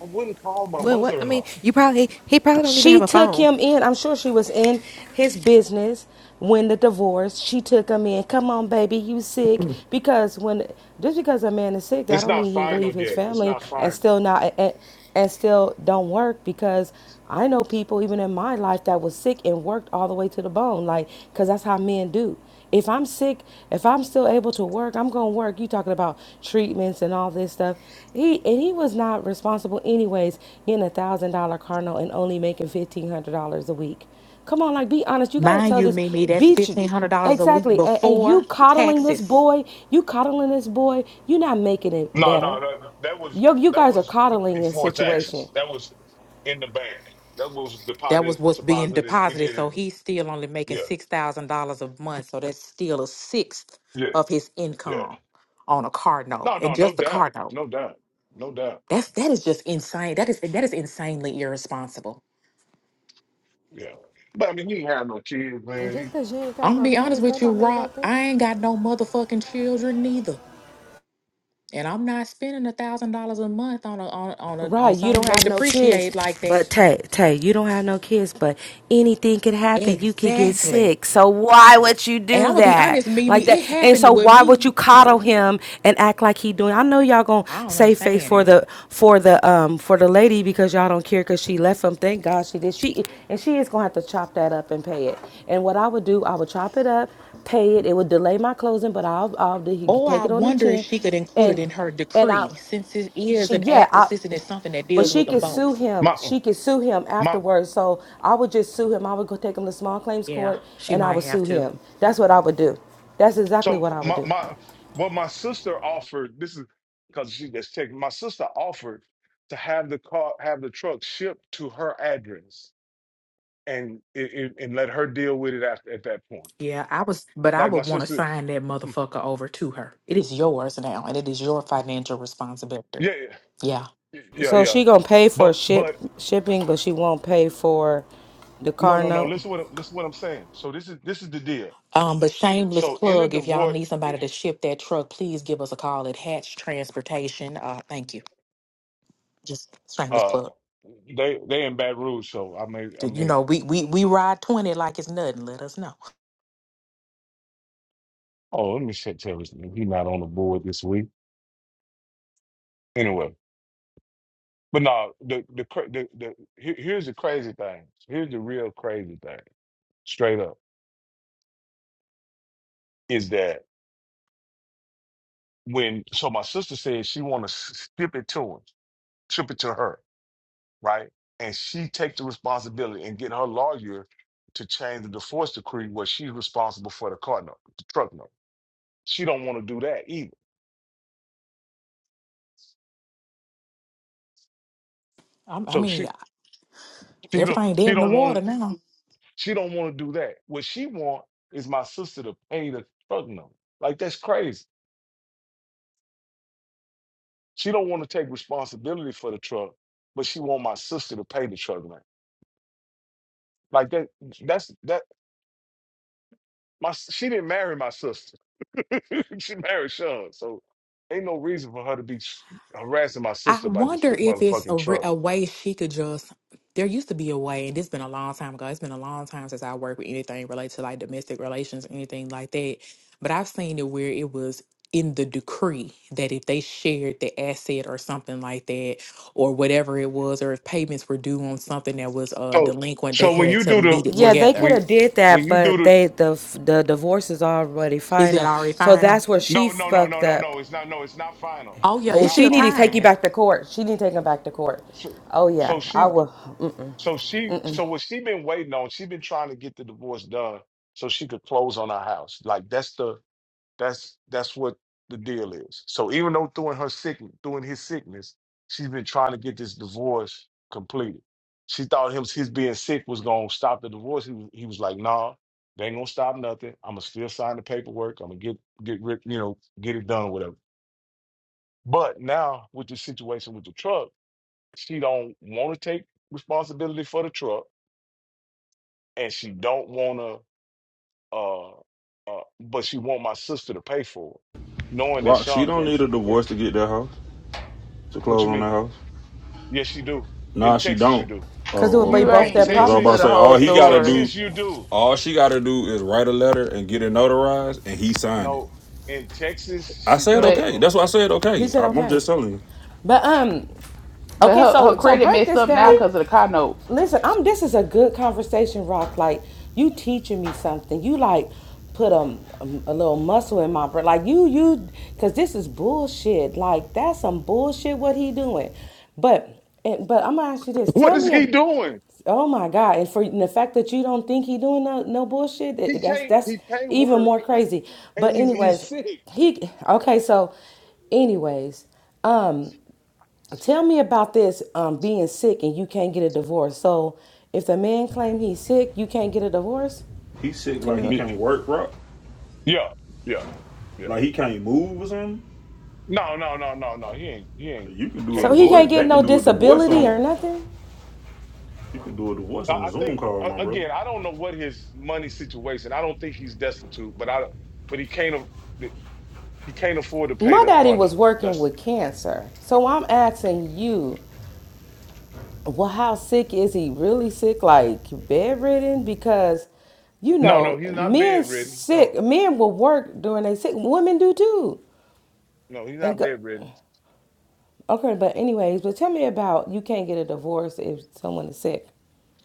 [SPEAKER 1] I wouldn't call my
[SPEAKER 10] Well, what I mean,
[SPEAKER 1] mother-in-law.
[SPEAKER 10] you probably he probably don't even
[SPEAKER 12] She
[SPEAKER 10] have a
[SPEAKER 12] took
[SPEAKER 10] phone.
[SPEAKER 12] him in. I'm sure she was in his business when the divorce. She took him in. Come on, baby, you sick? Because when just because a man is sick, that
[SPEAKER 1] It's
[SPEAKER 12] don't
[SPEAKER 1] not
[SPEAKER 12] mean he
[SPEAKER 1] final
[SPEAKER 12] leave his
[SPEAKER 1] yet. It's
[SPEAKER 12] family
[SPEAKER 1] not
[SPEAKER 12] and
[SPEAKER 1] final.
[SPEAKER 12] still not and, and still don't work. Because I know people even in my life that was sick and worked all the way to the bone, like because that's how men do. If I'm sick, if I'm still able to work, I'm going to work. You talking about treatments and all this stuff. He and he was not responsible anyways getting a one thousand dollar car note and only making fifteen hundred dollars a week. Come on, like be honest. You got to
[SPEAKER 13] Mind
[SPEAKER 12] tell
[SPEAKER 13] you,
[SPEAKER 12] this
[SPEAKER 13] Mimi, that's
[SPEAKER 12] beach
[SPEAKER 13] fifteen hundred dollars a week
[SPEAKER 12] exactly. And, and you
[SPEAKER 13] before
[SPEAKER 12] coddling this
[SPEAKER 13] taxes.
[SPEAKER 12] boy, you coddling this boy. You're not making it
[SPEAKER 1] No, no,
[SPEAKER 12] better.
[SPEAKER 1] no. no. That was
[SPEAKER 12] Yo, you
[SPEAKER 1] that
[SPEAKER 12] guys are
[SPEAKER 1] was not
[SPEAKER 12] coddling this
[SPEAKER 1] before
[SPEAKER 12] situation.
[SPEAKER 1] taxes. That was in the bank. That was
[SPEAKER 13] That
[SPEAKER 1] deposited
[SPEAKER 13] was what's being
[SPEAKER 1] deposited in
[SPEAKER 13] deposited.
[SPEAKER 1] it.
[SPEAKER 13] So he's still only making
[SPEAKER 1] Yeah,
[SPEAKER 13] six thousand dollars a month. So that's still a sixth
[SPEAKER 1] yeah,
[SPEAKER 13] of his
[SPEAKER 1] yeah.
[SPEAKER 13] income on a car note.
[SPEAKER 1] No,
[SPEAKER 13] And
[SPEAKER 1] no, no
[SPEAKER 13] just the
[SPEAKER 1] doubt,
[SPEAKER 13] car note.
[SPEAKER 1] no doubt, no doubt.
[SPEAKER 13] That's that is just insane. That is that is insanely irresponsible.
[SPEAKER 1] Yeah, but I mean, he ain't had no kids,
[SPEAKER 10] And
[SPEAKER 1] man. He,
[SPEAKER 10] just because you ain't
[SPEAKER 13] I'm
[SPEAKER 10] got
[SPEAKER 13] gonna
[SPEAKER 10] no
[SPEAKER 13] be honest
[SPEAKER 10] kids,
[SPEAKER 13] with
[SPEAKER 10] that
[SPEAKER 13] you,
[SPEAKER 10] don't mean
[SPEAKER 13] Rock.
[SPEAKER 10] nothing.
[SPEAKER 13] I ain't got no motherfucking children neither. And I'm not spending a thousand dollars a month on a on on a, on
[SPEAKER 12] Right, you don't
[SPEAKER 13] something that
[SPEAKER 12] have no kids,
[SPEAKER 13] depreciates like that.
[SPEAKER 12] but Tay, Tay, you don't have no kids, but anything could happen. You could get
[SPEAKER 13] Exactly.
[SPEAKER 12] sick. So why would you
[SPEAKER 13] And I'm
[SPEAKER 12] do
[SPEAKER 13] gonna be
[SPEAKER 12] that
[SPEAKER 13] honest, Mimi,
[SPEAKER 12] like that?
[SPEAKER 13] it
[SPEAKER 12] And
[SPEAKER 13] happened
[SPEAKER 12] so
[SPEAKER 13] with
[SPEAKER 12] why would
[SPEAKER 13] me.
[SPEAKER 12] you coddle him and act like he doing? I know y'all gonna
[SPEAKER 13] I don't
[SPEAKER 12] save face
[SPEAKER 13] understand
[SPEAKER 12] for
[SPEAKER 13] it.
[SPEAKER 12] the for the um for the lady because y'all don't care because she left him. Thank God she did. She and she is gonna have to chop that up and pay it. And what I would do, I would chop it up, pay it. It would delay my closing, but I'll I'll do-
[SPEAKER 13] Or I
[SPEAKER 12] take it on the
[SPEAKER 13] wonder if
[SPEAKER 12] chin,
[SPEAKER 13] she could include it
[SPEAKER 12] and
[SPEAKER 13] in her
[SPEAKER 12] and I
[SPEAKER 13] decree, since it is
[SPEAKER 12] she
[SPEAKER 13] an
[SPEAKER 12] yeah,
[SPEAKER 13] ad,
[SPEAKER 12] I
[SPEAKER 13] since it is something that
[SPEAKER 12] but
[SPEAKER 13] deals
[SPEAKER 12] she
[SPEAKER 13] with them
[SPEAKER 12] could sue
[SPEAKER 13] both.
[SPEAKER 12] him.
[SPEAKER 1] my
[SPEAKER 12] She could sue him
[SPEAKER 1] my.
[SPEAKER 12] afterwards. So I would just sue him. I would go take him to small claims
[SPEAKER 13] Yeah,
[SPEAKER 12] court
[SPEAKER 13] she
[SPEAKER 12] and I
[SPEAKER 13] might
[SPEAKER 12] would
[SPEAKER 13] have
[SPEAKER 12] sue
[SPEAKER 13] to.
[SPEAKER 12] him. That's what I would do. That's exactly
[SPEAKER 1] So
[SPEAKER 12] what I would
[SPEAKER 1] my
[SPEAKER 12] do.
[SPEAKER 1] my what my sister offered. This is because she just checked. My sister offered to have the car, have the truck shipped to her address, and it, it, and let her deal with it after at that point.
[SPEAKER 13] Yeah, I was, but I
[SPEAKER 1] Like my
[SPEAKER 13] would want to
[SPEAKER 1] sister.
[SPEAKER 13] sign that motherfucker over to her. It is yours now, and it is your financial responsibility.
[SPEAKER 1] Yeah,
[SPEAKER 13] Yeah.
[SPEAKER 1] yeah, yeah,
[SPEAKER 12] So
[SPEAKER 1] yeah.
[SPEAKER 12] she gonna pay for
[SPEAKER 1] But
[SPEAKER 12] ship
[SPEAKER 1] but
[SPEAKER 12] shipping, but she won't pay for the
[SPEAKER 1] no,
[SPEAKER 12] car
[SPEAKER 1] no, no.
[SPEAKER 12] note.
[SPEAKER 1] Listen what I- listen what I'm saying. So this is this is the deal.
[SPEAKER 13] Um, but shameless
[SPEAKER 1] So in the
[SPEAKER 13] plug, if y'all
[SPEAKER 1] divorce,
[SPEAKER 13] need somebody to ship that truck, please give us a call at Hatch Transportation. Uh, thank you. Just shameless
[SPEAKER 1] uh,
[SPEAKER 13] plug.
[SPEAKER 1] they they in Baton Rouge. So I may I
[SPEAKER 13] You
[SPEAKER 1] may.
[SPEAKER 13] know, we we we ride twenty like it's nothing. Let us know.
[SPEAKER 1] Oh, let me check tell this. nigga, He not on the board this week. Anyway, but no, the the cra- the, the here- here's the crazy thing. Here's the real crazy thing. Straight up is that when so my sister said she want to ship it to him, ship it to her. right? And she take the responsibility and get her lawyer to change the divorce decree where she's responsible for the car note, the truck note. She don't want to do that either.
[SPEAKER 13] I, I
[SPEAKER 1] So she
[SPEAKER 13] mean,
[SPEAKER 1] she don't
[SPEAKER 13] everything dead
[SPEAKER 1] she
[SPEAKER 13] in the
[SPEAKER 1] don't
[SPEAKER 13] water
[SPEAKER 1] want
[SPEAKER 13] now.
[SPEAKER 1] she don't want to do that. What she want is my sister to pay the truck note. Like that's crazy. She don't want to take responsibility for the truck, but she want my sister to pay the truck note. Like that that's that My s- she didn't marry my sister. she married Sean, so ain't no reason for her to be s- harassing my
[SPEAKER 13] I
[SPEAKER 1] sister about this
[SPEAKER 13] wonder if it's a,
[SPEAKER 1] motherfucking
[SPEAKER 13] re-
[SPEAKER 1] truck.
[SPEAKER 13] a way she could just. There used to be a way, and it's been a long time ago. It's been a long time since I worked with anything related to like domestic relations, anything like that. But I've seen it where it was in the decree that if they shared the asset or something like that, or whatever it was, or if payments were due on something that was uh,
[SPEAKER 1] So
[SPEAKER 13] delinquent, they
[SPEAKER 1] so when
[SPEAKER 13] had
[SPEAKER 1] you
[SPEAKER 13] to
[SPEAKER 1] do the
[SPEAKER 13] meet it
[SPEAKER 12] Yeah,
[SPEAKER 1] when
[SPEAKER 12] they
[SPEAKER 13] together.
[SPEAKER 12] could
[SPEAKER 1] when
[SPEAKER 12] have did
[SPEAKER 1] when
[SPEAKER 12] that,
[SPEAKER 1] you do
[SPEAKER 12] but
[SPEAKER 1] the
[SPEAKER 12] they the the divorce is already
[SPEAKER 13] Is that
[SPEAKER 12] final.
[SPEAKER 13] already
[SPEAKER 12] So
[SPEAKER 13] fine?
[SPEAKER 12] that's where she
[SPEAKER 1] no no no no
[SPEAKER 12] fucked
[SPEAKER 1] no
[SPEAKER 12] up.
[SPEAKER 1] no it's not no it's not final
[SPEAKER 13] Oh yeah,
[SPEAKER 1] it's
[SPEAKER 12] Oh,
[SPEAKER 13] it's
[SPEAKER 1] not
[SPEAKER 12] she
[SPEAKER 13] still
[SPEAKER 12] need to
[SPEAKER 1] final.
[SPEAKER 12] take you
[SPEAKER 13] time.
[SPEAKER 12] back to court. She need to take him back to court.
[SPEAKER 1] So
[SPEAKER 12] Oh yeah,
[SPEAKER 1] so
[SPEAKER 12] I
[SPEAKER 1] she
[SPEAKER 12] will, Mm,
[SPEAKER 1] so she so what she been waiting on she been trying to get the divorce done so she could close on our house like that's the That's that's what the deal is. So even though during her sickness, during his sickness, she's been trying to get this divorce completed. She thought him his being sick was gonna stop the divorce. He was, he was like, "Nah, they ain't gonna stop nothing. I'm gonna still sign the paperwork. I'm gonna get get rid, you know, get it done, whatever." But now with the situation with the truck, she don't want to take responsibility for the truck, and she don't want to. Uh, uh, but she want my sister to pay for it, knowing that
[SPEAKER 15] Rock, she
[SPEAKER 1] Sean
[SPEAKER 15] don't
[SPEAKER 1] can't
[SPEAKER 15] need a
[SPEAKER 1] afford.
[SPEAKER 15] divorce to get that house, to
[SPEAKER 1] What you
[SPEAKER 15] close on that
[SPEAKER 1] mean?
[SPEAKER 15] house.
[SPEAKER 1] Yes, you do. In
[SPEAKER 15] Nah, she
[SPEAKER 1] Texas, you
[SPEAKER 15] don't.
[SPEAKER 1] do.
[SPEAKER 12] cause it
[SPEAKER 15] Oh,
[SPEAKER 12] would be
[SPEAKER 11] You
[SPEAKER 15] okay.
[SPEAKER 12] both
[SPEAKER 1] In
[SPEAKER 12] their
[SPEAKER 11] ain't
[SPEAKER 15] Cause I
[SPEAKER 12] prop.
[SPEAKER 15] was
[SPEAKER 11] listen to
[SPEAKER 15] about to
[SPEAKER 1] Texas,
[SPEAKER 11] the
[SPEAKER 15] say,
[SPEAKER 11] whole
[SPEAKER 15] all he
[SPEAKER 1] in
[SPEAKER 15] gotta
[SPEAKER 11] story,
[SPEAKER 15] do,
[SPEAKER 1] Texas, you do.
[SPEAKER 15] all she gotta do is write a letter and get it notarized, and he signed it.
[SPEAKER 1] No, in Texas,
[SPEAKER 15] I
[SPEAKER 1] she
[SPEAKER 15] said
[SPEAKER 1] does,
[SPEAKER 11] but
[SPEAKER 15] okay.
[SPEAKER 1] bro.
[SPEAKER 15] That's why I said
[SPEAKER 12] He
[SPEAKER 15] okay.
[SPEAKER 12] said
[SPEAKER 15] I- am
[SPEAKER 12] okay.
[SPEAKER 15] just telling you.
[SPEAKER 12] But um,
[SPEAKER 11] but
[SPEAKER 12] okay,
[SPEAKER 11] her her
[SPEAKER 12] so so
[SPEAKER 11] credit
[SPEAKER 12] break
[SPEAKER 11] messed
[SPEAKER 12] this
[SPEAKER 11] up now
[SPEAKER 12] down.
[SPEAKER 11] because of the car note.
[SPEAKER 12] Listen, I'm this is a good conversation, Rock. Like you teaching me something. You like put a, a, a little muscle in my brain. Like you you cause this is bullshit. Like that's some bullshit what he doing. But and, but I'm gonna ask you this.
[SPEAKER 1] What
[SPEAKER 12] Tell
[SPEAKER 1] is
[SPEAKER 12] me a,
[SPEAKER 1] he doing?
[SPEAKER 12] oh my God. And for and the fact that you don't think he doing no, no bullshit,
[SPEAKER 1] He
[SPEAKER 12] that- that's
[SPEAKER 1] can't.
[SPEAKER 12] that's
[SPEAKER 1] He can't
[SPEAKER 12] even
[SPEAKER 1] work,
[SPEAKER 12] more crazy.
[SPEAKER 1] and
[SPEAKER 12] But
[SPEAKER 1] he's he's
[SPEAKER 12] anyways,
[SPEAKER 1] sick.
[SPEAKER 12] he okay, so anyways. Tell me about this um, being sick and you can't get a divorce. So if the man claim he's sick, you can't get a divorce.
[SPEAKER 15] He sick
[SPEAKER 12] Tell
[SPEAKER 15] like he
[SPEAKER 12] me,
[SPEAKER 1] Yeah,
[SPEAKER 15] can't work, Rock.
[SPEAKER 1] yeah, yeah. yeah.
[SPEAKER 15] Like he can't move or something.
[SPEAKER 1] No, no, no, no, no. He ain't. He ain't.
[SPEAKER 15] You can do a
[SPEAKER 12] so
[SPEAKER 1] Can't
[SPEAKER 12] he can't
[SPEAKER 1] move.
[SPEAKER 15] divorce.
[SPEAKER 12] get
[SPEAKER 15] They can
[SPEAKER 12] no
[SPEAKER 15] do a divorce
[SPEAKER 12] disability or
[SPEAKER 15] on.
[SPEAKER 12] nothing.
[SPEAKER 15] You can do a divorce
[SPEAKER 1] I,
[SPEAKER 15] on a
[SPEAKER 1] I think
[SPEAKER 15] Zoom call, my
[SPEAKER 1] a-
[SPEAKER 15] brother.
[SPEAKER 1] again. I don't know what his money situation. I don't think he's destitute, but I. But he can't. a- He can't afford to pay
[SPEAKER 12] My
[SPEAKER 1] the
[SPEAKER 12] daddy
[SPEAKER 1] car
[SPEAKER 12] was
[SPEAKER 1] note.
[SPEAKER 12] working
[SPEAKER 1] That's
[SPEAKER 12] with cancer, so I'm asking you, well, how sick is he? Really sick, like bedridden? Because you
[SPEAKER 1] no, no.
[SPEAKER 12] know,
[SPEAKER 1] He's not
[SPEAKER 12] men
[SPEAKER 1] bedridden. No,
[SPEAKER 12] sick, men will work during they sick. Women do too.
[SPEAKER 1] No, he's
[SPEAKER 12] And
[SPEAKER 1] not
[SPEAKER 12] go,
[SPEAKER 1] bedridden.
[SPEAKER 12] okay, but anyways, but tell me about you can't get a divorce if someone is sick.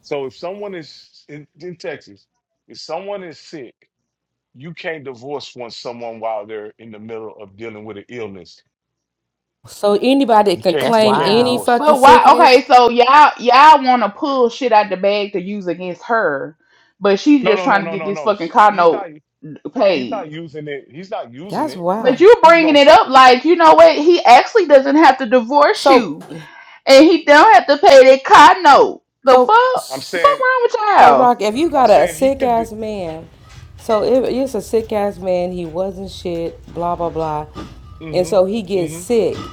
[SPEAKER 1] So if someone is in, in Texas, if someone is sick, you can't divorce one someone while they're in the middle of dealing with an illness.
[SPEAKER 12] So anybody
[SPEAKER 1] You
[SPEAKER 12] can
[SPEAKER 1] can't
[SPEAKER 13] That's
[SPEAKER 1] you
[SPEAKER 12] claim
[SPEAKER 1] can't
[SPEAKER 12] any
[SPEAKER 13] wild.
[SPEAKER 1] divorce.
[SPEAKER 12] fucking
[SPEAKER 11] But why?
[SPEAKER 12] sickness.
[SPEAKER 11] Okay, so y'all y'all want to pull shit out the bag to use against her, but she's
[SPEAKER 1] No,
[SPEAKER 11] just
[SPEAKER 1] no, no,
[SPEAKER 11] trying to
[SPEAKER 1] no,
[SPEAKER 11] get
[SPEAKER 1] no,
[SPEAKER 11] this
[SPEAKER 1] no.
[SPEAKER 11] fucking car
[SPEAKER 1] He's not
[SPEAKER 11] note
[SPEAKER 1] he's
[SPEAKER 11] paid.
[SPEAKER 1] not using it. He's not using
[SPEAKER 12] That's
[SPEAKER 1] it.
[SPEAKER 11] But
[SPEAKER 12] wild.
[SPEAKER 11] you
[SPEAKER 1] He's
[SPEAKER 11] bringing
[SPEAKER 1] gonna.
[SPEAKER 11] it up
[SPEAKER 1] si-
[SPEAKER 11] like you know what? He actually doesn't have to divorce
[SPEAKER 12] So,
[SPEAKER 11] you, and he don't have to pay that car note. The
[SPEAKER 12] so,
[SPEAKER 11] fuck,
[SPEAKER 1] I'm
[SPEAKER 11] fuck
[SPEAKER 1] saying
[SPEAKER 12] so,
[SPEAKER 11] wrong with y'all?
[SPEAKER 12] Rock, if you
[SPEAKER 1] I'm
[SPEAKER 12] got a, a
[SPEAKER 1] saying he
[SPEAKER 12] sick
[SPEAKER 1] could.
[SPEAKER 12] ass man, so if it's a sick ass man, he wasn't shit, blah blah blah, and so he
[SPEAKER 1] Mm-hmm.
[SPEAKER 12] gets
[SPEAKER 1] Mm-hmm.
[SPEAKER 12] sick,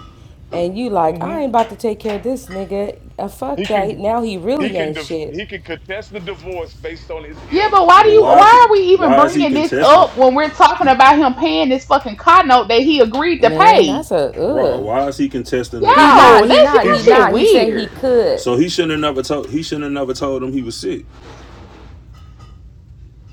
[SPEAKER 12] and you like,
[SPEAKER 1] Mm-hmm.
[SPEAKER 12] I ain't about to take care of this nigga. Uh, fuck
[SPEAKER 1] He
[SPEAKER 12] that.
[SPEAKER 1] can
[SPEAKER 12] Now he
[SPEAKER 1] he
[SPEAKER 12] really
[SPEAKER 1] can
[SPEAKER 12] ain't
[SPEAKER 1] div-
[SPEAKER 12] shit,
[SPEAKER 1] he can contest the divorce based on his
[SPEAKER 11] Yeah, but
[SPEAKER 1] illness.
[SPEAKER 11] why do
[SPEAKER 1] Yeah.
[SPEAKER 15] But
[SPEAKER 11] you?
[SPEAKER 15] why is it,
[SPEAKER 11] Why are we even
[SPEAKER 15] why is he
[SPEAKER 11] bringing this
[SPEAKER 15] contesting?
[SPEAKER 11] up when we're talking about him paying this fucking car note that he agreed to
[SPEAKER 12] man.
[SPEAKER 11] pay?
[SPEAKER 12] That's a
[SPEAKER 15] Rock,
[SPEAKER 12] ugh.
[SPEAKER 15] why is he contesting a
[SPEAKER 12] He not.
[SPEAKER 11] Yo,
[SPEAKER 15] divorce?
[SPEAKER 12] He
[SPEAKER 11] that's y'all
[SPEAKER 12] not.
[SPEAKER 1] He's
[SPEAKER 12] He
[SPEAKER 11] shit
[SPEAKER 1] not.
[SPEAKER 12] not. He said he
[SPEAKER 11] weird,
[SPEAKER 12] could.
[SPEAKER 15] So he shouldn't have never told he shouldn't have never told him he was sick.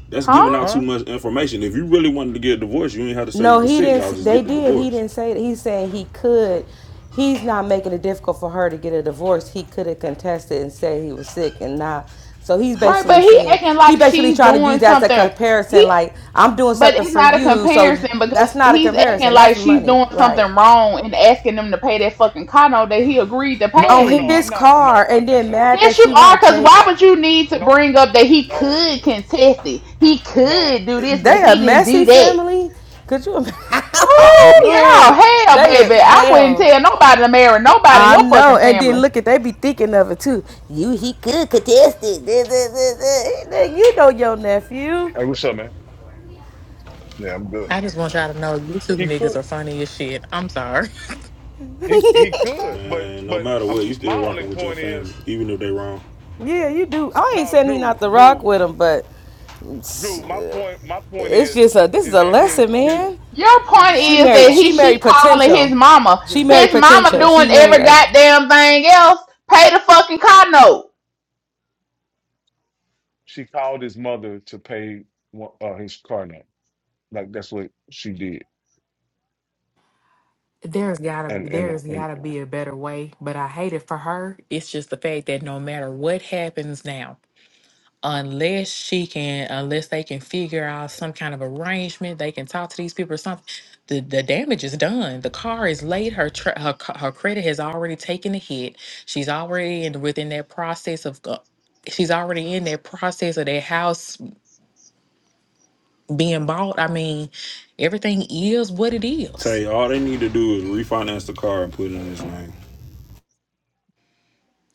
[SPEAKER 15] That's
[SPEAKER 11] huh?
[SPEAKER 15] giving out too
[SPEAKER 1] Huh?
[SPEAKER 15] much information. If you really wanted to get a divorce, you ain't have to say
[SPEAKER 12] No,
[SPEAKER 15] you was
[SPEAKER 12] he
[SPEAKER 15] sick.
[SPEAKER 12] didn't.
[SPEAKER 15] Y'all just
[SPEAKER 12] They
[SPEAKER 15] get the
[SPEAKER 12] did. He
[SPEAKER 15] divorce.
[SPEAKER 12] didn't say that. He's saying he could. He's not making it difficult for her to get a divorce. He could have contested and said he was sick and not. So he's
[SPEAKER 11] Right,
[SPEAKER 12] basically
[SPEAKER 11] but he
[SPEAKER 12] saying
[SPEAKER 11] acting
[SPEAKER 12] he
[SPEAKER 11] like
[SPEAKER 12] basically
[SPEAKER 11] she's
[SPEAKER 12] trying to
[SPEAKER 11] doing
[SPEAKER 12] use that as a
[SPEAKER 11] something. He.
[SPEAKER 12] comparison. Like I'm doing
[SPEAKER 11] But
[SPEAKER 12] something
[SPEAKER 11] it's
[SPEAKER 12] for
[SPEAKER 11] not a
[SPEAKER 12] you, so you-
[SPEAKER 11] comparison
[SPEAKER 12] that's
[SPEAKER 11] because
[SPEAKER 12] not a
[SPEAKER 11] he's acting
[SPEAKER 12] comparison. That's
[SPEAKER 11] like she's
[SPEAKER 12] money,
[SPEAKER 11] doing
[SPEAKER 12] right?
[SPEAKER 11] something wrong and asking them to pay that fucking condo that he agreed to
[SPEAKER 1] No, no,
[SPEAKER 12] On
[SPEAKER 1] no.
[SPEAKER 11] pay.
[SPEAKER 1] I'm
[SPEAKER 12] his
[SPEAKER 1] not. No,
[SPEAKER 12] car,
[SPEAKER 1] I,
[SPEAKER 12] and
[SPEAKER 1] that's
[SPEAKER 12] then
[SPEAKER 1] a
[SPEAKER 12] mad that
[SPEAKER 11] Yes, you
[SPEAKER 12] she
[SPEAKER 11] are.
[SPEAKER 12] won't
[SPEAKER 11] Because why
[SPEAKER 12] take.
[SPEAKER 11] would
[SPEAKER 1] No,
[SPEAKER 11] you need to
[SPEAKER 1] no,
[SPEAKER 11] bring up that he
[SPEAKER 1] no,
[SPEAKER 11] could contest it? He
[SPEAKER 1] no,
[SPEAKER 11] could do this, but
[SPEAKER 12] They a
[SPEAKER 11] he didn't
[SPEAKER 12] messy
[SPEAKER 11] do that.
[SPEAKER 12] family. Could you?
[SPEAKER 11] Oh,
[SPEAKER 1] no.
[SPEAKER 12] imagine?
[SPEAKER 11] yeah. Hell,
[SPEAKER 12] they is
[SPEAKER 11] baby. I wouldn't
[SPEAKER 12] hell.
[SPEAKER 11] tell nobody to marry nobody in
[SPEAKER 12] I
[SPEAKER 11] your
[SPEAKER 12] know.
[SPEAKER 11] fucking
[SPEAKER 12] And then
[SPEAKER 11] family.
[SPEAKER 12] look at they be thinking of it too. You he could contest it. Duh, duh, duh, duh. Nigga, You know your nephew.
[SPEAKER 1] Hey, what's up, man? Yeah, I'm good,
[SPEAKER 13] I
[SPEAKER 1] man.
[SPEAKER 13] just want y'all to know you two
[SPEAKER 1] He
[SPEAKER 13] niggas
[SPEAKER 1] could,
[SPEAKER 13] are funny as shit. I'm sorry.
[SPEAKER 1] he he could, but
[SPEAKER 15] Man, no
[SPEAKER 1] but
[SPEAKER 15] matter
[SPEAKER 1] um,
[SPEAKER 15] what, you
[SPEAKER 1] my
[SPEAKER 15] still
[SPEAKER 1] only
[SPEAKER 15] rocking with your
[SPEAKER 1] point
[SPEAKER 15] family,
[SPEAKER 1] is
[SPEAKER 15] even if they wrong.
[SPEAKER 12] Yeah, you do. I ain't
[SPEAKER 1] no,
[SPEAKER 12] saying he
[SPEAKER 1] Drew,
[SPEAKER 12] not the rock
[SPEAKER 1] Drew,
[SPEAKER 12] with him, but
[SPEAKER 1] Drew. My point, my point
[SPEAKER 12] it's
[SPEAKER 1] is
[SPEAKER 12] just a this is
[SPEAKER 1] is
[SPEAKER 12] a
[SPEAKER 1] that his
[SPEAKER 12] lesson,
[SPEAKER 1] his
[SPEAKER 12] man.
[SPEAKER 11] Your
[SPEAKER 1] his
[SPEAKER 11] point
[SPEAKER 12] She
[SPEAKER 1] wife
[SPEAKER 11] is that
[SPEAKER 12] married
[SPEAKER 1] called
[SPEAKER 11] he
[SPEAKER 12] she
[SPEAKER 11] she
[SPEAKER 12] married
[SPEAKER 11] calling his
[SPEAKER 12] potential.
[SPEAKER 11] mama.
[SPEAKER 12] She
[SPEAKER 1] his
[SPEAKER 12] married
[SPEAKER 11] His
[SPEAKER 1] wife.
[SPEAKER 11] mama
[SPEAKER 12] potential. She
[SPEAKER 1] Yeah,
[SPEAKER 11] doing
[SPEAKER 12] married
[SPEAKER 11] every
[SPEAKER 12] a
[SPEAKER 11] goddamn thing else. Pay the fucking condo.
[SPEAKER 1] she called his mother to pay one- uh, his car note. Like that's what she did,
[SPEAKER 13] There's gotta
[SPEAKER 1] and and
[SPEAKER 13] there's
[SPEAKER 1] and
[SPEAKER 13] gotta be a better way, but I hate it for her. It's just the fact that no matter what happens now, unless she can unless they can figure out some kind of arrangement, they can talk to these people or something. The, the damage is done. The car is late. Her tra- her ca- her credit has already taken a hit. She's already in within that process of uh, she's already in that process of that house being bought, I mean, everything is what it is.
[SPEAKER 15] Tay, all they need to do is refinance the car and put it in his name.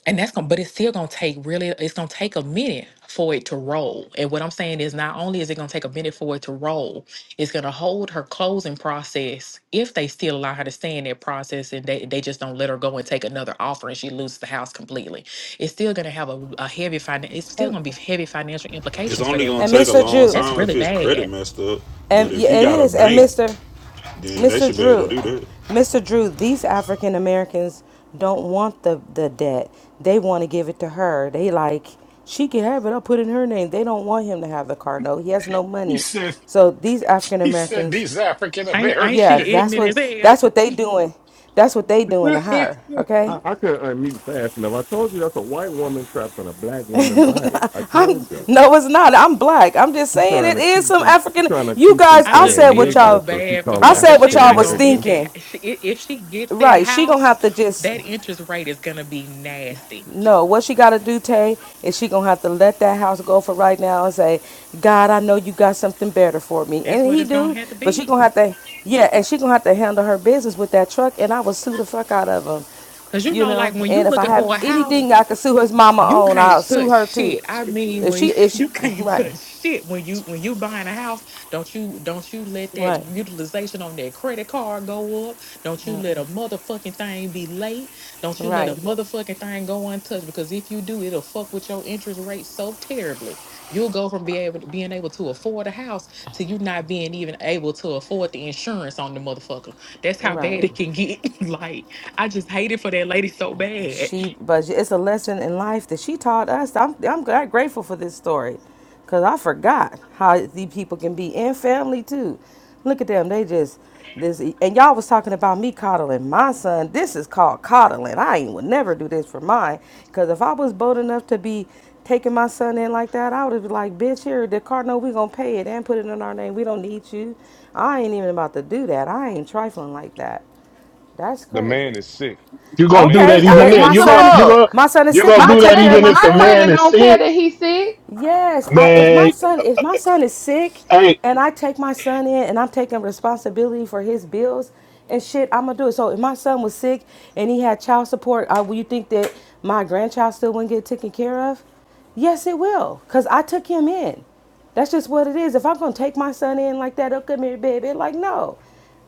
[SPEAKER 13] And that's gonna but it's still gonna take really it's gonna take a minute for it to roll. And what I'm saying is not only is it gonna take a minute for it to roll, it's gonna hold her closing process if they still allow her to stay in that process and they, they just don't let her go and take another offer and she loses the house completely. It's still gonna have a, a heavy finan it's still
[SPEAKER 12] and,
[SPEAKER 13] gonna be heavy financial
[SPEAKER 15] It's
[SPEAKER 13] implications for
[SPEAKER 15] only
[SPEAKER 13] that
[SPEAKER 15] gonna
[SPEAKER 12] and
[SPEAKER 13] woman.
[SPEAKER 15] take a
[SPEAKER 12] Mr.
[SPEAKER 15] long
[SPEAKER 12] Jew.
[SPEAKER 13] That's
[SPEAKER 15] time if
[SPEAKER 13] really
[SPEAKER 15] his credit
[SPEAKER 13] bad.
[SPEAKER 15] messed up. But
[SPEAKER 12] And
[SPEAKER 15] if
[SPEAKER 12] yeah,
[SPEAKER 15] he
[SPEAKER 12] it
[SPEAKER 15] got a
[SPEAKER 12] is. And
[SPEAKER 15] bank,
[SPEAKER 12] Mr.
[SPEAKER 15] then they
[SPEAKER 12] Mr.
[SPEAKER 15] should be able to
[SPEAKER 12] Drew,
[SPEAKER 15] do that.
[SPEAKER 12] Mr. Drew, these African Americans don't want the the debt. They want to give it to her. They like she can have it. I'll put it in her name. They don't want him to have the car. No, he has no
[SPEAKER 3] He
[SPEAKER 12] money.
[SPEAKER 3] said.
[SPEAKER 12] So these African
[SPEAKER 3] He said
[SPEAKER 12] Americans,
[SPEAKER 3] these African
[SPEAKER 13] Ain't, ain't
[SPEAKER 12] yeah,
[SPEAKER 13] she
[SPEAKER 3] American.
[SPEAKER 12] that's
[SPEAKER 13] ignorant
[SPEAKER 12] what
[SPEAKER 13] as hell?
[SPEAKER 12] that's what they doing. That's what they doing to her. Okay.
[SPEAKER 14] I, I couldn't unmute fast enough. I told you that's a white woman trapped in a black woman body. I
[SPEAKER 12] I'm,
[SPEAKER 14] told you.
[SPEAKER 12] no, it's not. I'm black. I'm just
[SPEAKER 14] She's
[SPEAKER 12] saying
[SPEAKER 14] trying
[SPEAKER 12] it
[SPEAKER 14] to
[SPEAKER 12] is
[SPEAKER 14] keep
[SPEAKER 12] some
[SPEAKER 14] from
[SPEAKER 12] African.
[SPEAKER 14] trying to
[SPEAKER 12] You
[SPEAKER 14] keep from
[SPEAKER 12] guys,
[SPEAKER 13] I
[SPEAKER 12] I
[SPEAKER 13] just
[SPEAKER 12] said
[SPEAKER 14] saying
[SPEAKER 12] what
[SPEAKER 13] feel so
[SPEAKER 14] niggers,
[SPEAKER 12] y'all
[SPEAKER 14] so she
[SPEAKER 13] bad for
[SPEAKER 14] called
[SPEAKER 12] I
[SPEAKER 14] them
[SPEAKER 13] her
[SPEAKER 12] said
[SPEAKER 13] because
[SPEAKER 12] what
[SPEAKER 13] she
[SPEAKER 14] African
[SPEAKER 12] y'all
[SPEAKER 13] not
[SPEAKER 12] was
[SPEAKER 13] gonna get
[SPEAKER 14] American.
[SPEAKER 12] thinking.
[SPEAKER 13] that. She, i- if she gets that
[SPEAKER 12] Right. She gonna
[SPEAKER 13] house,
[SPEAKER 12] have to just
[SPEAKER 13] that interest rate is gonna be nasty.
[SPEAKER 12] No, what she gotta do, Tay, is she gonna have to let that house go for right now and say, God, I know you got something better for me.
[SPEAKER 13] That's
[SPEAKER 12] And
[SPEAKER 13] what
[SPEAKER 12] he
[SPEAKER 13] it's gonna
[SPEAKER 12] do,
[SPEAKER 13] have to
[SPEAKER 12] but she
[SPEAKER 13] be.
[SPEAKER 12] gonna have to yeah, and she gonna have to handle her business with that truck and I will sue the fuck out of
[SPEAKER 13] Cause
[SPEAKER 12] him.
[SPEAKER 13] you
[SPEAKER 12] You
[SPEAKER 13] know, like
[SPEAKER 12] know?
[SPEAKER 13] when you
[SPEAKER 12] And if I
[SPEAKER 13] looking
[SPEAKER 12] have
[SPEAKER 13] for a house.
[SPEAKER 12] anything I can sue his mama
[SPEAKER 13] You
[SPEAKER 12] on, I'll
[SPEAKER 13] can't
[SPEAKER 12] sue
[SPEAKER 13] touch
[SPEAKER 12] her too.
[SPEAKER 13] shit. I mean,
[SPEAKER 12] If she
[SPEAKER 13] when
[SPEAKER 12] if she
[SPEAKER 13] you can't
[SPEAKER 12] right,
[SPEAKER 13] touch shit when you when you buying a house, don't you don't you let that
[SPEAKER 12] right,
[SPEAKER 13] utilization on that credit card go up? Don't you let a motherfucking thing be late? Don't you let a
[SPEAKER 12] right,
[SPEAKER 13] motherfucking thing go untouched? Because if you do, it'll fuck with your interest rate so terribly. You'll go from being able to being able to afford a house to you not being even able to afford the insurance on the motherfucker. That's how bad
[SPEAKER 12] right.
[SPEAKER 13] it can get. like I just hate it for that lady so bad.
[SPEAKER 12] she but it's a lesson in life that she taught us i'm, I'm gra- grateful for this story because i forgot how the people can be in family too look at them they just this and y'all was talking about me coddling my son this is called coddling i ain't would never do this for mine because if i was bold enough to be taking my son in like that i would have been like bitch here the cardinal we gonna pay it and put it in our name we don't need you i ain't even about to do that i ain't trifling like that that's
[SPEAKER 1] the
[SPEAKER 12] crazy
[SPEAKER 1] man is sick.
[SPEAKER 7] You're
[SPEAKER 1] The
[SPEAKER 7] gonna do
[SPEAKER 1] man
[SPEAKER 7] that
[SPEAKER 12] Okay,
[SPEAKER 1] is
[SPEAKER 12] I-
[SPEAKER 7] even
[SPEAKER 11] Who
[SPEAKER 12] if
[SPEAKER 1] sick.
[SPEAKER 7] then.
[SPEAKER 12] my
[SPEAKER 11] gives
[SPEAKER 7] You're
[SPEAKER 11] a
[SPEAKER 7] gonna
[SPEAKER 12] son,
[SPEAKER 7] you're gonna
[SPEAKER 11] fuck?
[SPEAKER 12] my son is
[SPEAKER 7] you're
[SPEAKER 12] sick,
[SPEAKER 7] gonna
[SPEAKER 12] I'm
[SPEAKER 11] My
[SPEAKER 12] gonna
[SPEAKER 7] do
[SPEAKER 12] take
[SPEAKER 7] that
[SPEAKER 12] care of
[SPEAKER 7] even
[SPEAKER 11] credit,
[SPEAKER 12] my
[SPEAKER 7] if
[SPEAKER 11] my
[SPEAKER 7] the
[SPEAKER 12] son.
[SPEAKER 7] man
[SPEAKER 11] credit
[SPEAKER 7] is
[SPEAKER 11] don't care
[SPEAKER 7] sick,
[SPEAKER 11] that he's sick.
[SPEAKER 12] Yes, I, if my
[SPEAKER 7] man.
[SPEAKER 12] son, if my son is sick,
[SPEAKER 7] Hey.
[SPEAKER 12] and I take my son in, and I'm taking responsibility for his bills and shit, I'm gonna do it. So if my son was sick and he had child support, uh, will you think that my grandchild still wouldn't get taken care of? Yes, it will, cause I took him in. That's just what it is. If I'm gonna take my son in like that, oh come here, baby. Like no,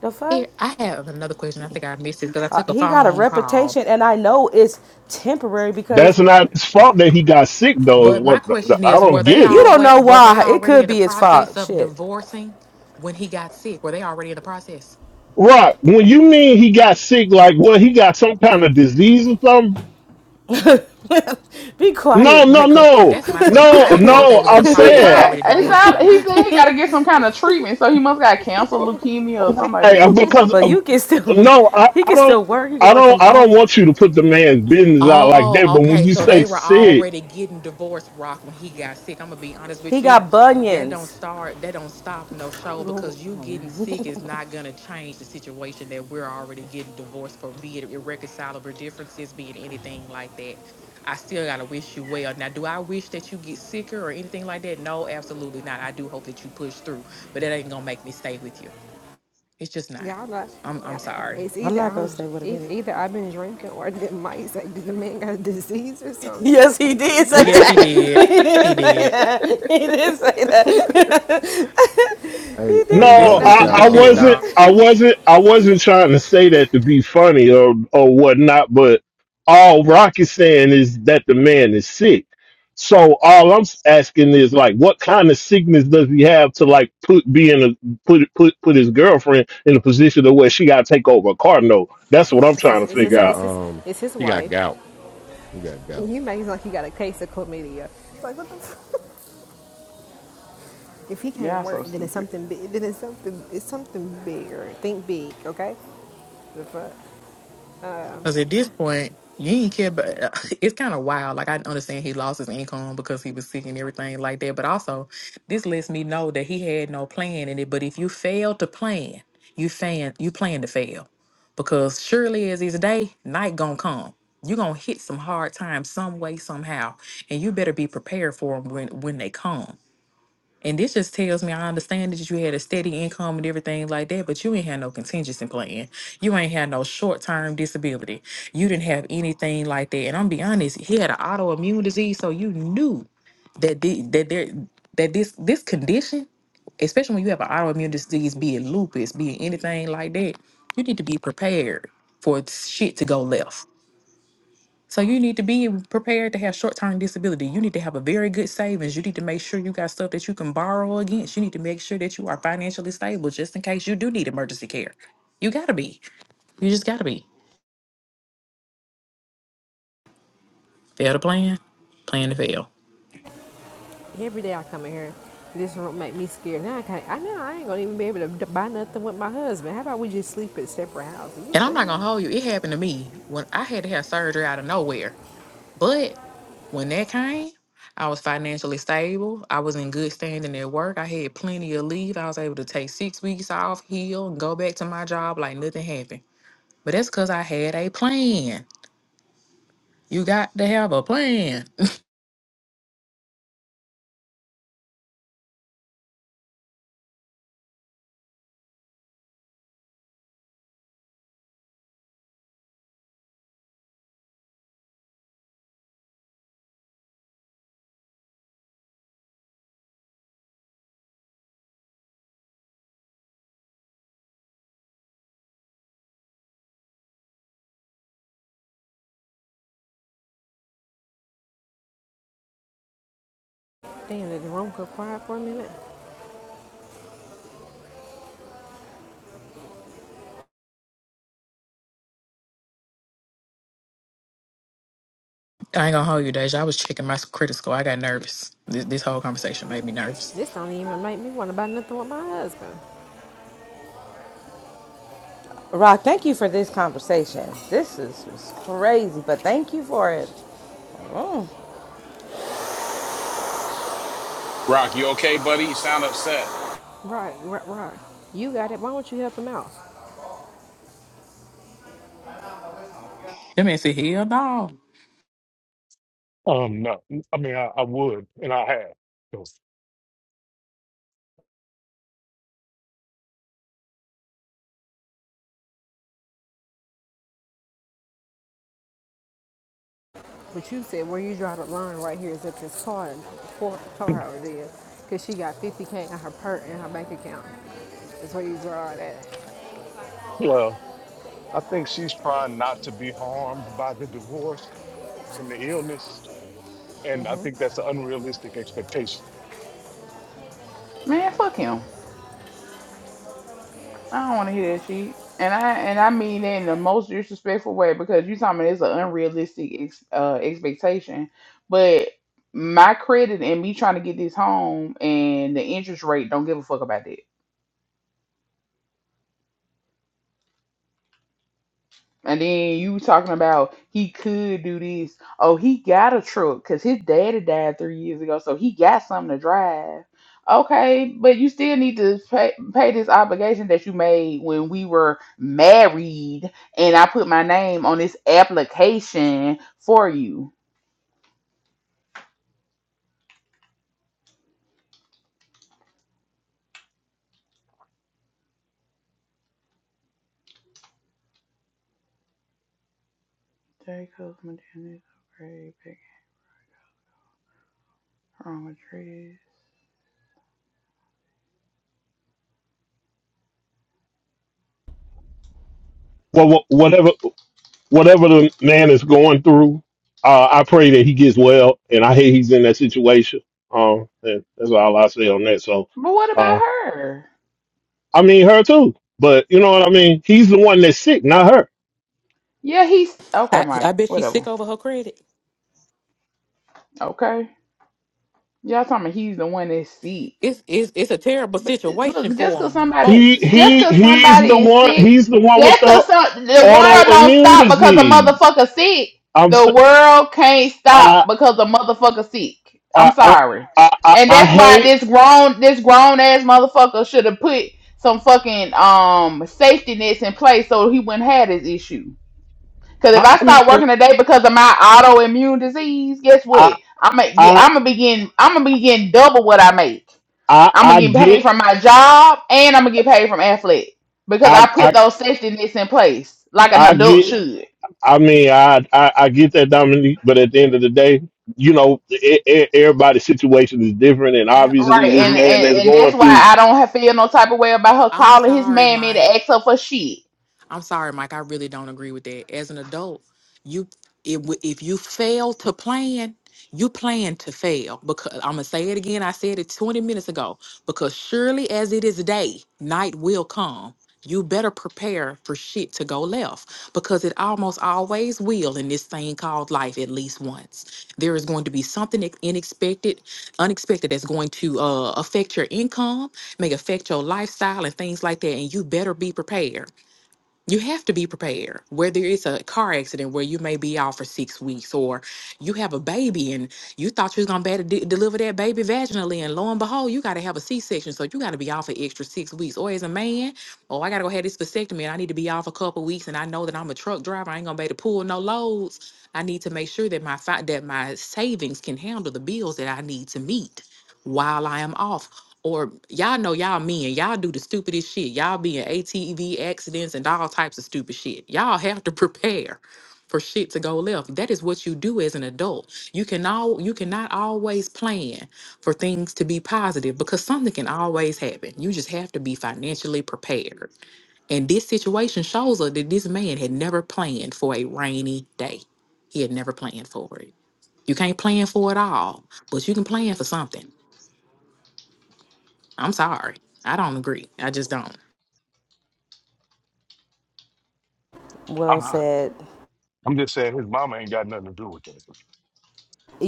[SPEAKER 12] the fuck.
[SPEAKER 13] Here, I have another question. I think I missed it because I
[SPEAKER 12] Uh,
[SPEAKER 13] took a
[SPEAKER 12] he got a
[SPEAKER 13] phone call.
[SPEAKER 12] reputation, and I know it's temporary because
[SPEAKER 7] That's not his fault that he got sick though. is
[SPEAKER 13] But my
[SPEAKER 7] What
[SPEAKER 13] question
[SPEAKER 7] I
[SPEAKER 13] is,
[SPEAKER 7] don't
[SPEAKER 13] were they
[SPEAKER 7] get
[SPEAKER 12] You
[SPEAKER 7] it.
[SPEAKER 12] don't
[SPEAKER 13] always
[SPEAKER 12] know
[SPEAKER 13] were they
[SPEAKER 12] why. It
[SPEAKER 13] already
[SPEAKER 12] could
[SPEAKER 13] in the
[SPEAKER 12] be his fault.
[SPEAKER 13] process of
[SPEAKER 12] Shit.
[SPEAKER 13] divorcing when he got sick? Were they already in the process?
[SPEAKER 7] Rock, when you mean he got sick, like what he got some kind of disease or something?
[SPEAKER 12] Be
[SPEAKER 7] No,
[SPEAKER 12] quiet,
[SPEAKER 7] no,
[SPEAKER 12] Michael.
[SPEAKER 7] no,
[SPEAKER 13] That's my question. I
[SPEAKER 7] no,
[SPEAKER 13] didn't know if they
[SPEAKER 7] no.
[SPEAKER 13] was in the
[SPEAKER 7] I'm
[SPEAKER 11] he
[SPEAKER 13] process of
[SPEAKER 7] saying
[SPEAKER 11] got
[SPEAKER 13] already
[SPEAKER 11] it's
[SPEAKER 13] divorcing
[SPEAKER 11] all,
[SPEAKER 13] or
[SPEAKER 11] he
[SPEAKER 13] not.
[SPEAKER 11] said he gotta get some kind of treatment, so he must got cancer, leukemia, or something
[SPEAKER 7] right, uh,
[SPEAKER 11] like
[SPEAKER 7] because
[SPEAKER 12] But
[SPEAKER 7] uh,
[SPEAKER 12] you can still
[SPEAKER 7] no, I,
[SPEAKER 12] he
[SPEAKER 7] I
[SPEAKER 12] can still
[SPEAKER 7] don't,
[SPEAKER 12] work. He can
[SPEAKER 7] I
[SPEAKER 12] work from
[SPEAKER 7] don't, I don't
[SPEAKER 12] home.
[SPEAKER 7] want you to put the man's business out like
[SPEAKER 13] Oh,
[SPEAKER 7] that. But when
[SPEAKER 13] okay.
[SPEAKER 7] you
[SPEAKER 13] So
[SPEAKER 7] say
[SPEAKER 13] they were
[SPEAKER 7] sick.
[SPEAKER 13] already getting divorced, Rock, when he got sick. I'm gonna be honest
[SPEAKER 12] He
[SPEAKER 13] with you.
[SPEAKER 12] got
[SPEAKER 13] That don't
[SPEAKER 12] bunions.
[SPEAKER 13] start, that don't stop no show because you getting sick is not gonna change the situation that we're already getting divorced for, be it irreconcilable differences, be it anything like that. I still gotta wish you well. Now, do I wish that you get sicker or anything like that? No, absolutely not. I do hope that you push through, but that ain't gonna make me stay with you. It's just not.
[SPEAKER 10] Y'all not.
[SPEAKER 13] I'm I'm
[SPEAKER 10] Yeah,
[SPEAKER 13] sorry.
[SPEAKER 10] it's
[SPEAKER 12] I'm
[SPEAKER 10] either
[SPEAKER 12] not gonna
[SPEAKER 10] I'm
[SPEAKER 12] say what it
[SPEAKER 10] e-
[SPEAKER 12] means.
[SPEAKER 10] either I've been drinking or the mice like did the man got a disease or something.
[SPEAKER 12] Yes,
[SPEAKER 10] What the
[SPEAKER 12] he
[SPEAKER 10] fuck
[SPEAKER 12] did
[SPEAKER 10] did you? T-
[SPEAKER 12] say
[SPEAKER 13] Yes, he
[SPEAKER 12] that. He
[SPEAKER 13] did.
[SPEAKER 11] that.
[SPEAKER 13] He
[SPEAKER 12] did say
[SPEAKER 13] did.
[SPEAKER 12] that. He did say that. he
[SPEAKER 14] Hey, hey,
[SPEAKER 12] did
[SPEAKER 13] It's
[SPEAKER 12] say
[SPEAKER 14] Mike,
[SPEAKER 7] No,
[SPEAKER 12] that.
[SPEAKER 13] some
[SPEAKER 14] you
[SPEAKER 10] no,
[SPEAKER 7] I,
[SPEAKER 10] he
[SPEAKER 13] stupid
[SPEAKER 14] got
[SPEAKER 10] don't.
[SPEAKER 7] I
[SPEAKER 13] shit,
[SPEAKER 10] He
[SPEAKER 14] um,
[SPEAKER 7] wasn't.
[SPEAKER 10] don't.
[SPEAKER 13] dog.
[SPEAKER 7] I wasn't. I wasn't trying to say that to be funny or or whatnot. But all Rock is saying is that the man is sick. So all I'm s- asking is like, what kind of sickness does he have to like put be in a put put put his girlfriend in a position to where she got to take over a car? No, That's what I'm
[SPEAKER 10] It's
[SPEAKER 7] trying
[SPEAKER 10] his.
[SPEAKER 7] to
[SPEAKER 10] It's
[SPEAKER 14] you
[SPEAKER 10] his.
[SPEAKER 7] figure
[SPEAKER 14] got
[SPEAKER 10] It's
[SPEAKER 7] out.
[SPEAKER 10] his,
[SPEAKER 14] um,
[SPEAKER 10] it's his
[SPEAKER 14] you got
[SPEAKER 10] wife.
[SPEAKER 14] gout. You got gout.
[SPEAKER 10] And you makes like he got a case of chlamydia. It's like what the. Fuck? If he can't
[SPEAKER 11] Y'all
[SPEAKER 10] work,
[SPEAKER 11] so
[SPEAKER 10] then it's
[SPEAKER 11] stupid.
[SPEAKER 10] something big. Then it's something. It's something bigger. Think big, okay? The fuck.
[SPEAKER 13] Because at this point, you ain't care. But it's kind of wild. Like I understand he lost his income because he was sick and everything like that. But also, this lets me know that he had no plan in it. But if you fail to plan, you fan you plan to fail, because surely as is day, night gonna come. You're gonna hit some hard times some way, somehow. And you better be prepared for them when, when they come. And this just tells me I understand that you had a steady income and everything like that, but you ain't had no contingency plan. You ain't had no short term disability. You didn't have anything like that. And I'm be honest, he had an autoimmune disease, so you knew that the, that there that this this condition, especially when you have an autoimmune disease, be it lupus, be it anything like that, you need to be prepared for shit to go left so you need to be prepared to have short-term disability. You need to have a very good savings. You need to make sure you got stuff that you can borrow against. You need to make sure that you are financially stable just in case you do need emergency care. You gotta be. You just gotta be. Fail to plan, plan to fail.
[SPEAKER 10] Every day I come in here, this room make me scared. Now I can't. I know I ain't gonna even be able to buy nothing with my husband. How about we just sleep at separate houses? You
[SPEAKER 13] And I'm not
[SPEAKER 10] feel?
[SPEAKER 13] gonna hold you. It happened to me when I had to have surgery out of nowhere. But when that came, I was financially stable. I was in good standing at work. I had plenty of leave. I was able to take six weeks off, heal, and go back to my job like nothing happened. But that's because I had a plan. You got to have a plan.
[SPEAKER 10] Damn, did the room go quiet for a minute?
[SPEAKER 13] I ain't gonna hold you, Deja. I was checking my credit score. I got nervous. This, this whole conversation made me nervous.
[SPEAKER 10] This don't even make me want to buy nothing with my husband.
[SPEAKER 12] Rock, thank you for this conversation. This is was crazy, but thank you for it. Mm,
[SPEAKER 3] Rock, you okay, buddy? You sound upset.
[SPEAKER 10] Right, right, right. You got it. Why don't you help him out?
[SPEAKER 13] That man said, hell no.
[SPEAKER 1] Um, no, I mean I, I would, and I have. So,
[SPEAKER 10] But you said where you draw the line right here is at this car and poor car over there, cause she got 50k in her per in her bank account. That's where you draw it at.
[SPEAKER 1] Well. I think she's trying not to be harmed by the divorce and the illness, and I think that's an unrealistic expectation.
[SPEAKER 11] Man, fuck him. I don't wanna hear that shit. And I and I mean that in the most disrespectful way because you talking about it's an unrealistic ex, uh, expectation. But my credit and me trying to get this home and the interest rate don't give a fuck about that. And then you talking about he could do this. Oh, he got a truck because his daddy died three years ago, so he got something to drive. Okay, but you still need to pay, pay this obligation that you made when we were married, and I put my name on this application for you. Jacob's maternity grave, pick from a tree.
[SPEAKER 7] Well, wh- whatever whatever the man is going through, uh, I pray that he gets well. And I hear he's in that situation. Um, and that's all I say on that. So,
[SPEAKER 11] But what
[SPEAKER 7] uh,
[SPEAKER 11] about her?
[SPEAKER 7] I mean her too, but you know what I mean. He's the one that's sick, not her.
[SPEAKER 11] Yeah, he's okay,
[SPEAKER 13] I, I
[SPEAKER 11] Mike.
[SPEAKER 13] bet she's sick
[SPEAKER 11] Whatever.
[SPEAKER 13] over her credit.
[SPEAKER 11] Okay, y'all talking about he's the one that's sick.
[SPEAKER 13] It's it's it's a terrible
[SPEAKER 11] But
[SPEAKER 13] situation
[SPEAKER 11] look, just
[SPEAKER 13] for
[SPEAKER 11] cause
[SPEAKER 13] them
[SPEAKER 11] somebody,
[SPEAKER 7] He
[SPEAKER 13] both.
[SPEAKER 11] just
[SPEAKER 7] he
[SPEAKER 11] cause
[SPEAKER 7] he's the
[SPEAKER 11] somebody is
[SPEAKER 7] one.
[SPEAKER 11] sick,
[SPEAKER 7] He's the one with
[SPEAKER 11] just
[SPEAKER 7] the
[SPEAKER 11] cause some, the world don't
[SPEAKER 7] autoimmune
[SPEAKER 11] stop because a
[SPEAKER 7] disease.
[SPEAKER 11] motherfucker sick.
[SPEAKER 7] I'm s-
[SPEAKER 11] The world can't stop
[SPEAKER 7] I
[SPEAKER 11] because a motherfucker sick. I'm
[SPEAKER 7] I I
[SPEAKER 11] sorry,
[SPEAKER 7] I, I,
[SPEAKER 11] and
[SPEAKER 7] I
[SPEAKER 11] that's why
[SPEAKER 7] hate.
[SPEAKER 11] this grown, this grown ass motherfucker should have put some fucking um safety nets in place so he wouldn't have this issue. Cause if
[SPEAKER 7] I,
[SPEAKER 11] I
[SPEAKER 7] I
[SPEAKER 11] start
[SPEAKER 7] mean
[SPEAKER 11] working today because of my autoimmune disease, guess
[SPEAKER 7] I
[SPEAKER 11] what? I'm gonna get,
[SPEAKER 7] I
[SPEAKER 11] I'm gonna begin, I'm gonna be getting double what I make.
[SPEAKER 7] I
[SPEAKER 11] I'm gonna
[SPEAKER 7] I
[SPEAKER 11] get paid
[SPEAKER 7] get
[SPEAKER 11] from my job and I'm gonna get paid from Affleck because
[SPEAKER 7] I
[SPEAKER 11] I put
[SPEAKER 7] I
[SPEAKER 11] those safety nets in place like an
[SPEAKER 7] I
[SPEAKER 11] adult
[SPEAKER 7] get.
[SPEAKER 11] should.
[SPEAKER 7] I mean, I, I I get that, Dominique, but at the end of the day, you know, e- e- everybody's situation is different, and
[SPEAKER 13] Ab-
[SPEAKER 7] obviously,
[SPEAKER 11] Right,
[SPEAKER 7] this
[SPEAKER 13] I,
[SPEAKER 11] and,
[SPEAKER 7] man
[SPEAKER 11] and
[SPEAKER 7] that's
[SPEAKER 11] and
[SPEAKER 7] going
[SPEAKER 11] that's why
[SPEAKER 7] through,
[SPEAKER 11] I don't have feel no type of way about her
[SPEAKER 13] I'm
[SPEAKER 11] calling his
[SPEAKER 13] sorry,
[SPEAKER 11] mammy to
[SPEAKER 13] Mike.
[SPEAKER 11] ask her for shit.
[SPEAKER 13] I'm sorry, Mike. I really don't agree with that. As an adult, you if if you fail to plan, you plan to fail. Because I'm gonna say it again. I said it 20 minutes ago. Because surely as it is day, night will come. You better prepare for shit to go left because it almost always will in this thing called life at least once. There is going to be something ex- unexpected, unexpected that's going to uh, affect your income, may affect your lifestyle and things like that, and you better be prepared you have to be prepared. Whether it's a car accident where you may be out for six weeks, or you have a baby and you thought you was gonna be able to de- deliver that baby vaginally, and lo and behold, you got to have a C-section, so you got to be out for extra six weeks. Or as a man, oh, I gotta go have this vasectomy, and I need to be off a couple weeks, and I know that I'm a truck driver, I ain't gonna be able to pull no loads. I need to make sure that my fi- that my savings can handle the bills that I need to meet while I am off or y'all know y'all men, y'all do the stupidest shit. Y'all be in ATV accidents and all types of stupid shit. Y'all have to prepare for shit to go left. That is what you do as an adult. You can all you cannot always plan for things to be positive because something can always happen. You just have to be financially prepared. And this situation shows us that this man had never planned for a rainy day. He had never planned for it. You can't plan for it all, but you can plan for something. I'm sorry. I don't agree. I just don't.
[SPEAKER 12] well
[SPEAKER 1] I'm not.
[SPEAKER 12] said.
[SPEAKER 1] I'm just saying his mama ain't got nothing to do with that.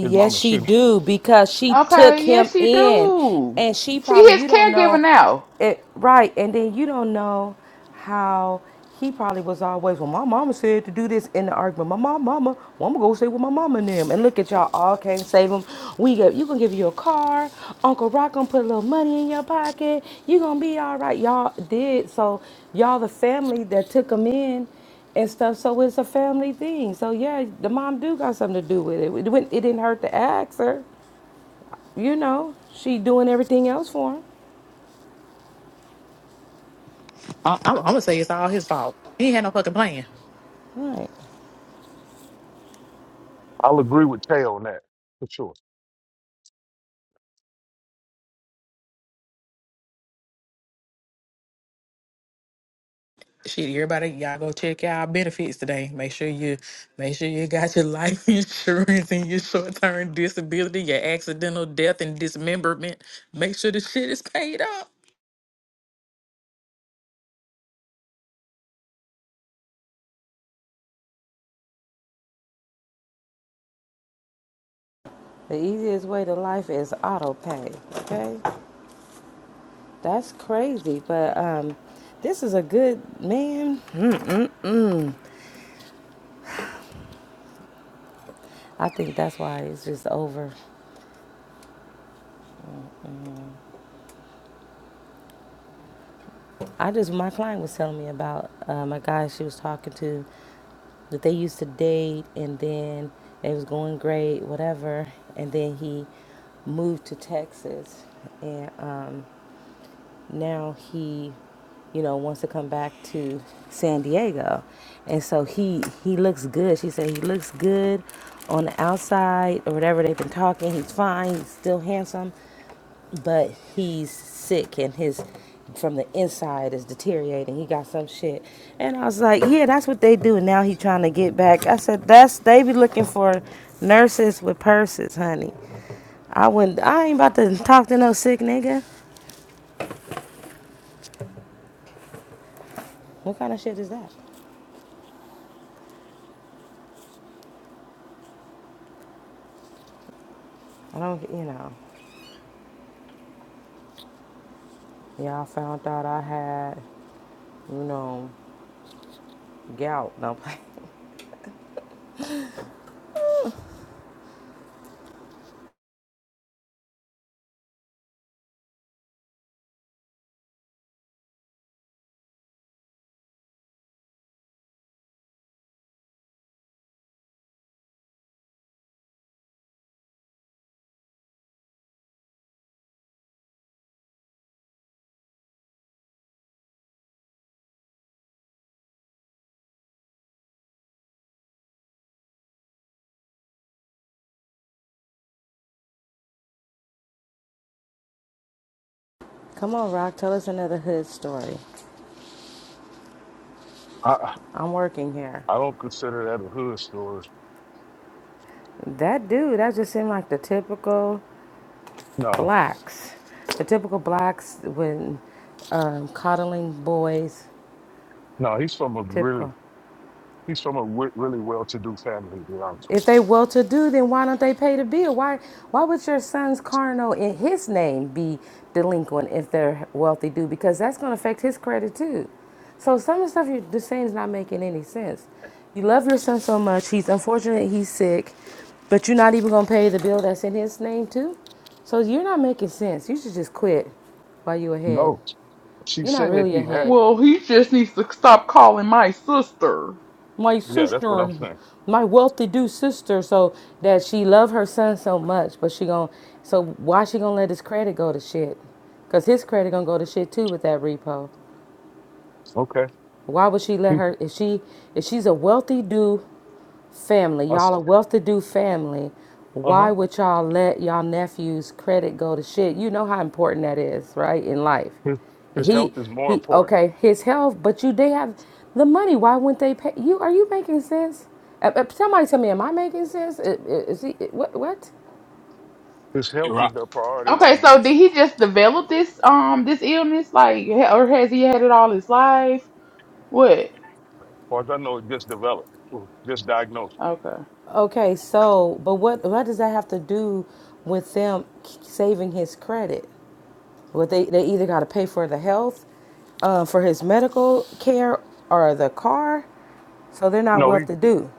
[SPEAKER 1] His mama
[SPEAKER 12] she
[SPEAKER 1] shouldn't.
[SPEAKER 12] do because she took
[SPEAKER 11] Okay,
[SPEAKER 12] him
[SPEAKER 11] yes she
[SPEAKER 12] in,
[SPEAKER 11] do.
[SPEAKER 12] and she
[SPEAKER 11] She
[SPEAKER 12] probably
[SPEAKER 11] his
[SPEAKER 12] you don't
[SPEAKER 11] caregiver
[SPEAKER 12] know
[SPEAKER 11] now.
[SPEAKER 12] it right, and then you don't know how he probably was always. Well, my mama said to do this in the argument. My mom, mama, well, I'm gonna go stay with my mama and them, and look at y'all all came save him. We get you gonna give you a car. Uncle Rock gonna put a little money in your pocket. You gonna be all right. Y'all did so. Y'all the family that took him in and stuff. So it's a family thing. So yeah, the mom do got something to do with it. It, wouldn't- it didn't hurt to ask her. You know, she doing everything else for him.
[SPEAKER 13] I, I'm, I'm gonna say it's all his fault. He ain't had no fucking plan.
[SPEAKER 12] Right.
[SPEAKER 1] I'll agree with Tay on that for sure.
[SPEAKER 13] Shit, everybody, y'all go check y'all benefits today. Make sure you, make sure you got your life insurance and your short term disability, your accidental death and dismemberment. Make sure the shit is paid up.
[SPEAKER 12] The easiest way to life is auto pay. Okay, that's crazy. But um, this is a good man. I think that's why it's just over. I just, my client was telling me about um, a guy she was talking to that they used to date and then it was going great, whatever. And then he moved to Texas and um, now he, you know, wants to come back to San Diego. And so he, he looks good. She said he looks good on the outside or whatever. They've been talking. He's fine. He's still handsome but he's sick and his from the inside is deteriorating. He got some shit, and I was like, yeah, that's what they do. And Now he's trying to get back. I said, that's they be looking for nurses with purses, honey. I wouldn't. I ain't about to talk to no sick nigga. What kind of shit is that? I don't. You know. Y'all found out I had, you know, gout. No play. Come on, Rock. Tell us another hood story.
[SPEAKER 1] I I
[SPEAKER 12] I'm working here.
[SPEAKER 1] I don't consider that a hood story.
[SPEAKER 12] That dude. That just seemed like the typical
[SPEAKER 1] No,
[SPEAKER 12] blacks, the typical blacks when um, coddling boys,
[SPEAKER 1] no, he's from a really
[SPEAKER 12] typical.
[SPEAKER 1] he's from a w- really well-to-do family. To be honest with
[SPEAKER 12] If they well-to-do, then why don't they pay the bill? Why why would your son's carno in his name be delinquent if they're wealthy-do? Because that's going to affect his credit too. So some of the stuff you're just saying is not making any sense. You love your son so much. He's unfortunate. He's sick, but you're not even going to pay the bill that's in his name too. So you're not making sense. You should just quit while you're
[SPEAKER 1] you.
[SPEAKER 12] ahead.
[SPEAKER 1] No, she
[SPEAKER 12] You're not
[SPEAKER 1] said
[SPEAKER 12] really
[SPEAKER 1] he had.
[SPEAKER 12] ahead.
[SPEAKER 11] Well, he just needs to stop calling my sister.
[SPEAKER 12] My
[SPEAKER 1] Yeah, that's what I'm
[SPEAKER 12] sister,
[SPEAKER 1] saying.
[SPEAKER 12] my wealthy-do sister, so that she love her son so much, but she gon' so why she gonna let his credit go to shit? Cause his credit gonna go to shit too with that repo.
[SPEAKER 1] Okay.
[SPEAKER 12] Why would she let her if she if she's a wealthy do family.
[SPEAKER 1] Uh
[SPEAKER 12] Y'all a wealth-to-do family. Why
[SPEAKER 1] huh.
[SPEAKER 12] would y'all let y'all nephew's credit go to shit? You know how important that is, right? In life,
[SPEAKER 1] His, his health
[SPEAKER 12] he
[SPEAKER 1] is more
[SPEAKER 12] he.
[SPEAKER 1] important.
[SPEAKER 12] Okay, his health, but you they have the money. Why wouldn't they pay you? Are you making sense? Uh, uh, Somebody tell me, am I making sense? Uh, uh, Is he uh, what? What?
[SPEAKER 1] His
[SPEAKER 3] Hey,
[SPEAKER 1] health is
[SPEAKER 3] Rock.
[SPEAKER 1] the priority right
[SPEAKER 11] Okay,
[SPEAKER 1] now
[SPEAKER 11] so did he just develop this um this illness like, ha- or has he had it all his life? What?
[SPEAKER 1] far as I know, it just developed, it was just diagnosed.
[SPEAKER 11] Okay.
[SPEAKER 12] Okay, so but what what does that have to do with them k- saving his credit? But they, they either got to pay for the health, uh, for his medical care, or the car. So they're not
[SPEAKER 1] No,
[SPEAKER 12] well
[SPEAKER 1] he,
[SPEAKER 12] to do.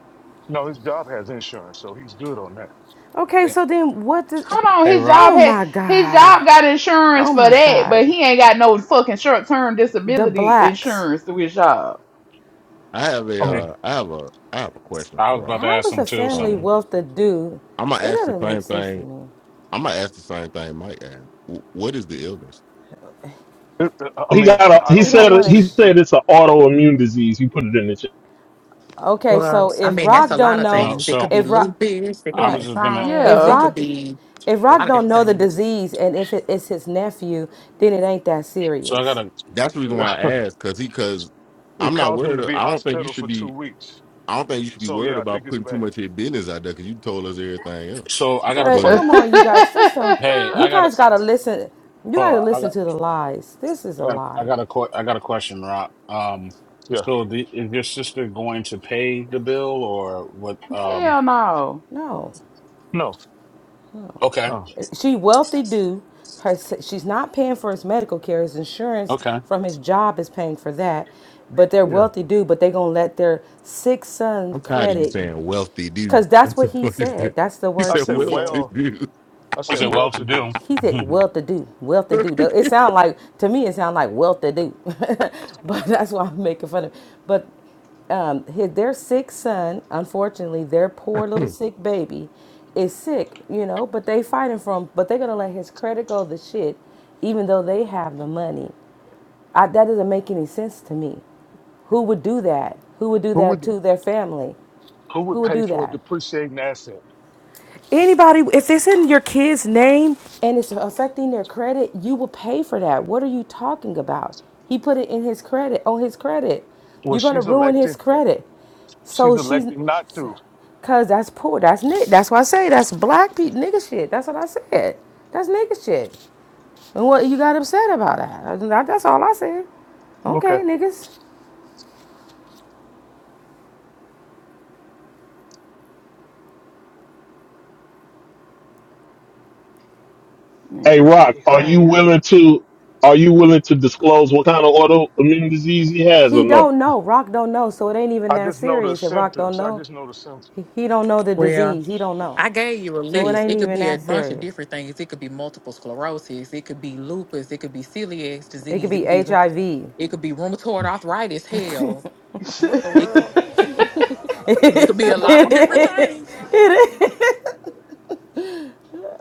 [SPEAKER 1] no, his job has insurance, so he's good on that.
[SPEAKER 12] Okay,
[SPEAKER 3] Hey,
[SPEAKER 12] so then what the.
[SPEAKER 11] Hold on,
[SPEAKER 3] hey,
[SPEAKER 11] his
[SPEAKER 3] Rock.
[SPEAKER 11] job
[SPEAKER 12] Oh
[SPEAKER 11] had
[SPEAKER 12] my
[SPEAKER 11] his
[SPEAKER 12] God.
[SPEAKER 11] job got insurance
[SPEAKER 12] Oh
[SPEAKER 11] for
[SPEAKER 12] my
[SPEAKER 11] that,
[SPEAKER 12] God.
[SPEAKER 11] but he ain't got no fucking short term
[SPEAKER 12] The
[SPEAKER 11] disability
[SPEAKER 12] blacks.
[SPEAKER 11] insurance through his job.
[SPEAKER 14] I have a
[SPEAKER 3] Hey,
[SPEAKER 1] Um,
[SPEAKER 14] uh, I have a I have a question
[SPEAKER 3] I was
[SPEAKER 14] for
[SPEAKER 3] about to
[SPEAKER 12] How
[SPEAKER 3] ask
[SPEAKER 12] is
[SPEAKER 3] him
[SPEAKER 12] a
[SPEAKER 3] too
[SPEAKER 14] her.
[SPEAKER 12] family
[SPEAKER 3] something.
[SPEAKER 14] Um,
[SPEAKER 12] wealth to do?
[SPEAKER 14] I'm gonna
[SPEAKER 12] It
[SPEAKER 14] ask the
[SPEAKER 12] doesn't make
[SPEAKER 14] same
[SPEAKER 12] sense to
[SPEAKER 14] thing.
[SPEAKER 12] me.
[SPEAKER 14] I'm gonna ask the same thing Mike asked. W- what is the illness?
[SPEAKER 1] it- uh, I
[SPEAKER 7] he
[SPEAKER 1] mean,
[SPEAKER 7] got a,
[SPEAKER 1] I
[SPEAKER 7] he
[SPEAKER 12] He
[SPEAKER 1] don't know
[SPEAKER 12] don't
[SPEAKER 7] said
[SPEAKER 12] want to.
[SPEAKER 7] he
[SPEAKER 12] Sh-
[SPEAKER 1] specifically.
[SPEAKER 7] said it's an autoimmune disease. He put it in the chat.
[SPEAKER 12] Okay,
[SPEAKER 13] Well,
[SPEAKER 12] so
[SPEAKER 13] I
[SPEAKER 12] if
[SPEAKER 13] mean that's
[SPEAKER 12] Rock
[SPEAKER 13] a lot
[SPEAKER 12] don't
[SPEAKER 13] of
[SPEAKER 12] know,
[SPEAKER 3] No,
[SPEAKER 13] things. It could
[SPEAKER 3] so
[SPEAKER 13] be
[SPEAKER 12] if Rock,
[SPEAKER 13] lupus. It could
[SPEAKER 3] I
[SPEAKER 13] be
[SPEAKER 3] was
[SPEAKER 12] right,
[SPEAKER 3] just gonna.
[SPEAKER 12] if
[SPEAKER 13] Crohn's. It
[SPEAKER 11] Yeah.
[SPEAKER 13] could
[SPEAKER 12] Rock,
[SPEAKER 13] be
[SPEAKER 12] if
[SPEAKER 13] a
[SPEAKER 12] Rock
[SPEAKER 13] lot of
[SPEAKER 12] don't
[SPEAKER 13] different
[SPEAKER 12] know the
[SPEAKER 13] things.
[SPEAKER 12] disease, and if it, it's his nephew, then it ain't that
[SPEAKER 3] So I got
[SPEAKER 12] serious.
[SPEAKER 3] to
[SPEAKER 14] That's the reason why I asked, cause he, cause
[SPEAKER 1] it
[SPEAKER 14] I'm not
[SPEAKER 1] caused him to
[SPEAKER 14] worried.
[SPEAKER 1] be
[SPEAKER 14] I don't think you
[SPEAKER 1] hospital
[SPEAKER 14] should
[SPEAKER 1] for
[SPEAKER 14] be.
[SPEAKER 1] two weeks.
[SPEAKER 14] I don't think you should be
[SPEAKER 1] So yeah,
[SPEAKER 14] worried
[SPEAKER 1] I
[SPEAKER 14] about
[SPEAKER 1] think it's
[SPEAKER 14] putting too
[SPEAKER 1] bad.
[SPEAKER 14] much of your business out there because you told us everything else.
[SPEAKER 3] So I got
[SPEAKER 12] But
[SPEAKER 3] to.
[SPEAKER 14] But
[SPEAKER 11] Hell
[SPEAKER 12] come on, you guys, this don't.
[SPEAKER 3] Hey,
[SPEAKER 12] You
[SPEAKER 3] I got
[SPEAKER 12] guys
[SPEAKER 3] to.
[SPEAKER 12] gotta listen. You
[SPEAKER 3] Hold
[SPEAKER 12] gotta
[SPEAKER 3] on.
[SPEAKER 12] listen to the lies. This is
[SPEAKER 3] I
[SPEAKER 12] a
[SPEAKER 3] got I
[SPEAKER 12] lie.
[SPEAKER 3] got a que- I got a question, Rock. Um,
[SPEAKER 1] Yeah.
[SPEAKER 3] so the, is your sister going to pay the bill or what? Um,
[SPEAKER 11] no.
[SPEAKER 12] No,
[SPEAKER 1] No.
[SPEAKER 3] okay,
[SPEAKER 1] oh
[SPEAKER 12] she wealthy do. Her she's not paying for his medical care. His insurance
[SPEAKER 3] okay.
[SPEAKER 12] from his job is paying for that. But they're
[SPEAKER 1] Yeah.
[SPEAKER 12] wealthy do. But they gonna let their six son
[SPEAKER 14] I'm tired of you
[SPEAKER 12] credit
[SPEAKER 14] saying wealthy do.
[SPEAKER 12] Because
[SPEAKER 14] What
[SPEAKER 12] that's
[SPEAKER 14] the
[SPEAKER 12] what he
[SPEAKER 14] fuck is this?
[SPEAKER 12] said. That's the
[SPEAKER 14] You
[SPEAKER 1] I
[SPEAKER 12] words
[SPEAKER 14] said
[SPEAKER 12] he
[SPEAKER 1] said
[SPEAKER 12] said.
[SPEAKER 14] wealthy
[SPEAKER 1] well.
[SPEAKER 14] to
[SPEAKER 1] I
[SPEAKER 3] Is
[SPEAKER 1] said
[SPEAKER 3] it
[SPEAKER 12] He
[SPEAKER 1] well
[SPEAKER 3] well to
[SPEAKER 1] to do.
[SPEAKER 3] do?
[SPEAKER 12] he said well to
[SPEAKER 3] hey,
[SPEAKER 12] do, well to do. It sound like to me it sound like well to do, but that's why I'm making fun of. But um, his, their sick son, unfortunately, their
[SPEAKER 14] do.
[SPEAKER 12] poor little sick baby, is sick. You know, but they fighting for him. But they're gonna let his credit go to shit, even though they have the money. I, that doesn't make any sense to me. Who would do that? Who would do
[SPEAKER 1] Who
[SPEAKER 12] that
[SPEAKER 1] would
[SPEAKER 12] to their family?
[SPEAKER 1] who would
[SPEAKER 12] Who would
[SPEAKER 1] pay
[SPEAKER 12] do
[SPEAKER 1] for a
[SPEAKER 12] that?
[SPEAKER 1] depreciating asset?
[SPEAKER 12] Anybody, if it's in your kid's name and it's affecting their credit, you will pay for that. What are you talking about? He put it in his credit, on his credit.
[SPEAKER 1] Well,
[SPEAKER 12] You're going to
[SPEAKER 1] she's
[SPEAKER 12] ruin his
[SPEAKER 1] electing.
[SPEAKER 12] credit.
[SPEAKER 1] She's
[SPEAKER 12] So she's,
[SPEAKER 1] electing not to.
[SPEAKER 12] cause that's poor. That's nigga. That's why I say that's black people nigga shit. That's what I said. That's nigga shit. And what you got upset about that? That- That's all I said.
[SPEAKER 1] Okay.
[SPEAKER 12] Okay, niggas.
[SPEAKER 7] Hey,
[SPEAKER 11] Man, this
[SPEAKER 7] Rock,
[SPEAKER 11] shit
[SPEAKER 7] are you
[SPEAKER 11] crazy.
[SPEAKER 7] willing to are you willing to disclose what kind of autoimmune disease he has
[SPEAKER 12] He
[SPEAKER 7] or no?
[SPEAKER 12] don't know. Rock don't know. So it ain't even
[SPEAKER 1] I
[SPEAKER 12] that
[SPEAKER 1] just know the
[SPEAKER 12] serious. If Rock don't
[SPEAKER 1] symptoms. I
[SPEAKER 12] know,
[SPEAKER 1] just know the symptoms.
[SPEAKER 12] he, he don't know the
[SPEAKER 13] Well,
[SPEAKER 12] disease. He don't know.
[SPEAKER 13] I gave you a
[SPEAKER 12] So it
[SPEAKER 13] list.
[SPEAKER 12] ain't
[SPEAKER 13] It could
[SPEAKER 12] even
[SPEAKER 13] be a
[SPEAKER 12] that
[SPEAKER 13] bunch of
[SPEAKER 12] serious.
[SPEAKER 13] different things. It could be multiple sclerosis. It could be lupus. It could be celiac
[SPEAKER 12] It could
[SPEAKER 13] disease. It
[SPEAKER 12] be
[SPEAKER 13] could be rheu-
[SPEAKER 12] HIV.
[SPEAKER 13] it could be rheumatoid arthritis. Hell,
[SPEAKER 11] Shut
[SPEAKER 10] The
[SPEAKER 13] it
[SPEAKER 10] world.
[SPEAKER 13] could- it could be a
[SPEAKER 11] the
[SPEAKER 13] lot of
[SPEAKER 11] fuck
[SPEAKER 13] different
[SPEAKER 11] up.
[SPEAKER 12] it,
[SPEAKER 13] things.
[SPEAKER 12] it,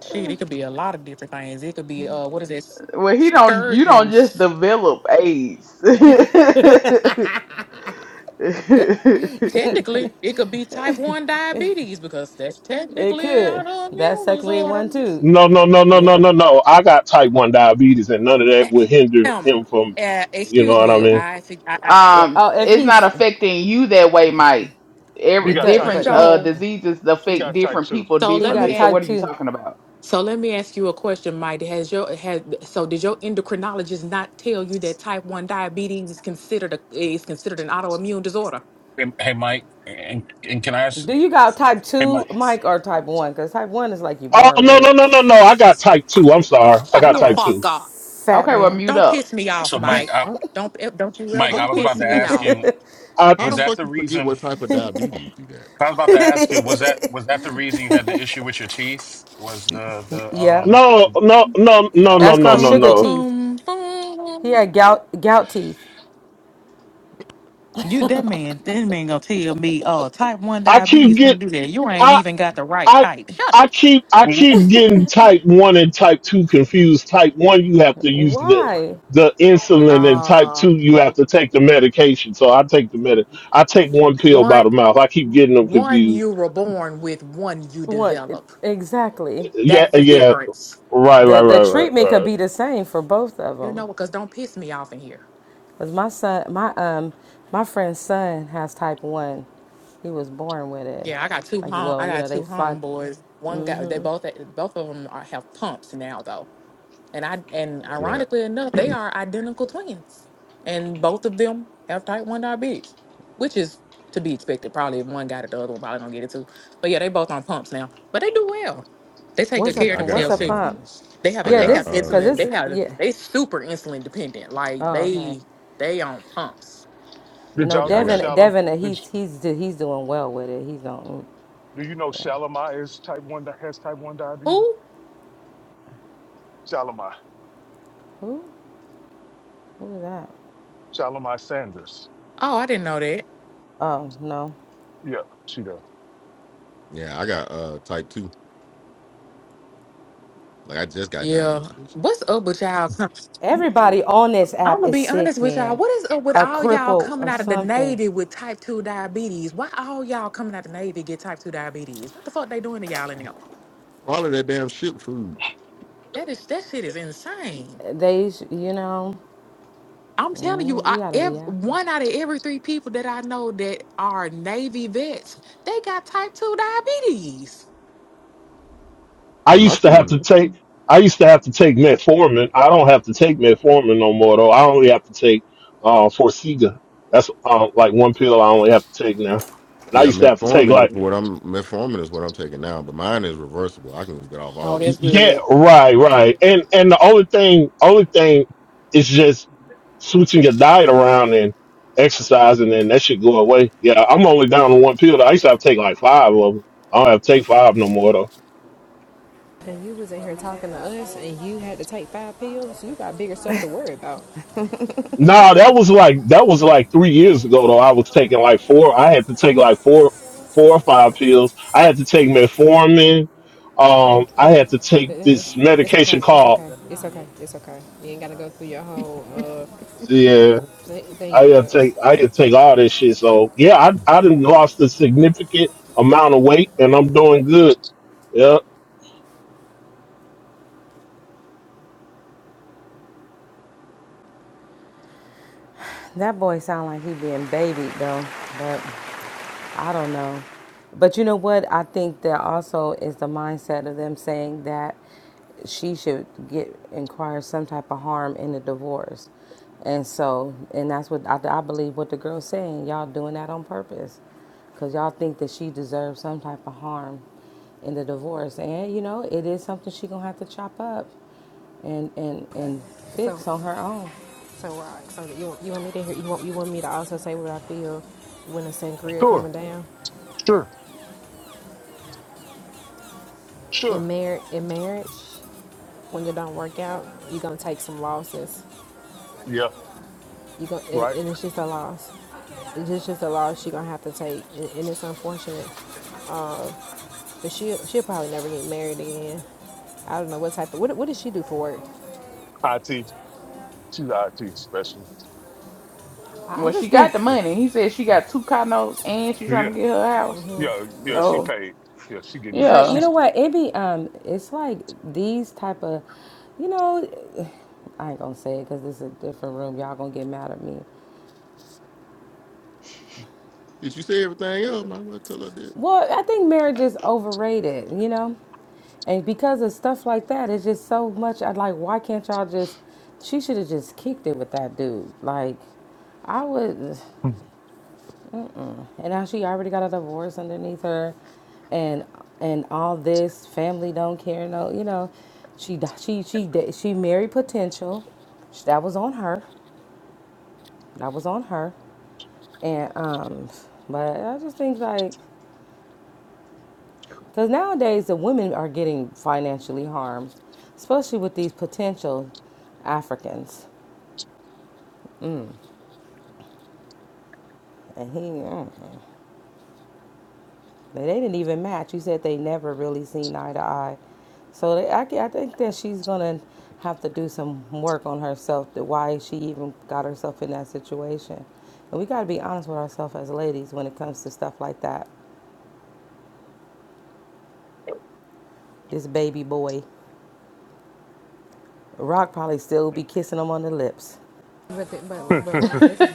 [SPEAKER 13] Shit, it could be a lot of different things. It could be uh, what is it?
[SPEAKER 11] Well, he don't. You don't just
[SPEAKER 13] Scourgings.
[SPEAKER 11] develop AIDS.
[SPEAKER 13] Technically, it could be type one diabetes because that's
[SPEAKER 12] it
[SPEAKER 13] technically
[SPEAKER 12] could.
[SPEAKER 13] an
[SPEAKER 12] That's
[SPEAKER 13] autoimmune
[SPEAKER 12] technically
[SPEAKER 13] disorder.
[SPEAKER 12] one too.
[SPEAKER 7] No, no, no, no, no,
[SPEAKER 12] Yep.
[SPEAKER 7] no, no. I got type one diabetes, and none of that would hinder
[SPEAKER 13] Um,
[SPEAKER 7] him from,
[SPEAKER 13] uh,
[SPEAKER 7] you know
[SPEAKER 13] excuse
[SPEAKER 7] what I
[SPEAKER 13] me.
[SPEAKER 7] mean?
[SPEAKER 13] I think I, I
[SPEAKER 12] Yeah.
[SPEAKER 11] um
[SPEAKER 12] Oh, if
[SPEAKER 11] it's not
[SPEAKER 12] he's
[SPEAKER 11] affecting you that way mike
[SPEAKER 1] He
[SPEAKER 11] Every,
[SPEAKER 1] got
[SPEAKER 12] because
[SPEAKER 1] type
[SPEAKER 11] different
[SPEAKER 12] but
[SPEAKER 1] two.
[SPEAKER 12] he
[SPEAKER 11] uh
[SPEAKER 13] so
[SPEAKER 11] diseases
[SPEAKER 1] He
[SPEAKER 11] affect
[SPEAKER 1] got type
[SPEAKER 11] different
[SPEAKER 1] two.
[SPEAKER 11] people
[SPEAKER 13] so.
[SPEAKER 12] he
[SPEAKER 13] Let me
[SPEAKER 12] got
[SPEAKER 11] differently
[SPEAKER 13] ask.
[SPEAKER 11] so
[SPEAKER 12] type
[SPEAKER 11] what are you
[SPEAKER 12] two.
[SPEAKER 11] talking about
[SPEAKER 13] So let me ask you a question, Mike. Has your has so did your endocrinologist not tell you that type one diabetes is considered a, is considered an autoimmune disorder?
[SPEAKER 3] hey, Mike, and and can I ask?
[SPEAKER 12] Do you got type
[SPEAKER 3] Hey,
[SPEAKER 12] two,
[SPEAKER 3] Mike.
[SPEAKER 12] Mike, or type one? Because type one is like you
[SPEAKER 7] Oh
[SPEAKER 12] born with
[SPEAKER 7] no, no, no,
[SPEAKER 12] it.
[SPEAKER 7] no, no. I got type two. I'm sorry, I
[SPEAKER 13] Shut
[SPEAKER 7] got
[SPEAKER 13] the
[SPEAKER 12] Yeah,
[SPEAKER 7] type
[SPEAKER 12] f-
[SPEAKER 13] fuck
[SPEAKER 7] two.
[SPEAKER 13] up!
[SPEAKER 12] fat
[SPEAKER 11] okay well
[SPEAKER 12] man.
[SPEAKER 11] mute
[SPEAKER 13] Don't piss
[SPEAKER 11] up
[SPEAKER 13] me off,
[SPEAKER 3] So, Mike,
[SPEAKER 13] Mike.
[SPEAKER 3] I,
[SPEAKER 14] how,
[SPEAKER 13] Don't eh, don't you
[SPEAKER 3] Mike,
[SPEAKER 13] ever
[SPEAKER 14] how
[SPEAKER 3] I
[SPEAKER 14] the
[SPEAKER 3] was
[SPEAKER 14] fuck
[SPEAKER 13] piss
[SPEAKER 3] about to
[SPEAKER 14] you
[SPEAKER 13] me
[SPEAKER 3] ask
[SPEAKER 13] off.
[SPEAKER 3] you.
[SPEAKER 14] how
[SPEAKER 3] Was
[SPEAKER 14] the
[SPEAKER 3] that
[SPEAKER 14] fuck
[SPEAKER 3] the
[SPEAKER 14] you forget
[SPEAKER 3] reason?
[SPEAKER 14] what type of diabetes you got?
[SPEAKER 3] I was about to ask you. Was that was that the reason you had the issue with your teeth? Was the the
[SPEAKER 12] Yep.
[SPEAKER 3] um?
[SPEAKER 7] No,
[SPEAKER 3] The,
[SPEAKER 7] no, no, no,
[SPEAKER 3] uh,
[SPEAKER 7] no,
[SPEAKER 12] That's
[SPEAKER 13] Boom
[SPEAKER 7] no,
[SPEAKER 12] called
[SPEAKER 7] no,
[SPEAKER 13] boom
[SPEAKER 12] sugar
[SPEAKER 13] ba
[SPEAKER 7] no.
[SPEAKER 12] teeth.
[SPEAKER 13] boom
[SPEAKER 12] He had
[SPEAKER 13] boom.
[SPEAKER 12] gout gout teeth.
[SPEAKER 13] You that man, that man gonna tell me, oh, type one
[SPEAKER 7] I keep
[SPEAKER 13] diabetes can't
[SPEAKER 7] get
[SPEAKER 13] do that. You ain't
[SPEAKER 7] I
[SPEAKER 13] even got the right
[SPEAKER 7] I
[SPEAKER 13] type. Shut up.
[SPEAKER 7] I keep I
[SPEAKER 3] mhm.
[SPEAKER 7] keep getting type one and type two confused. Type one you have to use the
[SPEAKER 12] Why?
[SPEAKER 7] the insulin and type
[SPEAKER 13] Uh,
[SPEAKER 7] two you have to take the medication. So I take the med I take one pill by the
[SPEAKER 13] one
[SPEAKER 7] mouth. I keep getting them
[SPEAKER 13] one
[SPEAKER 7] confused.
[SPEAKER 13] you were born with, one you
[SPEAKER 12] What
[SPEAKER 13] develop.
[SPEAKER 12] exactly?
[SPEAKER 7] Yeah,
[SPEAKER 13] That's the
[SPEAKER 7] yeah.
[SPEAKER 13] difference.
[SPEAKER 7] Right,
[SPEAKER 12] The
[SPEAKER 7] right,
[SPEAKER 12] the
[SPEAKER 7] right, right,
[SPEAKER 12] treatment could
[SPEAKER 7] right.
[SPEAKER 12] be the same for both of
[SPEAKER 13] You
[SPEAKER 12] them.
[SPEAKER 13] know, because don't piss me off in here.
[SPEAKER 12] Cause my son, my um, my friend's son has type one. He was born with it.
[SPEAKER 13] Yeah, I got two
[SPEAKER 12] Like,
[SPEAKER 13] home.
[SPEAKER 12] well,
[SPEAKER 13] I
[SPEAKER 12] you
[SPEAKER 13] got
[SPEAKER 12] know, they
[SPEAKER 13] two
[SPEAKER 12] find
[SPEAKER 13] homeboys. One guy. They both. Both of them are, have pumps now, though. And I. And
[SPEAKER 14] Yeah.
[SPEAKER 13] ironically enough, they are identical twins, and both of them have type one diabetes, which is to be expected. Probably if one got it, the other one probably gonna get it too. But yeah, they both on pumps now. But they do well. They take
[SPEAKER 12] what's
[SPEAKER 13] good
[SPEAKER 12] a
[SPEAKER 14] Yeah,
[SPEAKER 13] care of
[SPEAKER 14] I
[SPEAKER 12] what's
[SPEAKER 14] got
[SPEAKER 13] themselves
[SPEAKER 12] a
[SPEAKER 13] too.
[SPEAKER 14] uh
[SPEAKER 12] pump?
[SPEAKER 13] They have. A,
[SPEAKER 14] I
[SPEAKER 12] Yeah,
[SPEAKER 13] they have
[SPEAKER 14] got
[SPEAKER 12] this cause
[SPEAKER 13] insulin. They
[SPEAKER 14] uh
[SPEAKER 12] this
[SPEAKER 13] have.
[SPEAKER 12] yeah.
[SPEAKER 13] They super insulin dependent. Like
[SPEAKER 12] Oh, okay.
[SPEAKER 13] they. They on pumps.
[SPEAKER 1] Did
[SPEAKER 12] No,
[SPEAKER 1] y'all
[SPEAKER 14] yeah, I
[SPEAKER 1] know
[SPEAKER 14] got
[SPEAKER 12] Devin
[SPEAKER 1] Shalom?
[SPEAKER 12] Devin
[SPEAKER 1] Did,
[SPEAKER 12] he's he's he's doing well with it. He's on
[SPEAKER 1] do you know
[SPEAKER 12] yeah.
[SPEAKER 1] Shalimar is type one that has type one diabetes?
[SPEAKER 13] Who?
[SPEAKER 1] Shalimar.
[SPEAKER 12] What was that?
[SPEAKER 1] Shalimar Sanders.
[SPEAKER 13] Oh, I didn't know that.
[SPEAKER 12] Oh no.
[SPEAKER 1] Yeah, she does.
[SPEAKER 14] yeah, I got uh type two. Like I just got diagnosed
[SPEAKER 13] Yeah.
[SPEAKER 14] with this shit.
[SPEAKER 13] What's up with y'all?
[SPEAKER 12] Everybody on this
[SPEAKER 13] I'm
[SPEAKER 12] app
[SPEAKER 13] gonna
[SPEAKER 12] is
[SPEAKER 13] be
[SPEAKER 12] sick,
[SPEAKER 13] honest with y'all.
[SPEAKER 12] man,
[SPEAKER 13] What is up with
[SPEAKER 12] or
[SPEAKER 13] all y'all
[SPEAKER 12] crippled
[SPEAKER 13] coming
[SPEAKER 12] or
[SPEAKER 13] out of the
[SPEAKER 12] something.
[SPEAKER 13] Navy with type two diabetes? Why all y'all coming out of the Navy to get type two diabetes? What the fuck they doing to y'all in there?
[SPEAKER 14] All of that damn shit food.
[SPEAKER 13] That is that shit is insane.
[SPEAKER 12] They, sh- you know,
[SPEAKER 13] I'm telling you,
[SPEAKER 12] you
[SPEAKER 13] I,
[SPEAKER 12] gotta be
[SPEAKER 13] ev-
[SPEAKER 12] active.
[SPEAKER 13] one out of every three people that I know that are Navy vets, they got type two diabetes.
[SPEAKER 7] I
[SPEAKER 14] Yeah, my
[SPEAKER 7] used to
[SPEAKER 14] shit
[SPEAKER 7] have
[SPEAKER 14] is
[SPEAKER 7] to take I used to have to take metformin. I don't have to take metformin no more though. I only have to take uh Forxiga. That's uh, like one pill I only have to take now. And I
[SPEAKER 14] yeah,
[SPEAKER 7] used to have to take
[SPEAKER 14] metformin is
[SPEAKER 7] like
[SPEAKER 14] what I'm metformin is what I'm taking now, but mine is reversible. I can get off all
[SPEAKER 13] Oh,
[SPEAKER 14] that
[SPEAKER 13] that's
[SPEAKER 14] shit.
[SPEAKER 7] yeah,
[SPEAKER 13] good.
[SPEAKER 7] right, right. And and the only thing only thing is just switching your diet around and exercising and that should go away. Yeah, I'm only down to one pill. though. I used to have to take like five of them. I don't have to take five no more though.
[SPEAKER 10] And you was in here talking to us, and you had to take five pills. You got bigger stuff to worry about.
[SPEAKER 7] Nah, that was like that was like three years ago though. I was taking like four. I had to take like four, four or five pills. I had to take metformin. Um,
[SPEAKER 10] Thank,
[SPEAKER 7] I
[SPEAKER 10] thank.
[SPEAKER 7] had to take this
[SPEAKER 10] It's
[SPEAKER 7] medication
[SPEAKER 10] okay. It's
[SPEAKER 7] called
[SPEAKER 10] okay. It's okay. It's okay. You ain't gotta go through your whole uh,
[SPEAKER 7] yeah. I
[SPEAKER 10] thing with
[SPEAKER 7] had to
[SPEAKER 10] us.
[SPEAKER 7] take I had to take all this shit. So yeah, I I done lost a significant amount of weight and I'm doing good. Yeah.
[SPEAKER 12] That boy sound like he being babied though, but I don't know. But you know what? I think that also is the mindset of them saying that she should get inquire some type of harm in the divorce, and so and that's what I, I believe what the girl's saying. Y'all doing that on purpose, cause y'all think that she deserves some type of harm in the divorce, and you know it is something she gonna have to chop up and and and
[SPEAKER 10] So,
[SPEAKER 12] fix on her own.
[SPEAKER 10] so rock. So you you want me to hear? You want you want me to also say what I feel when a sangria
[SPEAKER 1] Sure,
[SPEAKER 10] coming down
[SPEAKER 1] sure,
[SPEAKER 10] in
[SPEAKER 1] sure.
[SPEAKER 10] marriage? In marriage, when it don't work out, you gonna take some losses.
[SPEAKER 1] Yeah,
[SPEAKER 10] You gonna and,
[SPEAKER 1] right.
[SPEAKER 10] and it's just a loss. It's just just a loss she gonna have to take, and, and it's unfortunate. But she she'll probably never get married again. I don't know what type of what what does she do for work?
[SPEAKER 1] IT. She's an IT specialist.
[SPEAKER 12] I I
[SPEAKER 11] well she
[SPEAKER 12] just think
[SPEAKER 11] got the
[SPEAKER 1] Yeah,
[SPEAKER 11] money he said she got two condos and she's
[SPEAKER 1] yeah,
[SPEAKER 11] trying to get her house
[SPEAKER 1] yeah. yeah, She
[SPEAKER 11] so
[SPEAKER 1] paid. Yeah, she getting good.
[SPEAKER 12] But you
[SPEAKER 11] yeah
[SPEAKER 1] She's.
[SPEAKER 12] know what? It be um, it's like these type of, you know, I ain't gonna say it because this is a different room. Y'all gonna get mad at me.
[SPEAKER 14] Did you say everything else? Might as well tell her that.
[SPEAKER 12] Well, I think marriage is overrated. You know, and because of stuff like that, it's just so much. I like. Why can't y'all just? She should have just kicked it with that dude. Like, I would. And now she already got a divorce underneath her, and and all this family don't care. No, you know, she she she did- she married potential. That was on her. That was on her. And um, but I just think like, because nowadays the women are getting financially harmed, especially with these potential Africans. And he, mm. They didn't even match. You said they never really seen eye to eye. So they, I, I think that she's going to have to do some work on herself, to why she even got herself in that situation. And we got to be honest with ourselves as ladies when it comes to stuff like that. This baby boy, Rock probably still be kissing him on the lips.
[SPEAKER 10] But the, but but Rod, this is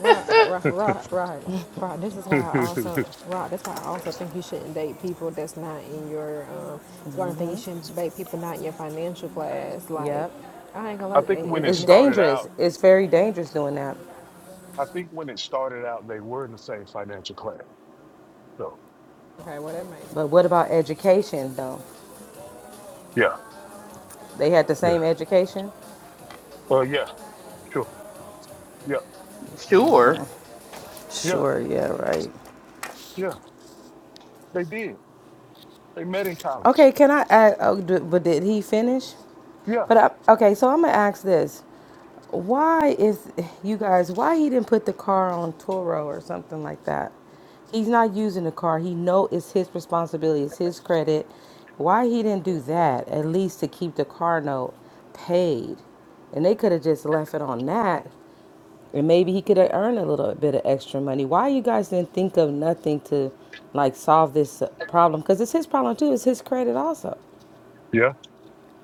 [SPEAKER 10] Rod, Rod, Rod, Rod, Rod. This is why I also Rod. That's why I also think you shouldn't date people that's not in your. Um, it's one thing you shouldn't date people not in your financial class. Like
[SPEAKER 12] Yep.
[SPEAKER 10] I ain't gonna lie,
[SPEAKER 1] I think
[SPEAKER 10] and,
[SPEAKER 1] when
[SPEAKER 10] and
[SPEAKER 1] it
[SPEAKER 12] It's
[SPEAKER 10] it's
[SPEAKER 1] started out.
[SPEAKER 12] dangerous. It's very dangerous doing that.
[SPEAKER 1] I think when it started out, they were in the same financial class. So
[SPEAKER 10] okay. Well, that may
[SPEAKER 12] But what about education, though?
[SPEAKER 1] yeah,
[SPEAKER 12] They had the same
[SPEAKER 1] yeah.
[SPEAKER 12] education?
[SPEAKER 1] Well, yeah, sure. Yeah,
[SPEAKER 11] sure
[SPEAKER 1] yeah,
[SPEAKER 12] Sure, yeah, right.
[SPEAKER 1] yeah. They did. They met in college.
[SPEAKER 12] Okay, can I ask? Oh, d- but did he finish?
[SPEAKER 1] Yeah,
[SPEAKER 12] But I, okay, so I'm gonna ask this: Why is you guys? Why he didn't put the car on Toro or something like that? He's not using the car. He know it's his responsibility. It's his credit. Why he didn't do that? At least to keep the car note paid, and they could have just left it on that and maybe he could earn a little bit of extra money. Why you guys didn't think of nothing to like solve this problem? Because it's his problem too. It's his credit also.
[SPEAKER 1] yeah.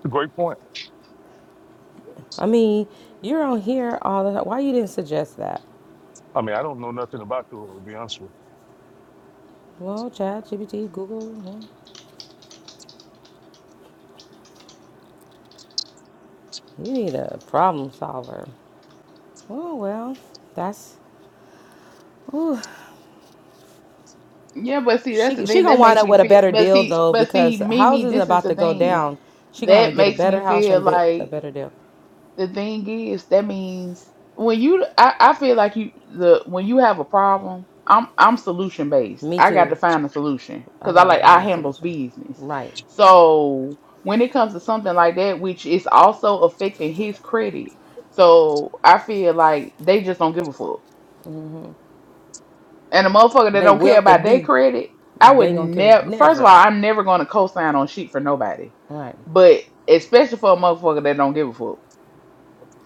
[SPEAKER 1] Great point.
[SPEAKER 12] I mean, you're on here all the time. Why you didn't suggest that?
[SPEAKER 1] I mean, I don't know nothing about the to be honest with
[SPEAKER 12] Well, Chat, GPT, Google, hmm, you need a problem solver. Oh well, that's
[SPEAKER 11] yeah but see that's the
[SPEAKER 12] she. She
[SPEAKER 11] thing
[SPEAKER 12] gonna
[SPEAKER 11] that
[SPEAKER 12] wind
[SPEAKER 11] makes
[SPEAKER 12] up
[SPEAKER 11] me
[SPEAKER 12] with a
[SPEAKER 11] feel
[SPEAKER 12] better
[SPEAKER 11] but
[SPEAKER 12] deal
[SPEAKER 11] see
[SPEAKER 12] though
[SPEAKER 11] but see
[SPEAKER 12] because
[SPEAKER 11] mimi
[SPEAKER 12] housing is
[SPEAKER 11] this is
[SPEAKER 12] about
[SPEAKER 11] the
[SPEAKER 12] to go
[SPEAKER 11] thing
[SPEAKER 12] down. She gonna have to
[SPEAKER 11] that
[SPEAKER 12] get a
[SPEAKER 11] makes
[SPEAKER 12] better
[SPEAKER 11] me
[SPEAKER 12] house
[SPEAKER 11] feel
[SPEAKER 12] and be, a
[SPEAKER 11] like
[SPEAKER 12] better deal.
[SPEAKER 11] the thing is that means when you I, I feel like you the when you have a problem i'm i'm solution based
[SPEAKER 12] Me
[SPEAKER 11] i got to
[SPEAKER 12] too.
[SPEAKER 11] find a solution
[SPEAKER 12] I
[SPEAKER 11] because i
[SPEAKER 12] gotta
[SPEAKER 11] like i
[SPEAKER 12] find a
[SPEAKER 11] handles
[SPEAKER 12] solution.
[SPEAKER 11] business
[SPEAKER 12] Right.
[SPEAKER 11] so when it comes to something like that which is also affecting his credit so i feel like they just don't give a fuck and a motherfucker that
[SPEAKER 12] They
[SPEAKER 11] don't care
[SPEAKER 12] wealth to
[SPEAKER 11] about their
[SPEAKER 12] do.
[SPEAKER 11] credit i
[SPEAKER 12] They
[SPEAKER 11] would
[SPEAKER 12] ain't gonna give it
[SPEAKER 11] never first of
[SPEAKER 12] never.
[SPEAKER 11] all i'm never going to co-sign on shit for nobody
[SPEAKER 12] Right.
[SPEAKER 11] but especially for a motherfucker that don't give a fuck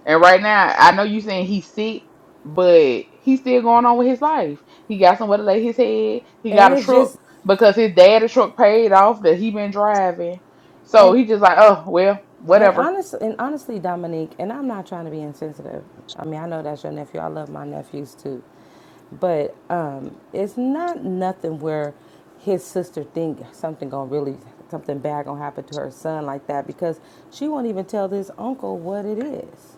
[SPEAKER 11] and right now, I know you saying he's sick, but he's still going on with his life. He got somewhere to lay his head. He
[SPEAKER 12] And
[SPEAKER 11] got a
[SPEAKER 12] it's
[SPEAKER 11] truck
[SPEAKER 12] just
[SPEAKER 11] because his daddy truck paid off that he been driving. So
[SPEAKER 12] and
[SPEAKER 11] he just like, oh well,
[SPEAKER 12] and
[SPEAKER 11] whatever.
[SPEAKER 12] honest and honestly, Dominique, and I'm not trying to be insensitive. I mean, I know that's your nephew. I love my nephews too. But um it's not nothing where his sister think something gonna really something bad gonna happen to her son like that because she won't even tell this uncle what it is.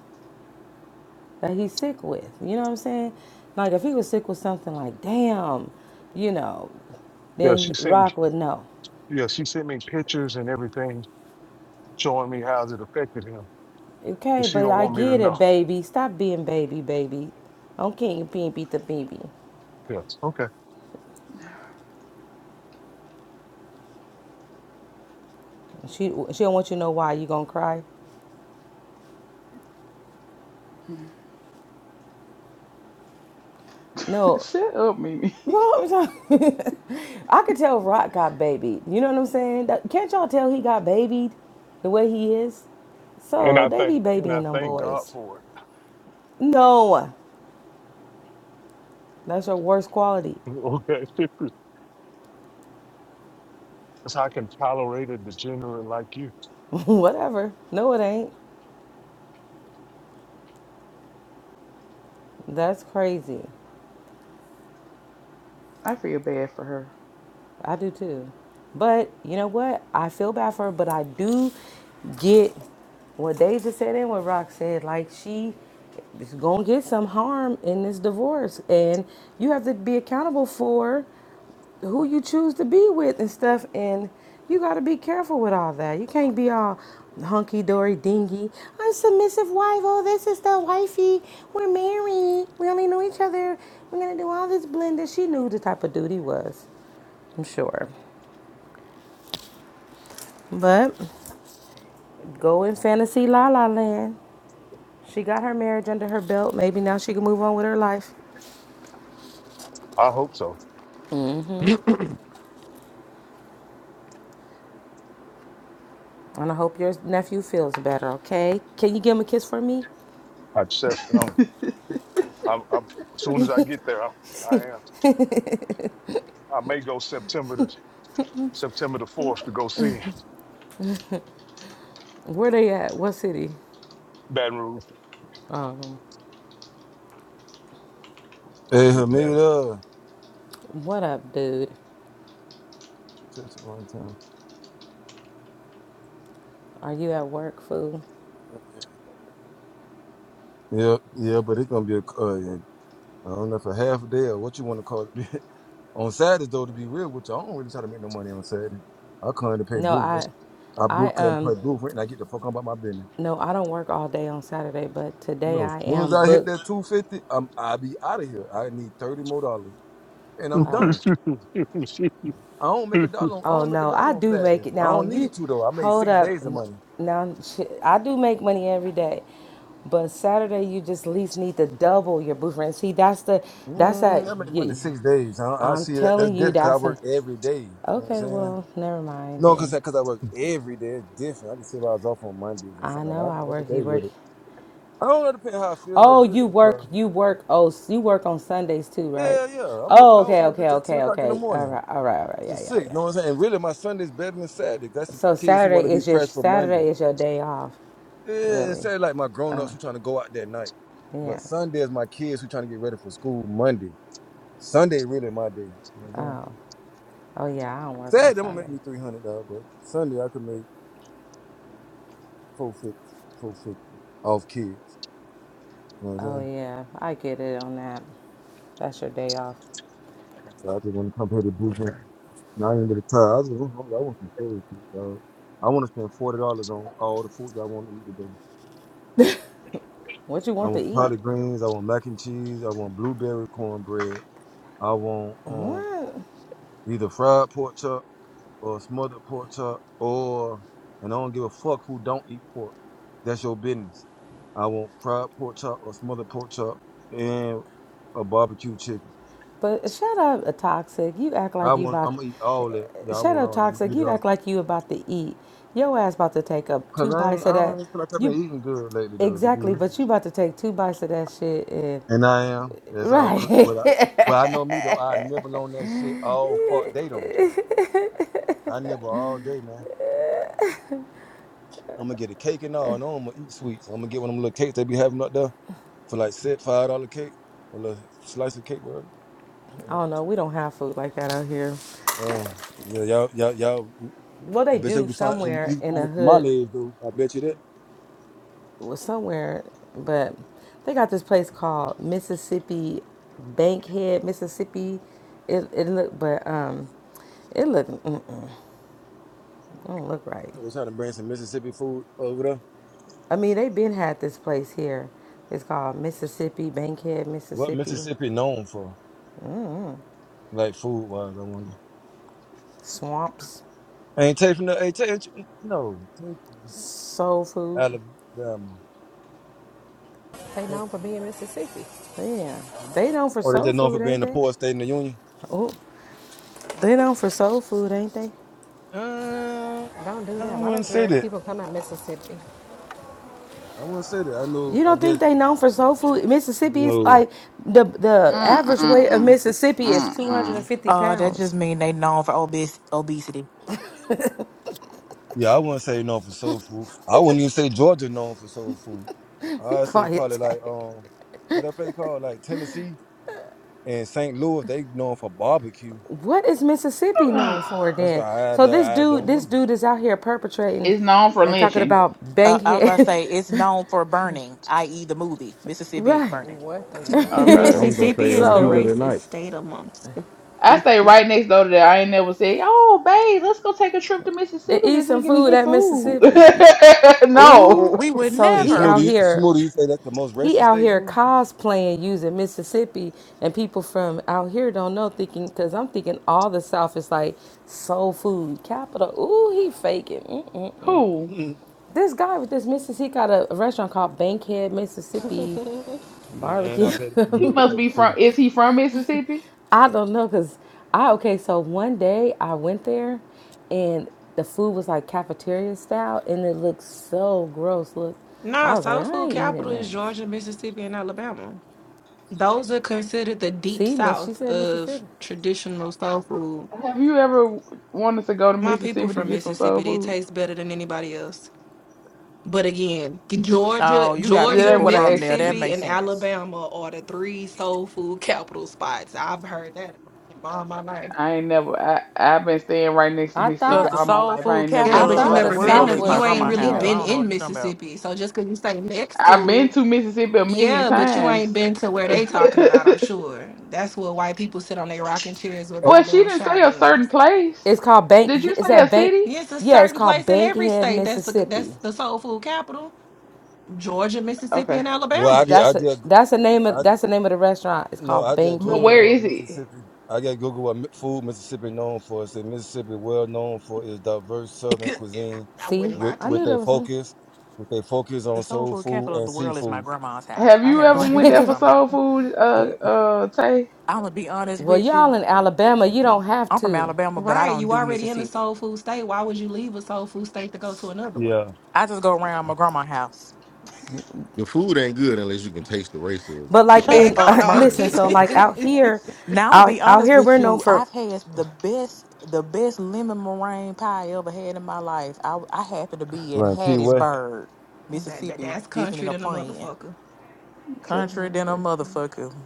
[SPEAKER 12] that he's sick with. You know what I'm saying? Like if he was sick with something like damn, you know,
[SPEAKER 1] you. Yeah,
[SPEAKER 12] then
[SPEAKER 1] she sent me.
[SPEAKER 12] Rock would know.
[SPEAKER 1] Yeah, she sent me pictures and everything showing me how it affected him, and
[SPEAKER 12] Okay,
[SPEAKER 1] she
[SPEAKER 12] but
[SPEAKER 1] don't
[SPEAKER 12] I
[SPEAKER 1] want me to
[SPEAKER 12] get
[SPEAKER 1] know.
[SPEAKER 12] it, baby. Stop being baby, baby. I'm king being beat the baby.
[SPEAKER 1] Yes. Okay.
[SPEAKER 12] She she don't want you to know why you gonna cry. No,
[SPEAKER 11] Shut up, Mimi.
[SPEAKER 12] well, I'm sorry. I could tell Rock got babied. You know what I'm saying? That- Can't y'all tell he got babied the way he is?
[SPEAKER 1] And
[SPEAKER 12] So
[SPEAKER 1] I
[SPEAKER 12] they
[SPEAKER 1] thank
[SPEAKER 12] be
[SPEAKER 1] and I
[SPEAKER 12] babying them
[SPEAKER 1] thank God
[SPEAKER 12] boys.
[SPEAKER 1] for it.
[SPEAKER 12] No, that's your worst quality.
[SPEAKER 1] Okay. That's I can tolerate a degenerate like you.
[SPEAKER 12] Whatever. No, it ain't. That's crazy.
[SPEAKER 11] I feel bad for her.
[SPEAKER 12] I do too. But you know what? I feel bad for her, but I do get what they just said and what Rock said. Like she is gonna get some harm in this divorce, and you have to be accountable for who you choose to be with and stuff. And you got to be careful with all that. You can't be all hunky dory dingy. I'm submissive wife. Oh, this is the wifey. We're married. We only know each other. We're gonna do all this blended. She knew the type of dude he was. I'm sure. But go in fantasy la la land. She got her marriage under her belt. Maybe now she can move on with her life.
[SPEAKER 1] I hope so.
[SPEAKER 12] And I hope your nephew feels better, okay? Can you give him a kiss for me?
[SPEAKER 1] I chef, you know, I'm, i as soon as I get there, I, I am. I may go September the September the fourth to go see
[SPEAKER 12] Where they at? What city?
[SPEAKER 1] Baton Rouge.
[SPEAKER 12] Um,
[SPEAKER 16] Hey,
[SPEAKER 1] It's bad.
[SPEAKER 16] Hamida.
[SPEAKER 12] what up, dude?
[SPEAKER 16] Touch it one time.
[SPEAKER 12] Are you at work, fool?
[SPEAKER 16] Yeah, yeah, but it's gonna be a. Uh, yeah, I don't know for half a day or what you want to call it. on Saturdays though, to be real with you, I don't really try to make no money on Saturday. I come to pay
[SPEAKER 12] No,
[SPEAKER 16] booth rent.
[SPEAKER 12] I,
[SPEAKER 16] I
[SPEAKER 12] I
[SPEAKER 16] book and pay
[SPEAKER 12] um,
[SPEAKER 16] booth rent, and I get the fuck on about my business.
[SPEAKER 12] no, I don't work all day on Saturday, but
[SPEAKER 16] You
[SPEAKER 12] today
[SPEAKER 16] know, as
[SPEAKER 12] I
[SPEAKER 16] soon as
[SPEAKER 12] am
[SPEAKER 16] I hit
[SPEAKER 12] booked
[SPEAKER 16] that two fifty, I'm I be out of here. I need thirty more dollars, and I'm done. I don't make a dollar. On, I
[SPEAKER 12] Oh
[SPEAKER 16] don't make a
[SPEAKER 12] no, I
[SPEAKER 16] dollar on
[SPEAKER 12] do make
[SPEAKER 16] Saturdays.
[SPEAKER 12] it
[SPEAKER 16] I
[SPEAKER 12] now.
[SPEAKER 16] don't
[SPEAKER 12] You
[SPEAKER 16] need to though. I make
[SPEAKER 12] hold
[SPEAKER 16] six
[SPEAKER 12] up.
[SPEAKER 16] days of money.
[SPEAKER 12] Now shit, I do make money every day, but Saturday you just at least need to double your booth rent. See, that's the that's that.
[SPEAKER 16] Mm, I make money
[SPEAKER 12] You,
[SPEAKER 16] six days. I, I
[SPEAKER 12] I'm
[SPEAKER 16] see that that's
[SPEAKER 12] telling you,
[SPEAKER 16] different 'cause I
[SPEAKER 12] that's a.
[SPEAKER 16] work every day. You know what I'm
[SPEAKER 12] Okay,
[SPEAKER 16] saying?
[SPEAKER 12] well, never mind
[SPEAKER 16] No, cause
[SPEAKER 12] then.
[SPEAKER 16] I, cause I work every day. It's different. I can say if I was off on Mondays or
[SPEAKER 12] I
[SPEAKER 16] something. Like
[SPEAKER 12] know
[SPEAKER 16] I'm
[SPEAKER 12] I
[SPEAKER 16] every
[SPEAKER 12] work. You
[SPEAKER 16] day
[SPEAKER 12] work.
[SPEAKER 16] with it. I don't know depend how I feel though.
[SPEAKER 12] Oh,
[SPEAKER 16] Really,
[SPEAKER 12] you work.
[SPEAKER 16] because
[SPEAKER 12] You work. Oh, s- you work on Sundays too, right?
[SPEAKER 16] yeah, yeah. I'm up,
[SPEAKER 12] Oh,
[SPEAKER 16] I
[SPEAKER 12] okay,
[SPEAKER 16] open the
[SPEAKER 12] okay,
[SPEAKER 16] bitch at ten
[SPEAKER 12] okay,
[SPEAKER 16] o'clock in the
[SPEAKER 12] okay. All
[SPEAKER 16] morning
[SPEAKER 12] right, all right, all right.
[SPEAKER 16] to
[SPEAKER 12] Yeah, yeah,
[SPEAKER 16] six. You
[SPEAKER 12] yeah.
[SPEAKER 16] know what I'm saying? Really, my Sunday's better than Saturday. That's the
[SPEAKER 12] So
[SPEAKER 16] kids who want
[SPEAKER 12] Saturday
[SPEAKER 16] to be
[SPEAKER 12] is your
[SPEAKER 16] fresh for Monday.
[SPEAKER 12] Saturday is your day off,
[SPEAKER 16] Yeah, it's
[SPEAKER 12] really.
[SPEAKER 16] Saturday like my grown
[SPEAKER 12] Oh,
[SPEAKER 16] ups who trying to go out that night.
[SPEAKER 12] yeah.
[SPEAKER 16] But Sunday is my kids who trying to get ready for school Monday. Sunday really my day. You know what I'm saying?
[SPEAKER 12] Oh. Oh yeah, I don't work on
[SPEAKER 16] Saturday I'm gonna make
[SPEAKER 12] Sunday.
[SPEAKER 16] me three hundred dollars, but Sunday I could make four fifty, four fifty off kids. You know what I'm saying?
[SPEAKER 12] Oh yeah, I get it on that. That's your day off.
[SPEAKER 16] So I just want to come here to Brooklyn. And I ain't get a tired. I just want, I want some food. Dog. I want to spend forty dollars on all the food that I want to eat today.
[SPEAKER 12] What you
[SPEAKER 16] I
[SPEAKER 12] want to
[SPEAKER 16] want
[SPEAKER 12] eat?
[SPEAKER 16] collard greens. I want mac and cheese. I want blueberry cornbread. I want um
[SPEAKER 12] What?
[SPEAKER 16] either fried pork chop or smothered pork chop or and I don't give a fuck who don't eat pork. That's your business. I want fried pork chop or smothered pork chop and a barbecue chicken.
[SPEAKER 12] But shut up, a toxic. You act like
[SPEAKER 16] I
[SPEAKER 12] you
[SPEAKER 16] want.
[SPEAKER 12] about
[SPEAKER 16] I'm gonna eat all that. Yeah, I
[SPEAKER 12] shut
[SPEAKER 16] want
[SPEAKER 12] up,
[SPEAKER 16] all. I'm gonna
[SPEAKER 12] toxic.
[SPEAKER 16] eat it
[SPEAKER 12] You
[SPEAKER 16] all.
[SPEAKER 12] act like you about to eat. Your ass about to take up two
[SPEAKER 16] Cause I
[SPEAKER 12] bites
[SPEAKER 16] ain't,
[SPEAKER 12] of
[SPEAKER 16] I don't
[SPEAKER 12] that.
[SPEAKER 16] feel like I've been
[SPEAKER 12] You
[SPEAKER 16] eating good lately though, to be
[SPEAKER 12] exactly,
[SPEAKER 16] real.
[SPEAKER 12] but you about to take two bites of that shit and
[SPEAKER 16] And I am. It's all cook.
[SPEAKER 12] right.
[SPEAKER 16] But I but I know me though, I nibble on that shit all fuck day though. I nibble all day, man. I'm gonna get a cake and all, I know I'm gonna eat sweets. I'm gonna get one of them little cakes they be having up there for like set five dollar cake, a little slice of cake, whatever.
[SPEAKER 12] I don't know. We don't have food like that out here.
[SPEAKER 16] Um, yeah, y'all, y'all, y'all.
[SPEAKER 12] well,
[SPEAKER 16] I
[SPEAKER 12] they
[SPEAKER 16] bet you
[SPEAKER 12] do
[SPEAKER 16] can find you
[SPEAKER 12] somewhere
[SPEAKER 16] can
[SPEAKER 12] in
[SPEAKER 16] find
[SPEAKER 12] a
[SPEAKER 16] it from my
[SPEAKER 12] hood,
[SPEAKER 16] legs though. I bet you that.
[SPEAKER 12] well, somewhere, but they got this place called Mississippi Bankhead, Mississippi. It it look, but um, it look mm-mm, it don't look right.
[SPEAKER 16] So They're trying to bring some Mississippi food over there.
[SPEAKER 12] I mean, they been had this place here. It's called Mississippi Bankhead,
[SPEAKER 16] What
[SPEAKER 12] Mississippi
[SPEAKER 16] Mississippi known for, like food wise? I wonder.
[SPEAKER 12] Swamps
[SPEAKER 16] Ain't Tay from the ain't Tay, ain't you- no Tay from
[SPEAKER 12] Soul Food.
[SPEAKER 16] Alabama.
[SPEAKER 10] they known for being Mississippi.
[SPEAKER 12] Yeah, they known for
[SPEAKER 16] Or they
[SPEAKER 12] soul
[SPEAKER 16] just known for
[SPEAKER 12] food,
[SPEAKER 16] being
[SPEAKER 12] ain't
[SPEAKER 16] the
[SPEAKER 12] they?
[SPEAKER 16] poorest state in the union.
[SPEAKER 12] Oh, they known for soul food, ain't they?
[SPEAKER 16] Uh,
[SPEAKER 10] Don't do
[SPEAKER 16] I
[SPEAKER 10] that. A lot
[SPEAKER 16] wouldn't
[SPEAKER 10] of
[SPEAKER 16] say
[SPEAKER 10] great
[SPEAKER 16] that.
[SPEAKER 10] people come out of Mississippi.
[SPEAKER 16] I wouldn't say that. I know.
[SPEAKER 12] You
[SPEAKER 16] I
[SPEAKER 12] don't think
[SPEAKER 16] guess
[SPEAKER 12] they known for soul food?
[SPEAKER 16] you
[SPEAKER 12] Mississippi is
[SPEAKER 16] know.
[SPEAKER 12] like the the average weight of
[SPEAKER 11] Mm-mm.
[SPEAKER 12] Mississippi is two hundred and
[SPEAKER 11] Mm-mm.
[SPEAKER 12] fifty
[SPEAKER 13] Uh, that just
[SPEAKER 12] pounds.
[SPEAKER 13] mean they known for obes- obesity.
[SPEAKER 16] Yeah, I wouldn't say known for soul food. I wouldn't even say Georgia known for soul food.
[SPEAKER 12] Be
[SPEAKER 16] I'd say
[SPEAKER 12] quiet.
[SPEAKER 16] probably
[SPEAKER 12] Tay.
[SPEAKER 16] like um, what that place called like Tennessee and St. Louis. They known for barbecue.
[SPEAKER 12] What is Mississippi known for
[SPEAKER 16] That's what
[SPEAKER 12] then?
[SPEAKER 16] I
[SPEAKER 12] So this
[SPEAKER 16] I, I
[SPEAKER 12] dude,
[SPEAKER 16] don't
[SPEAKER 12] this
[SPEAKER 16] know.
[SPEAKER 12] dude is out here perpetrating
[SPEAKER 11] It's known for
[SPEAKER 12] and talking
[SPEAKER 11] lynching.
[SPEAKER 12] about
[SPEAKER 13] Uh, I was about to
[SPEAKER 12] bankhead,
[SPEAKER 13] say it's known for burning, i.e., the movie Mississippi
[SPEAKER 12] right?
[SPEAKER 13] Burning.
[SPEAKER 10] What the
[SPEAKER 16] Yeah.
[SPEAKER 10] world?
[SPEAKER 14] I
[SPEAKER 11] Okay.
[SPEAKER 14] was gonna
[SPEAKER 17] Mississippi
[SPEAKER 14] say in
[SPEAKER 11] The
[SPEAKER 17] is
[SPEAKER 14] the
[SPEAKER 17] the
[SPEAKER 12] so
[SPEAKER 14] heat
[SPEAKER 11] fuck?
[SPEAKER 14] of the
[SPEAKER 17] racist
[SPEAKER 14] night.
[SPEAKER 17] state amongst the
[SPEAKER 11] I stay
[SPEAKER 17] 50.
[SPEAKER 11] right next door to that. I ain't never said, "Oh, babe, let's go take a trip to
[SPEAKER 12] and
[SPEAKER 11] Mississippi
[SPEAKER 12] eat
[SPEAKER 11] this
[SPEAKER 12] some
[SPEAKER 11] weekend and
[SPEAKER 12] food
[SPEAKER 11] get
[SPEAKER 12] at
[SPEAKER 11] food."
[SPEAKER 12] Mississippi. Ooh,
[SPEAKER 13] We
[SPEAKER 11] no,
[SPEAKER 13] would
[SPEAKER 12] so
[SPEAKER 16] Hey,
[SPEAKER 12] he
[SPEAKER 13] never.
[SPEAKER 12] out
[SPEAKER 16] Smoothie,
[SPEAKER 12] here.
[SPEAKER 16] Smoothie, you say that's the most
[SPEAKER 12] He
[SPEAKER 16] racist
[SPEAKER 12] out
[SPEAKER 16] state,
[SPEAKER 12] here
[SPEAKER 16] Smoothie?
[SPEAKER 12] cosplaying using Mississippi, and people from out here don't know. Thinking because I'm thinking all the South is like soul food capital. Ooh, he faking. Mm-mm.
[SPEAKER 11] who?
[SPEAKER 12] This guy with this Mississippi he got a, a restaurant called Bankhead Mississippi
[SPEAKER 16] And, and I
[SPEAKER 12] Barbecue.
[SPEAKER 16] bet it's a
[SPEAKER 11] He
[SPEAKER 16] real
[SPEAKER 11] must
[SPEAKER 16] place
[SPEAKER 11] be
[SPEAKER 16] too.
[SPEAKER 11] from. Is he from Mississippi?
[SPEAKER 12] I don't know because I okay. So one day I went there, and the food was like cafeteria style, and it looked so gross. Look,
[SPEAKER 17] No,
[SPEAKER 12] I was like,
[SPEAKER 17] soul
[SPEAKER 12] I
[SPEAKER 17] food
[SPEAKER 12] ain't eating
[SPEAKER 17] capital is
[SPEAKER 12] this.
[SPEAKER 17] Georgia, Mississippi, and Alabama. Those are considered the deep
[SPEAKER 12] See, Miss, she
[SPEAKER 17] south
[SPEAKER 12] said
[SPEAKER 17] of
[SPEAKER 12] Mississippi.
[SPEAKER 17] traditional soul food.
[SPEAKER 11] Have you ever wanted to go to
[SPEAKER 17] My people
[SPEAKER 11] Mississippi to
[SPEAKER 17] from
[SPEAKER 11] get some soul
[SPEAKER 17] Mississippi, they
[SPEAKER 11] food?
[SPEAKER 17] taste better than anybody else. But again, Georgia,
[SPEAKER 13] Oh, you got
[SPEAKER 11] That
[SPEAKER 17] Georgia,
[SPEAKER 11] ain't
[SPEAKER 13] people
[SPEAKER 11] what I
[SPEAKER 13] from
[SPEAKER 11] asked
[SPEAKER 13] there. That
[SPEAKER 11] you.
[SPEAKER 17] Mississippi,
[SPEAKER 13] makes
[SPEAKER 17] and
[SPEAKER 13] sense.
[SPEAKER 17] Alabama are the three soul food capital spots. I've heard that all my life.
[SPEAKER 11] I ain't never. I I've been staying right next to
[SPEAKER 12] I
[SPEAKER 11] Mississippi
[SPEAKER 13] Cause
[SPEAKER 12] thought
[SPEAKER 13] the
[SPEAKER 11] all my
[SPEAKER 13] soul
[SPEAKER 11] life. I
[SPEAKER 13] food
[SPEAKER 11] ain't never
[SPEAKER 17] Yeah,
[SPEAKER 12] I
[SPEAKER 17] but
[SPEAKER 13] capital
[SPEAKER 17] you
[SPEAKER 12] thought
[SPEAKER 13] of the
[SPEAKER 12] the
[SPEAKER 17] never
[SPEAKER 11] decided to
[SPEAKER 17] been
[SPEAKER 11] go
[SPEAKER 13] world
[SPEAKER 12] South
[SPEAKER 17] to,
[SPEAKER 13] is
[SPEAKER 11] get
[SPEAKER 13] my
[SPEAKER 11] no
[SPEAKER 17] you
[SPEAKER 12] was
[SPEAKER 17] ain't
[SPEAKER 11] food
[SPEAKER 13] grandma's
[SPEAKER 11] from
[SPEAKER 17] really
[SPEAKER 13] house.
[SPEAKER 12] yeah.
[SPEAKER 11] there.
[SPEAKER 13] I
[SPEAKER 17] been
[SPEAKER 13] don't know what
[SPEAKER 17] in
[SPEAKER 13] you're talking about.
[SPEAKER 17] Mississippi. So just because you say next
[SPEAKER 11] I've
[SPEAKER 17] to
[SPEAKER 11] been
[SPEAKER 17] it.
[SPEAKER 11] to Mississippi a million
[SPEAKER 17] Yeah, but you
[SPEAKER 11] times.
[SPEAKER 17] ain't been to where they talking about, I'm sure. That's where white people sit on their rocking chairs with
[SPEAKER 16] Oh,
[SPEAKER 11] Well, she
[SPEAKER 17] goddamn
[SPEAKER 11] didn't say a certain
[SPEAKER 17] shotguns.
[SPEAKER 11] place.
[SPEAKER 12] It's called Bank.
[SPEAKER 11] Did you
[SPEAKER 12] Is
[SPEAKER 11] say a
[SPEAKER 12] that Bank?
[SPEAKER 11] city?
[SPEAKER 17] It's a
[SPEAKER 12] Yeah, it's
[SPEAKER 17] certain
[SPEAKER 12] called
[SPEAKER 17] place in every
[SPEAKER 12] Bankhead,
[SPEAKER 17] state that's a,
[SPEAKER 12] Mississippi.
[SPEAKER 17] that's the soul food capital. Georgia, Mississippi,
[SPEAKER 11] Okay.
[SPEAKER 17] and
[SPEAKER 16] well, I
[SPEAKER 17] Alabama.
[SPEAKER 16] did, I
[SPEAKER 12] That's a
[SPEAKER 16] did,
[SPEAKER 12] that's the name of
[SPEAKER 16] I
[SPEAKER 12] that's the name of the restaurant. It's
[SPEAKER 16] no,
[SPEAKER 12] called
[SPEAKER 16] I did
[SPEAKER 11] But
[SPEAKER 16] Google
[SPEAKER 11] where
[SPEAKER 12] Bankhead.
[SPEAKER 16] what
[SPEAKER 11] is it?
[SPEAKER 16] Mississippi. I did Google what mi- food Mississippi known for. It said Mississippi well known for its diverse Southern cuisine,
[SPEAKER 17] I
[SPEAKER 12] See,
[SPEAKER 17] wouldn't lie
[SPEAKER 16] with
[SPEAKER 12] I
[SPEAKER 17] to
[SPEAKER 16] with
[SPEAKER 12] knew
[SPEAKER 17] you.
[SPEAKER 12] there
[SPEAKER 16] a
[SPEAKER 12] was some.
[SPEAKER 16] focus, with a focus
[SPEAKER 13] The
[SPEAKER 16] on
[SPEAKER 13] soul
[SPEAKER 16] soul
[SPEAKER 13] food
[SPEAKER 16] food
[SPEAKER 13] capital of
[SPEAKER 16] and
[SPEAKER 13] the world is my
[SPEAKER 16] seafood.
[SPEAKER 13] grandma's house.
[SPEAKER 11] Have
[SPEAKER 13] I
[SPEAKER 11] you
[SPEAKER 13] have no
[SPEAKER 11] ever
[SPEAKER 13] idea
[SPEAKER 11] went
[SPEAKER 13] what
[SPEAKER 11] there
[SPEAKER 13] y'all
[SPEAKER 11] for
[SPEAKER 13] talking
[SPEAKER 11] soul
[SPEAKER 13] about.
[SPEAKER 11] food, uh, uh, Tay?
[SPEAKER 13] I'm gonna be honest
[SPEAKER 12] well,
[SPEAKER 13] with
[SPEAKER 12] y'all
[SPEAKER 13] you.
[SPEAKER 12] in Alabama, you don't have
[SPEAKER 13] I'm from
[SPEAKER 12] to.
[SPEAKER 13] Alabama, but I
[SPEAKER 17] Right,
[SPEAKER 13] don't
[SPEAKER 17] you
[SPEAKER 13] do
[SPEAKER 17] already in the
[SPEAKER 13] Mississippi.
[SPEAKER 17] soul food state. Why would you leave a soul food state to go to another one?
[SPEAKER 16] Yeah,
[SPEAKER 13] I just go around my grandma's house.
[SPEAKER 14] the food ain't good unless you can taste the racism.
[SPEAKER 12] But like
[SPEAKER 14] That's why.
[SPEAKER 13] Shut
[SPEAKER 17] Man,
[SPEAKER 14] That's
[SPEAKER 12] in
[SPEAKER 17] go on.
[SPEAKER 13] up,
[SPEAKER 14] why I
[SPEAKER 13] merch.
[SPEAKER 12] listen,
[SPEAKER 14] said.
[SPEAKER 12] so like out
[SPEAKER 17] that,
[SPEAKER 12] here,
[SPEAKER 13] Now I'm gonna
[SPEAKER 12] out
[SPEAKER 13] be
[SPEAKER 12] out
[SPEAKER 13] honest
[SPEAKER 12] here we're
[SPEAKER 13] with
[SPEAKER 12] known
[SPEAKER 13] you.
[SPEAKER 12] for.
[SPEAKER 13] I've had the best, the best lemon meringue pie I ever had in my life. I I happened to be in
[SPEAKER 16] right. Key West.
[SPEAKER 13] Hattiesburg,
[SPEAKER 17] that-
[SPEAKER 13] Mississippi,
[SPEAKER 17] that's
[SPEAKER 13] visiting
[SPEAKER 17] country
[SPEAKER 13] a
[SPEAKER 17] than a
[SPEAKER 13] friend.
[SPEAKER 17] motherfucker.
[SPEAKER 13] Country
[SPEAKER 11] Customer
[SPEAKER 13] than a
[SPEAKER 11] request.
[SPEAKER 13] motherfucker,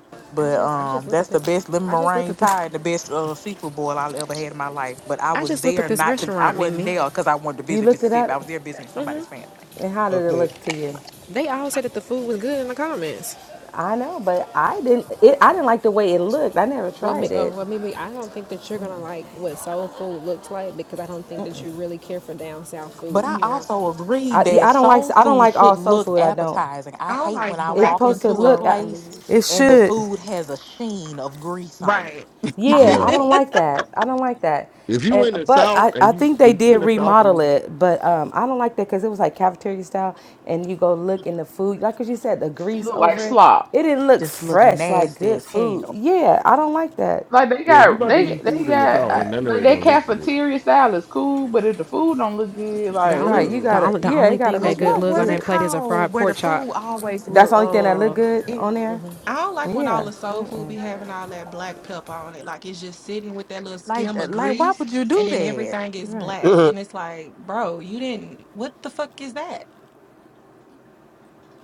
[SPEAKER 10] I
[SPEAKER 13] but
[SPEAKER 10] just I just
[SPEAKER 13] um,
[SPEAKER 10] looked at
[SPEAKER 13] that's the
[SPEAKER 10] this.
[SPEAKER 13] best lemon
[SPEAKER 10] I just looked
[SPEAKER 13] meringue
[SPEAKER 10] at this.
[SPEAKER 13] pie and the best uh, seafood boil I ever had in my life. But I
[SPEAKER 10] I
[SPEAKER 13] was
[SPEAKER 10] just looked at
[SPEAKER 13] there
[SPEAKER 10] this
[SPEAKER 13] not to. I
[SPEAKER 10] restaurant,
[SPEAKER 13] wasn't
[SPEAKER 10] Mimi.
[SPEAKER 13] there because I wanted to
[SPEAKER 12] You
[SPEAKER 13] visit
[SPEAKER 12] looked it
[SPEAKER 13] Mississippi.
[SPEAKER 12] up,
[SPEAKER 13] I was there visiting somebody's family.
[SPEAKER 12] and how did it
[SPEAKER 16] Okay.
[SPEAKER 12] look to you?
[SPEAKER 10] They all said that the food was good in the comments.
[SPEAKER 12] I know, but I didn't. It, I didn't like the way it looked. I never
[SPEAKER 10] Well, may-
[SPEAKER 12] tried
[SPEAKER 10] uh,
[SPEAKER 12] it.
[SPEAKER 10] well, maybe I don't think that you're gonna like what soul food looks like because I don't think that you really care for down south
[SPEAKER 13] But
[SPEAKER 10] food.
[SPEAKER 13] I
[SPEAKER 17] Yes.
[SPEAKER 13] also agree
[SPEAKER 12] I yeah,
[SPEAKER 13] that
[SPEAKER 12] I don't like
[SPEAKER 13] soul
[SPEAKER 12] I don't
[SPEAKER 13] food
[SPEAKER 12] like
[SPEAKER 13] should
[SPEAKER 12] all soul
[SPEAKER 13] look
[SPEAKER 12] food. I don't.
[SPEAKER 13] appetizing. I
[SPEAKER 17] I don't
[SPEAKER 13] hate
[SPEAKER 17] like
[SPEAKER 13] when I
[SPEAKER 12] It's
[SPEAKER 17] black
[SPEAKER 13] walk
[SPEAKER 12] supposed to
[SPEAKER 17] looking
[SPEAKER 13] into a
[SPEAKER 12] look.
[SPEAKER 17] soul
[SPEAKER 12] I-
[SPEAKER 13] place
[SPEAKER 17] food.
[SPEAKER 12] It
[SPEAKER 13] and the
[SPEAKER 12] should.
[SPEAKER 13] food has a sheen of grease on it.
[SPEAKER 17] Right.
[SPEAKER 13] I
[SPEAKER 12] Yeah, I
[SPEAKER 14] Yeah.
[SPEAKER 13] hate
[SPEAKER 12] don't
[SPEAKER 13] that.
[SPEAKER 12] like that. I don't like that.
[SPEAKER 14] If you
[SPEAKER 12] And
[SPEAKER 14] in the
[SPEAKER 12] but
[SPEAKER 14] South
[SPEAKER 12] I,
[SPEAKER 14] and
[SPEAKER 12] I
[SPEAKER 14] you
[SPEAKER 12] think they
[SPEAKER 14] if you
[SPEAKER 12] did
[SPEAKER 14] in the South and
[SPEAKER 12] remodel
[SPEAKER 14] you
[SPEAKER 12] it, but um, I don't like that because it was like cafeteria style, and you go look in the food, like what you said, the
[SPEAKER 11] It
[SPEAKER 12] grease
[SPEAKER 11] look like
[SPEAKER 12] over it.
[SPEAKER 11] slop.
[SPEAKER 12] It didn't look
[SPEAKER 13] Just look
[SPEAKER 12] fresh, like
[SPEAKER 13] nasty
[SPEAKER 12] good
[SPEAKER 13] as
[SPEAKER 12] food.
[SPEAKER 13] hell.
[SPEAKER 12] Yeah, I don't like that.
[SPEAKER 11] Like they
[SPEAKER 14] yeah, if you
[SPEAKER 11] got,
[SPEAKER 14] about to
[SPEAKER 11] they
[SPEAKER 14] eat
[SPEAKER 11] they
[SPEAKER 14] food in the
[SPEAKER 10] The
[SPEAKER 11] got,
[SPEAKER 14] South,
[SPEAKER 11] uh,
[SPEAKER 10] only,
[SPEAKER 14] ain't none of
[SPEAKER 11] like
[SPEAKER 14] it
[SPEAKER 11] their
[SPEAKER 14] gonna
[SPEAKER 10] the,
[SPEAKER 14] look good.
[SPEAKER 11] cafeteria style is cool, but if the food don't look good,
[SPEAKER 10] the
[SPEAKER 11] like,
[SPEAKER 10] only,
[SPEAKER 12] Right, you
[SPEAKER 11] ooh,
[SPEAKER 10] the
[SPEAKER 12] gotta.
[SPEAKER 10] only, the
[SPEAKER 12] Yeah, it
[SPEAKER 10] only
[SPEAKER 12] gotta
[SPEAKER 10] thing
[SPEAKER 13] Cause
[SPEAKER 10] that
[SPEAKER 12] make it
[SPEAKER 10] good
[SPEAKER 13] what
[SPEAKER 12] look
[SPEAKER 10] look
[SPEAKER 13] was
[SPEAKER 10] on
[SPEAKER 13] it
[SPEAKER 10] that
[SPEAKER 12] good.
[SPEAKER 10] plate is a
[SPEAKER 13] called
[SPEAKER 10] fried
[SPEAKER 13] where the
[SPEAKER 10] pork chop.
[SPEAKER 13] food always
[SPEAKER 12] That's
[SPEAKER 13] look
[SPEAKER 12] the only thing that look
[SPEAKER 13] uh
[SPEAKER 12] good
[SPEAKER 13] it
[SPEAKER 12] on there.
[SPEAKER 17] I don't like when all
[SPEAKER 12] Yeah.
[SPEAKER 17] the soul food be having all that black pepper on it. Like it's just sitting with that little
[SPEAKER 13] like
[SPEAKER 17] skim
[SPEAKER 13] uh,
[SPEAKER 17] of
[SPEAKER 13] like why
[SPEAKER 17] grease
[SPEAKER 13] would you
[SPEAKER 17] and
[SPEAKER 13] do
[SPEAKER 17] then
[SPEAKER 13] that?
[SPEAKER 17] everything is
[SPEAKER 12] Right.
[SPEAKER 17] black. And it's like, bro, you didn't what the fuck is that?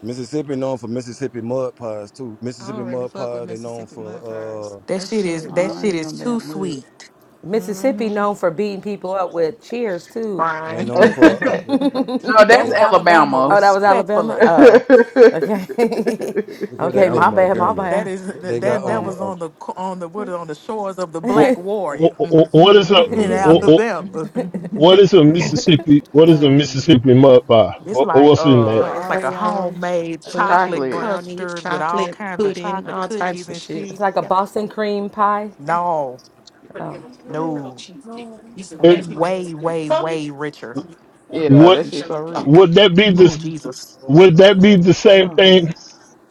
[SPEAKER 16] Mississippi known for Mississippi mud pies too.
[SPEAKER 17] I don't
[SPEAKER 16] Mississippi
[SPEAKER 17] really
[SPEAKER 16] mud
[SPEAKER 17] fuck with
[SPEAKER 16] pies. They known
[SPEAKER 17] Mississippi mud pies.
[SPEAKER 16] for
[SPEAKER 13] That
[SPEAKER 17] That
[SPEAKER 13] shit is
[SPEAKER 11] no,
[SPEAKER 17] shit.
[SPEAKER 16] uh,
[SPEAKER 13] that
[SPEAKER 16] uh,
[SPEAKER 11] I
[SPEAKER 13] shit
[SPEAKER 11] ain't
[SPEAKER 13] is
[SPEAKER 11] no
[SPEAKER 13] too
[SPEAKER 11] damn mud.
[SPEAKER 13] sweet.
[SPEAKER 12] Mississippi
[SPEAKER 17] Mm-hmm.
[SPEAKER 12] known for beating people up with cheers too.
[SPEAKER 16] they
[SPEAKER 17] Fine.
[SPEAKER 16] known
[SPEAKER 12] They said,
[SPEAKER 16] for uh,
[SPEAKER 11] no, that's
[SPEAKER 13] That's
[SPEAKER 16] they,
[SPEAKER 13] Alabama
[SPEAKER 12] "Oh,
[SPEAKER 11] Alabama.
[SPEAKER 12] that was
[SPEAKER 16] they,
[SPEAKER 12] Alabama."
[SPEAKER 13] respectfully.
[SPEAKER 12] Oh, okay,
[SPEAKER 16] look what
[SPEAKER 14] Yeah,
[SPEAKER 16] they,
[SPEAKER 12] okay.
[SPEAKER 14] that
[SPEAKER 16] they
[SPEAKER 14] was
[SPEAKER 12] My bad,
[SPEAKER 16] they
[SPEAKER 12] my
[SPEAKER 14] Montgomery.
[SPEAKER 13] That
[SPEAKER 12] bad,
[SPEAKER 13] is
[SPEAKER 16] they
[SPEAKER 12] my
[SPEAKER 16] got
[SPEAKER 13] that that
[SPEAKER 12] bad.
[SPEAKER 16] um.
[SPEAKER 13] was on the co- on the what on the shores of the
[SPEAKER 7] Wh-
[SPEAKER 13] Black Warrior
[SPEAKER 7] wh- wh- What is
[SPEAKER 17] mm-hmm.
[SPEAKER 7] a
[SPEAKER 13] in
[SPEAKER 7] wh-
[SPEAKER 14] Mm-hmm.
[SPEAKER 7] wh-
[SPEAKER 13] Alabama.
[SPEAKER 7] what is a Mississippi? What is a
[SPEAKER 11] oh,
[SPEAKER 7] Mississippi
[SPEAKER 11] Jesus.
[SPEAKER 7] mud pie?
[SPEAKER 13] It's
[SPEAKER 7] Wh-
[SPEAKER 13] like
[SPEAKER 7] What's in
[SPEAKER 17] The
[SPEAKER 7] that?
[SPEAKER 13] uh, it's like a
[SPEAKER 17] Oreo,
[SPEAKER 13] homemade
[SPEAKER 11] That's
[SPEAKER 17] fudgy,
[SPEAKER 13] chocolate
[SPEAKER 11] chocolate.
[SPEAKER 17] brownie,
[SPEAKER 13] custard with all
[SPEAKER 17] chocolate,
[SPEAKER 13] kinds of
[SPEAKER 17] pudding,
[SPEAKER 13] chocolate
[SPEAKER 17] all
[SPEAKER 13] cookies
[SPEAKER 17] types of
[SPEAKER 13] and
[SPEAKER 17] shit.
[SPEAKER 12] It's
[SPEAKER 13] shit.
[SPEAKER 12] like a
[SPEAKER 17] Yeah.
[SPEAKER 12] Boston cream pie.
[SPEAKER 13] No,
[SPEAKER 17] You better give
[SPEAKER 12] Oh,
[SPEAKER 17] me your little
[SPEAKER 13] no,
[SPEAKER 17] cheesecake. You said,
[SPEAKER 7] It-
[SPEAKER 17] in
[SPEAKER 13] W-
[SPEAKER 17] a few minutes.
[SPEAKER 13] way, way,
[SPEAKER 17] Huh?
[SPEAKER 13] way richer.
[SPEAKER 11] Yeah, that
[SPEAKER 7] Would
[SPEAKER 11] shit's so rich.
[SPEAKER 7] would that be
[SPEAKER 13] Oh
[SPEAKER 7] this?
[SPEAKER 13] Jesus,
[SPEAKER 7] Would that be the same
[SPEAKER 11] Oh my.
[SPEAKER 7] thing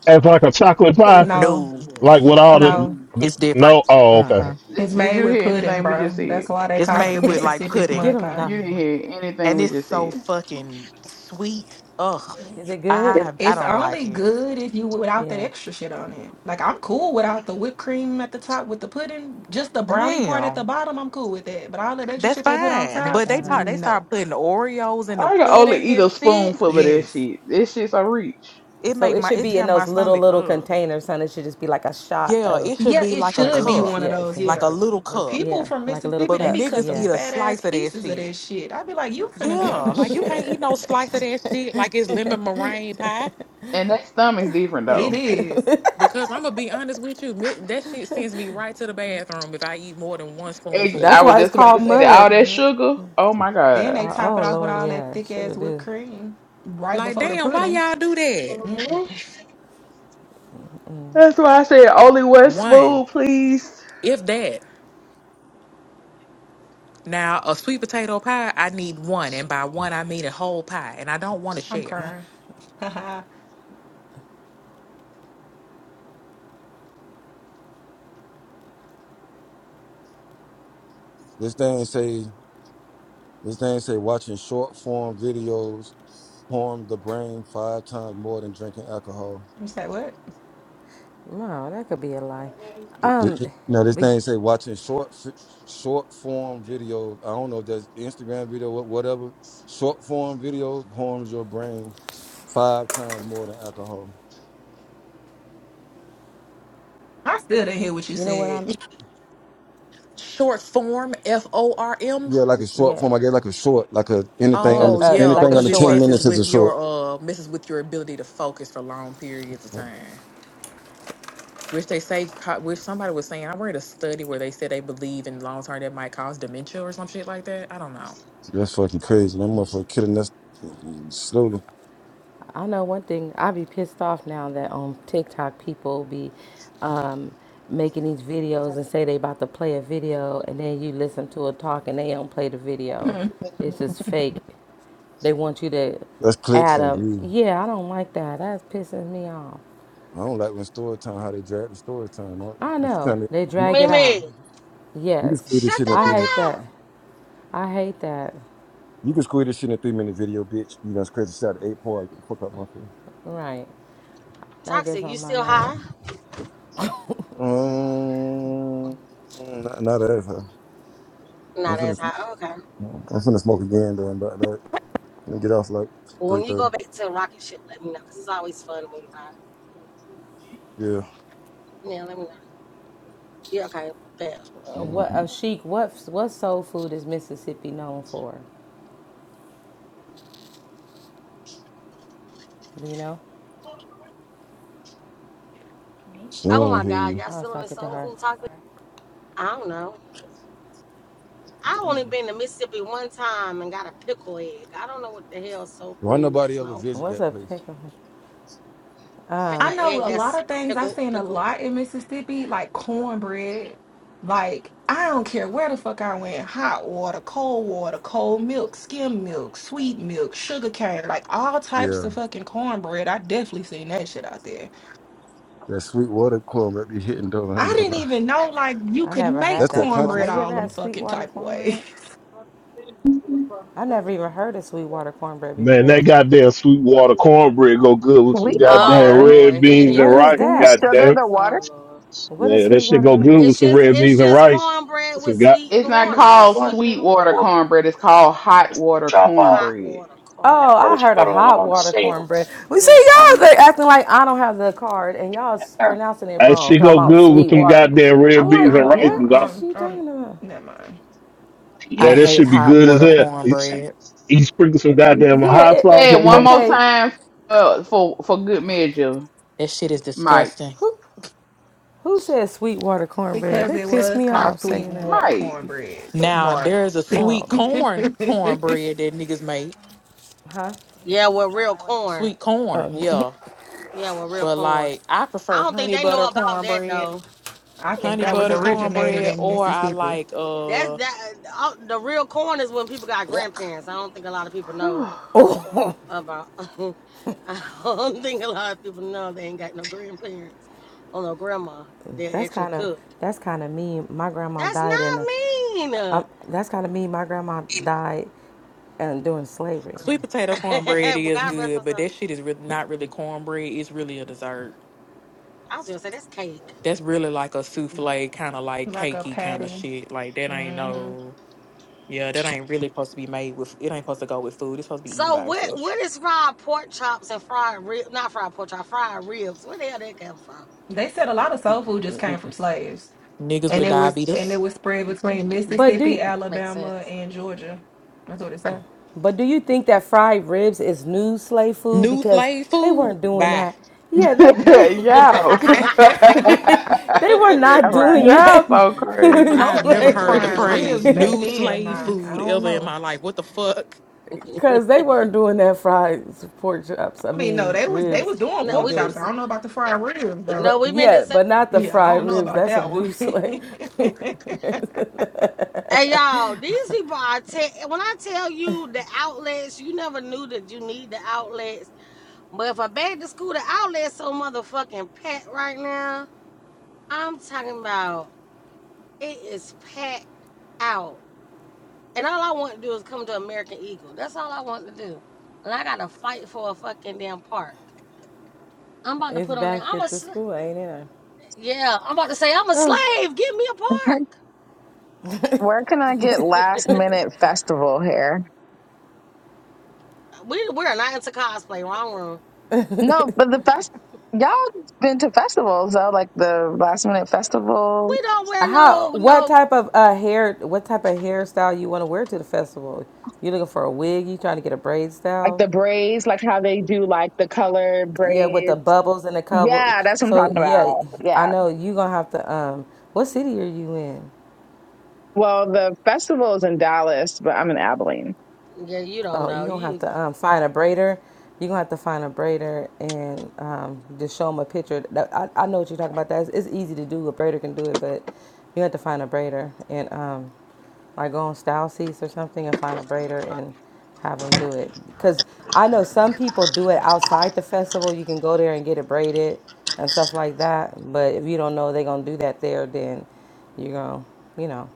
[SPEAKER 7] as like a chocolate pie?
[SPEAKER 17] No,
[SPEAKER 13] no,
[SPEAKER 7] Like with all the
[SPEAKER 17] no.
[SPEAKER 7] No.
[SPEAKER 13] it's
[SPEAKER 7] no?
[SPEAKER 13] different.
[SPEAKER 7] Oh, okay.
[SPEAKER 13] Mm-mm.
[SPEAKER 17] It's
[SPEAKER 11] Did, did
[SPEAKER 17] made
[SPEAKER 11] you
[SPEAKER 17] with
[SPEAKER 11] hear
[SPEAKER 17] pudding,
[SPEAKER 11] anything we just
[SPEAKER 17] bro.
[SPEAKER 11] said?
[SPEAKER 17] That's why they
[SPEAKER 13] It's
[SPEAKER 17] call it
[SPEAKER 13] made
[SPEAKER 17] a
[SPEAKER 13] with like
[SPEAKER 17] Mississippi
[SPEAKER 12] get
[SPEAKER 13] pudding,
[SPEAKER 17] mud
[SPEAKER 12] them,
[SPEAKER 17] pie.
[SPEAKER 11] You
[SPEAKER 12] Dominic.
[SPEAKER 11] didn't hear anything
[SPEAKER 13] and
[SPEAKER 11] we
[SPEAKER 13] it's
[SPEAKER 11] just
[SPEAKER 13] so
[SPEAKER 11] said.
[SPEAKER 13] fucking sweet. Ugh,
[SPEAKER 12] Is it good?
[SPEAKER 13] I I
[SPEAKER 17] It's
[SPEAKER 13] don't like
[SPEAKER 17] only
[SPEAKER 13] it.
[SPEAKER 17] good if you without that
[SPEAKER 12] Yeah.
[SPEAKER 17] extra shit on it. Like I'm cool without the whipped cream at the top with the pudding. Just the brownie part at the
[SPEAKER 13] Damn,
[SPEAKER 17] bottom, I'm cool with that. But all that extra
[SPEAKER 13] that's
[SPEAKER 17] shit they put on
[SPEAKER 13] fine,
[SPEAKER 17] top,
[SPEAKER 13] but they
[SPEAKER 12] Uh huh.
[SPEAKER 13] start they
[SPEAKER 17] no.
[SPEAKER 13] start putting Oreos in the
[SPEAKER 11] I can only
[SPEAKER 13] pudding
[SPEAKER 11] eat
[SPEAKER 13] and
[SPEAKER 11] a
[SPEAKER 13] shit.
[SPEAKER 11] spoonful of this
[SPEAKER 17] Yes.
[SPEAKER 11] shit. This shit's a reach.
[SPEAKER 13] It
[SPEAKER 12] So
[SPEAKER 13] make
[SPEAKER 12] it
[SPEAKER 13] my
[SPEAKER 12] should
[SPEAKER 13] it
[SPEAKER 12] be in
[SPEAKER 13] tear my
[SPEAKER 12] those little
[SPEAKER 13] stomach
[SPEAKER 12] little
[SPEAKER 13] up.
[SPEAKER 12] containers, son. It should just be like a shot
[SPEAKER 13] Yeah,
[SPEAKER 12] of,
[SPEAKER 13] it should
[SPEAKER 17] Yeah,
[SPEAKER 13] be
[SPEAKER 17] it
[SPEAKER 13] like a
[SPEAKER 12] like a
[SPEAKER 17] should be
[SPEAKER 12] little.
[SPEAKER 13] cup,
[SPEAKER 17] one of
[SPEAKER 12] Yeah, it's
[SPEAKER 17] those.
[SPEAKER 12] like a,
[SPEAKER 13] like a
[SPEAKER 17] Yeah.
[SPEAKER 13] little
[SPEAKER 17] The
[SPEAKER 13] cup.
[SPEAKER 17] people
[SPEAKER 12] yeah,
[SPEAKER 17] from
[SPEAKER 12] like a little
[SPEAKER 17] Mississippi,
[SPEAKER 13] But
[SPEAKER 17] they be
[SPEAKER 12] cups.
[SPEAKER 17] cut
[SPEAKER 13] niggas
[SPEAKER 17] them
[SPEAKER 12] Yeah.
[SPEAKER 13] eat a
[SPEAKER 17] fat ass
[SPEAKER 13] slice of that
[SPEAKER 17] pieces of
[SPEAKER 13] shit.
[SPEAKER 17] that shit. I'd be like, you finna be on a
[SPEAKER 13] Yeah, like you can't
[SPEAKER 17] shitter.
[SPEAKER 13] eat no slice of that shit like it's lemon meringue pie.
[SPEAKER 11] And that stomach's different
[SPEAKER 17] It
[SPEAKER 11] though.
[SPEAKER 17] is.
[SPEAKER 13] Because I'm gonna be honest with you, mi- that shit sends me right to the bathroom if I eat more than one
[SPEAKER 11] Ex-
[SPEAKER 12] That's
[SPEAKER 11] I was
[SPEAKER 12] why
[SPEAKER 13] spoonful.
[SPEAKER 12] it's
[SPEAKER 11] just about to
[SPEAKER 12] called
[SPEAKER 11] say that all
[SPEAKER 12] mud.
[SPEAKER 11] that
[SPEAKER 17] Mm-hmm.
[SPEAKER 11] sugar. Oh my
[SPEAKER 17] Then
[SPEAKER 11] god.
[SPEAKER 17] they
[SPEAKER 12] Uh,
[SPEAKER 17] top
[SPEAKER 12] oh
[SPEAKER 17] it off with
[SPEAKER 12] Lord,
[SPEAKER 17] all that
[SPEAKER 12] yeah,
[SPEAKER 17] thick
[SPEAKER 12] sure
[SPEAKER 17] ass whipped
[SPEAKER 12] do.
[SPEAKER 17] cream right
[SPEAKER 13] Like,
[SPEAKER 17] before the
[SPEAKER 13] damn, why
[SPEAKER 17] pudding.
[SPEAKER 13] y'all do that?
[SPEAKER 11] Mhm.
[SPEAKER 17] Mm-mm.
[SPEAKER 11] That's why I said only one
[SPEAKER 13] One,
[SPEAKER 11] spoon, please.
[SPEAKER 13] if that. Now, a sweet potato pie, I need one, and by one I mean a whole pie, and I don't want to
[SPEAKER 17] I'm
[SPEAKER 13] share.
[SPEAKER 17] crying. I'm
[SPEAKER 16] This thing say this thing say watching short form videos harm the brain five times more than drinking alcohol.
[SPEAKER 17] just like, what?
[SPEAKER 12] No, that could be a lie.
[SPEAKER 16] Th-
[SPEAKER 12] Um,
[SPEAKER 16] th- Now this
[SPEAKER 12] but
[SPEAKER 16] thing say watching short f- short form videos. I don't know if that's Instagram video, wha- whatever. Short form video harms your brain five times more than alcohol.
[SPEAKER 17] I still didn't hear what you
[SPEAKER 12] you know what?
[SPEAKER 17] said.
[SPEAKER 12] I'm
[SPEAKER 13] Short form, F O R M.
[SPEAKER 16] Yeah, like a short
[SPEAKER 12] yeah,
[SPEAKER 16] form. I guess like a short, like a
[SPEAKER 12] like
[SPEAKER 16] anything
[SPEAKER 12] a,
[SPEAKER 16] under
[SPEAKER 13] Oh
[SPEAKER 16] t-
[SPEAKER 12] a
[SPEAKER 13] yeah,
[SPEAKER 12] like a
[SPEAKER 16] anything
[SPEAKER 13] because
[SPEAKER 16] under
[SPEAKER 13] it
[SPEAKER 16] ten
[SPEAKER 12] short.
[SPEAKER 13] messes
[SPEAKER 16] minutes is a
[SPEAKER 13] with your
[SPEAKER 16] short.
[SPEAKER 13] uh messes with your ability to focus for long periods of time. Which they say, co- which somebody was saying, I read a study where they said they believe in long term that might cause dementia or some shit like that. I don't know.
[SPEAKER 16] That's fucking crazy. That motherfucker killing us mm, slowly.
[SPEAKER 12] I know one thing. I be pissed off now that on TikTok people be um making these videos and say they about to play a video, and then you listen to a talk and they don't play the video. It's just fake. They want you to
[SPEAKER 16] That's clicks
[SPEAKER 12] add
[SPEAKER 16] and
[SPEAKER 12] them.
[SPEAKER 16] views.
[SPEAKER 12] Yeah, I don't like that. That's pissing me off.
[SPEAKER 16] I don't like when story time how they drag the story time. out.
[SPEAKER 12] I
[SPEAKER 16] But you
[SPEAKER 12] know
[SPEAKER 16] trying to
[SPEAKER 12] they
[SPEAKER 16] you,
[SPEAKER 12] drag it
[SPEAKER 18] Mimi,
[SPEAKER 12] out.
[SPEAKER 16] you can
[SPEAKER 12] Yes,
[SPEAKER 16] squeeze this
[SPEAKER 18] shut
[SPEAKER 16] shit in
[SPEAKER 18] the
[SPEAKER 12] I
[SPEAKER 16] three minutes.
[SPEAKER 12] hate
[SPEAKER 18] fuck
[SPEAKER 12] that.
[SPEAKER 18] up.
[SPEAKER 12] I hate that.
[SPEAKER 16] You can squeeze this shit in a three minute video, bitch. You done scratched this out of eight part. Get the fuck out my face.
[SPEAKER 12] Right. That gets
[SPEAKER 18] Toxic, you
[SPEAKER 12] on my
[SPEAKER 18] still
[SPEAKER 12] nerve.
[SPEAKER 18] high?
[SPEAKER 16] Um, not, not as huh? I'm
[SPEAKER 18] Not as
[SPEAKER 16] finna
[SPEAKER 18] high. Oh, Okay.
[SPEAKER 16] I'm finna smoke again though. And that, that. I'm gonna get off like
[SPEAKER 18] Well,
[SPEAKER 16] three
[SPEAKER 18] when you
[SPEAKER 16] thirty.
[SPEAKER 18] go back to the rocket ship, let me know, because it's always fun when you high.
[SPEAKER 16] Yeah.
[SPEAKER 18] Yeah, let me know. Yeah, okay. Bet.
[SPEAKER 12] Uh, What
[SPEAKER 16] Mm,
[SPEAKER 12] uh, chic? What what soul food is Mississippi known for? Do you know?
[SPEAKER 16] she
[SPEAKER 18] Oh
[SPEAKER 16] ain't
[SPEAKER 18] my
[SPEAKER 16] hear
[SPEAKER 18] God,
[SPEAKER 16] you.
[SPEAKER 18] y'all
[SPEAKER 12] I was
[SPEAKER 18] still in the
[SPEAKER 12] talking to
[SPEAKER 18] soul
[SPEAKER 12] her.
[SPEAKER 18] food topic? I don't know. I only been to Mississippi one time and got a pickle egg. I don't know what the hell soul
[SPEAKER 16] Why
[SPEAKER 18] food
[SPEAKER 16] nobody
[SPEAKER 18] is.
[SPEAKER 16] ever
[SPEAKER 18] No,
[SPEAKER 16] visit
[SPEAKER 12] What's
[SPEAKER 16] that
[SPEAKER 12] a
[SPEAKER 16] place?
[SPEAKER 12] pickle?
[SPEAKER 17] I
[SPEAKER 12] Um,
[SPEAKER 18] an egg
[SPEAKER 17] know a lot
[SPEAKER 18] that's
[SPEAKER 17] of things I've
[SPEAKER 18] pickled,
[SPEAKER 17] seen a
[SPEAKER 18] pickled.
[SPEAKER 17] lot in Mississippi, like cornbread. Like, I don't care where the fuck I went, hot water, cold water, cold milk, skim milk, sweet milk, sugar cane, like all types
[SPEAKER 16] Yeah.
[SPEAKER 17] of fucking cornbread. I definitely seen that shit out there.
[SPEAKER 16] That sweet water club might be hitting though. I ain't
[SPEAKER 17] I
[SPEAKER 16] gonna
[SPEAKER 17] didn't
[SPEAKER 16] lie.
[SPEAKER 17] even know like you
[SPEAKER 12] I
[SPEAKER 17] could
[SPEAKER 12] never
[SPEAKER 17] make
[SPEAKER 12] had
[SPEAKER 16] That's
[SPEAKER 12] that
[SPEAKER 16] that
[SPEAKER 12] before.
[SPEAKER 16] country
[SPEAKER 17] cornbread
[SPEAKER 12] Have you
[SPEAKER 16] shit
[SPEAKER 17] all
[SPEAKER 12] ever
[SPEAKER 17] them
[SPEAKER 16] though.
[SPEAKER 12] had
[SPEAKER 17] fucking
[SPEAKER 12] Sweetwater
[SPEAKER 17] type of ways.
[SPEAKER 12] cornbread? I never even heard of Sweetwater cornbread
[SPEAKER 7] Man, that
[SPEAKER 12] before.
[SPEAKER 7] goddamn Sweetwater cornbread go good with some
[SPEAKER 19] Weak
[SPEAKER 18] Oh
[SPEAKER 7] goddamn
[SPEAKER 19] water.
[SPEAKER 7] red
[SPEAKER 18] Lord, here
[SPEAKER 7] beans
[SPEAKER 18] he
[SPEAKER 7] and
[SPEAKER 12] What
[SPEAKER 18] go.
[SPEAKER 12] is
[SPEAKER 7] rice.
[SPEAKER 19] Do you
[SPEAKER 12] that?
[SPEAKER 19] sugar
[SPEAKER 7] Goddamn,
[SPEAKER 19] the water?
[SPEAKER 18] Oh Lord,
[SPEAKER 12] What is
[SPEAKER 7] man, that shit
[SPEAKER 12] Sweetwater
[SPEAKER 7] go
[SPEAKER 12] cornbread?
[SPEAKER 7] good with
[SPEAKER 18] it's
[SPEAKER 7] some
[SPEAKER 18] just
[SPEAKER 7] red
[SPEAKER 18] it's
[SPEAKER 7] beans and
[SPEAKER 18] just
[SPEAKER 7] rice.
[SPEAKER 18] cornbread
[SPEAKER 7] Some
[SPEAKER 18] with
[SPEAKER 7] god,
[SPEAKER 18] sweet
[SPEAKER 11] It's
[SPEAKER 18] and
[SPEAKER 11] not
[SPEAKER 18] water,
[SPEAKER 11] called
[SPEAKER 18] sweetening
[SPEAKER 11] sweet
[SPEAKER 18] the water.
[SPEAKER 11] water cornbread. It's called hot water
[SPEAKER 18] hot
[SPEAKER 11] cornbread.
[SPEAKER 18] water
[SPEAKER 12] Oh,
[SPEAKER 18] cornbread.
[SPEAKER 12] I heard a hot water cornbread. We see
[SPEAKER 18] Yes.
[SPEAKER 12] y'all they acting like I don't have the card, and y'all s- pronouncing it
[SPEAKER 7] that
[SPEAKER 12] wrong.
[SPEAKER 7] shit
[SPEAKER 12] Talking
[SPEAKER 7] go
[SPEAKER 12] about
[SPEAKER 7] good with some
[SPEAKER 12] Sweetwater.
[SPEAKER 7] goddamn red
[SPEAKER 12] I'm
[SPEAKER 7] beans
[SPEAKER 12] like,
[SPEAKER 7] and
[SPEAKER 17] I'm
[SPEAKER 7] rice.
[SPEAKER 17] corn.
[SPEAKER 12] what
[SPEAKER 7] dog.
[SPEAKER 12] is
[SPEAKER 17] Um,
[SPEAKER 12] she
[SPEAKER 17] um,
[SPEAKER 12] talking about?
[SPEAKER 17] never mind.
[SPEAKER 13] I
[SPEAKER 7] Yeah, that
[SPEAKER 13] hate
[SPEAKER 7] should be
[SPEAKER 13] hot
[SPEAKER 7] good as
[SPEAKER 13] water
[SPEAKER 7] hell.
[SPEAKER 13] cornbread.
[SPEAKER 7] You sprinkle some goddamn
[SPEAKER 12] Yeah,
[SPEAKER 7] hot
[SPEAKER 12] it,
[SPEAKER 7] sauce
[SPEAKER 11] Say it
[SPEAKER 7] on
[SPEAKER 11] one
[SPEAKER 7] that
[SPEAKER 11] more
[SPEAKER 12] okay.
[SPEAKER 11] time for for, for good measure,
[SPEAKER 13] That shit is
[SPEAKER 11] Mike.
[SPEAKER 13] disgusting.
[SPEAKER 12] Who who said Sweetwater cornbread?
[SPEAKER 17] Because
[SPEAKER 12] They
[SPEAKER 17] it
[SPEAKER 12] pissed
[SPEAKER 17] was
[SPEAKER 12] me
[SPEAKER 17] called
[SPEAKER 12] off
[SPEAKER 17] sweet
[SPEAKER 12] saying that.
[SPEAKER 17] water
[SPEAKER 11] Mike.
[SPEAKER 17] cornbread up
[SPEAKER 13] Now
[SPEAKER 17] north.
[SPEAKER 13] there's a sweet
[SPEAKER 12] Um,
[SPEAKER 13] corn cornbread that niggas make.
[SPEAKER 12] huh?
[SPEAKER 18] Yeah, with real corn.
[SPEAKER 13] Sweet corn, yeah.
[SPEAKER 18] Yeah, with real
[SPEAKER 13] But
[SPEAKER 18] corn.
[SPEAKER 13] like I
[SPEAKER 18] I
[SPEAKER 13] prefer
[SPEAKER 18] don't think
[SPEAKER 13] honey
[SPEAKER 18] they
[SPEAKER 13] butter
[SPEAKER 18] know about that
[SPEAKER 13] cornbread.
[SPEAKER 18] though.
[SPEAKER 17] I think
[SPEAKER 13] Honey
[SPEAKER 17] that was
[SPEAKER 13] butter
[SPEAKER 17] originated
[SPEAKER 13] cornbread
[SPEAKER 17] in
[SPEAKER 13] or I
[SPEAKER 17] Mississippi,
[SPEAKER 13] like
[SPEAKER 18] That's
[SPEAKER 13] uh
[SPEAKER 18] that. all- The real corn is when people got
[SPEAKER 13] yeah,
[SPEAKER 18] grandparents. I don't think a lot of people know about. I don't think a lot of people know they ain't got no grandparents or no grandma. They're
[SPEAKER 12] That's
[SPEAKER 18] actually
[SPEAKER 12] kind of
[SPEAKER 18] cooked.
[SPEAKER 12] that's kind of mean. My grandma
[SPEAKER 18] That's
[SPEAKER 12] died in
[SPEAKER 18] not
[SPEAKER 12] the.
[SPEAKER 18] mean.
[SPEAKER 12] Um,
[SPEAKER 18] well,
[SPEAKER 12] that's kind of mean. My grandma died, and during slavery.
[SPEAKER 13] sweet potato cornbread is
[SPEAKER 18] God rest her
[SPEAKER 13] good, but
[SPEAKER 18] soul.
[SPEAKER 13] that shit is re- not really cornbread. It's really a dessert.
[SPEAKER 18] I was gonna say that's cake.
[SPEAKER 13] That's really like a souffle, kind of like
[SPEAKER 17] like a
[SPEAKER 13] cakey kind of
[SPEAKER 17] patty.
[SPEAKER 13] shit. Like that ain't
[SPEAKER 17] hmm
[SPEAKER 13] no, yeah, that ain't really supposed to be made with. It ain't supposed to go with food. It's supposed to be eaten
[SPEAKER 18] So
[SPEAKER 13] by
[SPEAKER 18] what?
[SPEAKER 13] itself.
[SPEAKER 18] What is fried pork chops and fried rib? Not fried pork chop, fried ribs. Where the hell that come from?
[SPEAKER 17] They said a lot of soul food just came from slaves,
[SPEAKER 13] Niggas
[SPEAKER 17] and
[SPEAKER 13] with
[SPEAKER 17] it was and it
[SPEAKER 13] diabetes,
[SPEAKER 17] was spread between
[SPEAKER 12] But do
[SPEAKER 17] Mississippi,
[SPEAKER 18] Makes
[SPEAKER 17] Alabama,
[SPEAKER 18] sense.
[SPEAKER 17] and Georgia. That's what it
[SPEAKER 12] but do you think that fried ribs is new slave food
[SPEAKER 13] new
[SPEAKER 12] because
[SPEAKER 13] slave
[SPEAKER 12] they
[SPEAKER 13] food.
[SPEAKER 12] weren't doing
[SPEAKER 13] Bye.
[SPEAKER 12] that? Yeah, they they
[SPEAKER 18] no,
[SPEAKER 11] Yeah.
[SPEAKER 17] said.
[SPEAKER 12] they, were
[SPEAKER 19] All
[SPEAKER 12] not
[SPEAKER 19] right.
[SPEAKER 12] doing
[SPEAKER 11] Yeah,
[SPEAKER 12] that
[SPEAKER 11] so
[SPEAKER 17] don't
[SPEAKER 12] in
[SPEAKER 11] crazy.
[SPEAKER 17] know
[SPEAKER 13] I've
[SPEAKER 17] if they
[SPEAKER 13] never
[SPEAKER 17] was
[SPEAKER 13] heard the
[SPEAKER 17] frying
[SPEAKER 12] slavery.
[SPEAKER 13] phrase
[SPEAKER 17] ribs back
[SPEAKER 13] new
[SPEAKER 17] then.
[SPEAKER 13] slave
[SPEAKER 17] Nah, I
[SPEAKER 13] food
[SPEAKER 17] don't
[SPEAKER 13] ever in
[SPEAKER 17] know.
[SPEAKER 13] my life. What the fuck?
[SPEAKER 12] Cause they weren't doing that fried pork chops. I
[SPEAKER 17] I mean, no,
[SPEAKER 12] mean
[SPEAKER 17] they was they
[SPEAKER 12] ribs
[SPEAKER 17] was doing
[SPEAKER 12] and
[SPEAKER 17] pork
[SPEAKER 18] we
[SPEAKER 12] doing,
[SPEAKER 18] did.
[SPEAKER 17] chops.
[SPEAKER 12] was,
[SPEAKER 17] I don't know about the fried ribs though.
[SPEAKER 18] No,
[SPEAKER 12] but
[SPEAKER 18] we meant to
[SPEAKER 12] yeah,
[SPEAKER 18] say.
[SPEAKER 12] but not the
[SPEAKER 17] Yeah, I
[SPEAKER 12] fried
[SPEAKER 17] don't know
[SPEAKER 12] ribs.
[SPEAKER 17] about
[SPEAKER 12] That's a
[SPEAKER 17] that
[SPEAKER 12] new slate.
[SPEAKER 17] one.
[SPEAKER 18] Hey y'all, these people are te- when I tell you the outlets, you never knew that you need the outlets. But if I back to school, the outlets so motherfucking packed right now. I'm talking about it is packed out. And all I want to do is come to American Eagle. That's all I want to do. And I gotta fight for a fucking damn park. I'm about to
[SPEAKER 12] It's
[SPEAKER 18] put on there.
[SPEAKER 12] back
[SPEAKER 18] I'm
[SPEAKER 12] at
[SPEAKER 18] a.
[SPEAKER 12] the school, ain't it?
[SPEAKER 18] Yeah, I'm about to say I'm a slave. Give me a park.
[SPEAKER 19] Where can I get last minute festival hair?
[SPEAKER 18] We we're not into cosplay. Wrong room.
[SPEAKER 19] No, but the fest y'all been to festivals though, like the last minute
[SPEAKER 18] We
[SPEAKER 19] festival,
[SPEAKER 18] don't wear
[SPEAKER 12] How?
[SPEAKER 18] no
[SPEAKER 12] What
[SPEAKER 18] no.
[SPEAKER 12] type of uh, hair? What type of hairstyle you want to wear to the festival? You looking for a wig? You trying to get a braid
[SPEAKER 19] like
[SPEAKER 12] style?
[SPEAKER 19] the braids, like how they do like the color
[SPEAKER 12] Yeah, with the
[SPEAKER 19] braids.
[SPEAKER 12] bubbles and the couple.
[SPEAKER 19] Yeah, that's what I'm
[SPEAKER 12] So
[SPEAKER 19] talking
[SPEAKER 12] yeah,
[SPEAKER 19] about.
[SPEAKER 12] I
[SPEAKER 19] Yeah.
[SPEAKER 12] know you gonna have to. Um, what city are you in?
[SPEAKER 19] Well, the festival is in Dallas, but I'm in Abilene.
[SPEAKER 18] Yeah, you don't
[SPEAKER 12] Oh, you're
[SPEAKER 18] know.
[SPEAKER 12] gonna have
[SPEAKER 18] You
[SPEAKER 12] to um, find a braider. You're gonna have to find a braider and um, just show them a picture. That- I, I know what you're talking about. That's it's easy to do. A braider can do it, but you have to find a braider and um, like go on style seats or something and find a braider and have them do it. Cause I know some people do it outside the festival. You can go there and get it braided and stuff like that. But if you don't know they're gonna do that there, then you're gonna, you know.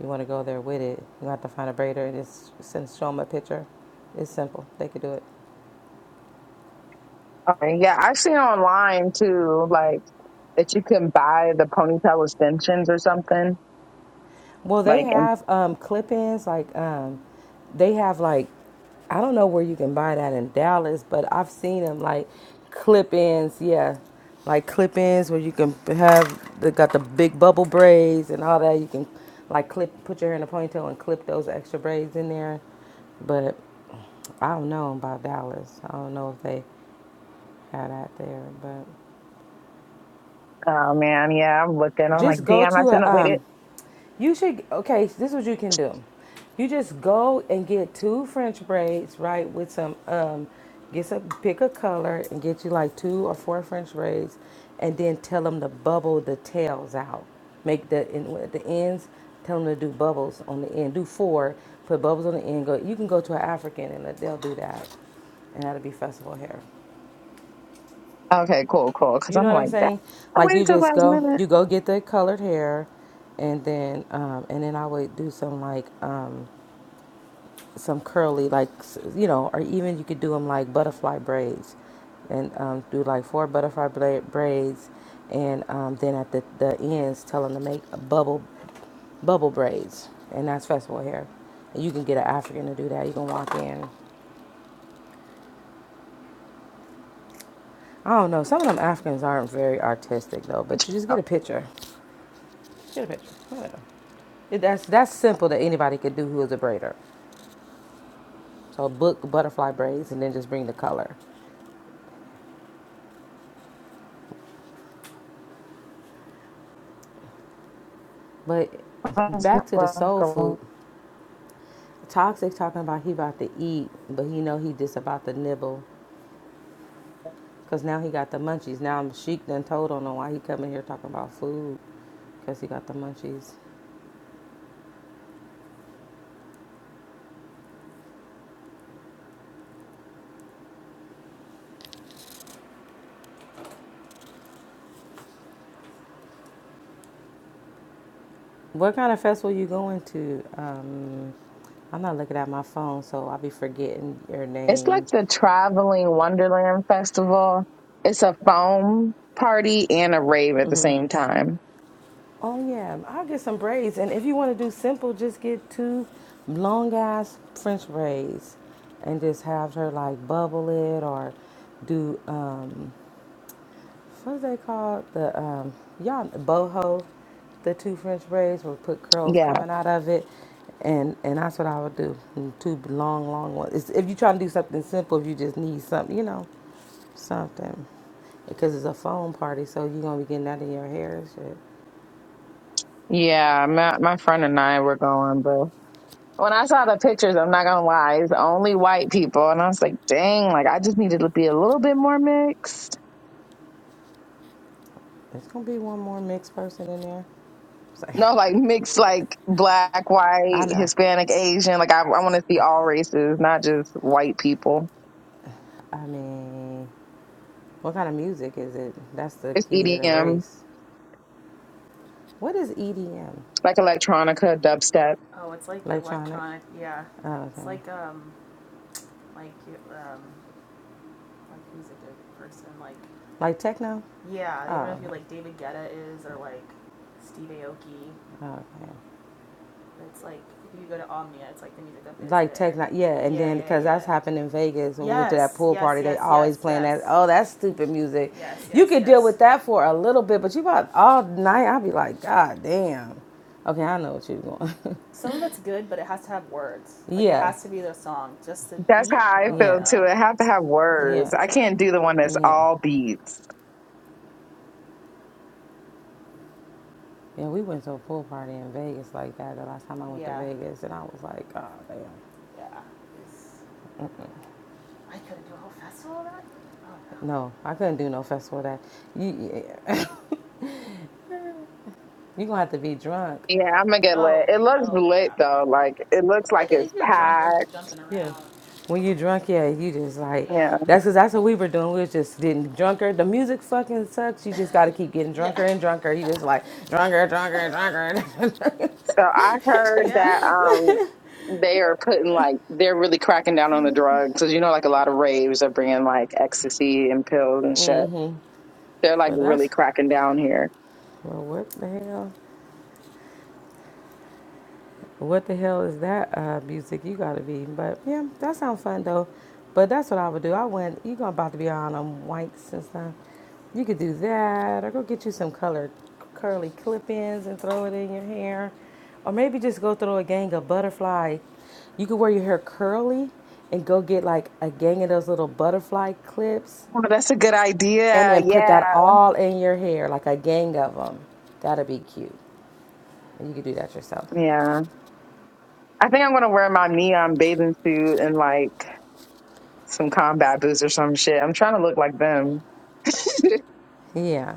[SPEAKER 12] You want to go there with it. You have to find a braider and just send show them a picture. It's simple. They could do it.
[SPEAKER 19] Okay, yeah, I've seen online too, like that you can buy the ponytail extensions or something,
[SPEAKER 12] Well, they
[SPEAKER 19] like and
[SPEAKER 12] have um, clip-ins like um, they have like I don't know where you can buy that in Dallas, but I've seen them like clip-ins. Yeah, like clip-ins where you can have they got the big bubble braids and all that. You can like clip put your hair in a ponytail and clip those extra braids in there. But I don't know about Dallas. I don't know if they had that there, but.
[SPEAKER 19] Oh man, yeah, I'm looking. I'm
[SPEAKER 12] Just
[SPEAKER 19] like,
[SPEAKER 12] go
[SPEAKER 19] damn, I
[SPEAKER 12] to
[SPEAKER 19] shouldn't
[SPEAKER 12] a
[SPEAKER 19] have waited.
[SPEAKER 12] um you should okay, this is what you can do. You just go and get two French braids, right, with some um get some pick a color and get you like two or four French braids and then tell them to bubble the tails out. Make the in at the ends, tell them to do bubbles on the end. Do four, put bubbles on the end. Go you can go to an African and they'll do that. And that'll be festival hair.
[SPEAKER 19] Okay, cool, cool. Because
[SPEAKER 12] You know
[SPEAKER 19] I'm
[SPEAKER 12] what I'm
[SPEAKER 19] like, that
[SPEAKER 12] saying?
[SPEAKER 19] I
[SPEAKER 12] Like
[SPEAKER 19] waited
[SPEAKER 12] you
[SPEAKER 19] till
[SPEAKER 12] just
[SPEAKER 19] last
[SPEAKER 12] go,
[SPEAKER 19] minute.
[SPEAKER 12] you go get the colored hair, and then um, and then I would do some like um, some curly like s- you know, or even you could do them like butterfly braids, and um, do like four butterfly bla- braids, and um, then at the the ends tell them to make a bubble bubble braids, and that's festival hair. And you can get an African to do that. You can walk in. I don't know. Some of them Africans aren't very artistic though, but you just get a picture. Get a picture. Whatever. It- That's that's simple that anybody could do who is a braider. So book butterfly braids and then just bring the color. But
[SPEAKER 19] I was
[SPEAKER 12] back to the soul
[SPEAKER 19] like,
[SPEAKER 12] food. Toxic talking about he about to eat, but he know he just about to nibble. Cause now he got the munchies. Now Sheik done told on him why he coming here talking about food. Cause he got the munchies. What kind of festival you going to? Um, I'm not looking at my phone, so I'll be forgetting your
[SPEAKER 19] It's like
[SPEAKER 12] name.
[SPEAKER 19] the traveling Wonderland Festival. It's a foam party and a rave at the same time.
[SPEAKER 12] Oh yeah, I'll get some braids, and if you want to do simple, just get two long ass French braids, and just have her like bubble it or do um what's they called the um y'all boho, the two French braids will put curls
[SPEAKER 19] Yeah,
[SPEAKER 12] coming out of it, and and that's what I would do. and Two long long ones. It's, if you are trying to do something simple, if you just need something, you know, something, because it's a foam party, so you're gonna be getting that in your hair and shit.
[SPEAKER 19] yeah. My my friend and I were going, but when I saw the pictures, I'm not gonna lie, it's only white people, and I was like, dang, like I just needed to be a little bit more mixed.
[SPEAKER 12] There's gonna be one more mixed person in there. So,
[SPEAKER 19] No, like mixed, like black,
[SPEAKER 12] I
[SPEAKER 19] white,
[SPEAKER 12] know.
[SPEAKER 19] Hispanic, Asian. Like I, I want to see all races, not just white people.
[SPEAKER 12] I mean, what kind of music is it? That's the
[SPEAKER 19] It's
[SPEAKER 12] key to the
[SPEAKER 19] EDM,
[SPEAKER 12] race. What is EDM?
[SPEAKER 19] like electronica, dubstep.
[SPEAKER 12] Electronic? Oh, okay. Like techno? Oh, okay. okay. Like tech, like, yeah, and then because yeah. that's happened in Vegas when yes, we went to that pool party, yes, they always playing yes. that. Oh, that's stupid music. You you could yes. deal with that for a little bit, but you about all night. I'd be like, God damn. Okay, I know what you're going. yeah, it
[SPEAKER 19] That's how I
[SPEAKER 12] yeah,
[SPEAKER 19] feel too. It have to have
[SPEAKER 12] yeah,
[SPEAKER 19] words. I can't do the one
[SPEAKER 12] that.
[SPEAKER 19] that's
[SPEAKER 12] yeah.
[SPEAKER 19] all beats.
[SPEAKER 12] Yeah, we went to a pool party in Vegas like that the last time I went yeah. to Vegas, and I was like, God damn. Oh no. No, I couldn't do no festival of that. You, you gonna have to be drunk.
[SPEAKER 19] Yeah, I'm gonna get lit. It looks lit though. Like it looks like it's packed.
[SPEAKER 12] Yeah. When you are drunk, yeah, you just like
[SPEAKER 19] Yeah.
[SPEAKER 12] that's because that's what we were doing. We was just getting drunker. The music fucking sucks. You just got to keep getting Yeah. drunker yeah. and drunker. You just like drunker, drunker, drunker.
[SPEAKER 19] So I heard that um they are putting like they're really cracking down on the drugs because you know like a lot of raves are bringing like ecstasy and pills and shit. They're like
[SPEAKER 12] but
[SPEAKER 19] really
[SPEAKER 12] that's
[SPEAKER 19] cracking down here.
[SPEAKER 12] well, what the hell? What the hell is that uh, music you gotta be? But yeah, that sounds fun though. But that's what I would do. I went, you gonna about to be on them whites and stuff. You could do that, or go get you some colored curly clip-ins and throw it in your hair, or maybe just go throw a gang of butterfly. You could wear your hair curly and go get like a gang of those little butterfly clips,
[SPEAKER 19] Oh, that's a good
[SPEAKER 12] and
[SPEAKER 19] idea.
[SPEAKER 12] then put that
[SPEAKER 19] Yeah.
[SPEAKER 12] all in your hair, like a gang of them. That'd be cute. And you could do that yourself.
[SPEAKER 19] Yeah. I think I'm going to wear my neon bathing suit and like some combat boots or some shit. I'm trying to look like them.
[SPEAKER 12] Yeah.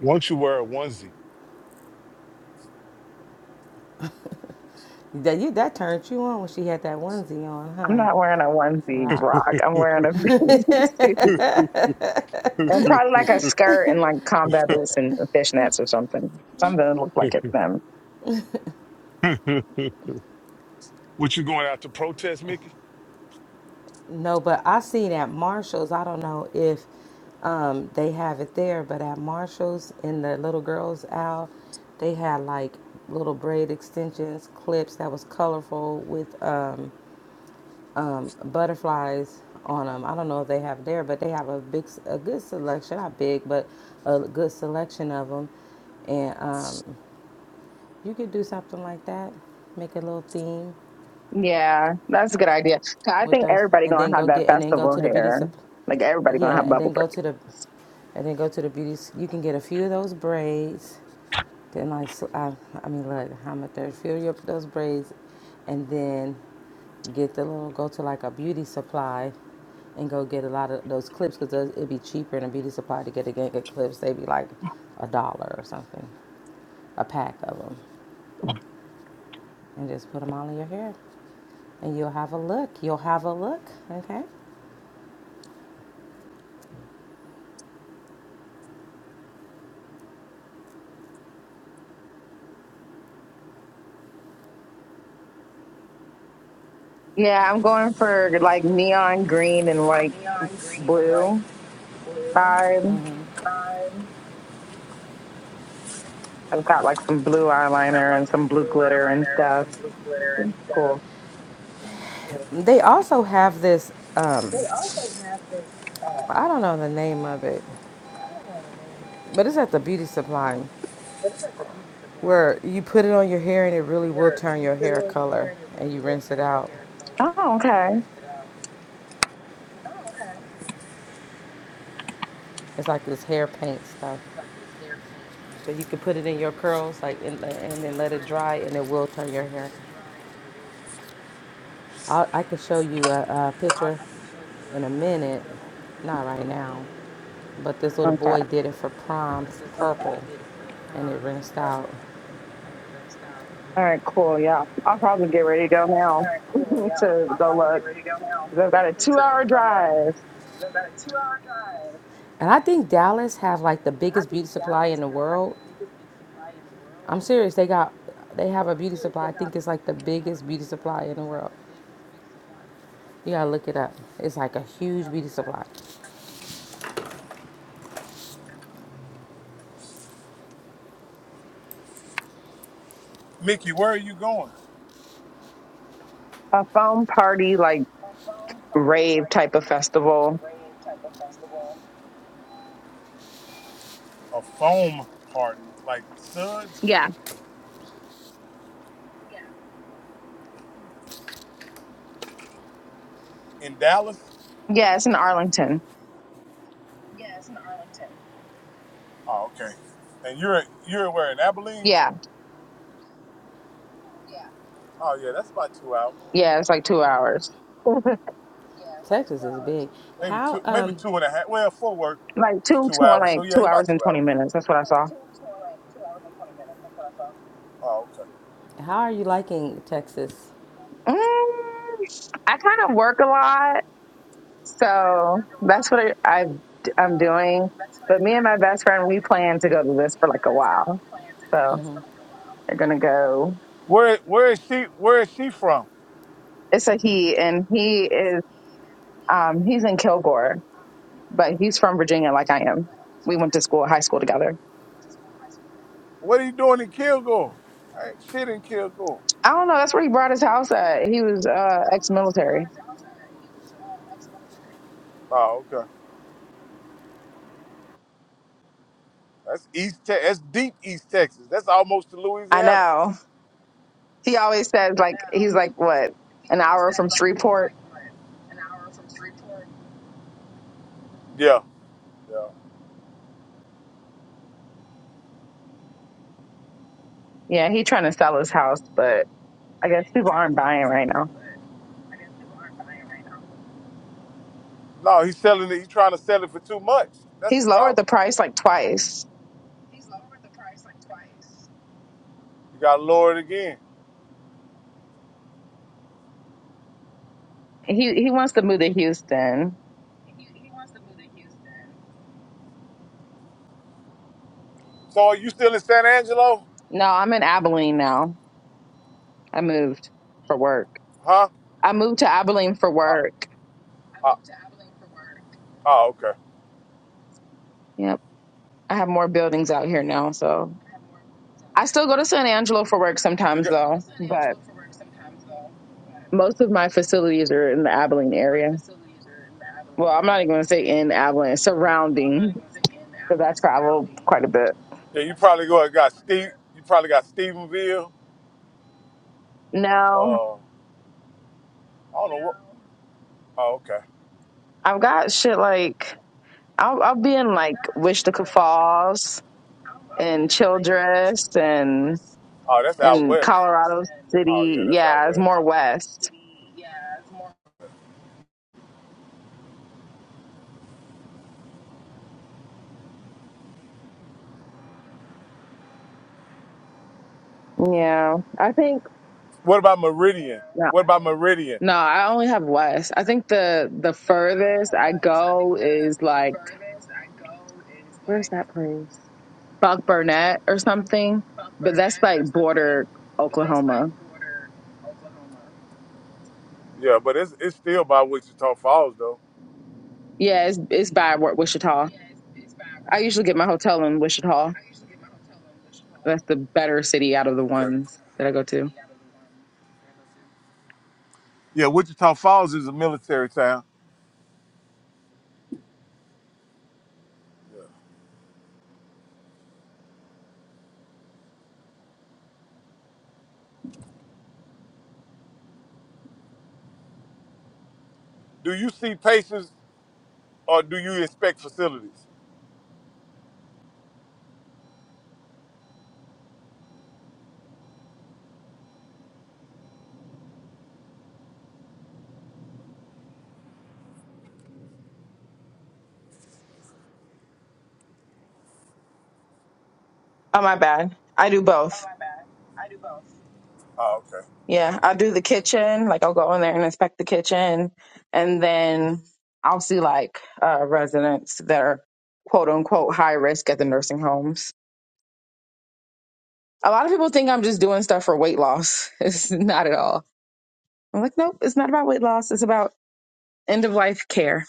[SPEAKER 1] Once you wear a onesie,
[SPEAKER 12] That you that turned you on when she had that onesie on,
[SPEAKER 19] I'm not
[SPEAKER 12] huh?
[SPEAKER 19] wearing a onesie,
[SPEAKER 12] Rock.
[SPEAKER 19] Brock. I'm wearing a bathing suit and probably like a skirt and like combat boots and fishnets or something. Something that looks like it's them.
[SPEAKER 1] what you going out to protest, Mickey?
[SPEAKER 12] No, but I seen at Marshalls. I don't know if um, they have it there, but at Marshalls in the little girls' aisle, they had like little braid extensions, clips that was colorful with um, um, butterflies on them. I don't know if they have it there, but they have a big, a good selection. Not big, but a good selection of them. And um, you could do something like that. Make a little theme.
[SPEAKER 19] Yeah, that's a good idea. I
[SPEAKER 12] with
[SPEAKER 19] think
[SPEAKER 12] those,
[SPEAKER 19] everybody
[SPEAKER 12] and then
[SPEAKER 19] gonna
[SPEAKER 12] go
[SPEAKER 19] have that
[SPEAKER 12] get, and then go
[SPEAKER 19] festival
[SPEAKER 12] to the beauty
[SPEAKER 19] hair.
[SPEAKER 12] supply.
[SPEAKER 19] Like everybody gonna
[SPEAKER 12] Yeah,
[SPEAKER 19] have
[SPEAKER 12] and
[SPEAKER 19] bubble
[SPEAKER 12] then go to the, and then go to the beauty. You can get a few of those braids. Then like, so- I, I mean, look, how much there? Fill you up with those braids, and then get the little. Go to like a beauty supply, and go get a lot of those clips because it'd be cheaper in a beauty supply to get a gang of clips. They'd be like a dollar or something, a pack of them, and just put them all in your hair and you'll have a look. You'll have a look, okay?
[SPEAKER 19] baby. Yeah, I'm going for like neon green and white
[SPEAKER 1] neon green and like
[SPEAKER 19] blue
[SPEAKER 1] blue.
[SPEAKER 19] side. I've got like some blue
[SPEAKER 1] It's got
[SPEAKER 19] eyeliner
[SPEAKER 1] like
[SPEAKER 19] and some blue
[SPEAKER 1] blue
[SPEAKER 19] glitter and
[SPEAKER 1] eyeliner and
[SPEAKER 19] stuff.
[SPEAKER 1] some blue glitter and stuff.
[SPEAKER 19] Cool.
[SPEAKER 12] They also have this, um,
[SPEAKER 1] They also have this, uh,
[SPEAKER 12] I don't know the name of it,
[SPEAKER 1] I don't know the name,
[SPEAKER 12] but it's at the beauty supply
[SPEAKER 1] but it's like a beauty supply
[SPEAKER 12] where you put it on your hair and it really will
[SPEAKER 1] where
[SPEAKER 12] turn
[SPEAKER 1] you
[SPEAKER 12] your
[SPEAKER 1] put it
[SPEAKER 12] hair
[SPEAKER 1] over
[SPEAKER 12] color
[SPEAKER 1] there and it
[SPEAKER 12] and you
[SPEAKER 1] really will
[SPEAKER 12] rinse it
[SPEAKER 1] turn your
[SPEAKER 12] out.
[SPEAKER 1] hair color
[SPEAKER 19] Oh, okay.
[SPEAKER 12] It's like this hair paint stuff. So you can put it in your curls like and, and then let it dry and it will turn your hair. i I could show you a, a picture in a minute, not right now, but this little
[SPEAKER 19] Okay.
[SPEAKER 12] boy did it for prom purple and it rinsed out.
[SPEAKER 19] All right, cool. Yeah. I'll probably get ready to go now to go look. 'Cause I've got a two hour drive,
[SPEAKER 12] And I think Dallas have like the biggest beauty supply in the world. I'm serious. They got they have a beauty supply. I think it's like the biggest beauty supply in the world. You gotta look it up. It's like a huge beauty supply.
[SPEAKER 1] Mickey, where are you going?
[SPEAKER 19] a foam party, like rave type of festival.
[SPEAKER 1] A foam party, like Suds
[SPEAKER 19] Yeah.
[SPEAKER 1] in Dallas.
[SPEAKER 19] Yeah. It's in Arlington.
[SPEAKER 1] Oh, okay. And you're you're where in Abilene?
[SPEAKER 19] Yeah.
[SPEAKER 1] Oh yeah, that's about two hours,
[SPEAKER 19] Yeah. It's like two hours.
[SPEAKER 12] Texas is big.
[SPEAKER 1] maybe
[SPEAKER 12] How
[SPEAKER 1] two, maybe
[SPEAKER 12] um
[SPEAKER 1] two and a half. Well, Fort Worth
[SPEAKER 19] Like
[SPEAKER 1] is
[SPEAKER 19] two,
[SPEAKER 1] two
[SPEAKER 19] two,
[SPEAKER 1] hours, so
[SPEAKER 19] like
[SPEAKER 1] yeah,
[SPEAKER 19] two hours
[SPEAKER 1] about
[SPEAKER 19] and
[SPEAKER 1] two
[SPEAKER 19] 20
[SPEAKER 1] hours. Yeah.
[SPEAKER 19] minutes. That's what I saw.
[SPEAKER 1] Oh, okay.
[SPEAKER 12] how are you liking Texas?
[SPEAKER 19] Mm, I kind of work a lot. So that's what I, I I'm doing. But me and my best friend, we plan to go to this for like a while. So they're gonna go.
[SPEAKER 1] Where where is she where is she from?
[SPEAKER 19] It's a he, and he is um he's in Kilgore, but he's from Virginia, like I am. We went to school, high school together.
[SPEAKER 1] What are you doing in Kilgore? I ain't shit in Kilgore.
[SPEAKER 19] I don't know. That's where he brought his house at. He was uh ex-military.
[SPEAKER 1] Oh, okay. That's East Te- that's deep East Texas. That's almost to
[SPEAKER 19] I
[SPEAKER 1] Louisiana.
[SPEAKER 19] know. He always says like he's like what an hour from Shreveport.
[SPEAKER 1] Yeah, yeah.
[SPEAKER 19] Yeah, he trying to sell his house, but I guess people aren't buying right now.
[SPEAKER 1] No, he's selling it, he's trying to sell it for too much. That's the
[SPEAKER 19] He's lowered
[SPEAKER 1] problem.
[SPEAKER 19] the price like twice
[SPEAKER 1] You gotta lower it again.
[SPEAKER 19] He he wants to move to Houston.
[SPEAKER 1] So are you still in San Angelo?
[SPEAKER 19] No, I'm in Abilene now. I moved for work.
[SPEAKER 1] Huh?
[SPEAKER 19] I moved to Abilene for
[SPEAKER 1] Uh,
[SPEAKER 19] work.
[SPEAKER 1] uh, oh, okay.
[SPEAKER 19] Yep. I have more buildings out here now, so I still go to San Angelo for work
[SPEAKER 1] You
[SPEAKER 19] sometimes
[SPEAKER 1] got,
[SPEAKER 19] though, but most of my facilities are in the Abilene area. Well, I'm not even going to say in Abilene, surrounding because I travel quite a bit.
[SPEAKER 1] yeah, you probably go got Steve you probably got Stephenville.
[SPEAKER 19] No,
[SPEAKER 1] Uh I don't know what oh okay.
[SPEAKER 19] I've got shit like I'll, I'll be in like Wichita Falls and Childress and
[SPEAKER 1] Oh, that's out
[SPEAKER 19] and
[SPEAKER 1] west. Traverse
[SPEAKER 19] Colorado
[SPEAKER 1] and Oh yeah,
[SPEAKER 19] City.
[SPEAKER 1] that's out
[SPEAKER 19] Yeah, it's
[SPEAKER 1] west.
[SPEAKER 19] more
[SPEAKER 1] Colorado
[SPEAKER 19] west.
[SPEAKER 1] City. Yeah, it's more.
[SPEAKER 19] Yeah, I think
[SPEAKER 1] What about Meridian?
[SPEAKER 19] no,
[SPEAKER 1] What about Meridian?
[SPEAKER 19] no, I only have west. I think the the furthest I go is like where's that place? Buck Burnett or something, but that's like border Oklahoma.
[SPEAKER 1] Yeah, but it's it's still by Wichita Falls though.
[SPEAKER 19] Yeah, it's it's by Wa- Wichita. I usually get my hotel in Wichita. That's the better city out of the
[SPEAKER 1] Okay.
[SPEAKER 19] ones that I go to.
[SPEAKER 1] Yeah, Wichita Falls is a military town. Do you see patients or do you inspect facilities?
[SPEAKER 19] Oh my bad. I do both.
[SPEAKER 1] Oh, okay.
[SPEAKER 19] Yeah, I'll do the kitchen. Like I'll go in there and inspect the kitchen, and then I'll see like uh, residents that are quote unquote high risk at the nursing homes. A lot of people think I'm just doing stuff for weight loss. It's not at all. I'm like, nope, it's not about weight loss. It's about end of life care.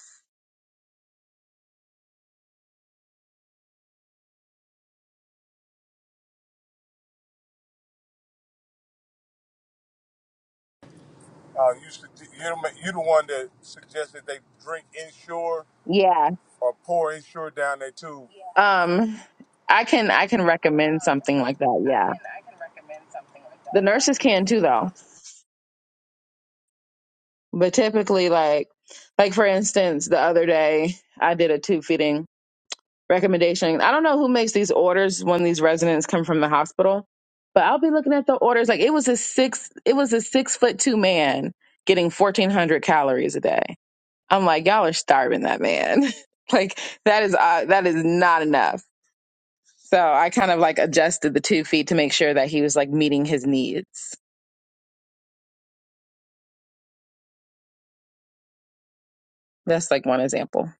[SPEAKER 1] Uh, you sug- you're the you're the one that suggested they drink inshore
[SPEAKER 19] Yeah.
[SPEAKER 1] or pour inshore down their tube.
[SPEAKER 19] Um, I can I can recommend something like that. Yeah, the nurses can too, though. But typically, like, like for instance, the other day I did a tube feeding recommendation. I don't know who makes these orders when these residents come from the hospital, but I'll be looking at the orders. Like it was a six, it was a six foot two man getting fourteen hundred calories a day. I'm like, y'all are starving that man. like that is uh, that is not enough. So I kind of like adjusted the tube feed to make sure that he was like meeting his needs. That's like one example.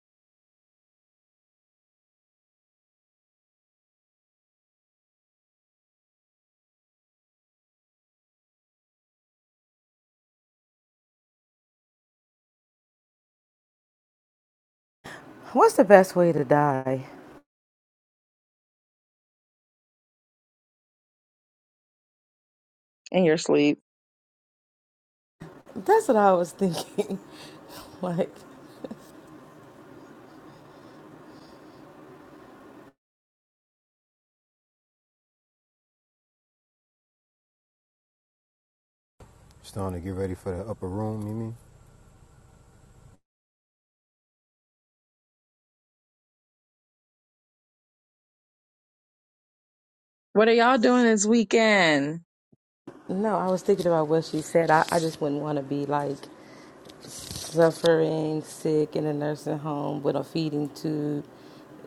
[SPEAKER 12] What's the best way to die?
[SPEAKER 19] In your sleep.
[SPEAKER 12] That's what I was thinking. like
[SPEAKER 20] Starting to get ready for the upper room, you mean?
[SPEAKER 19] What are y'all doing this weekend?
[SPEAKER 12] no, I was thinking about what she said. I, I just wouldn't want to be like. suffering, sick in a nursing home with a feeding tube.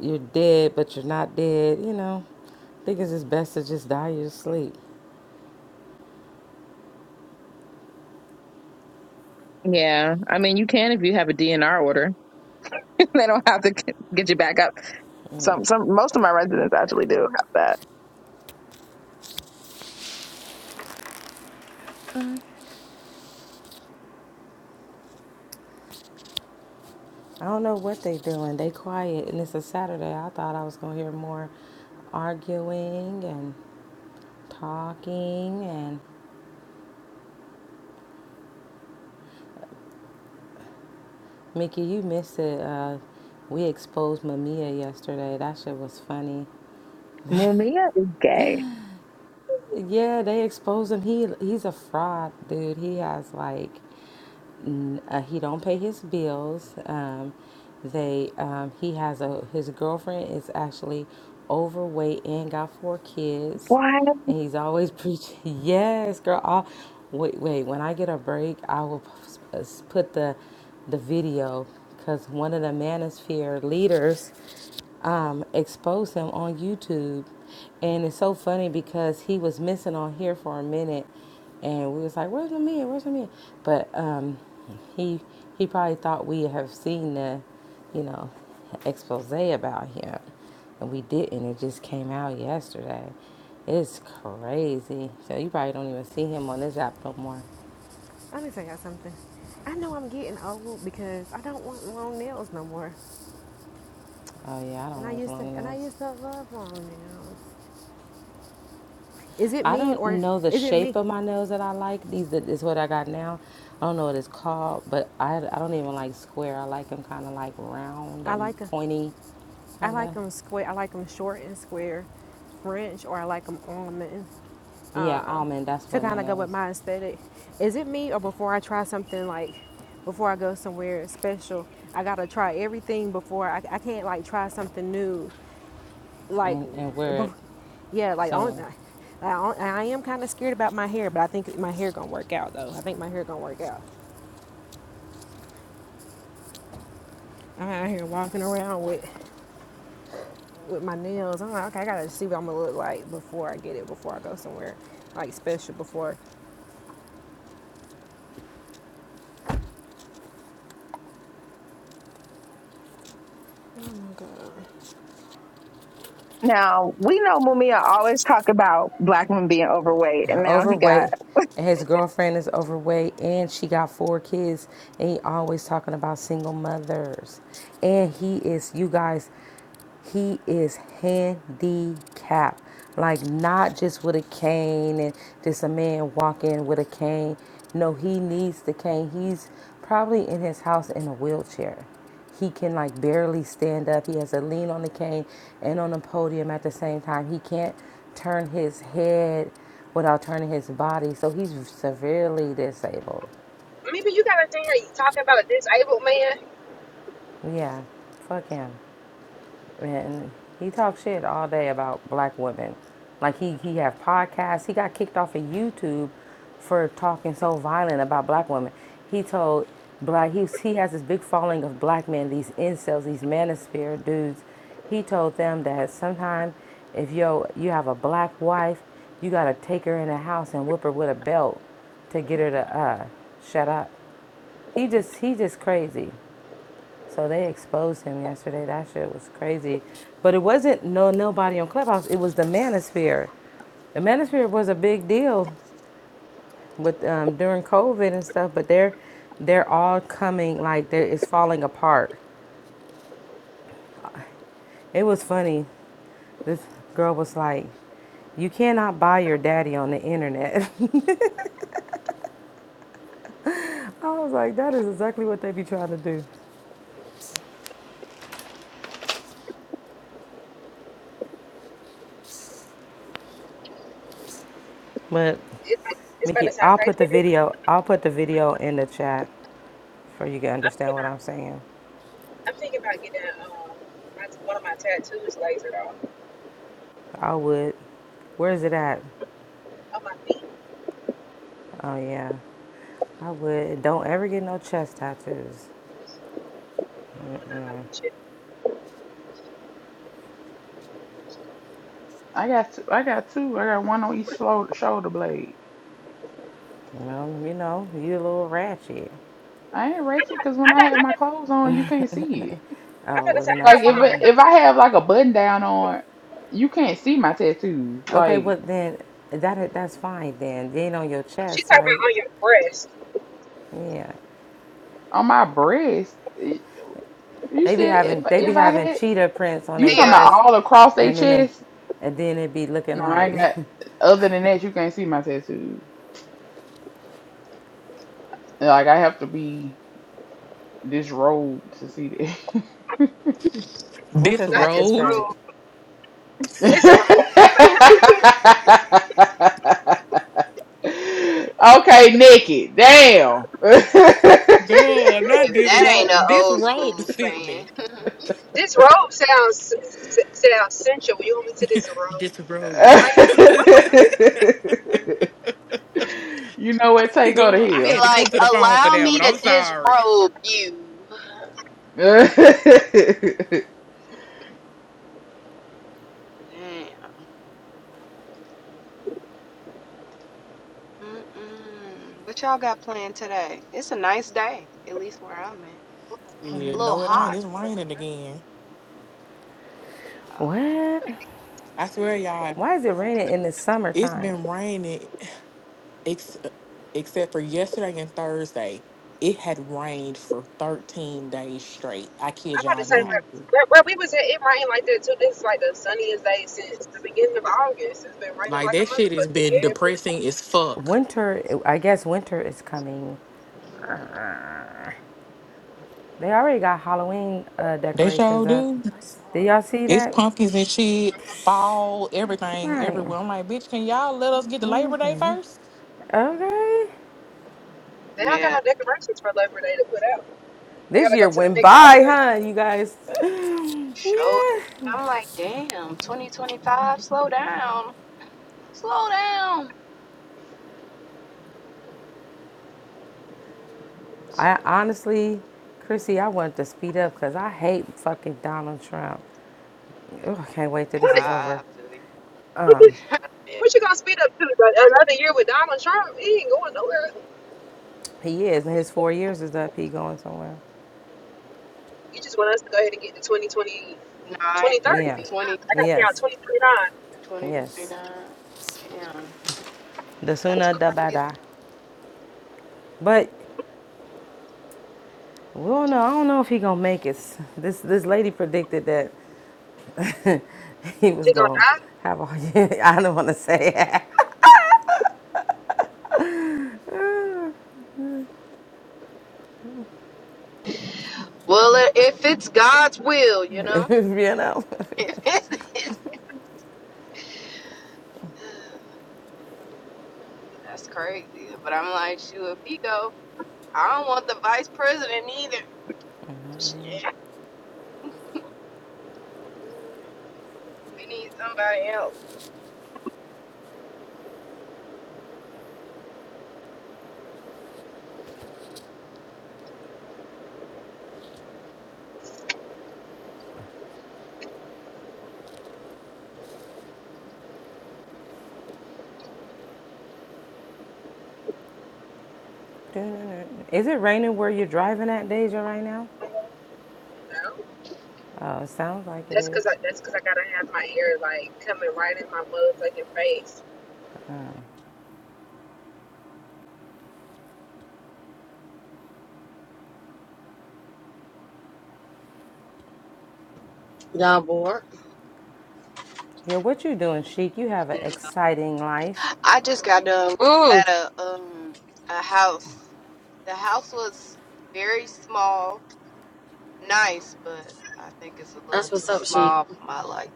[SPEAKER 12] You're dead, but you're not dead. You know, I think it's just best to just die your sleep.
[SPEAKER 19] Yeah, I mean, you can if you have a DNR order. they don't have to get you back up. Some, some, most of my residents actually do have that.
[SPEAKER 12] I don't know what they doing. They quiet, and it's a Saturday. I thought I was gonna hear more arguing and talking. And Mickey, you missed it. Uh, we exposed Mamiya yesterday. That shit was funny.
[SPEAKER 19] Mumia is gay.
[SPEAKER 12] Yeah, they exposed him. He he's a fraud, dude. He has like n- uh, he don't pay his bills. Um, they um, he has a his girlfriend is actually overweight and got four kids,
[SPEAKER 19] What?
[SPEAKER 12] and he's always preaching. Yes, girl. I'll, wait, wait. When I get a break, I will p- s- put the the video because one of the Manosphere leaders um, exposed him on YouTube. And it's so funny because he was missing on here for a minute, and we was like, "Where's my man? Where's my man?" But um, he he probably thought we have seen the, you know, expose about him, and we didn't. It just came out yesterday. It's crazy. So you probably don't even see him on this app no more.
[SPEAKER 10] Let me tell y'all something. I know I'm getting old because I don't want long nails no more,
[SPEAKER 12] Oh yeah, I don't
[SPEAKER 10] and I
[SPEAKER 12] like
[SPEAKER 10] used to,
[SPEAKER 12] long
[SPEAKER 10] and I
[SPEAKER 12] nails.
[SPEAKER 10] used to love long nails. Is it
[SPEAKER 12] I
[SPEAKER 10] me
[SPEAKER 12] don't
[SPEAKER 10] or
[SPEAKER 12] know the
[SPEAKER 10] is it me?
[SPEAKER 12] shape of my nails that I like. These that is what I got now. I don't know what it's called, but I I don't even like square. I like them kind of like round
[SPEAKER 10] I
[SPEAKER 12] and
[SPEAKER 10] like 'em.
[SPEAKER 12] pointy,
[SPEAKER 10] I
[SPEAKER 12] kind
[SPEAKER 10] like
[SPEAKER 12] of.
[SPEAKER 10] them square. I like them short and square, French, or I like them almond
[SPEAKER 12] Yeah,
[SPEAKER 10] uh,
[SPEAKER 12] almond. That's
[SPEAKER 10] to
[SPEAKER 12] what my
[SPEAKER 10] kind of go with
[SPEAKER 12] nails
[SPEAKER 10] my aesthetic. Is it me, or before I try something like before I go somewhere special, I gotta try everything before I, I can't like try something new, like,
[SPEAKER 12] and and wear it
[SPEAKER 10] bef- yeah, like on.
[SPEAKER 12] somewhere.
[SPEAKER 10] I I am kind of scared about my hair, but I think my hair gonna work out though. I think my hair gonna work out. I'm out here walking around with with my nails. I'm like, okay, I gotta see what I'm gonna look like before I get it, before I go somewhere like special. Before. Oh my god.
[SPEAKER 19] Now we know Mumia always talk about black women being overweight, and now he got
[SPEAKER 12] overweight and his girlfriend is overweight and she got four kids and he always talking about single mothers and he is you guys he is handicapped like not just with a cane and just a man walking with a cane no he needs the cane he's probably in his house in a wheelchair he can like barely stand up. He has a lean on the cane and on the podium at the same time. He can't turn his head without turning his body. So he's severely disabled.
[SPEAKER 10] Maybe you gotta think like you talking about a disabled man.
[SPEAKER 12] Yeah, fuck him. And he talks shit all day about black women. Like he he have podcasts. He got kicked off of YouTube for talking so violent about black women. He told black he he has this big following of black men, these incels, these manosphere dudes. He told them that sometime if yo you have a black wife, you gotta take her in the house and whip her with a belt to get her to uh shut up. He just he just crazy. So they exposed him yesterday. That shit was crazy. But it wasn't no nobody on Clubhouse. It was the Manosphere. The Manosphere was a big deal with um, during COVID and stuff. But they're they're all coming like they're, it's falling apart. It was funny. This girl was like, "You cannot buy your daddy on the internet." I was like, "That is exactly what they be trying to do." But
[SPEAKER 10] It, it's about to
[SPEAKER 12] Mickey,
[SPEAKER 10] sound
[SPEAKER 12] I'll
[SPEAKER 10] crazy.
[SPEAKER 12] put the video. I'll put the video in the chat for you to
[SPEAKER 10] I'm thinking
[SPEAKER 12] understand what
[SPEAKER 10] about,
[SPEAKER 12] I'm saying.
[SPEAKER 10] I'm thinking about getting um my, one of my tattoos lasered off
[SPEAKER 12] I would. Where is it at?
[SPEAKER 10] on my feet.
[SPEAKER 12] Oh yeah, I would. Don't ever get no chest tattoos.
[SPEAKER 10] I don't want shit.
[SPEAKER 11] I got two, I got two. I got one on each shoulder, shoulder blade.
[SPEAKER 12] You know, you know, you a little ratchet.
[SPEAKER 11] I ain't
[SPEAKER 10] I
[SPEAKER 11] ratchet
[SPEAKER 10] got
[SPEAKER 11] because when
[SPEAKER 10] I
[SPEAKER 11] I
[SPEAKER 10] got
[SPEAKER 11] have
[SPEAKER 10] I
[SPEAKER 11] my
[SPEAKER 10] got
[SPEAKER 11] clothes on, you can't see it.
[SPEAKER 12] Oh
[SPEAKER 10] I got
[SPEAKER 12] well,
[SPEAKER 10] say
[SPEAKER 12] then
[SPEAKER 10] I
[SPEAKER 11] Like
[SPEAKER 12] that's
[SPEAKER 10] got one
[SPEAKER 11] if
[SPEAKER 10] on.
[SPEAKER 11] it-
[SPEAKER 10] I
[SPEAKER 12] fine.
[SPEAKER 10] got,
[SPEAKER 11] if I have like a button down on, you can't see my tattoos.
[SPEAKER 12] Okay,
[SPEAKER 11] Like
[SPEAKER 12] but then that that's fine then. Then on your
[SPEAKER 10] she
[SPEAKER 12] chest,
[SPEAKER 10] talking
[SPEAKER 12] right?
[SPEAKER 10] about on your breast,
[SPEAKER 12] Yeah.
[SPEAKER 11] on my breast, it- you
[SPEAKER 12] They be
[SPEAKER 11] said if
[SPEAKER 12] having they be
[SPEAKER 11] if I
[SPEAKER 12] having
[SPEAKER 11] had
[SPEAKER 12] cheetah prints on
[SPEAKER 11] you
[SPEAKER 12] their
[SPEAKER 21] Hey
[SPEAKER 11] talking about
[SPEAKER 21] y'all,
[SPEAKER 12] breasts,
[SPEAKER 11] all across their
[SPEAKER 12] and then they
[SPEAKER 11] chest.
[SPEAKER 12] and then it be looking
[SPEAKER 11] No, I
[SPEAKER 12] like,
[SPEAKER 11] ain't got. Other than that, you can't see my tattoos. Like I have to be disrobed to see that.
[SPEAKER 12] what your
[SPEAKER 10] not
[SPEAKER 12] tattoo
[SPEAKER 10] this
[SPEAKER 13] Disrobed?
[SPEAKER 12] say?
[SPEAKER 10] robe.
[SPEAKER 11] okay,
[SPEAKER 10] This robe.
[SPEAKER 11] Nikki. Damn.
[SPEAKER 10] this
[SPEAKER 13] Duh,
[SPEAKER 10] robe.
[SPEAKER 13] not
[SPEAKER 21] if that ain't an
[SPEAKER 13] disrobed.
[SPEAKER 21] old
[SPEAKER 13] Disrobed
[SPEAKER 21] school
[SPEAKER 13] sent
[SPEAKER 21] saying,
[SPEAKER 13] me.
[SPEAKER 21] be
[SPEAKER 10] This robe sounds sounds sensual. You want me to this robe?
[SPEAKER 13] Disrobed.
[SPEAKER 10] Like I'm, I'm about
[SPEAKER 11] you know what? Take her to
[SPEAKER 13] Girl, I had
[SPEAKER 11] hell.
[SPEAKER 13] to come
[SPEAKER 21] like,
[SPEAKER 13] to the phone for
[SPEAKER 21] allow
[SPEAKER 13] that
[SPEAKER 21] me
[SPEAKER 13] one. I'm
[SPEAKER 21] to
[SPEAKER 13] sorry.
[SPEAKER 21] disrobe you. Damn. Mm-mm. What y'all got planned today? It's a nice day, at least where I'm at.
[SPEAKER 11] uh,
[SPEAKER 13] Yeah,
[SPEAKER 21] A little
[SPEAKER 13] no, it ain't.
[SPEAKER 21] hot,
[SPEAKER 13] It's
[SPEAKER 21] but it's
[SPEAKER 13] raining again.
[SPEAKER 21] oh
[SPEAKER 12] What?
[SPEAKER 13] I swear, y'all,
[SPEAKER 12] Why is it raining in the
[SPEAKER 13] it's
[SPEAKER 12] summertime?
[SPEAKER 13] been raining ex- except for yesterday and Thursday. It had rained for 13 days straight. I kid
[SPEAKER 10] I'm about to
[SPEAKER 13] y'all
[SPEAKER 10] say,
[SPEAKER 13] not.
[SPEAKER 10] like,
[SPEAKER 11] Jesus.
[SPEAKER 10] where, where we was at, it rained like that too. This is like the sunniest day since the beginning of August. It's been raining
[SPEAKER 13] Like,
[SPEAKER 10] like a
[SPEAKER 13] that shit has
[SPEAKER 10] motherfucker
[SPEAKER 13] been
[SPEAKER 10] every.
[SPEAKER 13] depressing as fuck.
[SPEAKER 12] Winter, I guess winter is coming. They already got Halloween uh,
[SPEAKER 13] They sure
[SPEAKER 12] decorations up.
[SPEAKER 13] do.
[SPEAKER 12] Did y'all see
[SPEAKER 13] It's
[SPEAKER 12] that?
[SPEAKER 13] pumpkins and shit, fall, everything,
[SPEAKER 12] Right.
[SPEAKER 13] everywhere. I'm like, bitch, can y'all let us get to Labor Day first?
[SPEAKER 12] Okay.
[SPEAKER 10] They don't got
[SPEAKER 21] yeah.
[SPEAKER 10] no decorations for Labor Day to put out. They
[SPEAKER 12] This
[SPEAKER 10] gotta go
[SPEAKER 12] year
[SPEAKER 10] to the
[SPEAKER 12] went
[SPEAKER 10] next
[SPEAKER 12] by,
[SPEAKER 10] holiday.
[SPEAKER 12] huh, you guys?
[SPEAKER 21] Show.
[SPEAKER 12] yeah.
[SPEAKER 21] I'm like, damn, 2025, slow down, slow down.
[SPEAKER 12] I honestly, Chrissy, I wanted to speed up because I hate fucking Donald Trump. Ugh, I can't wait till
[SPEAKER 21] Yeah,
[SPEAKER 10] What
[SPEAKER 12] this is
[SPEAKER 21] I
[SPEAKER 12] over.
[SPEAKER 21] I feel
[SPEAKER 10] What
[SPEAKER 21] you.
[SPEAKER 10] what you gonna speed up to like, another year with Donald Trump? He ain't going nowhere.
[SPEAKER 12] He is, and his four years is up. He going somewhere.
[SPEAKER 10] You just want us to go ahead and get to twenty twenty
[SPEAKER 21] Nine
[SPEAKER 10] twenty thirty, 2030
[SPEAKER 12] Yeah.
[SPEAKER 10] then. I,
[SPEAKER 21] twenty
[SPEAKER 10] I gotta figure
[SPEAKER 12] Yes.
[SPEAKER 10] out 2029.
[SPEAKER 21] twenty twenty
[SPEAKER 12] Yes.
[SPEAKER 21] nine. Damn,
[SPEAKER 12] The
[SPEAKER 21] that's
[SPEAKER 12] sooner the
[SPEAKER 21] crazy.
[SPEAKER 12] better. But Well, no, I don't know if he gonna make it. This this lady predicted that he was
[SPEAKER 10] She gonna
[SPEAKER 12] gonna
[SPEAKER 10] die?
[SPEAKER 12] have all. I don't want to say
[SPEAKER 21] Well, i- if it's God's will, you
[SPEAKER 12] it.
[SPEAKER 21] know.
[SPEAKER 12] you know.
[SPEAKER 21] If it's, that's crazy. But I'm like, shoot, if he go, I don't want the vice president either. Shit, we need somebody else.
[SPEAKER 12] Is it raining where you're driving at, Deja, right now?
[SPEAKER 10] No.
[SPEAKER 12] Uh, sounds like it
[SPEAKER 10] That's
[SPEAKER 12] is.
[SPEAKER 10] cause I that's cause I gotta have my ear like coming right in my motherfucking face
[SPEAKER 18] down bored.
[SPEAKER 12] Yeah, what you doing, Chic? You have an
[SPEAKER 21] No.
[SPEAKER 12] exciting life.
[SPEAKER 21] I just got done looking
[SPEAKER 18] Mm,
[SPEAKER 21] at a um a house. The house was very small, nice, but I think it's a little
[SPEAKER 18] that's what's
[SPEAKER 21] too
[SPEAKER 18] up, she.
[SPEAKER 21] small for my life.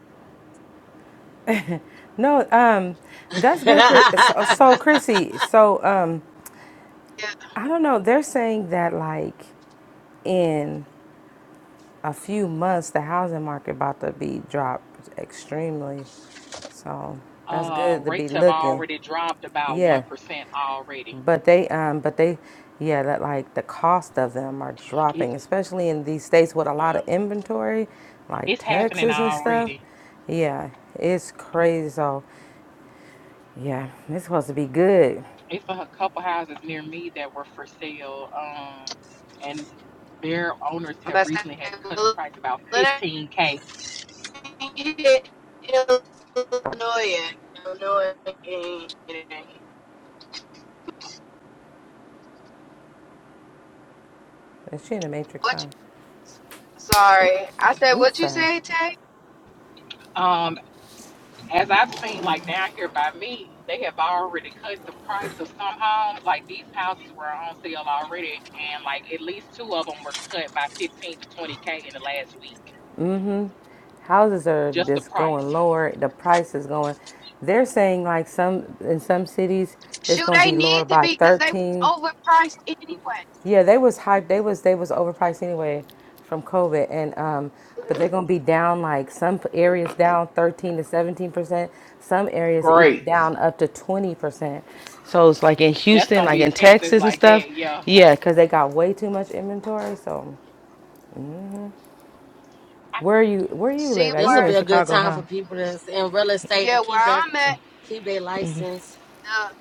[SPEAKER 12] No, um, that's good, Chris. So, so Chrissy, so um,
[SPEAKER 21] Yeah,
[SPEAKER 12] I don't know. They're saying that like in a few months, the housing market about to be dropped extremely. So that's
[SPEAKER 13] Uh,
[SPEAKER 12] good to be
[SPEAKER 13] rates have
[SPEAKER 12] looking.
[SPEAKER 13] already dropped about 1%
[SPEAKER 12] Yeah,
[SPEAKER 13] already.
[SPEAKER 12] but they, um, but they, yeah, that like the cost of them are
[SPEAKER 13] It,
[SPEAKER 12] dropping, especially in these states with a lot
[SPEAKER 13] yeah,
[SPEAKER 12] of inventory, like
[SPEAKER 13] it's happening
[SPEAKER 12] Texas and stuff.
[SPEAKER 13] already.
[SPEAKER 12] Yeah, it's crazy. So, yeah, it's supposed to be good.
[SPEAKER 13] it's a couple houses near me that were for sale, um, and their owners
[SPEAKER 21] I'm
[SPEAKER 13] have
[SPEAKER 21] about
[SPEAKER 13] recently had to cut the
[SPEAKER 21] to
[SPEAKER 13] price about
[SPEAKER 21] say,
[SPEAKER 13] 15k.
[SPEAKER 21] Illinois, Illinois.
[SPEAKER 12] Is she in the Matrix,
[SPEAKER 21] What?
[SPEAKER 12] huh?
[SPEAKER 21] sorry, I said
[SPEAKER 12] Oops,
[SPEAKER 21] what you
[SPEAKER 12] sorry.
[SPEAKER 21] said, Tay.
[SPEAKER 13] Um, as I've seen, like down here by me, they have already cut the price of some homes. Like these houses were on sale already, and like at least two of them were cut by 15 to 20k in the last week.
[SPEAKER 12] houses are
[SPEAKER 13] Just the
[SPEAKER 12] just going
[SPEAKER 13] price.
[SPEAKER 12] lower. The price is going. They're saying like some in some cities it's
[SPEAKER 21] Shoot,
[SPEAKER 12] going to
[SPEAKER 21] they
[SPEAKER 12] be lower
[SPEAKER 21] need to
[SPEAKER 12] by
[SPEAKER 21] be because they was
[SPEAKER 12] thirteen.
[SPEAKER 21] overpriced anyway.
[SPEAKER 12] Yeah, they was hyped. They was they was overpriced anyway from COVID, and um, but they're going to be down like some areas down thirteen to seventeen percent. Some areas even
[SPEAKER 11] Great.
[SPEAKER 12] down up to twenty percent. So it's like in
[SPEAKER 13] That's
[SPEAKER 12] Houston,
[SPEAKER 13] gonna
[SPEAKER 12] like
[SPEAKER 13] be
[SPEAKER 12] in
[SPEAKER 13] Texas
[SPEAKER 12] Texas and
[SPEAKER 13] like
[SPEAKER 12] stuff.
[SPEAKER 13] that, yeah.
[SPEAKER 12] Yeah, because they got way too much inventory. So where you where you
[SPEAKER 21] See
[SPEAKER 12] live at?
[SPEAKER 18] this
[SPEAKER 12] You
[SPEAKER 18] will
[SPEAKER 21] where?
[SPEAKER 12] in
[SPEAKER 18] be a good
[SPEAKER 12] Chicago,
[SPEAKER 18] time
[SPEAKER 12] huh?
[SPEAKER 18] for people that's in real estate to
[SPEAKER 21] Yeah, where
[SPEAKER 18] keep their
[SPEAKER 21] I'm at.
[SPEAKER 18] keep their license.
[SPEAKER 21] The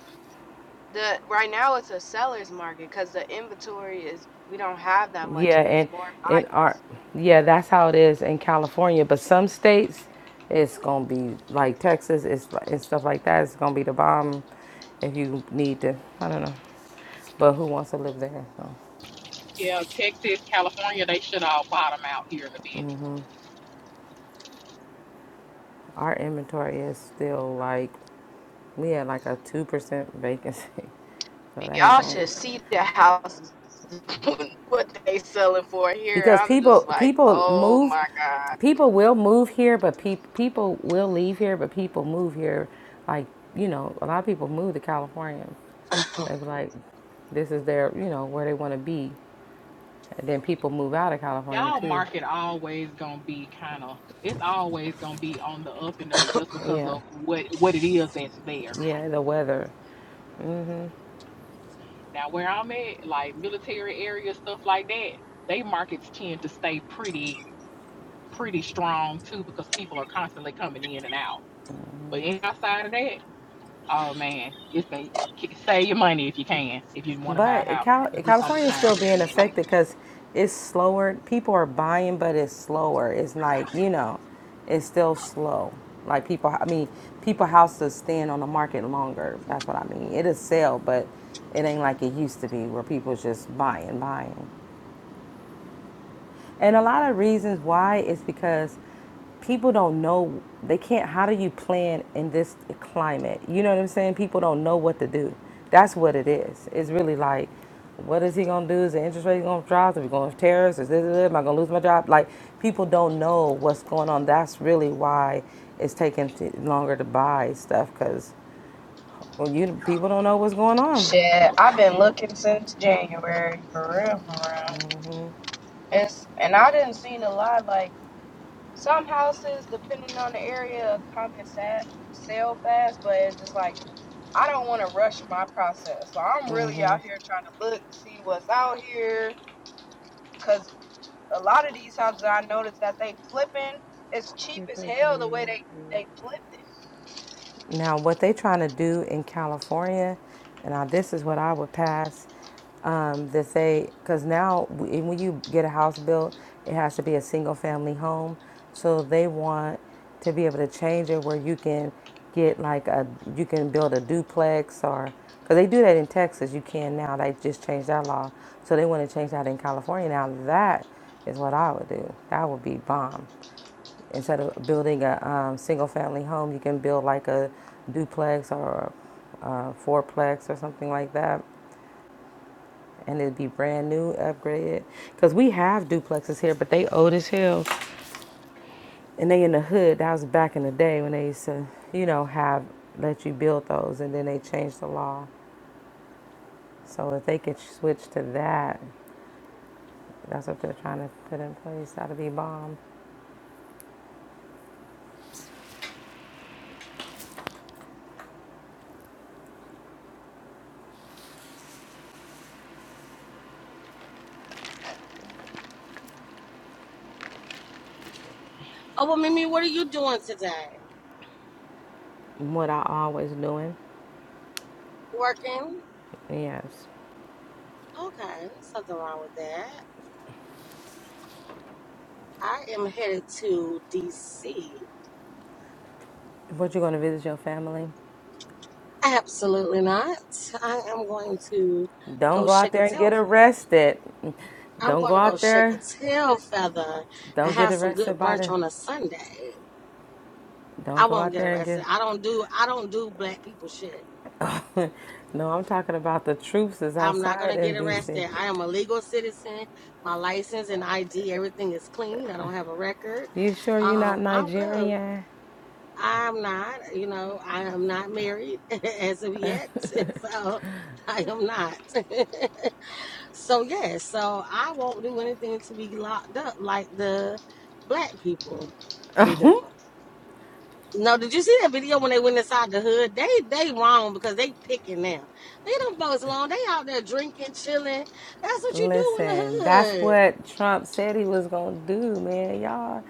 [SPEAKER 21] the right now it's a seller's market because the inventory is we don't have that much
[SPEAKER 12] Yeah,
[SPEAKER 21] and it's
[SPEAKER 12] and
[SPEAKER 21] more
[SPEAKER 12] in our
[SPEAKER 21] buyers.
[SPEAKER 12] yeah, that's how it is in California. But some states, it's gonna be like Texas, it's li- and stuff like that. It's gonna be the bomb if you need to. I don't know, but who wants to live there? So
[SPEAKER 13] Yeah, Texas, California, they should all bottom out here in a bit.
[SPEAKER 12] our inventory is still like we had like a two percent vacancy, so that ain't
[SPEAKER 21] Y'all
[SPEAKER 12] going to
[SPEAKER 21] should see the houses what they selling for here.
[SPEAKER 12] because
[SPEAKER 21] I'm
[SPEAKER 12] people
[SPEAKER 21] just like,
[SPEAKER 12] people
[SPEAKER 21] oh
[SPEAKER 12] move.
[SPEAKER 21] my god.
[SPEAKER 12] People will move here, but peop people will leave here, but people move here. Like, you know, a lot of people move to California
[SPEAKER 18] Oh,
[SPEAKER 12] They were like, this is their, you know, where they want to be. And then people move out of California
[SPEAKER 13] y'all
[SPEAKER 12] too.
[SPEAKER 13] market always gonna be kind of it's always gonna be on the up and up just because
[SPEAKER 12] Yeah,
[SPEAKER 13] of what what it is that's there
[SPEAKER 12] yeah, the weather.
[SPEAKER 13] now where i'm at like military area stuff like that they markets tend to stay pretty pretty strong too because people are constantly coming in and out but in- outside of that oh man it's gonna save your money if you can if you want to buy a
[SPEAKER 12] But
[SPEAKER 13] house
[SPEAKER 12] Cal-
[SPEAKER 13] because it's gonna be
[SPEAKER 12] California is
[SPEAKER 13] time
[SPEAKER 12] still
[SPEAKER 13] in a
[SPEAKER 12] being
[SPEAKER 13] minute
[SPEAKER 12] affected because it's slower. People are buying, but it's slower. It's like, you know, it's still slow. Like people, I mean, people houses stand on the market longer. That's what I mean. It'll sell, but it ain't like it used to be where people's just buying, buying. And a lot of reasons why is because people don't know they can't how do you plan in this climate? You know what I'm saying? People don't know what to do. That's what it is. It's really like what is he gonna do? Is the interest rate gonna drop? Are we going to have tariffs? Is this, this, am I gonna lose my job? Like people don't know what's going on. That's really why it's taking t- longer to buy stuff because well, you people don't know what's going on.
[SPEAKER 21] Shit, I've been looking since January, for real, for real. It's and I didn't seen a lot. Like some houses, depending on the area, come and sat, sell fast, but it's just like I don't want to rush my process. So I'm really out here trying to look, see what's out here, cause a lot of these houses I noticed that they flipping. It's cheap
[SPEAKER 11] If
[SPEAKER 21] as
[SPEAKER 11] I
[SPEAKER 21] hell the way
[SPEAKER 11] will.
[SPEAKER 21] they
[SPEAKER 11] it is.
[SPEAKER 21] they flipped it.
[SPEAKER 12] Now, what they are trying to do in California, and now this is what I would pass. Um, that they, because now w- when you get a house built, it has to be a single family home. So they want to be able to change it where you can get like a, you can build a duplex or, because they do that in Texas, you can now. They just changed that law. So they want to change that in California. Now that is what I would do. That would be bomb. Instead of building a um, single family home, you can build like a duplex or a, uh fourplex or something like that. And it'd be brand new, upgraded. Because we have duplexes here, but they old as hell. And they in the hood. That was back in the day when they used to, you know, have let you build those. And then they changed the law. So if they could switch to that, that's what they're trying to put in place. That'd be bomb.
[SPEAKER 18] well, Mimi, what are you doing today?
[SPEAKER 12] What I always doing.
[SPEAKER 18] Working.
[SPEAKER 12] Yes.
[SPEAKER 18] Okay, something wrong with that. I am headed to DC.
[SPEAKER 12] What you gonna visit your family?
[SPEAKER 18] Absolutely not. I am going to
[SPEAKER 12] Don't
[SPEAKER 18] go
[SPEAKER 12] go out
[SPEAKER 18] shake a
[SPEAKER 12] there and get
[SPEAKER 18] tail feather.
[SPEAKER 12] arrested.
[SPEAKER 18] I'm
[SPEAKER 12] Don't
[SPEAKER 18] going
[SPEAKER 12] go
[SPEAKER 18] to go
[SPEAKER 12] out
[SPEAKER 18] shake a
[SPEAKER 12] there.
[SPEAKER 18] tail feather
[SPEAKER 12] Don't
[SPEAKER 18] and
[SPEAKER 12] get
[SPEAKER 18] have some
[SPEAKER 12] arrested
[SPEAKER 18] good
[SPEAKER 12] by
[SPEAKER 18] brunch
[SPEAKER 12] the.
[SPEAKER 18] on a Sunday. I
[SPEAKER 12] Don't go
[SPEAKER 18] won't
[SPEAKER 12] out
[SPEAKER 18] get
[SPEAKER 12] there and get.
[SPEAKER 18] arrested. I don't do I don't do black people shit.
[SPEAKER 12] No, I'm talking about the troops is
[SPEAKER 18] I'm not
[SPEAKER 12] outside
[SPEAKER 18] gonna get
[SPEAKER 12] in D.C.
[SPEAKER 18] arrested. I am a legal citizen. My license and ID, everything is clean. I don't have a record.
[SPEAKER 12] You sure you're
[SPEAKER 18] Um,
[SPEAKER 12] not
[SPEAKER 18] I'm good.
[SPEAKER 12] Nigerian?
[SPEAKER 18] I'm not, you know, I am not married as of yet. So I am not. So yeah, so I won't do anything to be locked up like the black people be doing. No, did you see that video when they went inside the hood? They they wrong because they picking now. They don't folks alone. They out there drinking, chilling. That's what you do in the
[SPEAKER 12] Listen, that's
[SPEAKER 18] hood.
[SPEAKER 12] what Trump said he was gonna do, man. Y'all,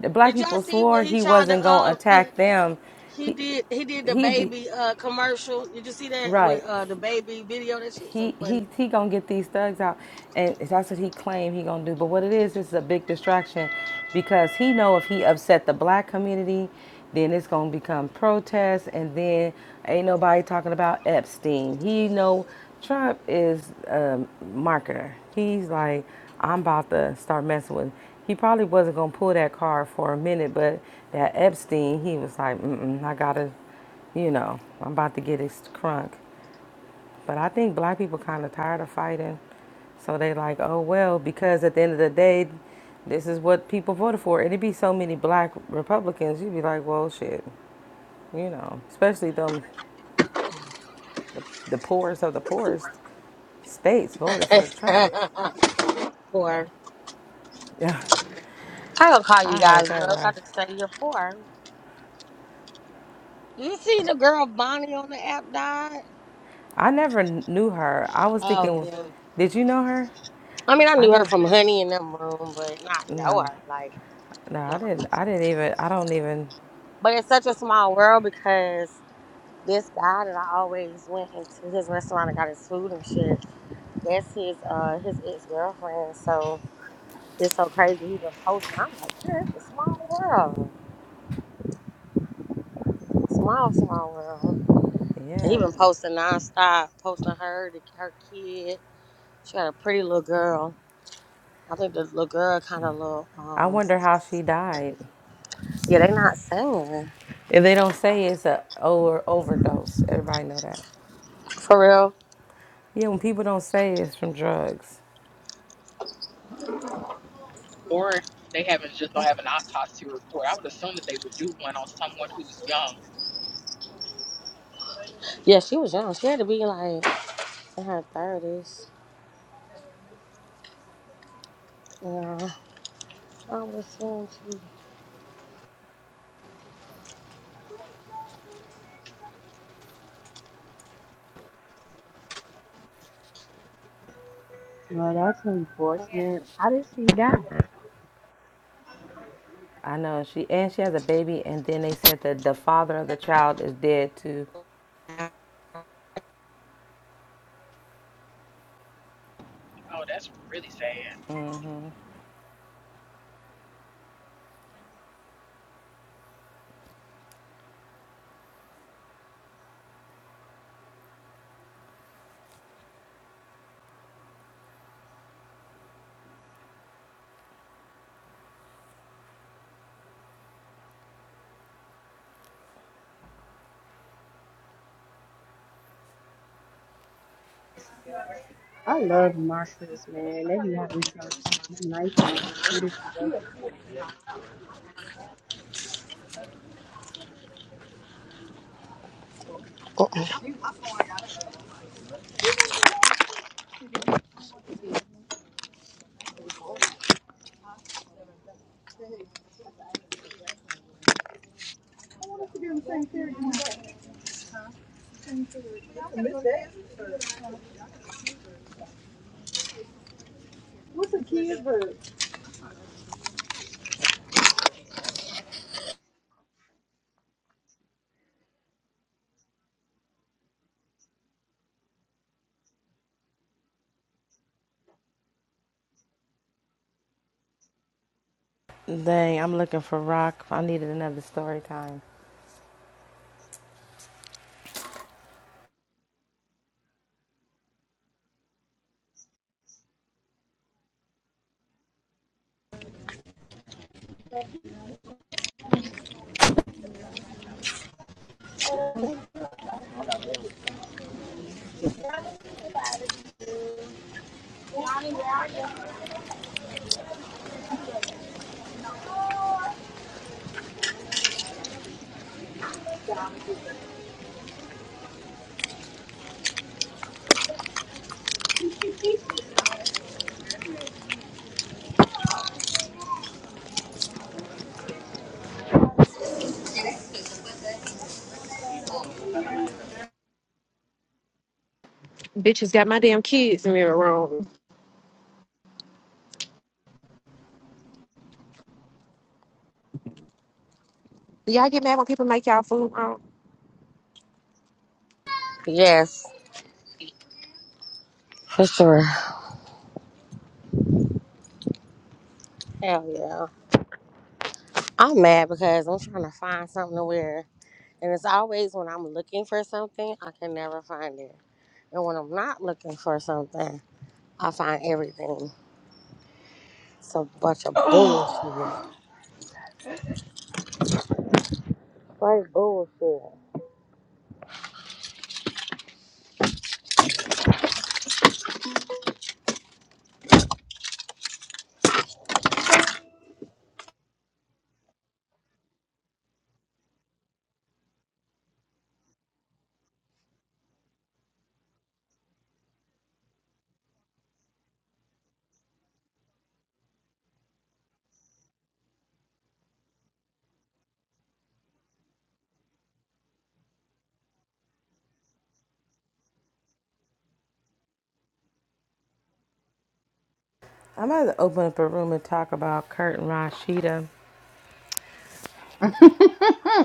[SPEAKER 12] the black
[SPEAKER 18] Did y'all
[SPEAKER 12] people
[SPEAKER 18] see
[SPEAKER 12] swore
[SPEAKER 18] when he
[SPEAKER 12] he
[SPEAKER 18] tried to
[SPEAKER 12] wasn't gonna
[SPEAKER 18] uh did,
[SPEAKER 12] attack them.
[SPEAKER 18] he
[SPEAKER 12] He,
[SPEAKER 18] did he did the
[SPEAKER 12] he,
[SPEAKER 18] baby uh commercial? Did you see that with
[SPEAKER 12] right.
[SPEAKER 18] uh the baby video? That shit's so
[SPEAKER 12] he
[SPEAKER 18] funny.
[SPEAKER 12] he he gonna get these thugs out, and that's what he claimed he gonna do. But what it is, this is a big distraction, because he know if he upset the black community, then it's gonna become protests, and then ain't nobody talking about Epstein. He know Trump is a marketer. He's like, I'm about to start messing with. He probably wasn't gonna pull that card for a minute, but that Epstein, he was like, Mm-mm, I gotta, you know, I'm about to get his crunk. But I think black people kind of tired of fighting. So they like, oh well, because at the end of the day, this is what people voted for. And it'd be so many black Republicans, you'd be like, well, shit, you know, especially them, the, the poorest of the poorest states voted for Trump.
[SPEAKER 18] Poor.
[SPEAKER 12] Yeah,
[SPEAKER 18] I don't call you
[SPEAKER 12] I heard
[SPEAKER 18] guys
[SPEAKER 12] that
[SPEAKER 18] girls. I
[SPEAKER 12] last.
[SPEAKER 18] just say you're poor. You see the girl Bonnie on the app died?
[SPEAKER 12] I never knew her. I was
[SPEAKER 18] Oh
[SPEAKER 12] thinking,
[SPEAKER 18] yeah.
[SPEAKER 12] did you know her?
[SPEAKER 18] I mean, I
[SPEAKER 12] I
[SPEAKER 18] knew her
[SPEAKER 12] never.
[SPEAKER 18] from Honey in them room, but not know
[SPEAKER 12] No,
[SPEAKER 18] her. Like,
[SPEAKER 12] no, I
[SPEAKER 18] nah.
[SPEAKER 12] didn't. I didn't even. I don't even.
[SPEAKER 18] But it's such a small world because this guy that I always went into his restaurant and got his food and shit. That's his uh his ex girlfriend. So it's so crazy. He been posting. I'm like, yeah, it's a small world. Small, small world. And he
[SPEAKER 12] Yeah,
[SPEAKER 18] been posting nonstop, posting her, the, her kid. She got a pretty little girl. I think the little girl kind of little.
[SPEAKER 12] I
[SPEAKER 18] um
[SPEAKER 12] wonder how she died.
[SPEAKER 18] Yeah, they not saying.
[SPEAKER 12] If they don't say it's a over overdose, everybody know that.
[SPEAKER 18] For real.
[SPEAKER 12] Yeah, when people don't say it's from drugs,
[SPEAKER 13] or they haven't just don't have an autopsy report i would assume that they would do one on someone who's young
[SPEAKER 18] Yeah, she was young. She had to be like in her thirties. Yeah. I would assume she
[SPEAKER 21] Well, that's unfortunate. How did she die?
[SPEAKER 12] I know. She and she has a baby, and then they said that the father of the child is dead too.
[SPEAKER 13] Oh, that's really sad.
[SPEAKER 21] I love my sis, man. They be having some nice.
[SPEAKER 18] Mm-mm. What's a kid's verse?
[SPEAKER 12] Dang, I'm looking for rock. I needed another story time.
[SPEAKER 10] Bitches got my damn kids in there wrong. Y'all get mad when people make y'all food wrong.
[SPEAKER 18] Yes, for sure. Hell yeah. I'm mad because I'm trying to find something to wear. And it's always when I'm looking for something, I can never find it. And when I'm not looking for something, I find everything. It's a bunch of bullshit.
[SPEAKER 11] Oh.
[SPEAKER 18] Straight bullshit.
[SPEAKER 12] I might have to open up a room and talk about Kurt and Rashida,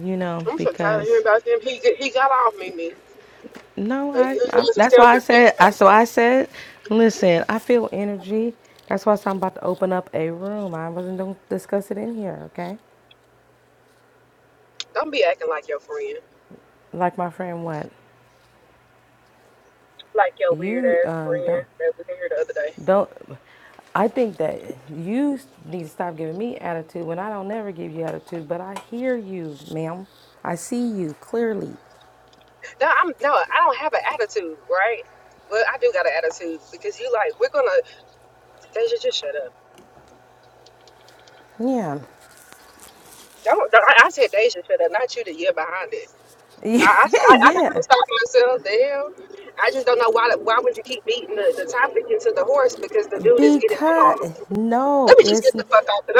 [SPEAKER 12] you know,
[SPEAKER 10] I'm so tired of hearing
[SPEAKER 12] because
[SPEAKER 10] about them. He he got off me, me.
[SPEAKER 12] no,
[SPEAKER 10] Like,
[SPEAKER 12] I,
[SPEAKER 10] he
[SPEAKER 12] I
[SPEAKER 10] was a
[SPEAKER 12] that's why I
[SPEAKER 10] self-defense.
[SPEAKER 12] said I so I said, listen, I feel energy. That's why I am about to open up a room. I wasn't gonna discuss it in here, okay?
[SPEAKER 10] Don't be acting like your friend,
[SPEAKER 12] like my friend what
[SPEAKER 10] like your weird
[SPEAKER 12] you
[SPEAKER 10] ass
[SPEAKER 12] um don't,
[SPEAKER 10] friend that was in here the other day.
[SPEAKER 12] don't i think that you need to stop giving me attitude when i don't never give you attitude but i hear you ma'am i see you clearly
[SPEAKER 10] No, I'm no, I don't have an attitude, right? Well, I do got an attitude because you like we're gonna Deja just shut up.
[SPEAKER 12] yeah
[SPEAKER 10] Don't, don't I I said Deja shut up, not you. The year behind it. I, I, I I never
[SPEAKER 12] yeah
[SPEAKER 10] really stopped myself. The hell, I just don't know why. Why would you keep beating the, the topic into the horse? Because the dude is getting
[SPEAKER 12] because
[SPEAKER 10] calm.
[SPEAKER 12] no
[SPEAKER 10] Let me just
[SPEAKER 12] it's
[SPEAKER 10] get the fuck out.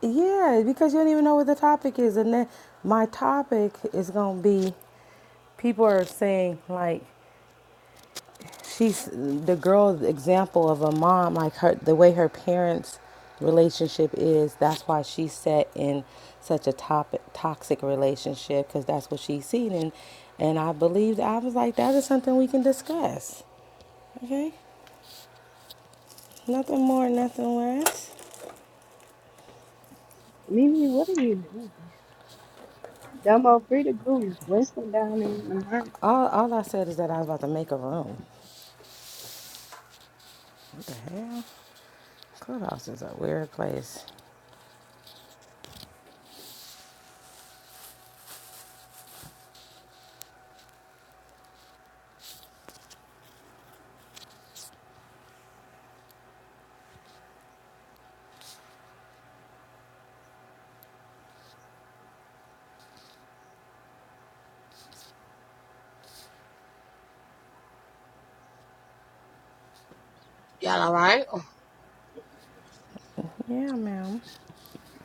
[SPEAKER 12] yeah because you don't even know what the topic is and then my topic is gonna be people are saying like she's the girl's example of a mom like her the way her parents relationship is that's why she's set in such a top, toxic relationship because that's what she's seen and and i believed i was like that is something we can discuss okay nothing more nothing less
[SPEAKER 21] Mimi, what are you doing? Dumbo, free to go. Winston down in the market.
[SPEAKER 12] all, all i said is that i was about to make a room what the hell clubhouse is a weird place
[SPEAKER 18] Y'all alright?
[SPEAKER 12] yeah ma'am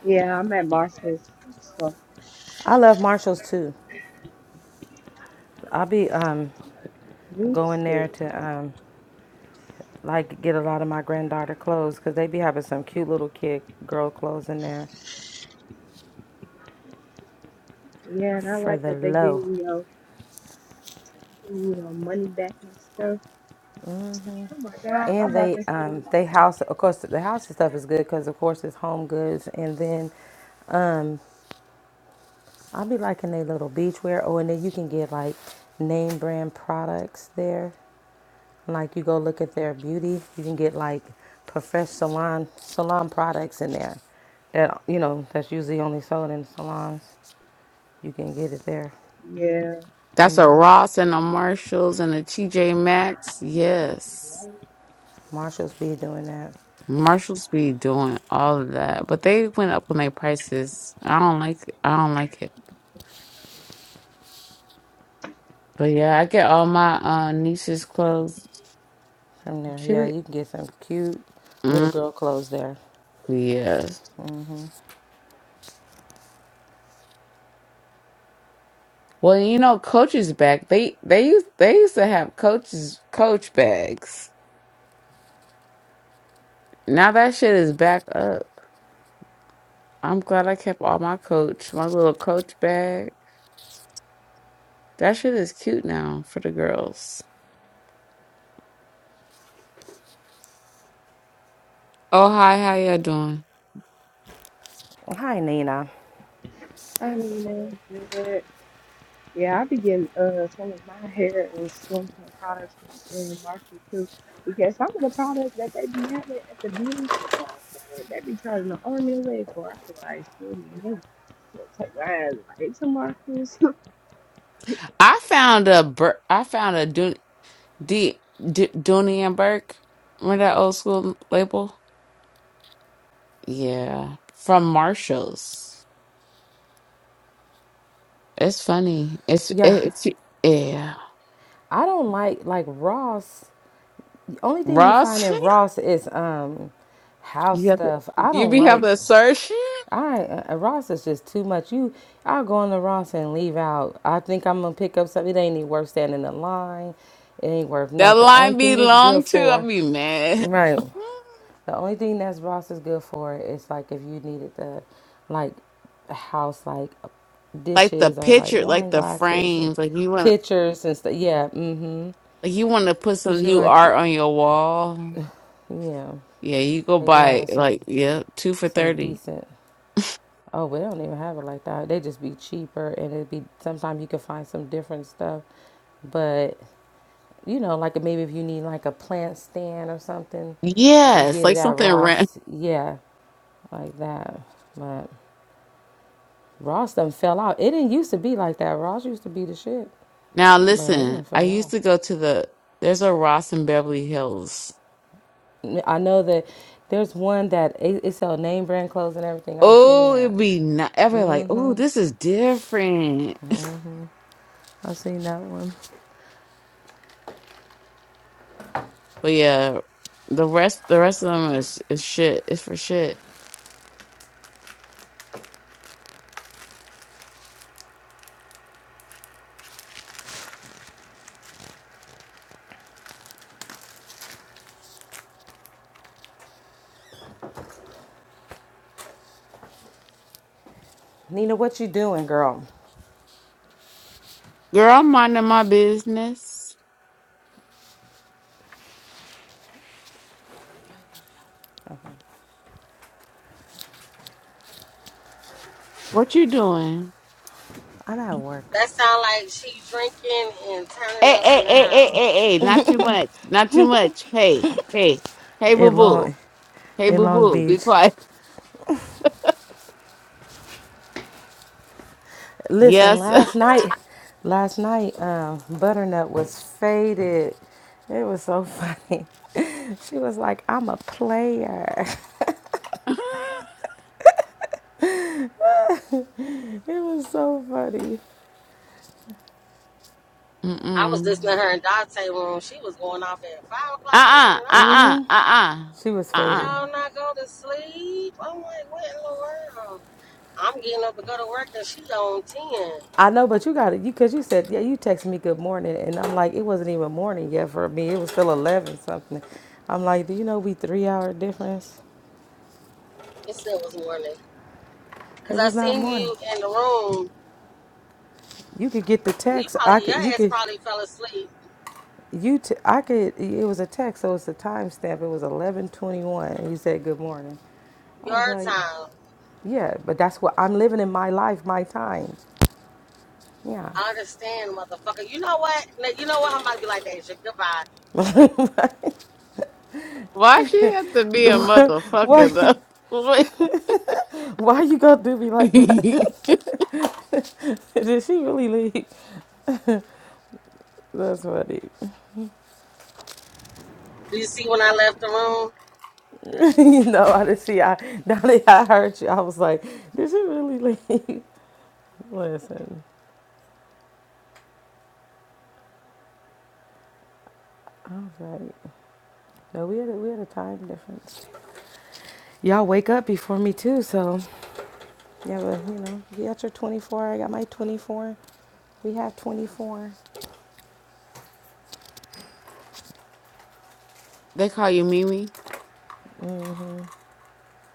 [SPEAKER 21] Yeah, I'm at Marshall's. So,
[SPEAKER 12] i love marshalls too i'll be um
[SPEAKER 21] you
[SPEAKER 12] going
[SPEAKER 21] too.
[SPEAKER 12] there to um. like get a lot of my granddaughter clothes because they be having some cute little kid girl clothes in there
[SPEAKER 21] Yeah, and I
[SPEAKER 12] for
[SPEAKER 21] like
[SPEAKER 12] the
[SPEAKER 21] that they give
[SPEAKER 12] low.
[SPEAKER 21] you your, you know, money back and stuff. Oh my God, I
[SPEAKER 12] And
[SPEAKER 21] bought
[SPEAKER 12] they
[SPEAKER 21] this thing.
[SPEAKER 12] um they house of course the house and stuff is good because of course it's home goods and then I'll be liking their little beachwear. Oh, and then you can get like name brand products there. Like you go look at their beauty, you can get like professional salon salon products in there that you know that's usually only sold in salons. You can get it there.
[SPEAKER 22] That's a Ross and a Marshalls and a TJ Maxx. Yes.
[SPEAKER 12] Marshalls be doing that.
[SPEAKER 22] Marshalls be doing all of that. But they went up on their prices. I don't like it. I don't like it. But yeah, I get all my uh niece's clothes.
[SPEAKER 12] From there,
[SPEAKER 22] She
[SPEAKER 12] yeah,
[SPEAKER 22] re-
[SPEAKER 12] you can get some cute little
[SPEAKER 22] mm,
[SPEAKER 12] girl clothes there.
[SPEAKER 22] yes. Well, you know, Coach's back. They they used they used to have coaches coach bags. Now that shit is back up. I'm glad I kept all my coach, my little coach bag. That shit is cute now for the girls. Oh hi, how you doing?
[SPEAKER 12] Hi, Nina.
[SPEAKER 21] I mean, uh, is it? Yeah, I be getting uh, some of my hair and skincare products in Marshall too, because some of the products that they be having at the beauty supply store, they be charging an army and a leg for. I be like, shoot, you need to take my ass right to Marshall's.
[SPEAKER 22] I found a Bur- I found a Dun- D- D- Dooney and Burke. Remember that old school label? Yeah, from Marshalls. It's funny. It's
[SPEAKER 12] Yeah,
[SPEAKER 22] it's yeah.
[SPEAKER 12] I don't like like Ross. The only thing you find
[SPEAKER 22] Ross,
[SPEAKER 12] in Ross is um house
[SPEAKER 22] you have to
[SPEAKER 12] stuff. I
[SPEAKER 22] you
[SPEAKER 12] don't
[SPEAKER 22] be
[SPEAKER 12] like
[SPEAKER 22] having to search.
[SPEAKER 12] I uh, Ross is just too much. You I'll go into Ross and leave out. I think I'm gonna pick up something. It ain't even worth standing in line. It ain't worth
[SPEAKER 22] That
[SPEAKER 12] nothing. Only
[SPEAKER 22] line be
[SPEAKER 12] thing it's
[SPEAKER 22] long
[SPEAKER 12] good
[SPEAKER 22] too. I'll
[SPEAKER 12] for.
[SPEAKER 22] be mad.
[SPEAKER 12] Right. The only thing that's Ross is good for is like if you needed the like house like
[SPEAKER 22] Like the
[SPEAKER 12] dishes or like
[SPEAKER 22] picture, like
[SPEAKER 12] wine
[SPEAKER 22] the
[SPEAKER 12] glasses and
[SPEAKER 22] frames. Like you want
[SPEAKER 12] pictures and stuff. Yeah, mm-hmm.
[SPEAKER 22] like you want to put some
[SPEAKER 12] She
[SPEAKER 22] new
[SPEAKER 12] liked it.
[SPEAKER 22] art on your wall.
[SPEAKER 12] Yeah.
[SPEAKER 22] Yeah, you go
[SPEAKER 12] They be
[SPEAKER 22] buy
[SPEAKER 12] having some
[SPEAKER 22] like yeah two for
[SPEAKER 12] some
[SPEAKER 22] thirty.
[SPEAKER 12] decent oh, we don't even have it like that. They just be cheaper and it'd be sometimes you can find some different stuff. But you know, like maybe if you need like a plant stand or something, you can
[SPEAKER 22] Yes,
[SPEAKER 12] get it
[SPEAKER 22] like
[SPEAKER 12] at
[SPEAKER 22] something ran.
[SPEAKER 12] Ross. Yeah, like that. but. Ross done fell out. It didn't used to be like that. Ross used to be the shit,
[SPEAKER 22] Now
[SPEAKER 12] but it
[SPEAKER 22] listen,
[SPEAKER 12] done
[SPEAKER 22] I
[SPEAKER 12] fell out.
[SPEAKER 22] used to go to the there's a Ross in Beverly Hills.
[SPEAKER 12] I know that there's one that it, it sell name brand clothes and everything. I seen
[SPEAKER 22] Oh, it'd
[SPEAKER 12] that.
[SPEAKER 22] be not ever like, oh, this is different.
[SPEAKER 12] I seen that one.
[SPEAKER 22] But yeah, the rest the rest of them is, is shit. It's for shit.
[SPEAKER 12] Nina, what you doing, girl?
[SPEAKER 22] Girl, I'm minding my business. What you doing?
[SPEAKER 12] I'm at work
[SPEAKER 18] That sound like she drinking and turning
[SPEAKER 22] Hey,
[SPEAKER 18] up
[SPEAKER 22] hey,
[SPEAKER 18] in the
[SPEAKER 22] hey, hey, hey,
[SPEAKER 18] house.
[SPEAKER 22] hey, not too much. Not too much. Hey, hey, hey, boo
[SPEAKER 12] in
[SPEAKER 22] boo.
[SPEAKER 12] Long
[SPEAKER 22] Hey,
[SPEAKER 12] in
[SPEAKER 22] boo
[SPEAKER 12] Long
[SPEAKER 22] boo. Be
[SPEAKER 12] Beach.
[SPEAKER 22] quiet.
[SPEAKER 12] Listen,
[SPEAKER 22] Yes.
[SPEAKER 12] last night, last night, um, Butternut was faded. It was so funny. She was like, "I'm a player." It was so funny.
[SPEAKER 18] I was
[SPEAKER 22] Mm-mm.
[SPEAKER 18] listening to her in Dante room. She was going off at five
[SPEAKER 22] Uh
[SPEAKER 18] o'clock in the morning.
[SPEAKER 22] uh
[SPEAKER 18] I'm like,
[SPEAKER 22] uh
[SPEAKER 12] Mhm.
[SPEAKER 22] uh uh
[SPEAKER 12] She was
[SPEAKER 22] uh
[SPEAKER 18] do
[SPEAKER 22] uh.
[SPEAKER 12] faded.
[SPEAKER 18] y'all not go to sleep? I'm like, what in the world? I'm getting up to go to work and she on ten.
[SPEAKER 12] I know, but you got it. You because you said yeah. You texted me good morning, and I'm like, it wasn't even morning yet for me. It was still eleven something. I'm like, do you know we three hour difference?
[SPEAKER 18] It still was morning.
[SPEAKER 12] It
[SPEAKER 18] Cause I
[SPEAKER 12] was not
[SPEAKER 18] seen
[SPEAKER 12] morning.
[SPEAKER 18] you in the room,
[SPEAKER 12] You could get the
[SPEAKER 18] but you
[SPEAKER 12] text. I
[SPEAKER 18] probably your
[SPEAKER 12] could. You
[SPEAKER 18] ass
[SPEAKER 12] could.
[SPEAKER 18] probably fell asleep
[SPEAKER 12] You. T- I could. It was a text, so it's a timestamp. It was eleven twenty one, and you said good morning. I was
[SPEAKER 18] your
[SPEAKER 12] like,
[SPEAKER 18] time.
[SPEAKER 12] yeah, but that's what I'm living in my life, my time. Yeah.
[SPEAKER 18] I understand, motherfucker. You know what? Now, You know what? I'm about to be like, Deja, goodbye.
[SPEAKER 22] Why she have to be a
[SPEAKER 12] why?
[SPEAKER 22] motherfucker though? What?
[SPEAKER 12] Why you gonna do me like that?
[SPEAKER 22] they
[SPEAKER 12] Did she really leave? That's funny.
[SPEAKER 18] Do you see when I left the room?
[SPEAKER 12] you know, I didn't see. I now that I heard you, I was like, "Did she really leave?" Listen, I was like, "No, we had a, we had a time difference." Y'all wake up before me too, so yeah, but you know, you got your 24. I got my 24. We have 24.
[SPEAKER 22] call you Mimi.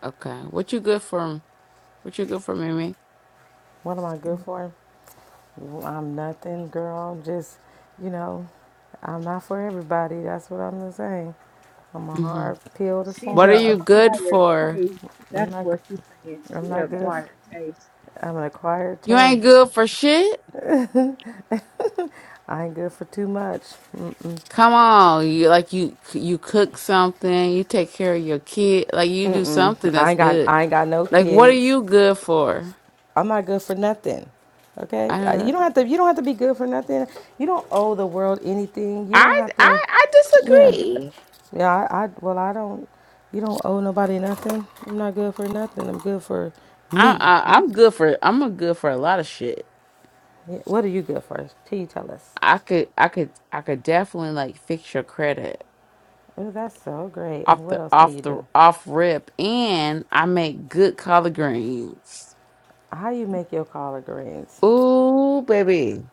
[SPEAKER 22] Okay, what you good for? What you good for, Mimi?
[SPEAKER 12] What am I good for? I'm nothing, girl. Just you know, I'm not for everybody. That's what I'm gonna say. I'm a
[SPEAKER 22] hmm
[SPEAKER 12] hard pill to
[SPEAKER 21] She's
[SPEAKER 22] What are
[SPEAKER 21] a
[SPEAKER 12] swallow.
[SPEAKER 22] you good
[SPEAKER 21] acquired
[SPEAKER 22] for?
[SPEAKER 21] taste.
[SPEAKER 12] I'm
[SPEAKER 21] That's
[SPEAKER 12] not.
[SPEAKER 21] what she's saying.
[SPEAKER 12] I'm
[SPEAKER 21] She a
[SPEAKER 12] not good. f-
[SPEAKER 21] acquired taste.
[SPEAKER 12] I'm an acquired
[SPEAKER 22] You ain't
[SPEAKER 12] taste.
[SPEAKER 22] good for shit.
[SPEAKER 12] I ain't good for too much. Mm-mm.
[SPEAKER 22] Come on, you like you you cook something, you take care of your kid, like you do
[SPEAKER 12] Mm-mm.
[SPEAKER 22] something
[SPEAKER 12] I
[SPEAKER 22] that's
[SPEAKER 12] ain't got
[SPEAKER 22] good.
[SPEAKER 12] I ain't got no
[SPEAKER 22] Like what are
[SPEAKER 12] kids.
[SPEAKER 22] you good for?
[SPEAKER 12] I'm not good for nothing. Okay?
[SPEAKER 22] I
[SPEAKER 12] Uh,
[SPEAKER 22] don't know.
[SPEAKER 12] You don't have to you don't have to be good for nothing. You don't owe the world anything. You don't
[SPEAKER 22] I
[SPEAKER 12] have
[SPEAKER 22] I
[SPEAKER 12] to
[SPEAKER 22] I
[SPEAKER 12] Yeah.
[SPEAKER 22] disagree.
[SPEAKER 12] Yeah, I, I well I don't you don't owe nobody nothing. I'm not good for nothing. I'm good for
[SPEAKER 22] I,
[SPEAKER 12] me.
[SPEAKER 22] I I'm good for I'm a good for a lot of shit.
[SPEAKER 12] Yeah, What are you good for? Till you tell us.
[SPEAKER 22] I could I could I could definitely like fix your credit
[SPEAKER 12] Oh, that's so great. And
[SPEAKER 22] off
[SPEAKER 12] what
[SPEAKER 22] the
[SPEAKER 12] else can
[SPEAKER 22] off
[SPEAKER 12] you
[SPEAKER 22] the
[SPEAKER 12] do?
[SPEAKER 22] off rip and I make good collard greens.
[SPEAKER 12] How you make your collard greens?
[SPEAKER 22] Ooh, baby.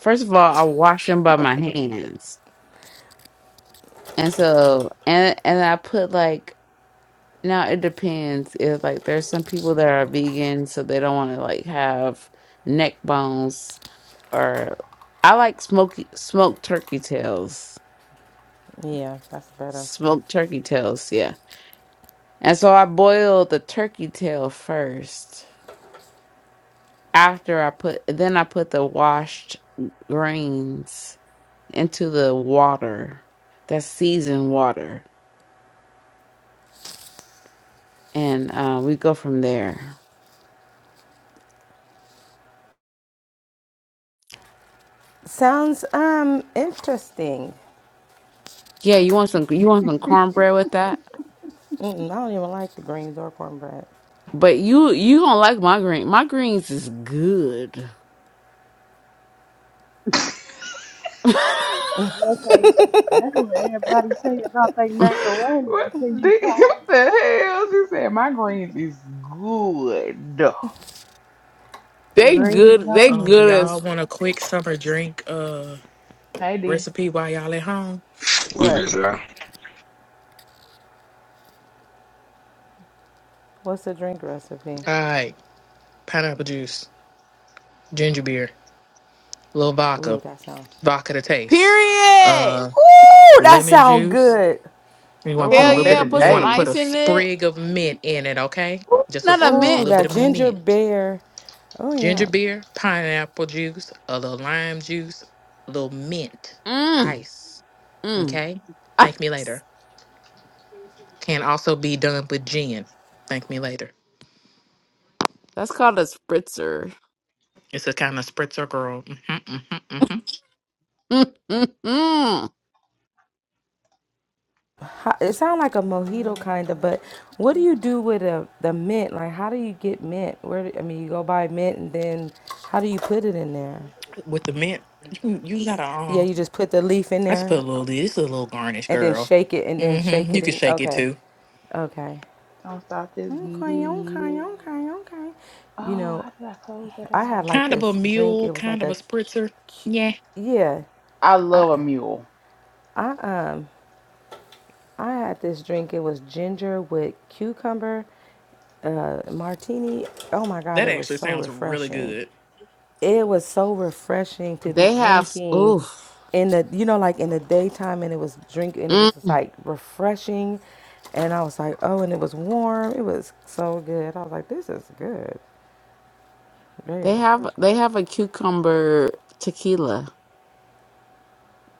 [SPEAKER 22] First of all, I wash them by my hands. And so and and I put like now it depends if like there's some people that are vegan so they don't want to like have neck bones or I like smoky smoked turkey tails.
[SPEAKER 12] Yeah, that's better.
[SPEAKER 22] Smoked turkey tails, yeah And so I boiled the turkey tail first. After I put, then I put the washed grains into the water, that seasoned water, and uh, we go from there.
[SPEAKER 12] Sounds um interesting.
[SPEAKER 22] Yeah, you want some? You want some cornbread with that?
[SPEAKER 12] Mm-mm, I don't even like the greens or cornbread.
[SPEAKER 22] But you you don't like my green. My greens is good.
[SPEAKER 21] Okay, that's what everybody say about they macaroni
[SPEAKER 11] What
[SPEAKER 21] until you
[SPEAKER 11] the,
[SPEAKER 21] try
[SPEAKER 11] what
[SPEAKER 21] it.
[SPEAKER 11] the hell? She said, my greens is good.
[SPEAKER 22] they
[SPEAKER 21] You
[SPEAKER 22] good. They
[SPEAKER 21] know?
[SPEAKER 13] Um, do
[SPEAKER 22] good as
[SPEAKER 13] y'all want a quick summer drink uh
[SPEAKER 11] Hey, D.
[SPEAKER 13] recipe while y'all at home?
[SPEAKER 23] We
[SPEAKER 12] What?
[SPEAKER 23] did, sir.
[SPEAKER 12] What's the drink recipe?
[SPEAKER 13] All right, pineapple juice, ginger beer, little
[SPEAKER 12] Ooh,
[SPEAKER 13] vodka,
[SPEAKER 12] that sound.
[SPEAKER 13] vodka to taste,
[SPEAKER 22] period.
[SPEAKER 13] uh,
[SPEAKER 12] Ooh, that
[SPEAKER 13] lemon
[SPEAKER 12] sound
[SPEAKER 13] juice.
[SPEAKER 12] good.
[SPEAKER 13] You
[SPEAKER 11] Oh,
[SPEAKER 13] want to
[SPEAKER 11] I
[SPEAKER 13] put a
[SPEAKER 22] Hell
[SPEAKER 11] want
[SPEAKER 13] little
[SPEAKER 11] that
[SPEAKER 13] bit
[SPEAKER 22] yeah!
[SPEAKER 13] of
[SPEAKER 22] Put
[SPEAKER 13] you want
[SPEAKER 22] some
[SPEAKER 13] to put
[SPEAKER 11] today.
[SPEAKER 13] a
[SPEAKER 22] ice in it.
[SPEAKER 13] sprig of mint in it, okay?
[SPEAKER 22] Ooh,
[SPEAKER 13] Just a
[SPEAKER 22] Not
[SPEAKER 13] s-
[SPEAKER 22] a
[SPEAKER 13] just a
[SPEAKER 12] Ooh,
[SPEAKER 22] mint.
[SPEAKER 13] little bit
[SPEAKER 12] that
[SPEAKER 13] of
[SPEAKER 12] ginger
[SPEAKER 13] mint,
[SPEAKER 12] beer. Oh
[SPEAKER 13] ginger
[SPEAKER 12] yeah.
[SPEAKER 13] beer, pineapple juice, a little lime juice, a little mint,
[SPEAKER 22] Mm,
[SPEAKER 13] ice.
[SPEAKER 22] mm.
[SPEAKER 13] Okay. Thank me later. Can also be done with gin. Thank me later.
[SPEAKER 22] That's called a spritzer.
[SPEAKER 13] It's a kind of spritzer girl. hmm hmm hmm
[SPEAKER 22] Mm-mm-mm.
[SPEAKER 12] Ho- It sounds like a mojito kind of,
[SPEAKER 11] Um,
[SPEAKER 12] but what
[SPEAKER 11] what
[SPEAKER 12] do you
[SPEAKER 11] am I-
[SPEAKER 12] do with a, the mint? Like, how do you get mint? Where do, I mean, you go buy mint, and then how do you put it in there?
[SPEAKER 13] With the mint, you, you gotta,
[SPEAKER 12] Yeah,
[SPEAKER 13] um,
[SPEAKER 12] you just put the leaf in
[SPEAKER 13] I just put a
[SPEAKER 12] there,
[SPEAKER 13] little, this a little garnish,
[SPEAKER 12] and then
[SPEAKER 13] girl.
[SPEAKER 12] shake it, and then shake
[SPEAKER 13] hmm You
[SPEAKER 12] it
[SPEAKER 13] can
[SPEAKER 12] in.
[SPEAKER 13] shake it
[SPEAKER 12] Okay,
[SPEAKER 13] too.
[SPEAKER 12] okay.
[SPEAKER 11] don't stop, just get it,
[SPEAKER 12] Okay,
[SPEAKER 11] get
[SPEAKER 12] okay,
[SPEAKER 11] it.
[SPEAKER 12] okay, okay. You
[SPEAKER 11] Oh,
[SPEAKER 12] know,
[SPEAKER 11] how did I close that
[SPEAKER 12] I had
[SPEAKER 11] out?
[SPEAKER 12] like
[SPEAKER 13] Kind of a
[SPEAKER 12] this drink.
[SPEAKER 13] mule,
[SPEAKER 12] It was
[SPEAKER 13] kind
[SPEAKER 12] like
[SPEAKER 13] of a
[SPEAKER 12] a,
[SPEAKER 13] spritzer.
[SPEAKER 12] cu-
[SPEAKER 13] Yeah.
[SPEAKER 12] yeah.
[SPEAKER 11] I
[SPEAKER 12] I
[SPEAKER 11] love a mule.
[SPEAKER 12] I had this drink. It was ginger with cucumber, uh, martini. Oh my God,
[SPEAKER 13] That
[SPEAKER 12] it was
[SPEAKER 13] actually
[SPEAKER 12] so
[SPEAKER 13] sounds really
[SPEAKER 12] refreshing.
[SPEAKER 13] good.
[SPEAKER 12] It was so refreshing to be
[SPEAKER 22] They have
[SPEAKER 12] drinking
[SPEAKER 22] oof.
[SPEAKER 12] in the you know like in the daytime and it was drink and it was just
[SPEAKER 22] Mm.
[SPEAKER 12] like refreshing and I was like oh and it was warm it was so good I was like this is good very
[SPEAKER 22] They have
[SPEAKER 12] refreshing
[SPEAKER 22] they have a cucumber tequila.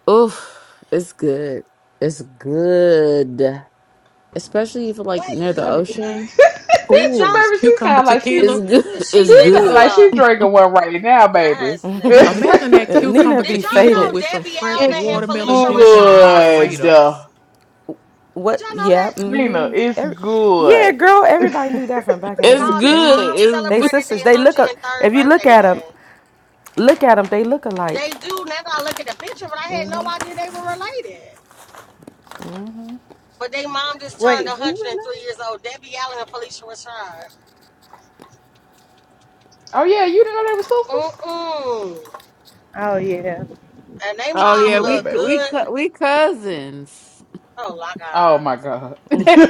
[SPEAKER 22] Oof, it's good. It's good, especially if you're like
[SPEAKER 18] What?
[SPEAKER 22] near the
[SPEAKER 11] Baby,
[SPEAKER 22] ocean.
[SPEAKER 18] Did y'all
[SPEAKER 13] Ooh,
[SPEAKER 11] baby she
[SPEAKER 13] cucumber
[SPEAKER 11] sound like she's
[SPEAKER 13] tequila.
[SPEAKER 22] It's good.
[SPEAKER 18] She
[SPEAKER 22] It's
[SPEAKER 11] she
[SPEAKER 18] lit as
[SPEAKER 11] sound
[SPEAKER 22] good.
[SPEAKER 11] like she's
[SPEAKER 18] fuck.
[SPEAKER 11] drinking one right now,
[SPEAKER 18] Yeah, her
[SPEAKER 11] baby.
[SPEAKER 18] ass is lit.
[SPEAKER 13] Imagine that
[SPEAKER 12] Uh,
[SPEAKER 11] it's
[SPEAKER 12] Nina
[SPEAKER 13] cucumber
[SPEAKER 12] be
[SPEAKER 18] Did y'all
[SPEAKER 13] tequila
[SPEAKER 18] know
[SPEAKER 12] faded.
[SPEAKER 13] with some
[SPEAKER 18] Debbie
[SPEAKER 13] fresh
[SPEAKER 18] Allen and
[SPEAKER 13] watermelon
[SPEAKER 18] Felicia
[SPEAKER 13] juice and a
[SPEAKER 18] Rashad were
[SPEAKER 11] good.
[SPEAKER 13] margarita.
[SPEAKER 18] sisters? Did
[SPEAKER 12] What?
[SPEAKER 18] y'all know
[SPEAKER 12] Yeah.
[SPEAKER 18] that?
[SPEAKER 11] Nina,
[SPEAKER 12] Mm-hmm.
[SPEAKER 11] it's
[SPEAKER 12] Every, yeah,
[SPEAKER 11] good.
[SPEAKER 12] girl. Everybody knew that from back in the day.
[SPEAKER 22] It's
[SPEAKER 18] Y'all, they
[SPEAKER 22] good.
[SPEAKER 12] Mm-hmm.
[SPEAKER 18] mom
[SPEAKER 22] It's
[SPEAKER 12] They
[SPEAKER 22] good.
[SPEAKER 18] celebrated
[SPEAKER 12] sisters.
[SPEAKER 18] their
[SPEAKER 12] They look. A,
[SPEAKER 18] 103rd
[SPEAKER 12] if you
[SPEAKER 18] birthday
[SPEAKER 12] look at them,
[SPEAKER 18] today.
[SPEAKER 12] look at them. They look alike.
[SPEAKER 18] They do. Now that I look at the picture, but I had no idea they were related. But they mom just turned
[SPEAKER 21] Wait, who was
[SPEAKER 18] 103
[SPEAKER 21] that?
[SPEAKER 18] years old. Debbie Allen and Felicia Rashad.
[SPEAKER 11] Oh yeah, you didn't know they were sisters?
[SPEAKER 18] Mm-mm.
[SPEAKER 21] Oh yeah,
[SPEAKER 18] And they
[SPEAKER 22] Oh
[SPEAKER 11] Yeah,
[SPEAKER 18] mom
[SPEAKER 11] you
[SPEAKER 22] yeah,
[SPEAKER 11] lay,
[SPEAKER 22] we
[SPEAKER 18] look
[SPEAKER 11] baby.
[SPEAKER 22] we
[SPEAKER 18] good.
[SPEAKER 22] cou- we cousins.
[SPEAKER 18] Oh, my
[SPEAKER 11] Oh
[SPEAKER 18] God.
[SPEAKER 11] my god.
[SPEAKER 22] where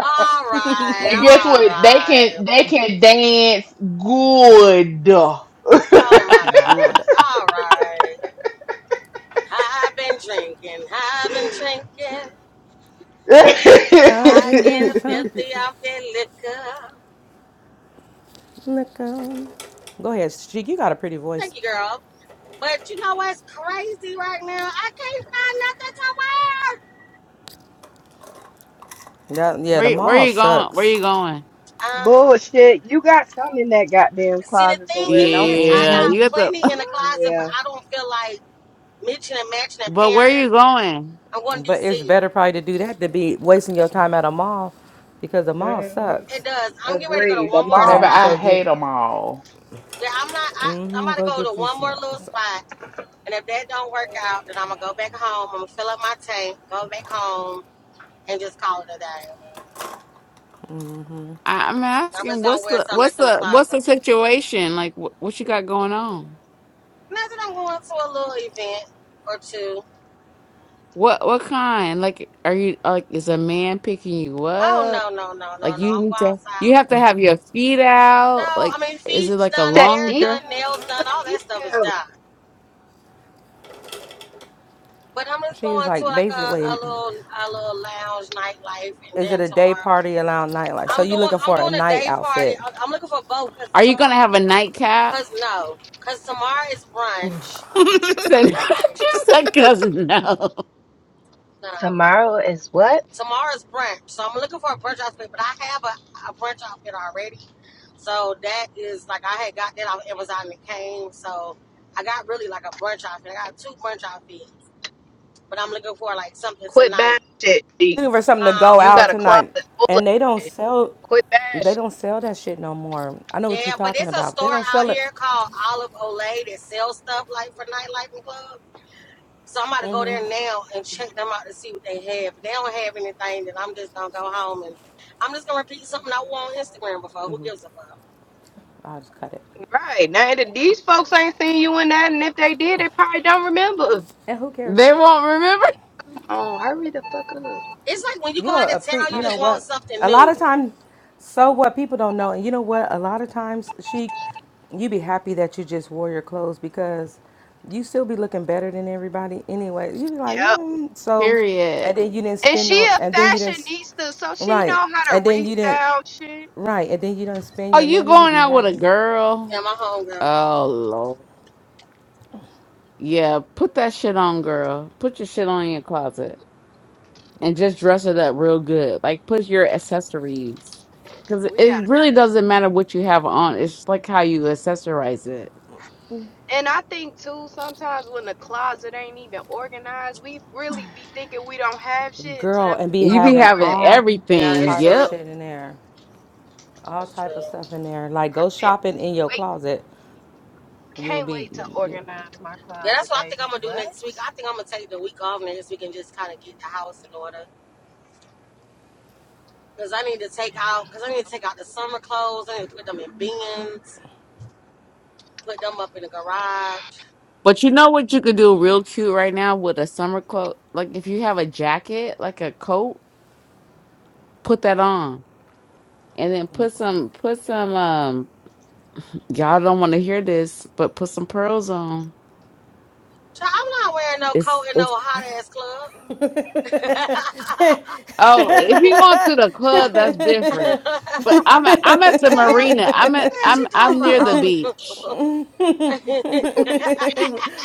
[SPEAKER 18] All right.
[SPEAKER 11] and guess
[SPEAKER 18] All
[SPEAKER 11] what? They
[SPEAKER 18] right.
[SPEAKER 11] can they can dance good.
[SPEAKER 18] Oh, my
[SPEAKER 12] Good.
[SPEAKER 18] God. All right. I've been drinking, I've been drinking.
[SPEAKER 12] I'm
[SPEAKER 18] I
[SPEAKER 12] just like
[SPEAKER 18] get
[SPEAKER 12] some
[SPEAKER 18] filthy off that liquor.
[SPEAKER 12] look on. Go ahead, Sheik. You got a pretty voice.
[SPEAKER 18] Thank you, girl. But you know what's crazy right now? I can't find nothing to
[SPEAKER 12] Yeah, yeah. The
[SPEAKER 22] where
[SPEAKER 12] mall
[SPEAKER 22] you going? Where
[SPEAKER 12] sucks,
[SPEAKER 22] you going?
[SPEAKER 18] wear. Uh,
[SPEAKER 21] bullshit. You got some in that goddamn
[SPEAKER 18] see, the
[SPEAKER 21] closet to
[SPEAKER 18] thing
[SPEAKER 21] wear,
[SPEAKER 18] is,
[SPEAKER 21] don't?
[SPEAKER 18] I
[SPEAKER 22] Yeah,
[SPEAKER 21] mm
[SPEAKER 22] you
[SPEAKER 18] got
[SPEAKER 22] got the.
[SPEAKER 18] plenty in the closet, but
[SPEAKER 21] Yeah.
[SPEAKER 18] I don't feel like mixing and matching and
[SPEAKER 22] But where you
[SPEAKER 18] pairing.
[SPEAKER 22] going?
[SPEAKER 18] I'm going to
[SPEAKER 12] but it's
[SPEAKER 18] DC.
[SPEAKER 12] better probably to do that than be wasting your time at a mall, because the mall
[SPEAKER 21] mm
[SPEAKER 12] sucks.
[SPEAKER 18] It does. I'm getting ready to go
[SPEAKER 21] Agree.
[SPEAKER 18] to
[SPEAKER 21] The
[SPEAKER 18] one
[SPEAKER 12] You
[SPEAKER 18] more
[SPEAKER 12] probably
[SPEAKER 11] Baby,
[SPEAKER 21] mall.
[SPEAKER 12] need to
[SPEAKER 11] I
[SPEAKER 12] go
[SPEAKER 18] spot.
[SPEAKER 12] get.
[SPEAKER 11] hate them all.
[SPEAKER 18] Yeah, I'm not. I, I'm
[SPEAKER 12] Mm-hmm.
[SPEAKER 18] about to
[SPEAKER 12] Go
[SPEAKER 18] go to
[SPEAKER 12] get you
[SPEAKER 18] one more
[SPEAKER 12] some.
[SPEAKER 18] little
[SPEAKER 12] some-
[SPEAKER 18] spot, and if that don't work out, then I'm gonna go back home. I'm gonna fill up my tank, go back home, and just call it a day.
[SPEAKER 22] I- I'm
[SPEAKER 18] I'm just
[SPEAKER 22] asking
[SPEAKER 18] gonna
[SPEAKER 22] what's
[SPEAKER 18] wear
[SPEAKER 22] the
[SPEAKER 18] something
[SPEAKER 22] what's
[SPEAKER 18] that's in the
[SPEAKER 22] the what's
[SPEAKER 18] closet.
[SPEAKER 22] the situation? Like what, what you got going on?
[SPEAKER 18] Imagine I'm going to a little event or two.
[SPEAKER 22] What what kind? Like are you like is a man picking you
[SPEAKER 18] Oh
[SPEAKER 22] up?
[SPEAKER 18] no, no, no,
[SPEAKER 22] Like
[SPEAKER 18] no, no.
[SPEAKER 22] you
[SPEAKER 18] I'm going
[SPEAKER 22] need to
[SPEAKER 18] outside.
[SPEAKER 22] you have to have your feet
[SPEAKER 18] No,
[SPEAKER 22] out.
[SPEAKER 18] I
[SPEAKER 22] Like
[SPEAKER 18] mean
[SPEAKER 22] is it
[SPEAKER 18] feet's
[SPEAKER 22] like a
[SPEAKER 18] done,
[SPEAKER 21] That
[SPEAKER 22] long
[SPEAKER 18] hair
[SPEAKER 22] dress?
[SPEAKER 18] done,
[SPEAKER 21] details,
[SPEAKER 18] nails
[SPEAKER 21] mama,
[SPEAKER 18] done, all that stuff is
[SPEAKER 21] details.
[SPEAKER 18] done. But I'm just
[SPEAKER 12] She was
[SPEAKER 18] going to
[SPEAKER 12] like
[SPEAKER 18] like a, a
[SPEAKER 12] basically.
[SPEAKER 18] little a little lounge nightlife and
[SPEAKER 12] Is it
[SPEAKER 18] then
[SPEAKER 12] a day
[SPEAKER 18] tomorrow.
[SPEAKER 12] party allowed nightlife? So
[SPEAKER 18] I'm
[SPEAKER 12] you
[SPEAKER 18] doing
[SPEAKER 12] looking
[SPEAKER 18] I'm
[SPEAKER 12] for a
[SPEAKER 18] doing a
[SPEAKER 12] night
[SPEAKER 18] day party.
[SPEAKER 12] outfit.
[SPEAKER 18] I- I'm looking for both because
[SPEAKER 22] Are you
[SPEAKER 18] tomorrow
[SPEAKER 22] gonna have a nightcap?
[SPEAKER 18] cause no. Cause tomorrow is brunch.
[SPEAKER 22] She said just like cause no.
[SPEAKER 18] No.
[SPEAKER 21] Tomorrow is what?
[SPEAKER 18] Tomorrow's brunch, so I'm looking for a brunch outfit, but I have a, a brunch outfit already. So that is like I had got that off Amazon and it came. So I got really like a brunch outfit. I got two brunch outfits, but I'm looking for like something
[SPEAKER 21] Quit bad
[SPEAKER 18] tonight,
[SPEAKER 21] shit. G.
[SPEAKER 12] Looking for something to
[SPEAKER 18] huh?
[SPEAKER 12] go
[SPEAKER 21] You
[SPEAKER 12] out
[SPEAKER 21] got a closet
[SPEAKER 12] tonight.
[SPEAKER 21] full of
[SPEAKER 12] And they don't
[SPEAKER 21] shit.
[SPEAKER 12] sell
[SPEAKER 21] Quit bad
[SPEAKER 12] they don't sell that shit no more. I know what you're
[SPEAKER 18] Yeah, but
[SPEAKER 12] talking
[SPEAKER 18] it's a
[SPEAKER 12] about. They
[SPEAKER 18] store
[SPEAKER 12] don't
[SPEAKER 18] out
[SPEAKER 12] sell it.
[SPEAKER 18] here called Olive Olay that sells stuff like for nightlife and clubs. So I'm about to go there now and check them out to see what they have. If they don't have anything, then I'm just gonna go home and I'm just gonna repeat something I wore on Instagram before. Who gives a fuck?
[SPEAKER 12] I'll just cut it.
[SPEAKER 21] Right. Now that these folks ain't seen you in that and if they did they probably don't remember.
[SPEAKER 12] And who cares?
[SPEAKER 22] They won't remember.
[SPEAKER 21] Oh, hurry the fuck up.
[SPEAKER 18] It's like when you go
[SPEAKER 12] You're
[SPEAKER 18] out
[SPEAKER 12] a
[SPEAKER 18] of
[SPEAKER 12] pre.
[SPEAKER 18] town, you
[SPEAKER 12] You
[SPEAKER 21] God.
[SPEAKER 12] know
[SPEAKER 18] just want
[SPEAKER 12] what?
[SPEAKER 18] something
[SPEAKER 12] A lot of
[SPEAKER 18] new.
[SPEAKER 12] times, so what people don't know, and you know what? A lot of times, she, you be happy that you just wore your clothes because you still be looking better than everybody anyway. You be like,
[SPEAKER 21] Yep.
[SPEAKER 12] mm, so,
[SPEAKER 22] Period.
[SPEAKER 12] and then you didn't
[SPEAKER 21] And
[SPEAKER 12] spend
[SPEAKER 21] she
[SPEAKER 12] no.
[SPEAKER 21] a
[SPEAKER 12] and then you didn't, s-
[SPEAKER 21] fashionista, so she
[SPEAKER 12] right,
[SPEAKER 21] know how to
[SPEAKER 12] and then you didn't,
[SPEAKER 21] restyle shit.
[SPEAKER 12] right, and then you don't spend
[SPEAKER 22] Are
[SPEAKER 12] your
[SPEAKER 22] you
[SPEAKER 12] money. You
[SPEAKER 22] going
[SPEAKER 12] be
[SPEAKER 22] out with a
[SPEAKER 12] happy,
[SPEAKER 18] Yeah,
[SPEAKER 22] girl?
[SPEAKER 18] my hunger.
[SPEAKER 22] Oh Lord. Yeah, put that shit on, girl. Put your shit on in your closet. and just dress it up real good. Like put your accessories. Cause
[SPEAKER 21] We
[SPEAKER 22] it
[SPEAKER 21] gotta
[SPEAKER 22] really doesn't matter what you have on. It's just like how you accessorize it.
[SPEAKER 21] and I think too, sometimes when the closet ain't even organized, we really be thinking we don't have shit until
[SPEAKER 12] girl,
[SPEAKER 21] that
[SPEAKER 12] and be
[SPEAKER 22] You be
[SPEAKER 21] motherfucker
[SPEAKER 12] having
[SPEAKER 22] having
[SPEAKER 21] organized.
[SPEAKER 12] all
[SPEAKER 18] Yeah,
[SPEAKER 22] everything,
[SPEAKER 21] Yes.
[SPEAKER 18] that's
[SPEAKER 12] type of
[SPEAKER 22] yep.
[SPEAKER 18] true.
[SPEAKER 12] shit in there, all
[SPEAKER 18] That's
[SPEAKER 12] type of
[SPEAKER 18] true.
[SPEAKER 12] stuff in there. Like
[SPEAKER 21] I
[SPEAKER 12] go
[SPEAKER 21] can't
[SPEAKER 12] shopping in your
[SPEAKER 21] wait.
[SPEAKER 12] closet. You will
[SPEAKER 21] Can't wait to
[SPEAKER 12] be.
[SPEAKER 21] organize my
[SPEAKER 18] Yeah, that's
[SPEAKER 21] closet,
[SPEAKER 18] what I think
[SPEAKER 21] baby.
[SPEAKER 18] I'm gonna do
[SPEAKER 21] What?
[SPEAKER 18] next week. I think I'm gonna take the week off next week and just kind of get the house in order. Cause I need to take
[SPEAKER 21] Yeah.
[SPEAKER 18] out, cause I need to take out the summer clothes. I need to put them in bins, put them up in the garage.
[SPEAKER 22] But you know what you could do real cute right now with a summer coat? Like if you have a jacket, like a coat, put that on. And then put some put some um y'all don't want to hear this, but put some pearls on.
[SPEAKER 18] Child, I'm not wearing no
[SPEAKER 22] It's
[SPEAKER 18] coat in
[SPEAKER 22] it's
[SPEAKER 18] no hot ass club.
[SPEAKER 22] Oh, if you going to the club, that's
[SPEAKER 18] the
[SPEAKER 22] different. But I'm at, I'm at the
[SPEAKER 18] hell,
[SPEAKER 22] marina. I'm
[SPEAKER 18] what
[SPEAKER 22] at
[SPEAKER 18] the hell
[SPEAKER 22] I'm
[SPEAKER 18] she
[SPEAKER 22] I'm
[SPEAKER 18] talking
[SPEAKER 22] near the beach
[SPEAKER 18] about?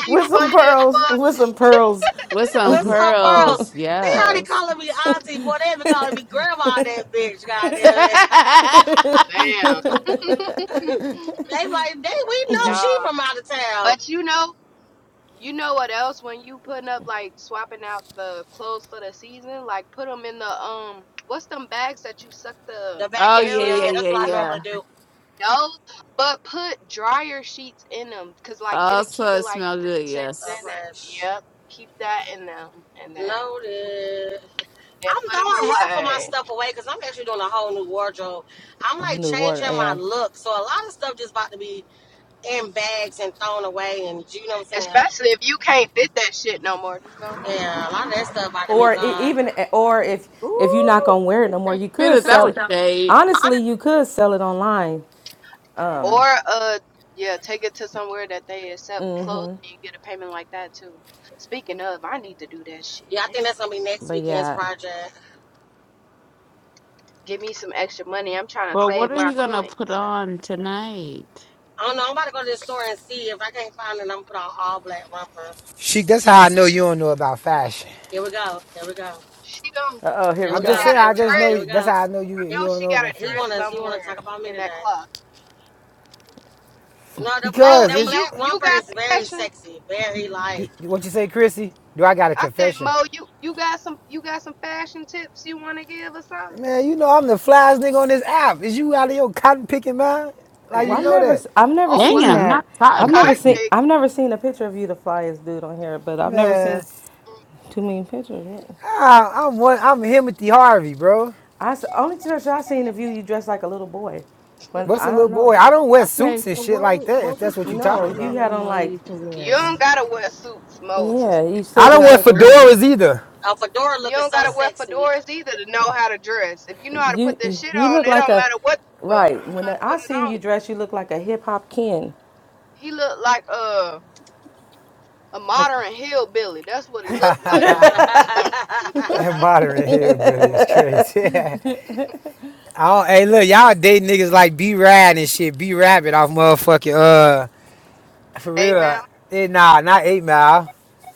[SPEAKER 21] She
[SPEAKER 12] some
[SPEAKER 21] funny as
[SPEAKER 12] pearls,
[SPEAKER 21] fuck.
[SPEAKER 12] with some pearls.
[SPEAKER 22] with some
[SPEAKER 18] What's up, Pearl?
[SPEAKER 22] pearls.
[SPEAKER 18] They already
[SPEAKER 22] Yes.
[SPEAKER 18] calling me auntie, boy. They been calling me grandma. That bitch,
[SPEAKER 22] oh
[SPEAKER 18] goddamn it.
[SPEAKER 21] Damn.
[SPEAKER 18] they like they. We know she
[SPEAKER 21] Nah.
[SPEAKER 18] from out of town.
[SPEAKER 21] But you know, you know what else? When you putting up like swapping out the clothes for the season, like put them in the um, what's them bags that you suck the
[SPEAKER 18] The
[SPEAKER 22] yeah
[SPEAKER 18] vacuum
[SPEAKER 21] air
[SPEAKER 18] seal.
[SPEAKER 22] yeah
[SPEAKER 18] Yeah,
[SPEAKER 21] out?
[SPEAKER 18] that's
[SPEAKER 22] yeah
[SPEAKER 18] what
[SPEAKER 21] I
[SPEAKER 18] I
[SPEAKER 21] forget
[SPEAKER 18] normally
[SPEAKER 22] yeah.
[SPEAKER 18] do.
[SPEAKER 21] those, but put dryer sheets in them, cause like it'll keep
[SPEAKER 22] Also,
[SPEAKER 21] it
[SPEAKER 22] it
[SPEAKER 21] like
[SPEAKER 22] smells
[SPEAKER 21] fresh
[SPEAKER 22] good.
[SPEAKER 21] scents in
[SPEAKER 18] Uh,
[SPEAKER 22] Yes.
[SPEAKER 21] it.
[SPEAKER 18] fresh.
[SPEAKER 21] Yep, keep that in them, and then
[SPEAKER 18] Noted.
[SPEAKER 21] then
[SPEAKER 18] I'm
[SPEAKER 21] put them
[SPEAKER 18] throwing half of my
[SPEAKER 21] away.
[SPEAKER 18] stuff away because I'm actually doing a whole new wardrobe. I'm
[SPEAKER 12] Oh,
[SPEAKER 18] like
[SPEAKER 12] new water,
[SPEAKER 18] changing my
[SPEAKER 12] yeah.
[SPEAKER 18] look, so a lot of stuff just about to be in bags and thrown away, and you know what I'm
[SPEAKER 21] Especially if you can't fit that shit no more, just don't.
[SPEAKER 18] saying? Yeah, a lot of that stuff about to be
[SPEAKER 12] Or e-
[SPEAKER 18] gone.
[SPEAKER 12] even, e, or if if you're not
[SPEAKER 22] Ooh,
[SPEAKER 12] gonna wear it no more, you could
[SPEAKER 22] Phyllis, that
[SPEAKER 12] sell
[SPEAKER 22] was
[SPEAKER 12] it.
[SPEAKER 22] shade.
[SPEAKER 12] Honestly, you could sell it online.
[SPEAKER 21] Or uh yeah, take it to somewhere that they accept clothes and you get a payment like that too. Speaking of, I need to do that shit.
[SPEAKER 18] Yeah, I
[SPEAKER 21] Damn.
[SPEAKER 18] think that's gonna be next
[SPEAKER 12] But
[SPEAKER 18] weekend's
[SPEAKER 12] yeah.
[SPEAKER 18] project.
[SPEAKER 21] Give me some extra money. I'm trying to
[SPEAKER 22] But what
[SPEAKER 21] save
[SPEAKER 22] are
[SPEAKER 21] my
[SPEAKER 22] you gonna put
[SPEAKER 21] coins.
[SPEAKER 22] on tonight?
[SPEAKER 18] I don't know. I'm about to go to the store and see. If I can't find it, I'm gonna put on all black romper.
[SPEAKER 24] She, that's how I know you don't know about fashion.
[SPEAKER 18] Here we go. Here we go.
[SPEAKER 21] She gon'
[SPEAKER 12] Uh oh, here
[SPEAKER 18] Here
[SPEAKER 12] we
[SPEAKER 24] I'm
[SPEAKER 18] we
[SPEAKER 24] just
[SPEAKER 21] she
[SPEAKER 12] go.
[SPEAKER 18] go.
[SPEAKER 21] got
[SPEAKER 24] saying,
[SPEAKER 21] a
[SPEAKER 18] Here
[SPEAKER 24] I
[SPEAKER 18] we
[SPEAKER 24] just
[SPEAKER 18] go.
[SPEAKER 24] know
[SPEAKER 21] dress.
[SPEAKER 18] Here we
[SPEAKER 24] that's
[SPEAKER 18] go.
[SPEAKER 24] how I know you
[SPEAKER 21] I
[SPEAKER 18] He,
[SPEAKER 24] you
[SPEAKER 21] know
[SPEAKER 24] don't
[SPEAKER 21] she
[SPEAKER 24] know
[SPEAKER 21] got a
[SPEAKER 24] about
[SPEAKER 18] he
[SPEAKER 21] dress
[SPEAKER 24] fashion
[SPEAKER 18] want us. He want to talk
[SPEAKER 21] somewhere
[SPEAKER 18] about me
[SPEAKER 21] in that
[SPEAKER 18] today.
[SPEAKER 21] closet.
[SPEAKER 18] No, the black
[SPEAKER 21] Mo,
[SPEAKER 24] because
[SPEAKER 18] the
[SPEAKER 21] and
[SPEAKER 24] it's
[SPEAKER 21] you
[SPEAKER 18] black
[SPEAKER 21] you
[SPEAKER 18] romper
[SPEAKER 21] got
[SPEAKER 18] is very
[SPEAKER 21] fashion?
[SPEAKER 18] sexy. Very like
[SPEAKER 24] you- what you say, Chrissy. Do I got a
[SPEAKER 21] I said,
[SPEAKER 24] confession?
[SPEAKER 21] Mo, you you got some you got some fashion tips you wanna give or something?
[SPEAKER 24] Man, you know I'm the flyest nigga on this app. Is you out of your cotton picking mind? Like you
[SPEAKER 12] Well, I've
[SPEAKER 24] know
[SPEAKER 12] never,
[SPEAKER 24] that,
[SPEAKER 12] i I've never
[SPEAKER 21] Oh
[SPEAKER 12] seen
[SPEAKER 22] Damn,
[SPEAKER 21] wow.
[SPEAKER 12] that.
[SPEAKER 22] not
[SPEAKER 12] I've
[SPEAKER 22] cotton
[SPEAKER 12] never
[SPEAKER 21] Cotton
[SPEAKER 12] seen,
[SPEAKER 22] picking.
[SPEAKER 21] pick.
[SPEAKER 12] I've never seen a picture of you the flyest dude on here. But I've never
[SPEAKER 24] man.
[SPEAKER 12] seen too many pictures. What?
[SPEAKER 24] I, I'm one. I'm Timothy Harvey, bro.
[SPEAKER 12] I s- only picture I seen of you, you dressed like a little boy. But
[SPEAKER 24] What's
[SPEAKER 12] I
[SPEAKER 24] a little
[SPEAKER 12] don't know.
[SPEAKER 24] boy? I don't wear
[SPEAKER 22] Okay,
[SPEAKER 24] suits and
[SPEAKER 22] so
[SPEAKER 24] shit
[SPEAKER 22] what
[SPEAKER 24] like
[SPEAKER 22] would
[SPEAKER 24] that. If
[SPEAKER 22] what would
[SPEAKER 24] that's what you're
[SPEAKER 22] you
[SPEAKER 12] No,
[SPEAKER 24] talking
[SPEAKER 22] tell a
[SPEAKER 12] you
[SPEAKER 24] about,
[SPEAKER 12] had
[SPEAKER 22] young
[SPEAKER 12] on like
[SPEAKER 22] lady to
[SPEAKER 21] You
[SPEAKER 22] wear?
[SPEAKER 21] don't gotta wear suits, Mo, to
[SPEAKER 12] Yeah,
[SPEAKER 21] still
[SPEAKER 12] you
[SPEAKER 24] I
[SPEAKER 12] still
[SPEAKER 21] know
[SPEAKER 24] don't
[SPEAKER 12] dress
[SPEAKER 21] how
[SPEAKER 24] wear
[SPEAKER 21] to
[SPEAKER 12] like a
[SPEAKER 21] dress.
[SPEAKER 12] little boy.
[SPEAKER 24] fedoras either.
[SPEAKER 18] a fedora
[SPEAKER 21] You
[SPEAKER 18] looking
[SPEAKER 21] don't
[SPEAKER 18] so
[SPEAKER 21] gotta wear
[SPEAKER 18] sexy.
[SPEAKER 21] fedoras either to know how to dress. If you know how to
[SPEAKER 12] You
[SPEAKER 21] put this shit
[SPEAKER 12] you
[SPEAKER 21] on,
[SPEAKER 12] look
[SPEAKER 21] it
[SPEAKER 12] like
[SPEAKER 21] don't
[SPEAKER 12] a
[SPEAKER 21] matter what you wear.
[SPEAKER 12] right.
[SPEAKER 21] You know
[SPEAKER 12] When
[SPEAKER 21] how to put
[SPEAKER 12] I
[SPEAKER 21] it
[SPEAKER 12] seen
[SPEAKER 21] on.
[SPEAKER 12] you dress, you look like a hip hop king.
[SPEAKER 21] He looked like a a
[SPEAKER 12] Like
[SPEAKER 21] modern hillbilly. That's what he looked like.
[SPEAKER 24] That modern hillbilly is
[SPEAKER 18] Ooh.
[SPEAKER 24] crazy. I don't, hey, look, y'all dating niggas like B Rad and shit. B Rabbit off motherfucking, uh, for real.
[SPEAKER 21] Amen.
[SPEAKER 24] It, nah, not 8 Mile.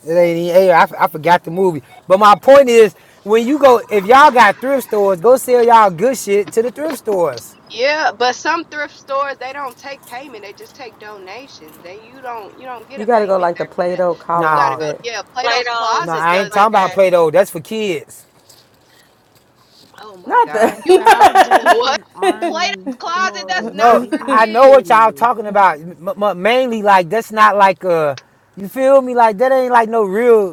[SPEAKER 24] It ain't even 8 I, f- I forgot the movie. But my point is, when you go, if y'all got thrift stores, go sell y'all good shit to the thrift stores.
[SPEAKER 21] Yeah, but some thrift stores they don't take payment. They just take donations. They you don't you don't get
[SPEAKER 12] you
[SPEAKER 21] a
[SPEAKER 12] got to go
[SPEAKER 21] payment
[SPEAKER 12] like the
[SPEAKER 21] back for that.
[SPEAKER 12] Play-Doh
[SPEAKER 21] You gotta
[SPEAKER 24] Nah,
[SPEAKER 21] go.
[SPEAKER 12] closet,
[SPEAKER 21] Yeah, Plato's
[SPEAKER 18] Play-Dohs
[SPEAKER 24] nah,
[SPEAKER 18] and
[SPEAKER 21] Closet
[SPEAKER 24] I
[SPEAKER 18] stuff
[SPEAKER 21] does
[SPEAKER 24] ain't
[SPEAKER 21] it.
[SPEAKER 24] talking
[SPEAKER 18] like
[SPEAKER 24] about
[SPEAKER 18] that.
[SPEAKER 24] Play Doh. That's for kids.
[SPEAKER 21] Oh my
[SPEAKER 12] not
[SPEAKER 21] God,
[SPEAKER 22] The
[SPEAKER 12] the
[SPEAKER 21] you what?
[SPEAKER 22] Salvation
[SPEAKER 21] Plato's
[SPEAKER 22] Army
[SPEAKER 21] Closet?
[SPEAKER 22] store
[SPEAKER 21] That's
[SPEAKER 22] in
[SPEAKER 24] No,
[SPEAKER 21] not for
[SPEAKER 22] any
[SPEAKER 24] I know
[SPEAKER 21] kids.
[SPEAKER 24] what y'all
[SPEAKER 22] city.
[SPEAKER 24] talking about. M- m- mainly, like, that's not like, a. you feel me? Like, that ain't like no real.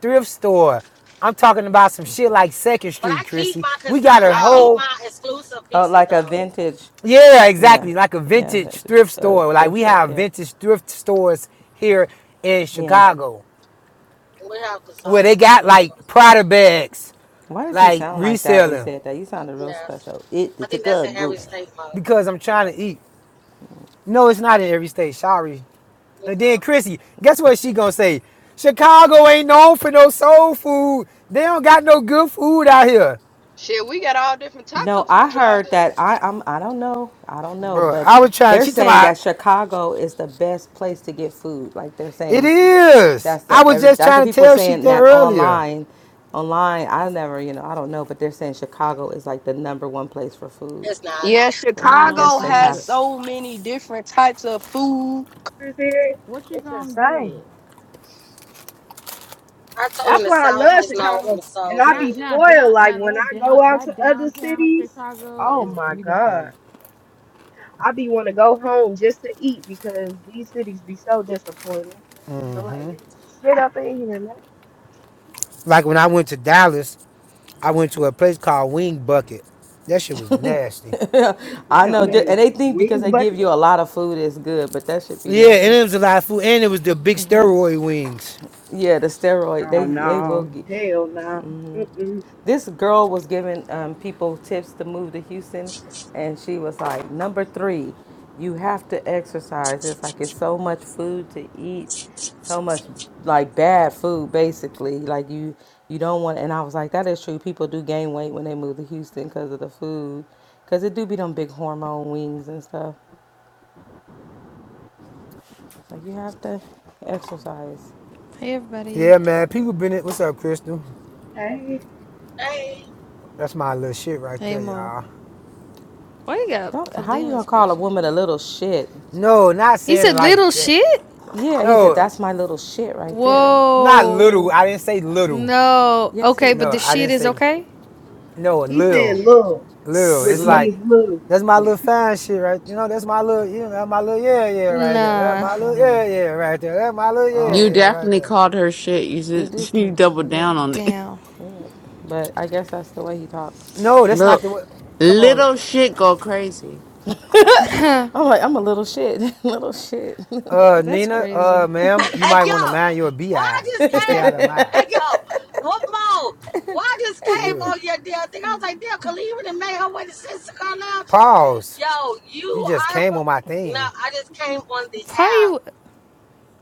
[SPEAKER 24] thrift store. I'm talking about some shit like Second
[SPEAKER 18] But I
[SPEAKER 24] Street,
[SPEAKER 18] keep
[SPEAKER 24] Chrissy.
[SPEAKER 18] my
[SPEAKER 24] We
[SPEAKER 18] consign.
[SPEAKER 24] got a
[SPEAKER 18] I
[SPEAKER 21] Oh
[SPEAKER 18] keep
[SPEAKER 24] whole
[SPEAKER 18] my exclusive
[SPEAKER 12] oh
[SPEAKER 18] pieces
[SPEAKER 12] like a
[SPEAKER 18] though.
[SPEAKER 12] vintage.
[SPEAKER 24] yeah,
[SPEAKER 12] Yeah,
[SPEAKER 24] exactly, like a
[SPEAKER 12] yeah,
[SPEAKER 24] vintage
[SPEAKER 12] that Just
[SPEAKER 24] thrift
[SPEAKER 12] uh,
[SPEAKER 24] store. Like
[SPEAKER 12] thrift
[SPEAKER 24] we
[SPEAKER 12] store.
[SPEAKER 24] have
[SPEAKER 12] Yeah,
[SPEAKER 24] vintage thrift stores here in
[SPEAKER 12] yeah.
[SPEAKER 24] Chicago
[SPEAKER 18] We have
[SPEAKER 24] where
[SPEAKER 18] consignment
[SPEAKER 24] they
[SPEAKER 18] at
[SPEAKER 24] got
[SPEAKER 18] those stores
[SPEAKER 24] like
[SPEAKER 18] as
[SPEAKER 24] Prada
[SPEAKER 18] well.
[SPEAKER 24] bags,
[SPEAKER 12] Why did you
[SPEAKER 24] like
[SPEAKER 12] sound like that when you
[SPEAKER 24] reselling
[SPEAKER 12] said that? You sounded real
[SPEAKER 18] Yes,
[SPEAKER 12] special. It
[SPEAKER 18] I
[SPEAKER 12] the
[SPEAKER 18] think that's in
[SPEAKER 12] go.
[SPEAKER 18] every state mode.
[SPEAKER 24] because I'm trying to eat. No, it's not in every state. Sorry. And
[SPEAKER 18] Okay.
[SPEAKER 24] then Chrissy, guess what she gonna say? Chicago ain't known for no soul food. They don't got no good food out here,
[SPEAKER 21] shit, we got all different types
[SPEAKER 12] No,
[SPEAKER 21] of
[SPEAKER 12] I
[SPEAKER 21] food out
[SPEAKER 12] heard
[SPEAKER 21] here.
[SPEAKER 12] that. I I'm, I don't know. I don't know,
[SPEAKER 24] bro.
[SPEAKER 12] but
[SPEAKER 24] I was trying.
[SPEAKER 12] they're
[SPEAKER 24] She talking
[SPEAKER 12] saying
[SPEAKER 24] about
[SPEAKER 12] that Chicago is the best place to get food. Like they're
[SPEAKER 24] It
[SPEAKER 12] saying
[SPEAKER 24] is.
[SPEAKER 12] that's
[SPEAKER 24] I
[SPEAKER 12] the
[SPEAKER 24] was
[SPEAKER 12] every
[SPEAKER 24] just
[SPEAKER 12] that's the
[SPEAKER 24] trying to
[SPEAKER 12] people
[SPEAKER 24] tell Sheik
[SPEAKER 12] saying
[SPEAKER 24] that
[SPEAKER 12] that
[SPEAKER 24] earlier.
[SPEAKER 12] online. Online, I never, you know, I don't know, but they're saying Chicago is like the number one place for food
[SPEAKER 18] It's not.
[SPEAKER 21] Yeah,
[SPEAKER 22] I
[SPEAKER 12] because
[SPEAKER 22] don't
[SPEAKER 12] I
[SPEAKER 22] know what
[SPEAKER 21] Chicago
[SPEAKER 12] guess
[SPEAKER 22] you're
[SPEAKER 12] they
[SPEAKER 22] gonna
[SPEAKER 21] has
[SPEAKER 12] have.
[SPEAKER 22] get.
[SPEAKER 12] s-
[SPEAKER 21] so many different types of food. It's here.
[SPEAKER 22] What you
[SPEAKER 21] It's
[SPEAKER 22] gonna
[SPEAKER 21] insane.
[SPEAKER 22] get?
[SPEAKER 18] I told him
[SPEAKER 21] That's
[SPEAKER 18] the
[SPEAKER 21] why I
[SPEAKER 18] South
[SPEAKER 21] love
[SPEAKER 18] is known
[SPEAKER 22] Chicago.
[SPEAKER 18] for
[SPEAKER 21] Chicago.
[SPEAKER 18] the soul
[SPEAKER 21] And I
[SPEAKER 22] Down
[SPEAKER 21] be
[SPEAKER 18] food.
[SPEAKER 22] now,
[SPEAKER 21] spoiled.
[SPEAKER 22] down
[SPEAKER 21] Like
[SPEAKER 22] now
[SPEAKER 21] when
[SPEAKER 22] that
[SPEAKER 21] I go
[SPEAKER 22] down
[SPEAKER 21] out
[SPEAKER 22] that
[SPEAKER 21] to other
[SPEAKER 22] downtown
[SPEAKER 21] cities,
[SPEAKER 22] Chicago
[SPEAKER 21] oh
[SPEAKER 22] is
[SPEAKER 21] my God.
[SPEAKER 22] beautiful.
[SPEAKER 21] I be want to go home just to eat because these cities be so disappointing. I just be like,
[SPEAKER 24] Like when I went to Dallas, I went to a place called Wing Bucket. That shit was nasty.
[SPEAKER 12] I know, th- and they think because they give you a lot of food is good, but that should be
[SPEAKER 24] Yeah, and
[SPEAKER 12] nasty.
[SPEAKER 24] it was a lot of food, and it was the big steroid wings.
[SPEAKER 12] Yeah, the steroid,
[SPEAKER 21] Oh
[SPEAKER 12] they they will
[SPEAKER 21] no.
[SPEAKER 12] get.
[SPEAKER 21] Hell no.
[SPEAKER 12] This girl was giving um, people tips to move to Houston, and she was like, number three, you have to exercise. It's like it's so much food to eat, so much like bad food, basically. Like you, you don't want. And I was like, that is true. People do gain weight when they move to Houston because of the food, because it do be them big hormone wings and stuff. Like you have to exercise.
[SPEAKER 25] Hey everybody.
[SPEAKER 24] Yeah, man. People been it. What's up, Crystal?
[SPEAKER 18] Hey,
[SPEAKER 24] That's my little shit right
[SPEAKER 25] Hey
[SPEAKER 24] there,
[SPEAKER 25] Mo.
[SPEAKER 24] y'all.
[SPEAKER 25] Why you got
[SPEAKER 12] Don't how you
[SPEAKER 25] Kalima's
[SPEAKER 12] gonna call a
[SPEAKER 25] picture?
[SPEAKER 12] woman a little shit?
[SPEAKER 24] No, not
[SPEAKER 25] He
[SPEAKER 24] saying it
[SPEAKER 25] said
[SPEAKER 24] like
[SPEAKER 25] little
[SPEAKER 24] that.
[SPEAKER 25] shit?
[SPEAKER 12] Yeah, he said
[SPEAKER 24] No,
[SPEAKER 12] that's my little shit right there.
[SPEAKER 24] not little.
[SPEAKER 25] Whoa.
[SPEAKER 24] I didn't say little.
[SPEAKER 25] No.
[SPEAKER 12] Yes, he
[SPEAKER 25] Okay, but
[SPEAKER 24] No,
[SPEAKER 25] the
[SPEAKER 24] I
[SPEAKER 25] shit
[SPEAKER 24] didn't
[SPEAKER 25] is
[SPEAKER 24] say. li-
[SPEAKER 25] okay?
[SPEAKER 24] No,
[SPEAKER 21] He said
[SPEAKER 24] little,
[SPEAKER 21] little,
[SPEAKER 24] little.
[SPEAKER 21] which
[SPEAKER 24] It's
[SPEAKER 12] look.
[SPEAKER 24] like
[SPEAKER 21] means little.
[SPEAKER 24] That's my little fine shit, right? You know, that's my little, you know, that's my little yeah, yeah, right there. That's
[SPEAKER 25] Nah.
[SPEAKER 24] my little yeah, yeah, right there. That's my little yeah, yeah,
[SPEAKER 22] You
[SPEAKER 12] Oh,
[SPEAKER 24] right
[SPEAKER 22] definitely
[SPEAKER 24] there.
[SPEAKER 22] called her shit. You
[SPEAKER 12] you did
[SPEAKER 22] should you
[SPEAKER 12] curse,
[SPEAKER 22] double
[SPEAKER 12] yeah.
[SPEAKER 22] down on it.
[SPEAKER 25] Damn.
[SPEAKER 12] But I guess that's the way he talked.
[SPEAKER 24] No, that's not
[SPEAKER 22] Look,
[SPEAKER 24] the way. Come on,
[SPEAKER 22] little shit go crazy.
[SPEAKER 12] I'm like, I'm a little shit, little shit.
[SPEAKER 24] uh,
[SPEAKER 25] That's
[SPEAKER 24] Nina, uh,
[SPEAKER 25] crazy.
[SPEAKER 24] ma'am, you
[SPEAKER 18] hey
[SPEAKER 24] might
[SPEAKER 18] yo,
[SPEAKER 24] want to mind your
[SPEAKER 18] why I
[SPEAKER 24] bi
[SPEAKER 18] just
[SPEAKER 24] and stay out
[SPEAKER 18] came?
[SPEAKER 24] of my
[SPEAKER 18] Hey
[SPEAKER 24] eyes.
[SPEAKER 18] yo, what more? Why I just came
[SPEAKER 24] Sure.
[SPEAKER 18] on your damn thing? I was like, damn, Khalifa done made her way to Sister Lounge.
[SPEAKER 24] Pause.
[SPEAKER 18] Yo,
[SPEAKER 24] You
[SPEAKER 18] you
[SPEAKER 24] just
[SPEAKER 18] are.
[SPEAKER 24] came on my
[SPEAKER 18] fu- No,
[SPEAKER 24] thing.
[SPEAKER 18] I just came on the
[SPEAKER 25] Why
[SPEAKER 18] app.
[SPEAKER 25] you?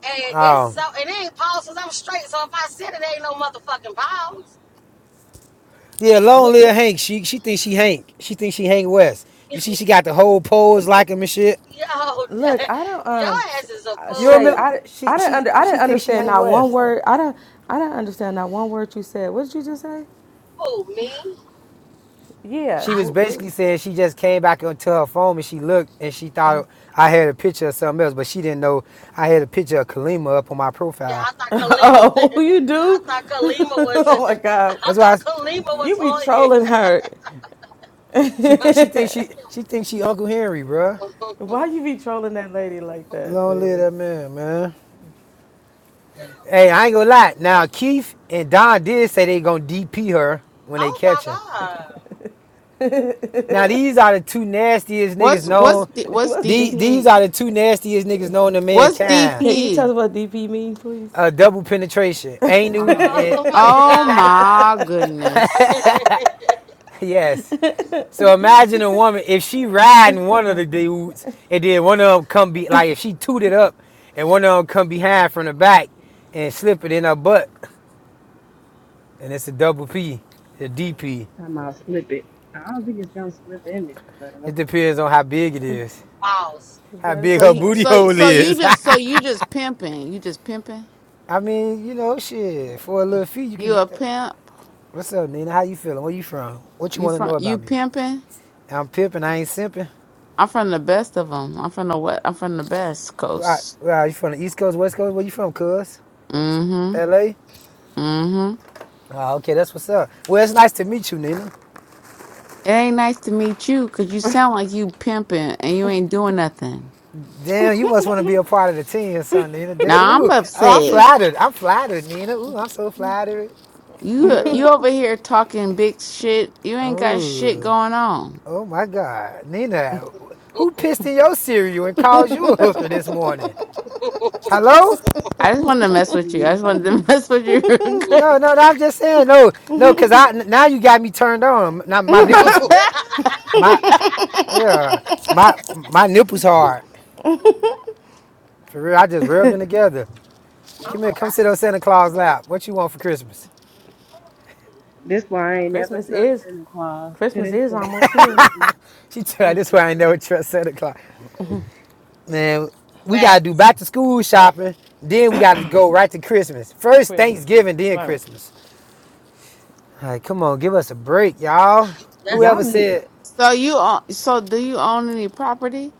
[SPEAKER 18] And it's
[SPEAKER 24] Um,
[SPEAKER 18] so, and it ain't pause 'cause I'm straight. So if I said it, ain't no motherfucking pause.
[SPEAKER 24] yeah, long
[SPEAKER 12] What?
[SPEAKER 24] live Hank. She she thinks she Hank. She thinks she Hank West. You see, she got the whole pose like him and shit.
[SPEAKER 18] Yo,
[SPEAKER 12] Look, I don't
[SPEAKER 18] your
[SPEAKER 12] um,
[SPEAKER 24] She,
[SPEAKER 18] ass is a
[SPEAKER 12] uh,
[SPEAKER 24] you
[SPEAKER 12] Shay,
[SPEAKER 24] remember?
[SPEAKER 18] fool.
[SPEAKER 12] I
[SPEAKER 24] She
[SPEAKER 12] I didn't
[SPEAKER 24] she
[SPEAKER 12] under I didn't
[SPEAKER 24] she thinks she
[SPEAKER 12] understand
[SPEAKER 24] Hank
[SPEAKER 12] not one
[SPEAKER 24] West.
[SPEAKER 12] word. I don't I didn't understand not one word you said. What did you just say?
[SPEAKER 18] Fool me.
[SPEAKER 12] Yeah.
[SPEAKER 24] She was
[SPEAKER 12] What? what?
[SPEAKER 24] basically saying she just came back onto her phone and she looked and she thought I had a picture of something else, but she didn't know I had a picture of Kalima up on my
[SPEAKER 18] Yeah,
[SPEAKER 24] profile.
[SPEAKER 18] I thought Kalima.
[SPEAKER 12] oh, you
[SPEAKER 18] I
[SPEAKER 12] do?
[SPEAKER 18] thought Kalima was. I
[SPEAKER 12] oh my God,
[SPEAKER 24] That's why I
[SPEAKER 18] thought
[SPEAKER 24] s
[SPEAKER 18] Kalima
[SPEAKER 12] you
[SPEAKER 18] was
[SPEAKER 12] be
[SPEAKER 18] on it.
[SPEAKER 12] trolling her.
[SPEAKER 24] she she thinks she she thinks she Uncle Henry, bruh.
[SPEAKER 12] Why you be trolling that lady like that,
[SPEAKER 24] Long live
[SPEAKER 12] man?
[SPEAKER 24] that man, man. Hey, I ain't gonna lie. Now Keith and Don did say they gonna DP her when they
[SPEAKER 18] Oh my
[SPEAKER 24] catch her.
[SPEAKER 18] god.
[SPEAKER 24] Now these are the two nastiest
[SPEAKER 22] What's
[SPEAKER 24] niggas
[SPEAKER 22] what's
[SPEAKER 24] known.
[SPEAKER 22] D- what's
[SPEAKER 12] What's
[SPEAKER 24] These,
[SPEAKER 22] DP?
[SPEAKER 24] these
[SPEAKER 12] DP?
[SPEAKER 24] are the two nastiest niggas known to
[SPEAKER 22] What's
[SPEAKER 24] mankind.
[SPEAKER 12] Can you tell
[SPEAKER 22] DP?
[SPEAKER 12] us what DP mean, please?
[SPEAKER 24] Uh, double penetration, Anu
[SPEAKER 21] Oh,
[SPEAKER 24] and
[SPEAKER 18] Oh my
[SPEAKER 22] Oh
[SPEAKER 18] god.
[SPEAKER 22] my goodness.
[SPEAKER 24] Yes. So imagine a woman if she riding one of the dudes and then one of them come be like if she tooted up and one of them come behind from the back and slip it in her butt and it's a double P, a DP.
[SPEAKER 21] time I'll slip it. I don't think it's gonna slip in it, but
[SPEAKER 24] It
[SPEAKER 21] okay.
[SPEAKER 24] depends on how big it is,
[SPEAKER 18] Pause.
[SPEAKER 24] how big
[SPEAKER 22] So
[SPEAKER 12] That's
[SPEAKER 24] her
[SPEAKER 22] you,
[SPEAKER 24] booty
[SPEAKER 12] funny.
[SPEAKER 22] so
[SPEAKER 24] hole
[SPEAKER 22] so you
[SPEAKER 24] is.
[SPEAKER 22] just so you just pimping. You just pimping.
[SPEAKER 24] I mean, you know, shit. For a little fee, you can
[SPEAKER 22] You a
[SPEAKER 24] get the.
[SPEAKER 22] pimp.
[SPEAKER 24] What's up, Nina? How you feeling? Where you from? What you
[SPEAKER 22] You
[SPEAKER 24] want to
[SPEAKER 22] from
[SPEAKER 24] know
[SPEAKER 22] you
[SPEAKER 24] about me?
[SPEAKER 22] pimping.
[SPEAKER 24] I'm pimping. I ain't simping.
[SPEAKER 22] I'm from the best of them. I'm from the what? I'm from the best
[SPEAKER 24] Where, I-
[SPEAKER 22] coast.
[SPEAKER 24] where are you from? The East Coast, West Coast? Where you from, Cuz?
[SPEAKER 22] Mm-hmm.
[SPEAKER 24] L.A.
[SPEAKER 22] Mm-hmm.
[SPEAKER 24] Oh, okay, that's what's up. Well, it's nice to meet you, Nina.
[SPEAKER 22] It ain't nice to meet you because you sound like you pimping and you ain't doing nothing.
[SPEAKER 24] Damn, you must want to be a part of the team or something, Nina. Damn,
[SPEAKER 22] Now
[SPEAKER 24] ooh,
[SPEAKER 22] I'm
[SPEAKER 24] oh, I'm
[SPEAKER 22] upset.
[SPEAKER 24] flattered. I'm flattered, Nina. Ooh, I'm so flattered,
[SPEAKER 22] You you
[SPEAKER 24] girl.
[SPEAKER 22] over here talking big shit. You ain't got shit
[SPEAKER 24] Ooh,
[SPEAKER 22] going on.
[SPEAKER 24] oh my God, Nina, who pissed in your cereal and called you a hooker this morning? Hello?
[SPEAKER 22] I just wanted to mess with you. I just
[SPEAKER 21] Mm-hmm.
[SPEAKER 22] wanted to mess with you real
[SPEAKER 18] Mm.
[SPEAKER 24] No,
[SPEAKER 22] quick.
[SPEAKER 24] no, no. I'm just saying, no, no, cause I n- now you got me turned on. Now my nipples, my yeah, my my nipples hard. For real, I just rubbed them together.
[SPEAKER 18] Oh
[SPEAKER 24] Come
[SPEAKER 18] my
[SPEAKER 24] here, come
[SPEAKER 18] god.
[SPEAKER 24] sit on Santa Claus lap. What you want for Christmas?
[SPEAKER 21] This why I ain't never
[SPEAKER 12] Christmas
[SPEAKER 21] trust
[SPEAKER 12] is
[SPEAKER 21] Santa Claus to
[SPEAKER 12] Christmas
[SPEAKER 21] this
[SPEAKER 12] is
[SPEAKER 21] day.
[SPEAKER 12] almost here.
[SPEAKER 21] Mm-mm,
[SPEAKER 24] She tried this way
[SPEAKER 21] mm-mm.
[SPEAKER 24] I never trust Santa Claus. Man, we gotta do
[SPEAKER 18] Facts.
[SPEAKER 24] back to school shopping, then we gotta go right to Christmas. First
[SPEAKER 12] Christmas.
[SPEAKER 24] Thanksgiving, then
[SPEAKER 12] Right.
[SPEAKER 24] Christmas. All right, come on, give us a break, y'all.
[SPEAKER 18] That's.
[SPEAKER 12] Y'all
[SPEAKER 24] Whoever
[SPEAKER 12] need
[SPEAKER 24] said
[SPEAKER 22] so you own, so do you own any property?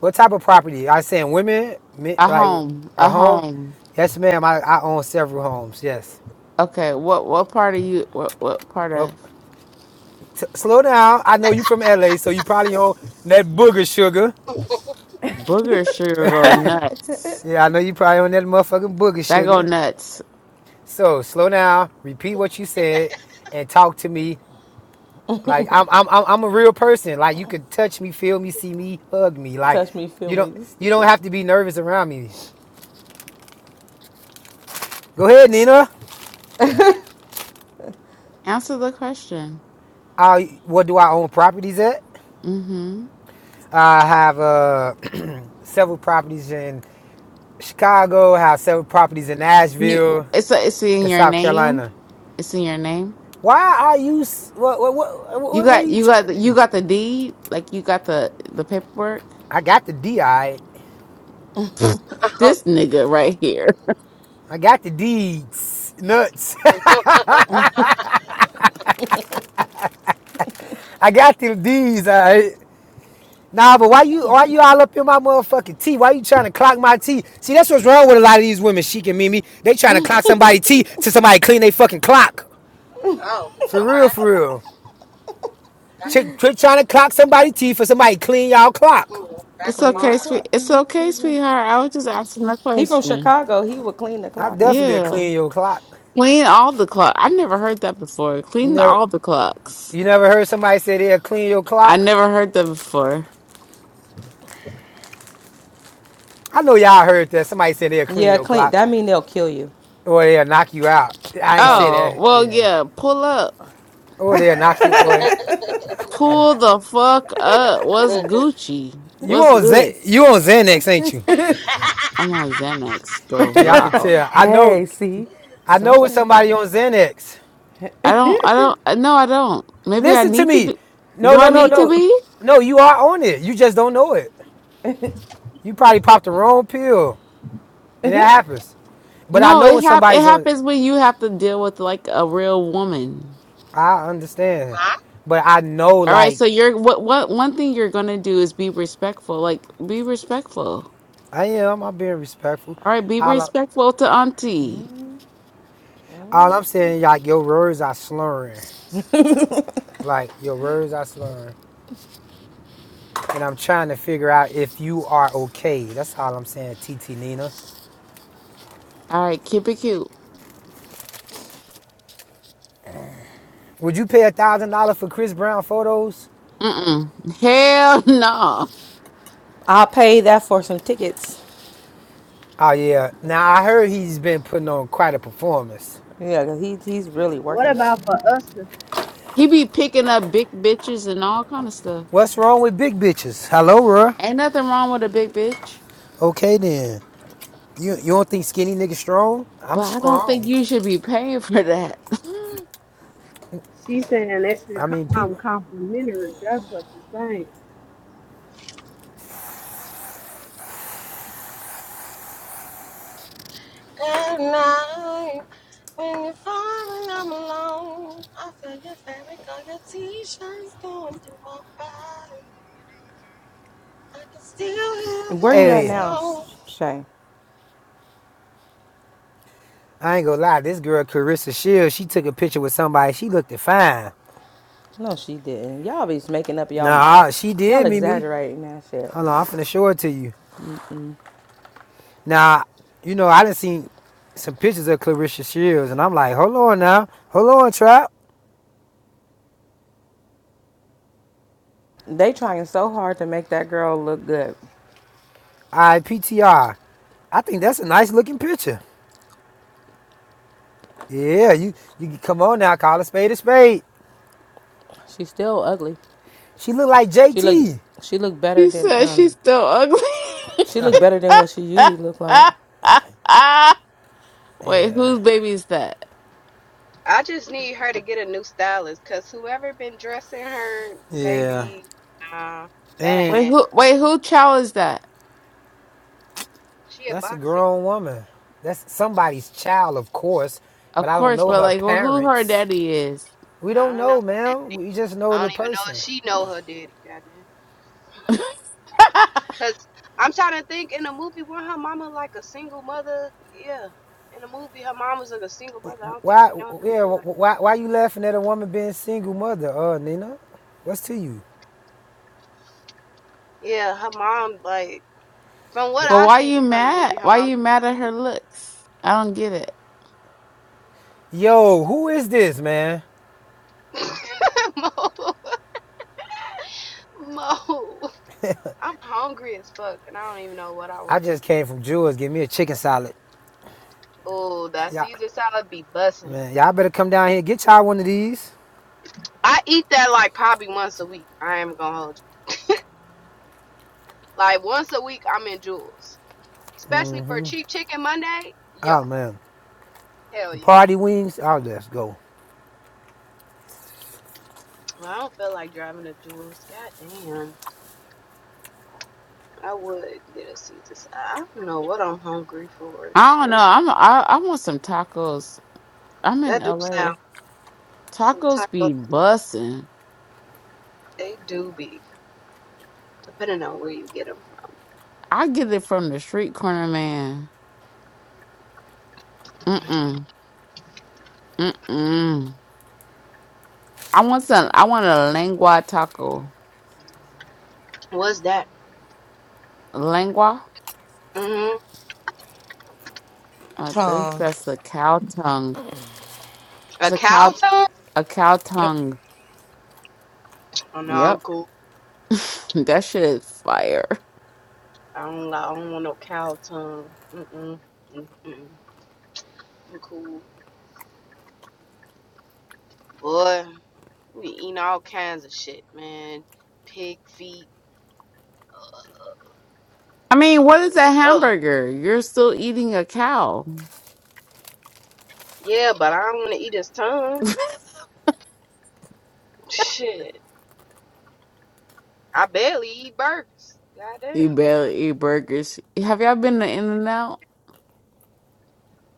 [SPEAKER 24] what type of property? I saying women, men,
[SPEAKER 22] A
[SPEAKER 24] like
[SPEAKER 22] home,
[SPEAKER 24] a
[SPEAKER 22] a
[SPEAKER 24] home.
[SPEAKER 22] home.
[SPEAKER 24] Yes, ma'am. I, I own several homes. Yes.
[SPEAKER 22] Okay, what what part of you? What what part
[SPEAKER 24] Well,
[SPEAKER 22] of
[SPEAKER 24] t- slow down. I know you from LA, so you probably own that booger sugar.
[SPEAKER 22] booger sugar go nuts?
[SPEAKER 24] yeah, I know you probably own that motherfucking booger
[SPEAKER 22] That go
[SPEAKER 24] sugar.
[SPEAKER 22] nuts.
[SPEAKER 24] So slow down, repeat what you said, and talk to me like I'm I'm I'm I'm a real person. Like you can touch me, feel me, see me, hug me. Like
[SPEAKER 12] touch me, feel
[SPEAKER 24] you
[SPEAKER 12] me,
[SPEAKER 24] don't
[SPEAKER 12] you
[SPEAKER 24] you don't
[SPEAKER 12] stupid.
[SPEAKER 24] have to be nervous around me. Go ahead, Nina.
[SPEAKER 22] Answer the question.
[SPEAKER 24] I what do I own properties at?
[SPEAKER 22] Mm-hmm.
[SPEAKER 24] I have uh several properties in Chicago. I have several properties in
[SPEAKER 22] You,
[SPEAKER 24] Nashville
[SPEAKER 22] it's it's in
[SPEAKER 24] and
[SPEAKER 22] your
[SPEAKER 24] South
[SPEAKER 22] name.
[SPEAKER 24] Carolina.
[SPEAKER 22] It's in your name.
[SPEAKER 24] Why are you? s- What what what
[SPEAKER 22] You
[SPEAKER 24] what, what are
[SPEAKER 22] got
[SPEAKER 24] you
[SPEAKER 22] you got
[SPEAKER 24] trying
[SPEAKER 22] the,
[SPEAKER 24] to
[SPEAKER 22] you
[SPEAKER 24] do?
[SPEAKER 22] got the deed. Like you got the the paperwork.
[SPEAKER 24] I got the D. I
[SPEAKER 22] Pfft,
[SPEAKER 18] oh,
[SPEAKER 22] this nigga right here.
[SPEAKER 24] I got the deeds nuts. I got them D's, all right. Nah, but why you why you all up in my motherfucking tea? Why you trying to clock my tea? See, that's what's wrong with a lot of these women, Sheik and Mimi. They trying to clock somebody tea to somebody clean they fucking clock.
[SPEAKER 18] okay.
[SPEAKER 24] For real, for real.
[SPEAKER 18] That-
[SPEAKER 24] Chick, quit trying to clock somebody tea for somebody clean y'all clock.
[SPEAKER 18] mm, That's
[SPEAKER 22] It's
[SPEAKER 18] a
[SPEAKER 12] Clean your
[SPEAKER 22] okay,
[SPEAKER 18] bar.
[SPEAKER 12] clock.
[SPEAKER 22] sweet. It's okay, sweetheart. I was just asking a
[SPEAKER 12] he from
[SPEAKER 22] question.
[SPEAKER 12] Chicago. He would clean the
[SPEAKER 24] I'm
[SPEAKER 12] clock.
[SPEAKER 24] definitely a
[SPEAKER 22] Yeah,
[SPEAKER 24] clean your clock.
[SPEAKER 22] clean all the clock. I never heard that before.
[SPEAKER 24] You
[SPEAKER 22] Clean
[SPEAKER 24] never,
[SPEAKER 22] all the clocks.
[SPEAKER 24] you never heard somebody say they'll clean your
[SPEAKER 22] I
[SPEAKER 24] clock?
[SPEAKER 22] never heard that before.
[SPEAKER 24] I know y'all heard that. Somebody said they'll clean
[SPEAKER 12] Yeah,
[SPEAKER 24] your
[SPEAKER 12] clean.
[SPEAKER 24] clock
[SPEAKER 12] That mean they'll kill you.
[SPEAKER 24] or they'll knock you out. I ain't
[SPEAKER 12] Oh.
[SPEAKER 24] say
[SPEAKER 22] Oh,
[SPEAKER 24] that,
[SPEAKER 22] well,
[SPEAKER 24] yeah.
[SPEAKER 22] yeah. Pull up.
[SPEAKER 24] Or they'll knock you, or
[SPEAKER 22] Pull the fuck up. What's Gucci?
[SPEAKER 24] You
[SPEAKER 22] What's
[SPEAKER 24] on
[SPEAKER 22] good?
[SPEAKER 24] Z- you on Xanax, ain't you?
[SPEAKER 22] I'm on Xanax though.
[SPEAKER 24] Yeah, I can
[SPEAKER 22] Wow.
[SPEAKER 24] tell. I know
[SPEAKER 12] hey, see
[SPEAKER 24] I know it's
[SPEAKER 12] something.
[SPEAKER 24] somebody
[SPEAKER 12] huh?
[SPEAKER 24] on Xanax.
[SPEAKER 22] I don't, I don't, uh, no, I don't. Maybe I
[SPEAKER 24] Listen to
[SPEAKER 22] need to
[SPEAKER 24] me.
[SPEAKER 22] be.
[SPEAKER 24] No,
[SPEAKER 22] Do I
[SPEAKER 24] no, no,
[SPEAKER 22] need to
[SPEAKER 24] no.
[SPEAKER 22] be?
[SPEAKER 24] No, you are on it. You just don't know it. You probably popped the wrong pill. And that happens. But I
[SPEAKER 22] No,
[SPEAKER 24] know
[SPEAKER 22] it
[SPEAKER 24] when
[SPEAKER 22] hap- it
[SPEAKER 24] somebody's on
[SPEAKER 22] happens when you have to deal with like a real woman.
[SPEAKER 24] I understand.
[SPEAKER 18] huh?
[SPEAKER 24] But I know
[SPEAKER 22] All right,
[SPEAKER 24] like
[SPEAKER 22] so you're what what one thing you're gonna do is be respectful. Like be respectful.
[SPEAKER 24] I am, I'm being respectful.
[SPEAKER 22] All right, be
[SPEAKER 24] All,
[SPEAKER 22] respectful to auntie.
[SPEAKER 24] all I'm saying, like your words are slurring. Like your words are slurring. And I'm trying to figure out if you are okay. That's all I'm saying, TT Nina.
[SPEAKER 22] All right, keep it cute.
[SPEAKER 24] Would you pay a thousand dollars for Chris Brown photos?
[SPEAKER 22] Mm-mm. Hell no.
[SPEAKER 12] I'll pay that for some tickets.
[SPEAKER 24] Oh yeah. Now I heard he's been putting on quite a performance.
[SPEAKER 12] Yeah, cause he he's really
[SPEAKER 21] What
[SPEAKER 12] working.
[SPEAKER 21] about for us? to-
[SPEAKER 22] He be picking up big bitches and all kind of stuff.
[SPEAKER 24] What's wrong with big bitches? Hello, Ruh.
[SPEAKER 22] Ain't nothing wrong with a big bitch,
[SPEAKER 24] Okay then. You you don't think skinny niggas strong? I'm
[SPEAKER 22] but I don't think
[SPEAKER 24] strong.
[SPEAKER 22] you should be paying for that.
[SPEAKER 21] She's saying that should
[SPEAKER 24] I mean
[SPEAKER 21] come
[SPEAKER 24] people.
[SPEAKER 21] complimentary. That's what she's saying.
[SPEAKER 18] Good night. When you're falling, I'm alone. I feel your fabric on your t shirts going through my body. I can still hear your
[SPEAKER 12] Where you at
[SPEAKER 18] voice
[SPEAKER 24] Hey,
[SPEAKER 12] now,
[SPEAKER 18] on.
[SPEAKER 12] Shay?
[SPEAKER 24] I ain't gonna lie, this girl Carissa Shields, she took a picture with somebody, she looked fine.
[SPEAKER 12] No, she didn't. Y'all be making up y'all. Uh,
[SPEAKER 24] Nah, she
[SPEAKER 12] y'all
[SPEAKER 24] did, Mimi.
[SPEAKER 12] exaggerating that shit.
[SPEAKER 24] Hold on, I'm finna show it to you. Now, you know, I done seen some pictures of Clarissa Shields, and I'm like, hold on now, hold on, Trap.
[SPEAKER 12] They trying so hard to make that girl look good.
[SPEAKER 24] All right, PTR. I think that's a nice looking picture. Yeah, you you come on now, call a spade a spade.
[SPEAKER 12] She's still ugly.
[SPEAKER 24] She look like
[SPEAKER 12] She look
[SPEAKER 24] JT.
[SPEAKER 12] she look better
[SPEAKER 22] He
[SPEAKER 12] than
[SPEAKER 22] said she's
[SPEAKER 12] um
[SPEAKER 22] still ugly.
[SPEAKER 12] she looked better than what she usually looked like.
[SPEAKER 22] Wait,
[SPEAKER 24] yeah.
[SPEAKER 22] whose baby is that?
[SPEAKER 21] I just need her to get a new stylist because whoever been dressing her,
[SPEAKER 24] Yeah.
[SPEAKER 21] baby, nah, that ain't
[SPEAKER 24] And
[SPEAKER 22] Wait,
[SPEAKER 21] it.
[SPEAKER 22] who? Wait, who child is that?
[SPEAKER 21] She a
[SPEAKER 24] that's a
[SPEAKER 21] boxer.
[SPEAKER 24] grown woman. That's somebody's child, of course, but
[SPEAKER 22] Of
[SPEAKER 24] I don't
[SPEAKER 21] but
[SPEAKER 22] course,
[SPEAKER 24] know
[SPEAKER 22] but
[SPEAKER 24] her
[SPEAKER 22] like, well, who her
[SPEAKER 24] parents.
[SPEAKER 22] daddy is?
[SPEAKER 24] We
[SPEAKER 21] I
[SPEAKER 24] don't
[SPEAKER 21] don't know her
[SPEAKER 24] know, man.
[SPEAKER 21] daddy.
[SPEAKER 24] We just know
[SPEAKER 21] I
[SPEAKER 24] the
[SPEAKER 21] don't even know if
[SPEAKER 24] person.
[SPEAKER 21] she know her daddy. Goddamn.
[SPEAKER 22] but
[SPEAKER 21] Cause I'm trying to think in the movie was her mama like a single mother? Yeah. In the movie her mom was like a single mother. I don't think
[SPEAKER 24] Why
[SPEAKER 21] she knows
[SPEAKER 24] yeah,
[SPEAKER 21] it. Like
[SPEAKER 24] why why you laughing at a woman being single mother, uh Nina? What's to you?
[SPEAKER 21] Yeah, her mom like from what I
[SPEAKER 22] why
[SPEAKER 21] seen
[SPEAKER 22] you
[SPEAKER 21] from the
[SPEAKER 22] mad?
[SPEAKER 21] movie, her
[SPEAKER 22] Why
[SPEAKER 21] mom
[SPEAKER 22] you mad at her looks? I don't get it.
[SPEAKER 24] Yo, who is this, man?
[SPEAKER 21] was a single Mo Mo I'm hungry as fuck and I don't even know what I
[SPEAKER 24] I
[SPEAKER 21] wanna
[SPEAKER 24] just
[SPEAKER 21] eat.
[SPEAKER 24] came from Jewel's. Give me a chicken salad.
[SPEAKER 21] Oh, that
[SPEAKER 24] Yeah.
[SPEAKER 21] Caesar salad be bussin'.
[SPEAKER 24] Man, y'all better come down here. Get y'all one of these.
[SPEAKER 21] I eat that like probably once a week. I am gonna hold you. Like once a week I'm in jewels. Especially for
[SPEAKER 24] hmm
[SPEAKER 21] cheap chicken Monday. Yo,
[SPEAKER 24] Oh man,
[SPEAKER 21] hell
[SPEAKER 24] the
[SPEAKER 21] yeah.
[SPEAKER 24] party wings. Oh, let's go.
[SPEAKER 21] Well, I don't feel like driving to Jules. God damn. I would get a Caesar salad. I don't know what I'm hungry for.
[SPEAKER 22] I don't know.
[SPEAKER 21] Shit.
[SPEAKER 22] I'm I, I want some tacos. I'm in
[SPEAKER 21] That do sound
[SPEAKER 22] LA.
[SPEAKER 21] some
[SPEAKER 22] Tacos
[SPEAKER 21] tacos.
[SPEAKER 22] be bussin'.
[SPEAKER 21] They do be, depending on where you get them from.
[SPEAKER 22] I get it from the street corner man. Mm-mm. Mm-mm. I want some I want a lengua taco.
[SPEAKER 21] What's that?
[SPEAKER 22] Lengua?
[SPEAKER 21] Mm-hmm.
[SPEAKER 22] I think
[SPEAKER 13] Tongue.
[SPEAKER 22] that's a cow tongue.
[SPEAKER 21] A
[SPEAKER 22] It's a cow
[SPEAKER 21] cow tongue?
[SPEAKER 22] a cow
[SPEAKER 13] Yep.
[SPEAKER 22] tongue.
[SPEAKER 21] Oh, no, I'm
[SPEAKER 22] Yep.
[SPEAKER 21] cool.
[SPEAKER 22] that shit is fire.
[SPEAKER 21] I don't, li- I don't want no cow tongue. Mm-mm. Mm-mm. I'm cool. Boy, we eating all kinds of shit, man. Pig feet.
[SPEAKER 22] I mean, what is
[SPEAKER 21] Just,
[SPEAKER 22] a
[SPEAKER 21] ugh.
[SPEAKER 22] hamburger? You're still eating a cow.
[SPEAKER 21] Yeah, but I don't want to eat his tongue. Shit. I barely eat burgers. Goddamn.
[SPEAKER 22] you barely eat burgers. Have y'all been to In n Out?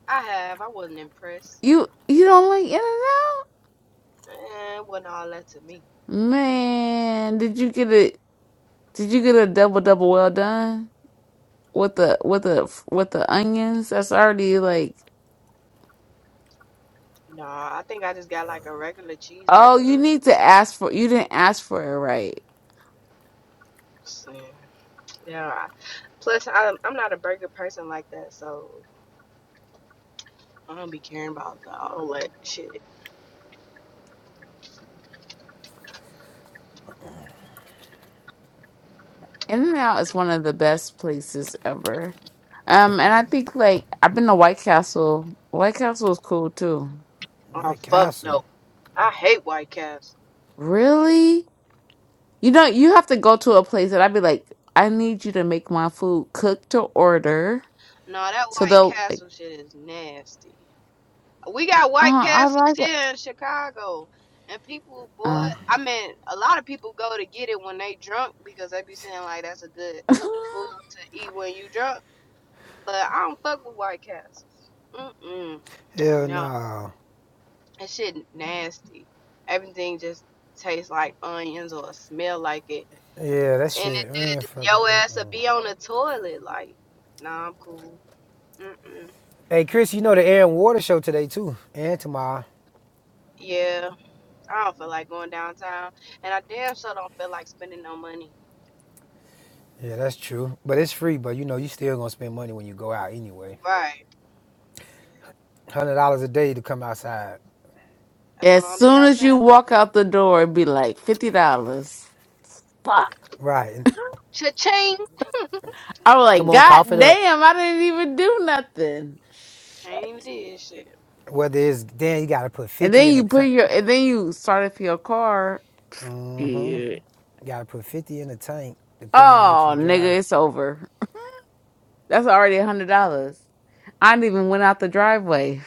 [SPEAKER 21] I have. I wasn't impressed.
[SPEAKER 22] You you don't like In n Out?
[SPEAKER 21] Eh, it wasn't all that to me.
[SPEAKER 22] Man, did you get a did you get a double double well done with the with the with the onions? That's already like
[SPEAKER 21] Nah, I think I just got like a regular cheeseburger.
[SPEAKER 22] oh, you
[SPEAKER 21] Or
[SPEAKER 22] need to ask for you didn't ask for it right.
[SPEAKER 21] something. Yeah. I- Plus, I'm, I'm not a burger person like that, so I don't be caring about all that shit.
[SPEAKER 22] In and Out is one of the best places ever. Um, and I think like I've been to White Castle. White Castle is cool too.
[SPEAKER 21] Oh,
[SPEAKER 24] White
[SPEAKER 21] fuck
[SPEAKER 24] Castle.
[SPEAKER 21] no. I hate White Castle.
[SPEAKER 22] Really? You know, you have to go to a place that I'd be like, I need you to make my food cook to order.
[SPEAKER 21] No, that
[SPEAKER 22] So
[SPEAKER 21] White
[SPEAKER 22] they'll like,
[SPEAKER 21] Castle shit is nasty. we got
[SPEAKER 22] uh,
[SPEAKER 21] White
[SPEAKER 22] I
[SPEAKER 21] Castles
[SPEAKER 22] like it.
[SPEAKER 21] here in Chicago, and people, boy, I mean, a lot of people go to get it when they drunk because they be saying like that's a good
[SPEAKER 22] Uh.
[SPEAKER 21] food to eat when you drunk. But I don't fuck with White Castles. Mm-mm,
[SPEAKER 24] Hell
[SPEAKER 21] no,
[SPEAKER 24] no.
[SPEAKER 21] that shit nasty. Everything just tastes like onions or smell like it,
[SPEAKER 24] Yeah, that
[SPEAKER 21] and it
[SPEAKER 24] shit. Man,
[SPEAKER 21] just
[SPEAKER 24] fucking.
[SPEAKER 21] your ass will
[SPEAKER 24] Mm-mm.
[SPEAKER 21] be on the toilet. Like, nah, I'm cool. Mm-mm.
[SPEAKER 24] Hey, Chris, you know the air and water show today too, and tomorrow.
[SPEAKER 21] Yeah, I don't feel like going downtown, and I damn sure don't feel like spending no money.
[SPEAKER 24] Yeah, that's true. But it's free. But you know, you still gonna spend money when you go out anyway.
[SPEAKER 21] Right.
[SPEAKER 24] one Hundred dollars a day to come outside.
[SPEAKER 21] That's why I
[SPEAKER 22] As
[SPEAKER 21] don't be
[SPEAKER 22] soon as you
[SPEAKER 21] outside like
[SPEAKER 22] walk
[SPEAKER 21] that.
[SPEAKER 22] out the door, it'd be like fifty dollars. Fuck.
[SPEAKER 24] Right. And
[SPEAKER 21] Cha-ching!
[SPEAKER 22] I was like,
[SPEAKER 24] come on,
[SPEAKER 22] God
[SPEAKER 24] cough it up.
[SPEAKER 22] damn, I didn't even do nothing.
[SPEAKER 21] I ain't even did shit.
[SPEAKER 24] Whether it's then you gotta put
[SPEAKER 22] And
[SPEAKER 24] fifty
[SPEAKER 22] then
[SPEAKER 24] in the
[SPEAKER 22] you put
[SPEAKER 24] tank.
[SPEAKER 22] your and then you started for your car.
[SPEAKER 24] Mm-hmm.
[SPEAKER 22] Shit.
[SPEAKER 24] Gotta put fifty in the tank, depending on what you
[SPEAKER 22] Oh,
[SPEAKER 24] drive.
[SPEAKER 22] nigga, it's over. That's already a hundred dollars. I didn't even went out the driveway.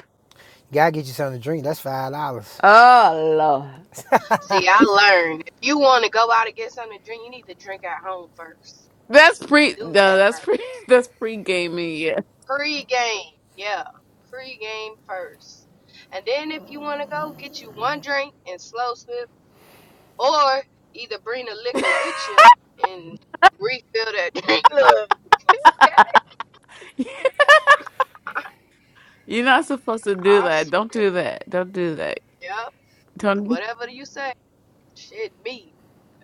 [SPEAKER 24] Gotta get you something to drink. That's five dollars.
[SPEAKER 22] Oh Lord.
[SPEAKER 21] See, I learned. If you want to go out and get something to drink, you need to drink at home first.
[SPEAKER 22] That's pre
[SPEAKER 21] Do
[SPEAKER 22] no,
[SPEAKER 21] that
[SPEAKER 22] that's pre
[SPEAKER 21] first.
[SPEAKER 22] that's pre gaming, yeah.
[SPEAKER 21] Pre-game. Yeah. Pre-game first. And then if you want to go, get you one drink and slow sip. Or either bring the liquor with you and refill that drink. Look. Okay.
[SPEAKER 22] You're not supposed to do
[SPEAKER 21] I
[SPEAKER 22] that. Don't
[SPEAKER 21] swear.
[SPEAKER 22] do that. Don't do that.
[SPEAKER 21] Yep.
[SPEAKER 22] Don't
[SPEAKER 21] Whatever you say. Shit, me.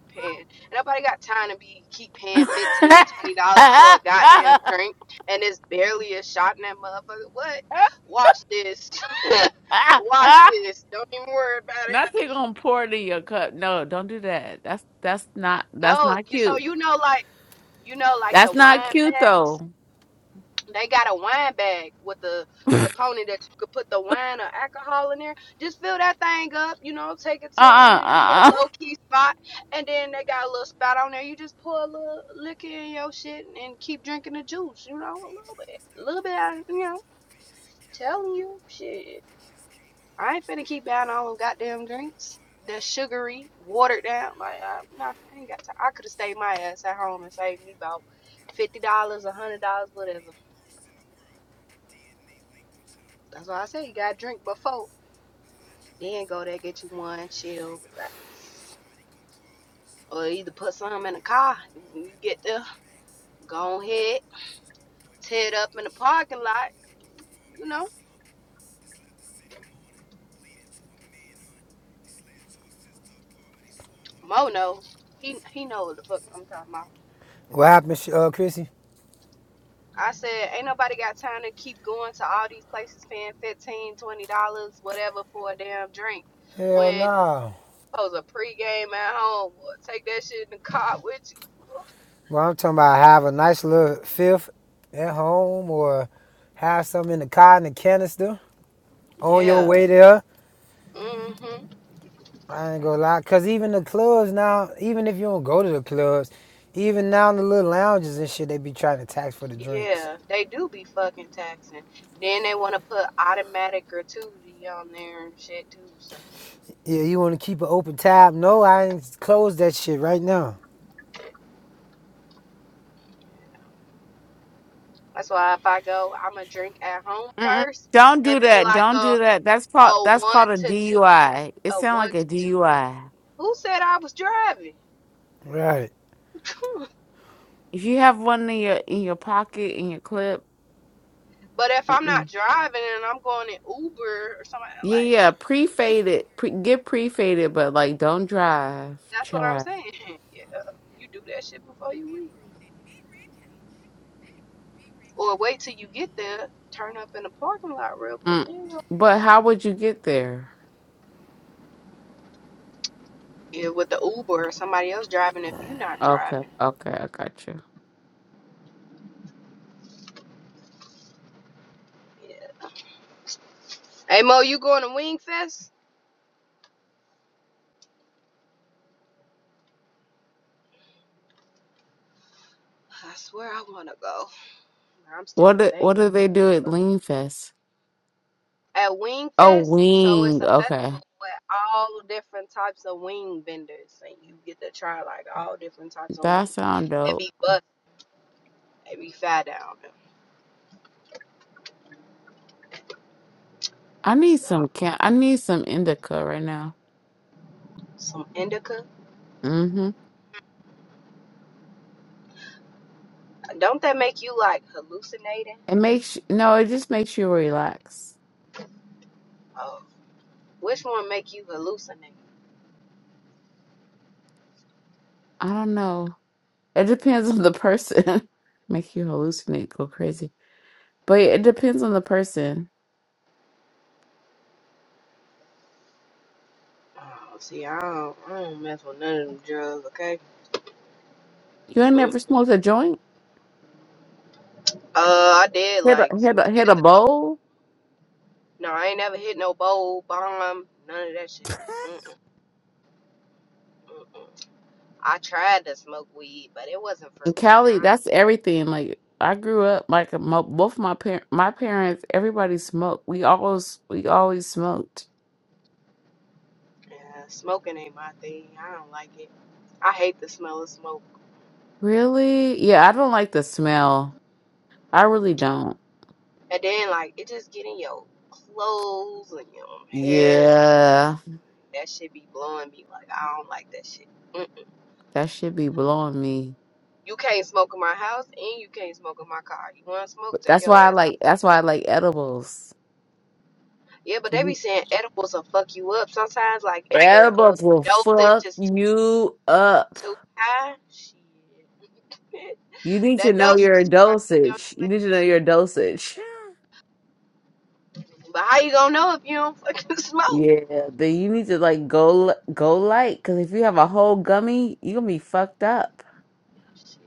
[SPEAKER 21] paying. And nobody got time to be keep paying fifteen, twenty dollars for a goddamn drink, and it's barely a shot in that motherfucker. What? Watch this. Watch this. Don't even worry about it.
[SPEAKER 22] Nothing gonna pour it in your cup. No, don't do that. That's that's not that's
[SPEAKER 21] No,
[SPEAKER 22] not
[SPEAKER 21] you so
[SPEAKER 22] cute.
[SPEAKER 21] you know like you know like the
[SPEAKER 22] That's not
[SPEAKER 21] wine
[SPEAKER 22] cute
[SPEAKER 21] bags.
[SPEAKER 22] though.
[SPEAKER 21] they got a wine bag with a
[SPEAKER 22] uh
[SPEAKER 21] component that you could put the wine or alcohol in there. Just fill that thing up, you know, take it to
[SPEAKER 22] uh
[SPEAKER 21] with
[SPEAKER 22] uh.
[SPEAKER 21] a low key spot, and then they got a little spout on there. You just pour a little liquor in your shit and keep drinking the juice, you know, a little bit, a little bit, out of- you know. Telling you, shit, I ain't finna keep down all them goddamn drinks. They're sugary, watered down. Like, I, nah, I ain't got time. I could have stayed my ass at home and saved me about fifty dollars, a hundred dollars, whatever. That's why I say you gotta drink before. Then go there, get you one, chill, relax. Or either put some in the car. When you get there, go ahead, tear it up in the parking lot. You know, Mo knows. He, he knows the fuck I'm talking about.
[SPEAKER 24] what happened, uh, Chrissy?
[SPEAKER 21] I said, ain't nobody got time to keep going to all these places paying fifteen, twenty dollars, whatever, for a damn drink.
[SPEAKER 24] Hell
[SPEAKER 21] When
[SPEAKER 24] no.
[SPEAKER 21] I was a pregame at home, or take that shit in the car with you.
[SPEAKER 24] Well, I'm talking about have a nice little fifth at home or have something in the car in the canister on your
[SPEAKER 21] Yeah.
[SPEAKER 24] way there.
[SPEAKER 21] Mhm.
[SPEAKER 24] I ain't gonna lie, cause even the clubs now, even if you don't go to the clubs, even now in the little lounges and shit, they be trying to tax for the drinks.
[SPEAKER 21] Yeah, they do be fucking taxing. Then they want to put automatic gratuity on there and shit too. So
[SPEAKER 24] Yeah, you want to keep an open tab? No, I ain't close that shit right now.
[SPEAKER 21] that's why if I go, I'm gonna drink at home
[SPEAKER 22] uh.
[SPEAKER 21] first
[SPEAKER 22] Don't
[SPEAKER 21] and
[SPEAKER 22] do
[SPEAKER 21] be
[SPEAKER 22] that.
[SPEAKER 21] like
[SPEAKER 22] Don't
[SPEAKER 21] a
[SPEAKER 22] do that. That's called
[SPEAKER 21] a
[SPEAKER 22] that's
[SPEAKER 21] one
[SPEAKER 22] called a
[SPEAKER 21] to two,
[SPEAKER 22] DUI. It
[SPEAKER 21] a
[SPEAKER 22] sounds
[SPEAKER 21] one
[SPEAKER 22] like a
[SPEAKER 21] to two.
[SPEAKER 22] DUI.
[SPEAKER 21] Who said I was driving?
[SPEAKER 24] Right.
[SPEAKER 22] If you have one in your in your pocket in your clip,
[SPEAKER 21] but if I'm not
[SPEAKER 22] mm-mm.
[SPEAKER 21] driving and I'm going in Uber or something
[SPEAKER 22] yeah,
[SPEAKER 21] like,
[SPEAKER 22] yeah,
[SPEAKER 21] yeah,
[SPEAKER 22] pre-faded, pre- get pre-faded, but like don't drive,
[SPEAKER 21] that's what I'm
[SPEAKER 22] child.
[SPEAKER 21] saying. yeah, you do that shit before you leave, or wait till you get there, turn up in the parking lot real quick.
[SPEAKER 22] Mm.
[SPEAKER 21] Then go
[SPEAKER 22] But how would you get there?
[SPEAKER 21] Yeah, with the Uber or somebody else driving if you're not
[SPEAKER 22] Okay,
[SPEAKER 21] driving.
[SPEAKER 22] okay, I got you.
[SPEAKER 21] Yes. Hey Mo, you going to Wing Fest? I swear I wanna go. I'm still
[SPEAKER 22] What do, what
[SPEAKER 21] debating.
[SPEAKER 22] do they do at
[SPEAKER 21] Fucking-
[SPEAKER 22] Lean Fest?
[SPEAKER 21] At Wing
[SPEAKER 22] Oh,
[SPEAKER 21] Fest, so it's
[SPEAKER 22] wing.
[SPEAKER 21] a
[SPEAKER 22] Okay,
[SPEAKER 21] festival with all different types of wing vendors, and you get to try like all different types of wings.
[SPEAKER 22] that sound
[SPEAKER 21] It
[SPEAKER 22] dope.
[SPEAKER 21] be bust, it be fat down,
[SPEAKER 22] I need
[SPEAKER 21] so
[SPEAKER 22] some can. I need some indica right now.
[SPEAKER 21] some indica.
[SPEAKER 22] Mm-hmm.
[SPEAKER 21] Don't that make you like hallucinating?
[SPEAKER 22] It makes no. It just makes you relax.
[SPEAKER 21] Oh, which one make you hallucinate?
[SPEAKER 22] I don't know. It depends on the person. Make you hallucinate, go crazy. But it depends on the person.
[SPEAKER 21] Oh, see, I don't, I don't mess with none of them drugs, okay?
[SPEAKER 22] You ain't
[SPEAKER 21] Mm,
[SPEAKER 22] never smoked a joint.
[SPEAKER 21] Uh, I did
[SPEAKER 22] Hit a
[SPEAKER 21] like
[SPEAKER 22] hit
[SPEAKER 21] some
[SPEAKER 22] a hit
[SPEAKER 21] years
[SPEAKER 22] a
[SPEAKER 21] ago.
[SPEAKER 22] bowl.
[SPEAKER 21] No, I ain't never hit no bowl, bomb, none of that shit. Mm-mm-mm-mm. I tried to smoke weed, but it wasn't for
[SPEAKER 22] In
[SPEAKER 21] me.
[SPEAKER 22] Cali,
[SPEAKER 21] I,
[SPEAKER 22] that's everything. Like I grew up, like mo both my parent, my parents, everybody smoked. We always, we always smoked.
[SPEAKER 21] yeah, smoking ain't my thing. I don't like it. I hate the smell of smoke.
[SPEAKER 22] Really? Yeah, I don't like the smell. I really don't.
[SPEAKER 21] And then, like, it just get in your clothes and your hair. And
[SPEAKER 22] Yeah,
[SPEAKER 21] that shit be blowing me. Like, I don't like that shit. Mm-mm.
[SPEAKER 22] that should be blowing me.
[SPEAKER 21] You can't smoke in my house and you can't smoke in my car. You want to smoke?
[SPEAKER 22] But
[SPEAKER 21] Take
[SPEAKER 22] that's
[SPEAKER 21] your
[SPEAKER 22] why I
[SPEAKER 21] ass outside.
[SPEAKER 22] like. That's why I like edibles.
[SPEAKER 21] Yeah, but
[SPEAKER 22] 'Cause
[SPEAKER 21] they be
[SPEAKER 22] you-
[SPEAKER 21] saying edibles will fuck you up sometimes. Like if the uh,
[SPEAKER 22] Edibles will
[SPEAKER 21] dosage
[SPEAKER 22] fuck
[SPEAKER 21] is too,
[SPEAKER 22] you up.
[SPEAKER 21] too high, shit,
[SPEAKER 22] You need to
[SPEAKER 21] that
[SPEAKER 22] know
[SPEAKER 21] dosage is
[SPEAKER 22] your
[SPEAKER 21] too high. You on
[SPEAKER 22] dosage.
[SPEAKER 21] your way.
[SPEAKER 22] You need to know your dosage.
[SPEAKER 21] But how you gonna know if you don't fucking smoke?
[SPEAKER 22] Yeah, then you need to like go li- go light because if you have a whole gummy, you gonna be fucked up.
[SPEAKER 21] Shit,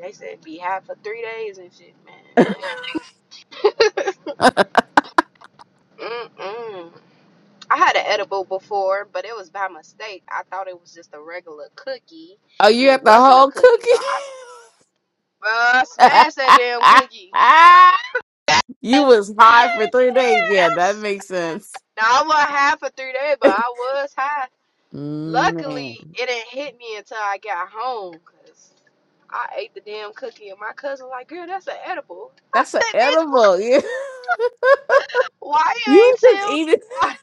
[SPEAKER 21] they said be high for three days and shit, man. Mm-mm. I had an edible before, but it was by mistake. I thought it was just a regular cookie,
[SPEAKER 22] Oh,
[SPEAKER 21] and
[SPEAKER 22] you
[SPEAKER 21] it
[SPEAKER 22] had the
[SPEAKER 21] wasn't a
[SPEAKER 22] whole
[SPEAKER 21] cookie, so
[SPEAKER 22] cookie?
[SPEAKER 21] I uh, smashed that damn cookie.
[SPEAKER 22] you was high for three days. Yeah,
[SPEAKER 21] I
[SPEAKER 22] that makes sense.
[SPEAKER 21] Now I was high for three days, but I was high. Luckily,
[SPEAKER 22] Man,
[SPEAKER 21] it didn't hit me until I got home, cause I ate the damn cookie, and my cousin like, "Girl, that's an edible." I
[SPEAKER 22] that's an
[SPEAKER 21] said, "Bitch, what?
[SPEAKER 22] edible. Yeah,
[SPEAKER 21] Why you ain't
[SPEAKER 22] you just
[SPEAKER 21] tell
[SPEAKER 22] eat it.
[SPEAKER 21] nobody?"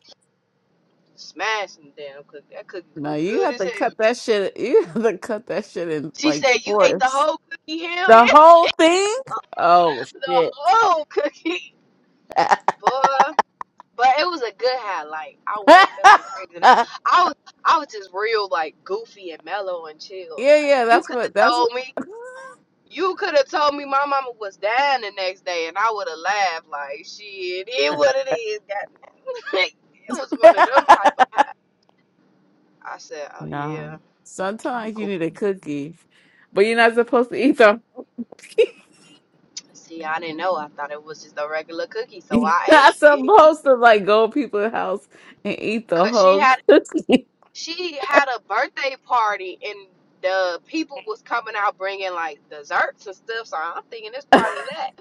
[SPEAKER 21] Smashing the damn cookie. That cookie
[SPEAKER 22] No,
[SPEAKER 21] was
[SPEAKER 22] you
[SPEAKER 21] good
[SPEAKER 22] have
[SPEAKER 21] as
[SPEAKER 22] to
[SPEAKER 21] hell.
[SPEAKER 22] cut that shit. You have to cut that shit in
[SPEAKER 21] She
[SPEAKER 22] like
[SPEAKER 21] said, "You ate the
[SPEAKER 22] fourths.
[SPEAKER 21] whole cookie? Hell yeah,
[SPEAKER 22] The whole thing? Oh
[SPEAKER 21] the
[SPEAKER 22] shit.
[SPEAKER 21] whole cookie, boy." But it was a good high. Like I wasn't feeling crazy. I was, I was just real like goofy and mellow and chill.
[SPEAKER 22] Yeah,
[SPEAKER 21] Like
[SPEAKER 22] yeah,
[SPEAKER 21] you
[SPEAKER 22] that's
[SPEAKER 21] could have
[SPEAKER 22] what that's
[SPEAKER 21] told me
[SPEAKER 22] what
[SPEAKER 21] You could have told me my mama was dying the next day, and I would have laughed like, "Shit, it what it is." God, it was one of them type of. I said, "Oh
[SPEAKER 22] No.
[SPEAKER 21] yeah, I'm
[SPEAKER 22] Sometimes you
[SPEAKER 21] cool."
[SPEAKER 22] need a cookie, but you're not supposed to eat the
[SPEAKER 21] See, I didn't know. I thought it was just a regular cookie, so
[SPEAKER 22] you're
[SPEAKER 21] I
[SPEAKER 22] not
[SPEAKER 21] ate it.
[SPEAKER 22] supposed to like go to people's house and eat the
[SPEAKER 21] Cause she
[SPEAKER 22] whole
[SPEAKER 21] had
[SPEAKER 22] cookie.
[SPEAKER 21] she had a birthday party and the people was coming out bringing like desserts and stuff. So I'm thinking it's part of that.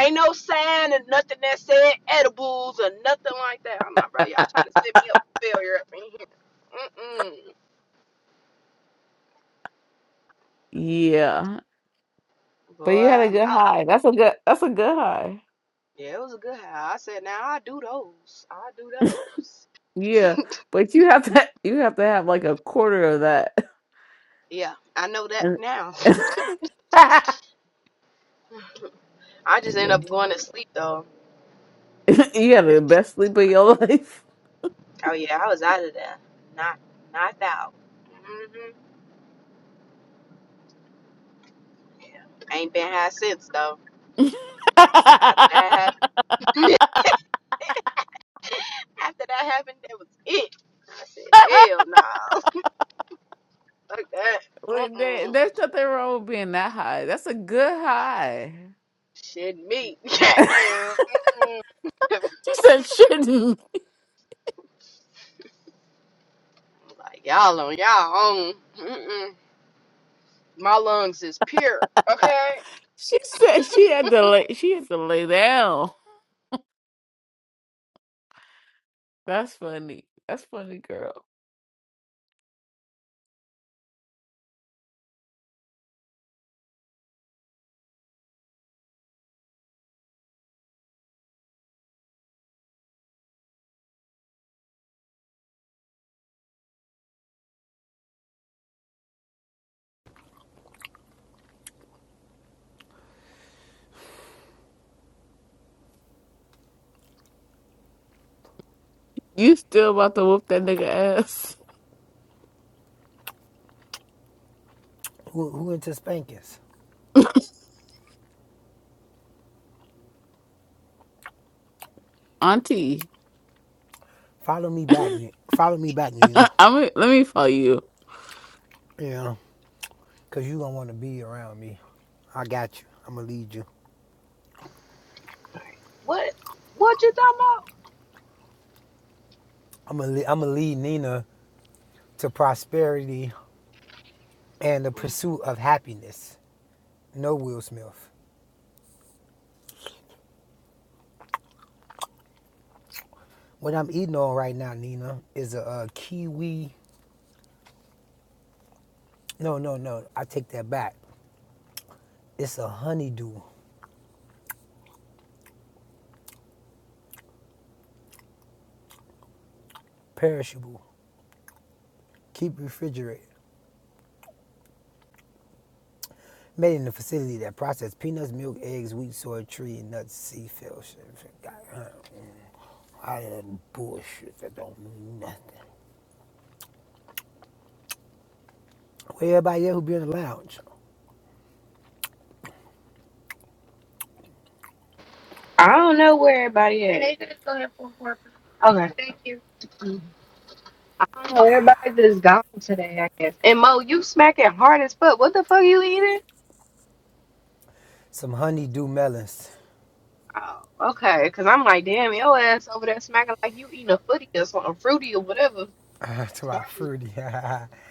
[SPEAKER 21] Ain't no sign and nothing that said edibles or nothing like that. I'm like, bro, y'all trying to set me up for failure up in here. Mm-mm.
[SPEAKER 22] Yeah. But
[SPEAKER 21] Boy,
[SPEAKER 22] you had a
[SPEAKER 21] I'm
[SPEAKER 22] good
[SPEAKER 21] out.
[SPEAKER 22] high. That's a good that's a good high.
[SPEAKER 21] Yeah, it was a good house. I said, now I do those. I do those.
[SPEAKER 22] Yeah. But you have to you have to have like a quarter of that.
[SPEAKER 21] Yeah, I know that
[SPEAKER 22] And
[SPEAKER 21] now. I just end
[SPEAKER 22] yeah.
[SPEAKER 21] up going to sleep though.
[SPEAKER 22] You had the best sleep of your life.
[SPEAKER 21] Oh yeah, I was out of there. Not, knocked knocked out. Mm-hmm. ain't been high since though. After that happened, after that happened, that was it. I said, hell no, nah. fuck that.
[SPEAKER 22] Wait, there,
[SPEAKER 21] Mm-mm.
[SPEAKER 22] there's nothing wrong with being that high. That's a good high.
[SPEAKER 21] Shit, me,
[SPEAKER 22] she
[SPEAKER 21] goddamn. Mm-mm.
[SPEAKER 22] said shouldn't.
[SPEAKER 21] like y'all on y'all own. Mm-mm. My lungs is pure. Okay.
[SPEAKER 22] She said she had to lay. She had to lay down. That's funny. That's funny, girl. You still about to whoop that nigga ass,
[SPEAKER 24] Who, who into spankings?
[SPEAKER 22] Auntie?
[SPEAKER 24] Follow me back, Ni- follow me back, Nina.
[SPEAKER 22] I'm. Let me follow you.
[SPEAKER 24] Yeah, cause you don't want to be around me. I got you. I'm gonna lead you.
[SPEAKER 21] What? What you talking about?
[SPEAKER 24] I'm gonna I'm gonna lead Nina to prosperity and the pursuit of happiness. No Will Smith. What I'm eating on right now, Nina, is a, uh kiwi. No, no, no. I take that back. It's a honeydew, perishable. Keep refrigerated. Made in a facility that processes peanuts, milk, eggs, wheat, soy, tree, nuts, sea fish. I that bullshit that don't mean nothing. Where everybody else who be in the lounge?
[SPEAKER 21] I don't know where everybody is. Okay. thank you. I don't know. Everybody just gone today, I guess. And Mo, you smacking hard as fuck. What the fuck you eating?
[SPEAKER 24] some honeydew melons.
[SPEAKER 21] Oh, okay. Because I'm like, damn, your ass over there smacking like you eating a footy or something fruity or whatever.
[SPEAKER 24] That's
[SPEAKER 21] So I
[SPEAKER 24] why fruity. Them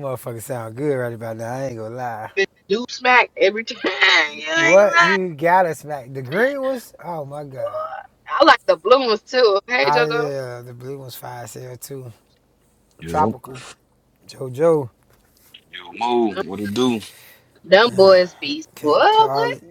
[SPEAKER 24] motherfuckers sound good right about now. I ain't gonna lie.
[SPEAKER 21] do smack every time. you ain't
[SPEAKER 24] What
[SPEAKER 21] lying.
[SPEAKER 24] you got us back? The green ones? Oh my god.
[SPEAKER 21] I like the blue ones too. Hey,
[SPEAKER 24] Ah
[SPEAKER 21] JoJo.
[SPEAKER 24] yeah, the blue ones fire sale too.
[SPEAKER 26] Yo,
[SPEAKER 24] Tropical. JoJo.
[SPEAKER 26] yo,
[SPEAKER 21] Yeah,
[SPEAKER 26] Mo,
[SPEAKER 21] them,
[SPEAKER 26] what it do?
[SPEAKER 21] them boys be
[SPEAKER 24] Can't
[SPEAKER 21] what?
[SPEAKER 24] call
[SPEAKER 21] What?
[SPEAKER 24] it.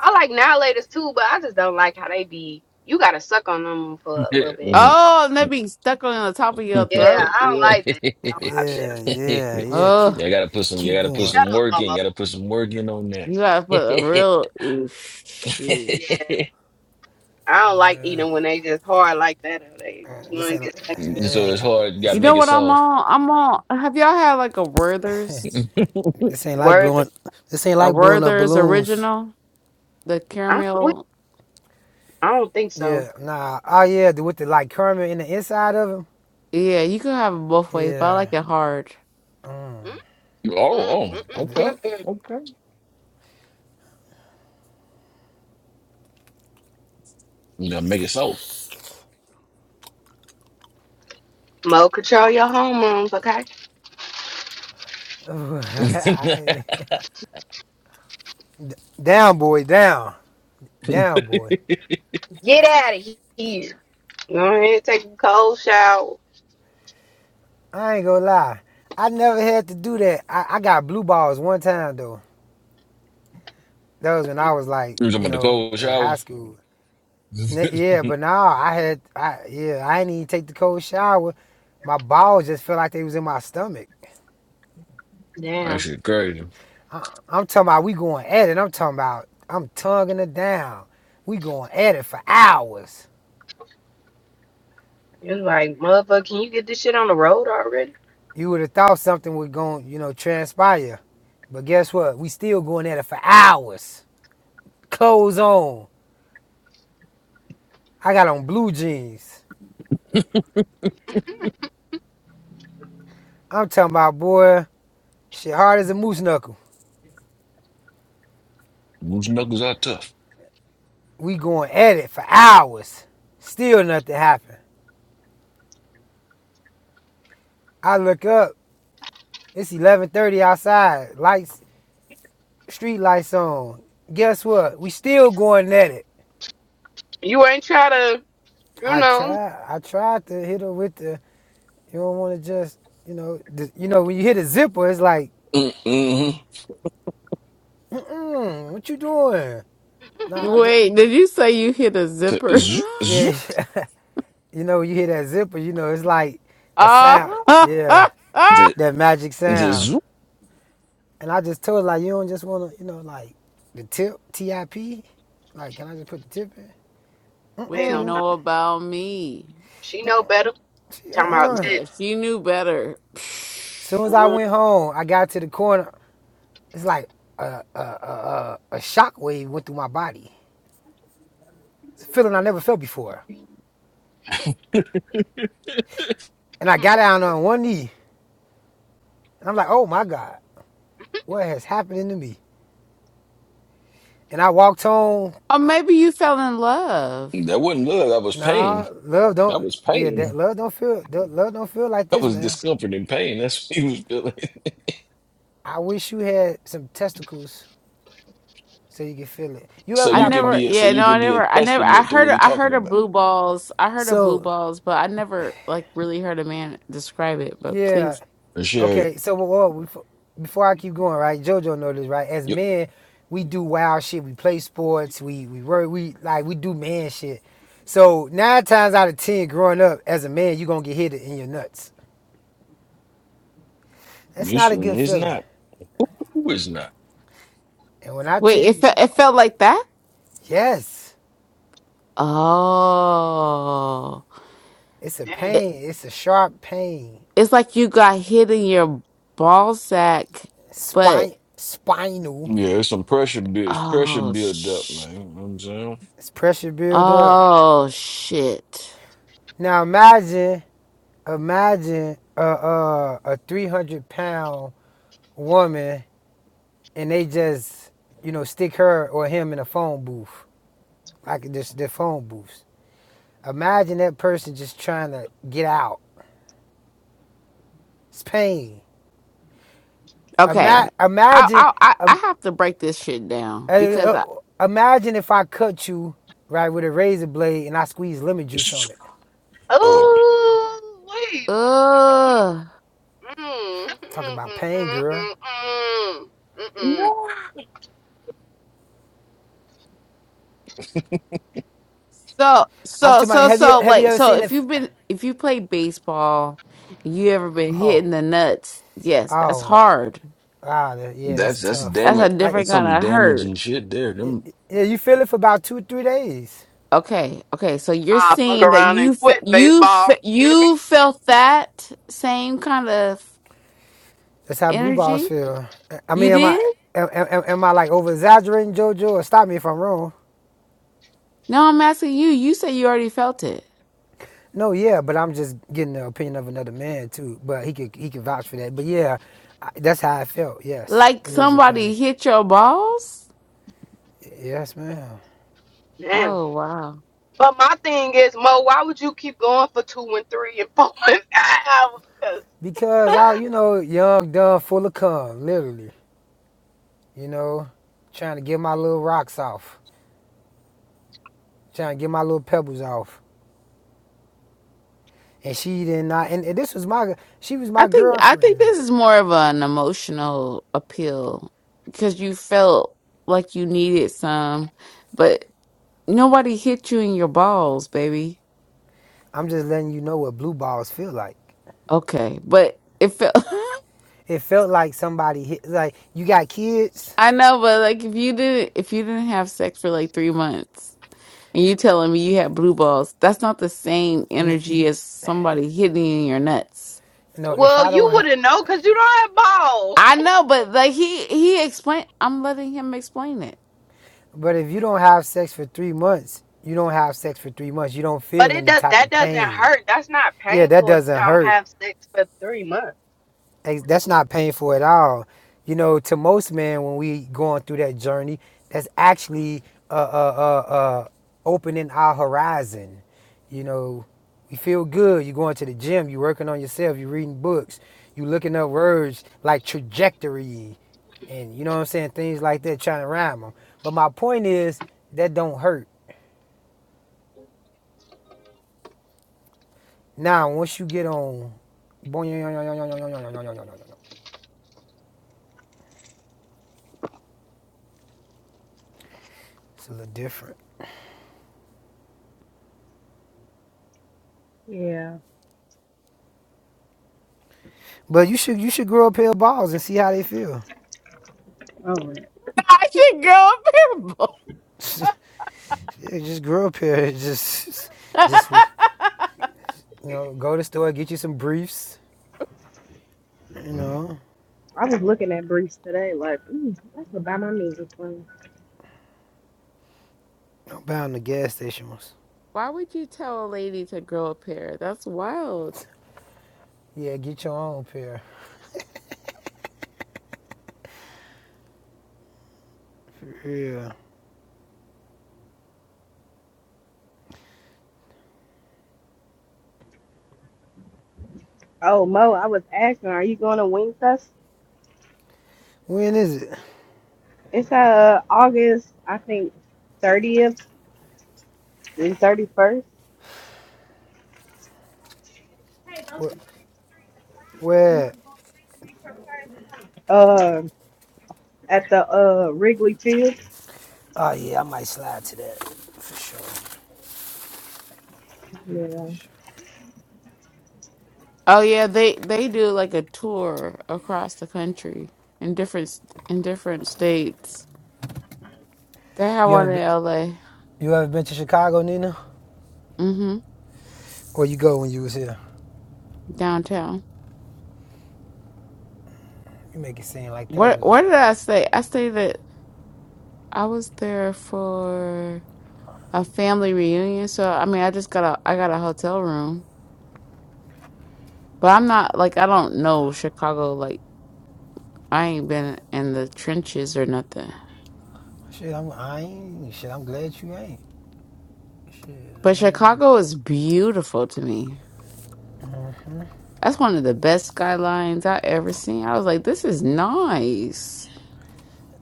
[SPEAKER 21] I like now laters too, but I just don't like how they be. You gotta suck on them for a little bit.
[SPEAKER 26] Mhm.
[SPEAKER 22] Oh, and that be stuck on the top of your
[SPEAKER 21] Yeah,
[SPEAKER 22] throat.
[SPEAKER 21] I don't
[SPEAKER 22] Yeah.
[SPEAKER 26] yeah,
[SPEAKER 21] like that. So I be
[SPEAKER 24] Yeah,
[SPEAKER 26] I
[SPEAKER 24] yeah, yeah. Keep
[SPEAKER 22] Oh,
[SPEAKER 26] gotta put some. You
[SPEAKER 24] keep
[SPEAKER 26] gotta put
[SPEAKER 24] going.
[SPEAKER 21] Shut
[SPEAKER 26] some
[SPEAKER 21] up,
[SPEAKER 26] work in.
[SPEAKER 21] mama.
[SPEAKER 26] You gotta put some work in on that.
[SPEAKER 22] you gotta put a real ooh, shit.
[SPEAKER 21] Yeah, I don't
[SPEAKER 24] Oh,
[SPEAKER 21] like
[SPEAKER 24] yeah.
[SPEAKER 21] eating when they just hard like that or they
[SPEAKER 24] Uh,
[SPEAKER 21] want
[SPEAKER 24] This
[SPEAKER 21] to
[SPEAKER 24] ain't
[SPEAKER 21] get
[SPEAKER 24] li-
[SPEAKER 21] stuck in your
[SPEAKER 26] so
[SPEAKER 21] teeth.
[SPEAKER 26] it's
[SPEAKER 24] yeah.
[SPEAKER 26] hard. You
[SPEAKER 22] You
[SPEAKER 26] gotta
[SPEAKER 24] This,
[SPEAKER 22] know
[SPEAKER 26] make it
[SPEAKER 22] what I'm
[SPEAKER 26] soft.
[SPEAKER 22] on? I'm on. Have y'all had like a Werther's?
[SPEAKER 26] oh,
[SPEAKER 24] this ain't like
[SPEAKER 21] Word.
[SPEAKER 24] blowing this ain't
[SPEAKER 22] A
[SPEAKER 24] like blowing up
[SPEAKER 22] Werther's
[SPEAKER 24] balloons.
[SPEAKER 22] original, the caramel.
[SPEAKER 21] I don't think so.
[SPEAKER 24] Yeah, nah. Oh yeah, the- with the like caramel in the inside of them.
[SPEAKER 22] Yeah, you can have it both ways, but I
[SPEAKER 24] Yeah.
[SPEAKER 22] like it hard.
[SPEAKER 24] Mm.
[SPEAKER 21] Mm, mm, mm,
[SPEAKER 26] oh,
[SPEAKER 21] mm,
[SPEAKER 26] okay,
[SPEAKER 21] mm, mm.
[SPEAKER 26] okay. You gotta make it soft.
[SPEAKER 21] Mo, control your hormones, okay?
[SPEAKER 26] you talking
[SPEAKER 24] down, boy, down, down, boy.
[SPEAKER 26] about
[SPEAKER 21] Get out of here. Go ahead, take a cold shower.
[SPEAKER 24] I ain't gonna lie. I never had to do that. I, I got blue balls one time though. That was when I was like, you
[SPEAKER 26] the
[SPEAKER 24] know,
[SPEAKER 26] cold
[SPEAKER 24] in high
[SPEAKER 26] shower?
[SPEAKER 24] school. yeah,
[SPEAKER 26] that
[SPEAKER 24] but now I had, I yeah, I didn't even take the cold shower. My balls just felt like they was in my stomach.
[SPEAKER 21] Damn.
[SPEAKER 26] shit crazy.
[SPEAKER 24] I, I'm talking about we going at it. I'm talking about I'm tonguing it down. We going at it for hours.
[SPEAKER 21] It's like, motherfucker, can you get this shit on the road already?
[SPEAKER 24] You would have thought something was going, you know, transpire But guess what? We still going at it for hours. Clothes on. I got on blue jeans. I'm talking about boy, shit hard as a moose knuckle.
[SPEAKER 26] Loose knuckles are tough.
[SPEAKER 24] We going at it for hours. Still nothing happened. I look up. It's 11:30 outside. Lights, street lights on. Guess what? We still going at it.
[SPEAKER 21] You ain't try to, you
[SPEAKER 24] I
[SPEAKER 21] know.
[SPEAKER 24] tried. I tried to hit her with the. You don't want to just, you know, the, you know when you hit a zipper, it's like,
[SPEAKER 26] Mm-hmm.
[SPEAKER 24] Mm-mm, what you doing? No, I just,
[SPEAKER 22] Wait, did you say you hit a zipper?
[SPEAKER 24] yeah. You know, when you hear that zipper, you know, it's like a sound. Yeah,
[SPEAKER 22] Ah,
[SPEAKER 26] The
[SPEAKER 24] that magic
[SPEAKER 26] the
[SPEAKER 24] sound.
[SPEAKER 26] zoom
[SPEAKER 24] And I just told her, like, you don't just want to, you know, like the tip, T-I-P. Like, can I just put the tip in?
[SPEAKER 22] what you
[SPEAKER 21] Hell no.
[SPEAKER 24] Mm-mm.
[SPEAKER 22] know about me?
[SPEAKER 21] She know better.
[SPEAKER 24] She,
[SPEAKER 21] Talking about
[SPEAKER 24] uh-uh.
[SPEAKER 21] tit.
[SPEAKER 22] Yeah, she knew better.
[SPEAKER 24] Soon as I
[SPEAKER 21] Mm,
[SPEAKER 24] went home, I got to the corner. It's like a, a, a, a, a shockwave went through my body. It's a feeling I never felt before. And I got down on one knee. And I'm like, oh my God, what has happened to me? And I walked home
[SPEAKER 22] Or maybe you fell in love.
[SPEAKER 26] that wasn't love. I was pain.
[SPEAKER 24] Nah, love
[SPEAKER 26] I
[SPEAKER 24] don't.
[SPEAKER 26] was
[SPEAKER 24] Yeah,
[SPEAKER 26] pain.
[SPEAKER 24] that love don't feel. That love don't feel like
[SPEAKER 26] I
[SPEAKER 24] this,
[SPEAKER 26] was
[SPEAKER 24] man.
[SPEAKER 26] discomfort and pain. That's what he was feeling.
[SPEAKER 24] I wish you had some testicles so you could feel it. You
[SPEAKER 26] so
[SPEAKER 24] ever
[SPEAKER 22] I
[SPEAKER 26] you
[SPEAKER 24] got
[SPEAKER 26] could
[SPEAKER 24] put?
[SPEAKER 22] never,
[SPEAKER 26] be a, so
[SPEAKER 22] yeah,
[SPEAKER 26] you
[SPEAKER 22] no, I
[SPEAKER 26] could be a
[SPEAKER 22] never, I never, I
[SPEAKER 26] testament to
[SPEAKER 22] heard,
[SPEAKER 26] what he's
[SPEAKER 22] I
[SPEAKER 26] talking
[SPEAKER 22] heard of
[SPEAKER 26] about.
[SPEAKER 22] blue balls, I heard of blue
[SPEAKER 24] So
[SPEAKER 22] balls, but I never like really heard a man describe it. But
[SPEAKER 24] yeah,
[SPEAKER 22] please,
[SPEAKER 26] For sure.
[SPEAKER 24] okay. So well, well, before, before I keep going, right? JoJo know this, right? As
[SPEAKER 26] Yep.
[SPEAKER 24] men, we do wild shit. We play sports. We we work. We like we do man shit. So nine times out of ten, growing up as a man, you gonna get hit in your nuts. That's not a
[SPEAKER 26] Usually
[SPEAKER 24] good
[SPEAKER 26] it's
[SPEAKER 24] feeling.
[SPEAKER 26] not. Who is not?
[SPEAKER 24] And when I
[SPEAKER 22] wait,
[SPEAKER 24] tell
[SPEAKER 22] it
[SPEAKER 24] you,
[SPEAKER 22] felt, it felt like that.
[SPEAKER 24] yes,
[SPEAKER 22] Oh,
[SPEAKER 24] it's a
[SPEAKER 21] Damn.
[SPEAKER 22] it,
[SPEAKER 24] pain. It's a sharp pain.
[SPEAKER 22] it's like you got hit in your ball sack, but
[SPEAKER 24] spine, spinal.
[SPEAKER 26] Yeah, it's some pressure build pressure
[SPEAKER 22] oh,
[SPEAKER 26] build up,
[SPEAKER 22] sh-
[SPEAKER 26] man. You know what I'm saying?
[SPEAKER 24] It's pressure build up.
[SPEAKER 22] oh shit.
[SPEAKER 24] Now imagine, imagine a a, a three hundred pound woman, and they just you know stick her or him in a phone booth, like just their phone booths. Imagine that person just trying to get out. It's pain.
[SPEAKER 22] Okay,
[SPEAKER 24] Ima-
[SPEAKER 22] I
[SPEAKER 24] imagine,
[SPEAKER 22] I I I
[SPEAKER 24] um,
[SPEAKER 22] have to break this shit
[SPEAKER 24] uh,
[SPEAKER 22] down because
[SPEAKER 24] uh,
[SPEAKER 22] I
[SPEAKER 24] imagine if I cut you right with a razor blade and I squeeze lemon juice
[SPEAKER 26] It's-
[SPEAKER 24] on it. I'm
[SPEAKER 26] Oh.
[SPEAKER 21] Oh, wait.
[SPEAKER 22] uh
[SPEAKER 21] Mm, mm, mm,
[SPEAKER 24] Talking about pain,
[SPEAKER 21] mm,
[SPEAKER 24] girl.
[SPEAKER 21] mm, mm, mm, mm.
[SPEAKER 22] so
[SPEAKER 24] I'm
[SPEAKER 22] so
[SPEAKER 24] talking about.
[SPEAKER 22] so
[SPEAKER 24] Have you
[SPEAKER 22] so
[SPEAKER 24] have you
[SPEAKER 22] like
[SPEAKER 24] ever
[SPEAKER 22] so
[SPEAKER 24] seen the
[SPEAKER 22] if you've been if you play baseball, you ever been hit
[SPEAKER 24] Oh,
[SPEAKER 22] in the nuts? Yes, that's
[SPEAKER 24] oh,
[SPEAKER 22] hard.
[SPEAKER 24] wow, that, yeah, that's
[SPEAKER 26] That's that's
[SPEAKER 24] tough.
[SPEAKER 22] That's a
[SPEAKER 26] damage.
[SPEAKER 24] Like,
[SPEAKER 22] different
[SPEAKER 26] That's
[SPEAKER 22] kind
[SPEAKER 26] some
[SPEAKER 22] of hurt.
[SPEAKER 26] damaging shit there.
[SPEAKER 24] it,
[SPEAKER 26] Them.
[SPEAKER 24] it- yeah, you feel it for about two, three days.
[SPEAKER 22] Okay, okay. So you're
[SPEAKER 21] I fuck
[SPEAKER 22] saying that
[SPEAKER 21] around and
[SPEAKER 22] you fe-
[SPEAKER 21] quit
[SPEAKER 22] you
[SPEAKER 21] baseball.
[SPEAKER 22] fe-
[SPEAKER 21] You hear
[SPEAKER 22] you
[SPEAKER 21] me?
[SPEAKER 22] felt that same kind of
[SPEAKER 24] That's how blue balls
[SPEAKER 22] energy?
[SPEAKER 24] feel. I I mean,
[SPEAKER 22] You
[SPEAKER 24] am I,
[SPEAKER 22] did?
[SPEAKER 24] am, am, am I like over exaggerating, JoJo? Or stop me if I'm wrong.
[SPEAKER 22] No, I'm asking you. You said you already felt it.
[SPEAKER 24] No, yeah, but I'm just getting the opinion of another man too. But he could, he could vouch for that. But yeah, I, that's how I felt. Yes,
[SPEAKER 22] Like
[SPEAKER 24] it was a
[SPEAKER 22] somebody
[SPEAKER 24] pain.
[SPEAKER 22] hit your balls?
[SPEAKER 24] Yes, ma'am.
[SPEAKER 21] Damn.
[SPEAKER 22] Oh, wow.
[SPEAKER 21] But my thing is, Mo, why would you keep going for two and three and four and five? 'Cause-
[SPEAKER 24] Because I, you know, young, dumb, full of cum, literally. You know, trying to get my little rocks off, trying to get my little pebbles off. and she did not. And this was my, she was
[SPEAKER 22] I
[SPEAKER 24] my
[SPEAKER 22] think I think
[SPEAKER 24] girlfriend.
[SPEAKER 22] this is more of an emotional appeal because you felt like you needed some, but nobody hit you in your balls, baby.
[SPEAKER 24] I'm just letting you know what blue balls feel like.
[SPEAKER 22] Okay, but it felt.
[SPEAKER 24] It felt like somebody hit, like you got kids.
[SPEAKER 22] I know, but like if you didn't if you didn't have sex for like three months and you telling me you had blue balls, that's not the same energy as somebody hitting you in your nuts.
[SPEAKER 24] No, if
[SPEAKER 21] Well,
[SPEAKER 24] I
[SPEAKER 21] you
[SPEAKER 24] don't, have,
[SPEAKER 21] wouldn't know because you don't have balls.
[SPEAKER 22] I know, but like he he explained I'm letting him explain it.
[SPEAKER 24] but if you don't have sex for three months, you don't have sex for three months. You don't
[SPEAKER 21] But
[SPEAKER 24] feel
[SPEAKER 21] it
[SPEAKER 24] any
[SPEAKER 21] does
[SPEAKER 24] type
[SPEAKER 21] that
[SPEAKER 24] of
[SPEAKER 21] doesn't
[SPEAKER 24] pain.
[SPEAKER 21] hurt. That's not
[SPEAKER 24] Yeah, that
[SPEAKER 21] painful if you
[SPEAKER 24] doesn't
[SPEAKER 21] don't
[SPEAKER 24] hurt.
[SPEAKER 21] have sex for three months.
[SPEAKER 24] that's not painful at all. You know, to most men, when we going through that journey, that's actually uh, uh, uh, uh, opening our horizon. You know, we feel good. you going to the gym. you working on yourself. you reading books. you looking up words like trajectory and you know what I'm saying, things like that, trying to rhyme them. But my point is that don't hurt. Now, once you get on, it's a little different.
[SPEAKER 21] Yeah.
[SPEAKER 24] But you should you should grow a pair of balls and see how they feel.
[SPEAKER 21] Oh, man.
[SPEAKER 22] I should grow
[SPEAKER 24] just grow a pair. Just
[SPEAKER 22] a pair.
[SPEAKER 24] just you know, go to the store, get you some briefs. You know,
[SPEAKER 21] I was looking at Brees today, like, ooh, I could buy my music from.
[SPEAKER 24] I'm bound the gas station was.
[SPEAKER 22] Why would you tell a lady to grow a pair? That's wild.
[SPEAKER 24] Yeah, get your own pair. For real.
[SPEAKER 21] Oh, Mo, I was asking, are you going to Wingfest?
[SPEAKER 24] When is it?
[SPEAKER 21] It's uh August, I think, 30th and 31st.
[SPEAKER 24] Where? where?
[SPEAKER 21] Uh, at the uh Wrigley Field.
[SPEAKER 24] Oh yeah, I might slide to that for sure.
[SPEAKER 21] Yeah.
[SPEAKER 24] For sure.
[SPEAKER 22] Oh yeah, they they do like a tour across the country in different in different states. They have
[SPEAKER 24] You ever
[SPEAKER 22] one in
[SPEAKER 24] been,
[SPEAKER 22] LA.
[SPEAKER 24] you ever been to Chicago, Nina? Or you go when you was here?
[SPEAKER 22] downtown.
[SPEAKER 24] You make it seem like that
[SPEAKER 22] What
[SPEAKER 24] was
[SPEAKER 22] What did I say? I say that I was there for a family reunion, so I mean I just got a I got a hotel room. But I'm not like I don't know Chicago like I ain't been in the trenches or nothing.
[SPEAKER 24] shit. I'm I ain't shit. I'm glad you ain't. Shit,
[SPEAKER 22] But
[SPEAKER 24] ain't nothing.
[SPEAKER 22] Chicago is beautiful to me.
[SPEAKER 24] Mm-hmm.
[SPEAKER 22] That's one of the best skylines I ever seen. I was like, this is nice.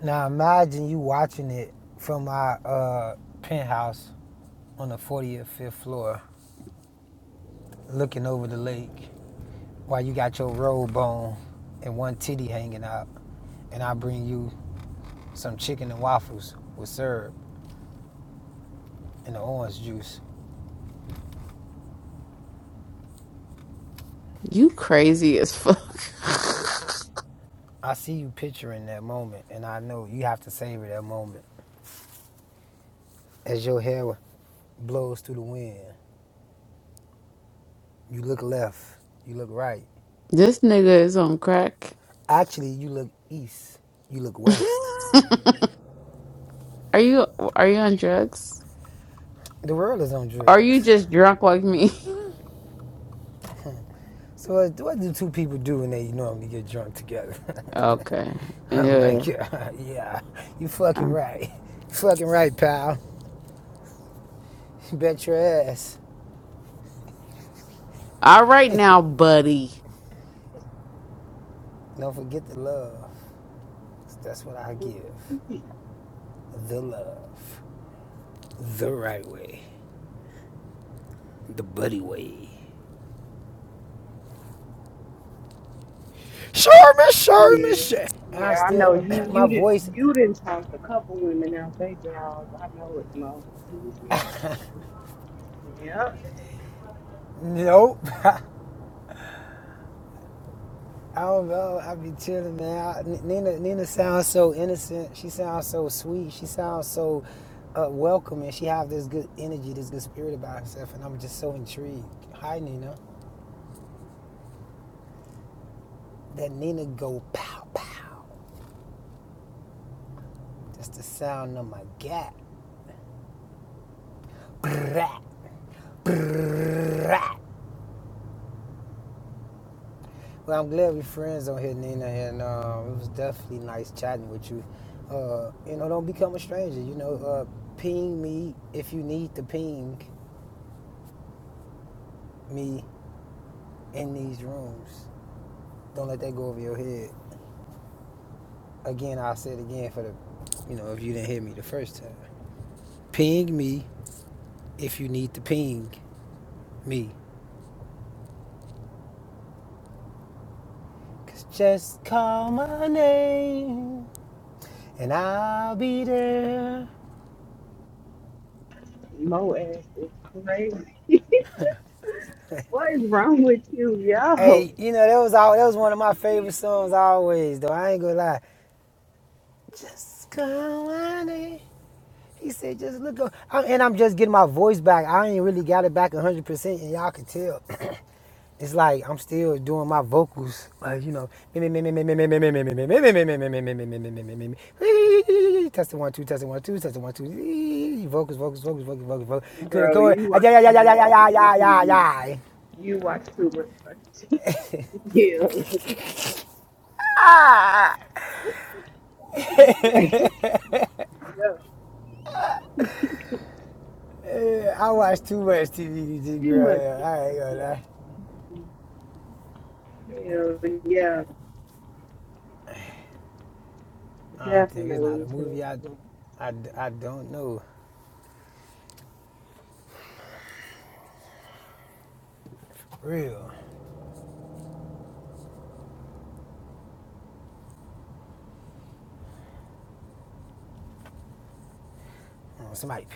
[SPEAKER 24] Now imagine you watching it from our uh, penthouse on the 40th, fifth floor, looking over the lake while you got your robe on and one titty hanging out. And I bring you some chicken and waffles with syrup and the orange juice.
[SPEAKER 22] You crazy as fuck.
[SPEAKER 24] I see you picturing that moment, and I know you have to savor that moment. As your hair blows through the wind, you look left, you look right.
[SPEAKER 22] this nigga is on crack.
[SPEAKER 24] Actually, you look east, you look west.
[SPEAKER 22] Are you are you on drugs?
[SPEAKER 24] The world is on
[SPEAKER 22] Are you
[SPEAKER 24] drugs.
[SPEAKER 22] just drunk like me?
[SPEAKER 24] So what, what do two people do when they normally get drunk together?
[SPEAKER 22] okay.
[SPEAKER 24] I'm
[SPEAKER 22] Yeah.
[SPEAKER 24] like, yeah, yeah, you fucking right. You fucking right, pal. You Bet your ass.
[SPEAKER 22] All right now, buddy.
[SPEAKER 24] Don't forget the love. That's what I give. The love. The right way. The buddy way. Sure, miss, Sherman, sure,
[SPEAKER 21] Yeah,
[SPEAKER 24] miss. Sure. I
[SPEAKER 21] yeah, I
[SPEAKER 24] still,
[SPEAKER 21] know you.
[SPEAKER 24] my
[SPEAKER 21] You did.
[SPEAKER 24] voice,
[SPEAKER 21] You didn't talk a couple women out they jaws. I know it, Mo. Yep,
[SPEAKER 24] nope. I don't know. I be chilling, man. I, N- Nina, Nina sounds so innocent. She sounds so sweet. She sounds so uh, welcoming. She have this good energy, this good spirit about herself, and I'm just so intrigued. Hi, Nina. That Nina go pow pow. That's the sound of my gat. Brat, brat. Well, I'm glad we're friends on here, Nina, and um, it was definitely nice chatting with you. Uh, you know, don't become a stranger. You know, uh, ping me if you need to ping me in these rooms. Don't let that go over your head. Again, I'll say it again for the, you know, if you didn't hear me the first time. Ping me if you need to ping me. Cause just call my name and I'll be there.
[SPEAKER 21] Mo ass is crazy. what is wrong with you, yo,
[SPEAKER 24] Hey, you know, that was all, that was one of my favorite songs always, though. I ain't gonna lie. Just call my name. He said, just look up. I'm, and I'm just getting my voice back. I ain't really got it back 100%, and y'all can tell. it's like I'm still doing my vocals, like you know, test the one two, test the one two, test the one two, vocals, vocals, vocals, vocals, vocals, vocals, clear the
[SPEAKER 21] bro?
[SPEAKER 24] chord,
[SPEAKER 21] You
[SPEAKER 24] Ah,
[SPEAKER 21] watch
[SPEAKER 24] yeah, yeah, yeah, yeah,
[SPEAKER 21] too much
[SPEAKER 24] yeah, yeah,
[SPEAKER 21] fucking
[SPEAKER 24] yeah,
[SPEAKER 21] TV.
[SPEAKER 24] yeah. yeah.
[SPEAKER 21] You watch too much fucking TV. Yeah,
[SPEAKER 24] Ah!
[SPEAKER 21] you like yo,
[SPEAKER 24] Eh, I watch too much TV,
[SPEAKER 21] too much.
[SPEAKER 24] girl. I ain't gonna
[SPEAKER 21] TV.
[SPEAKER 24] lie.
[SPEAKER 21] yeah,
[SPEAKER 24] I don't think it's not a
[SPEAKER 21] definitely
[SPEAKER 24] movie. I,
[SPEAKER 21] too.
[SPEAKER 24] I, I don't know. Real. Oh, Somebody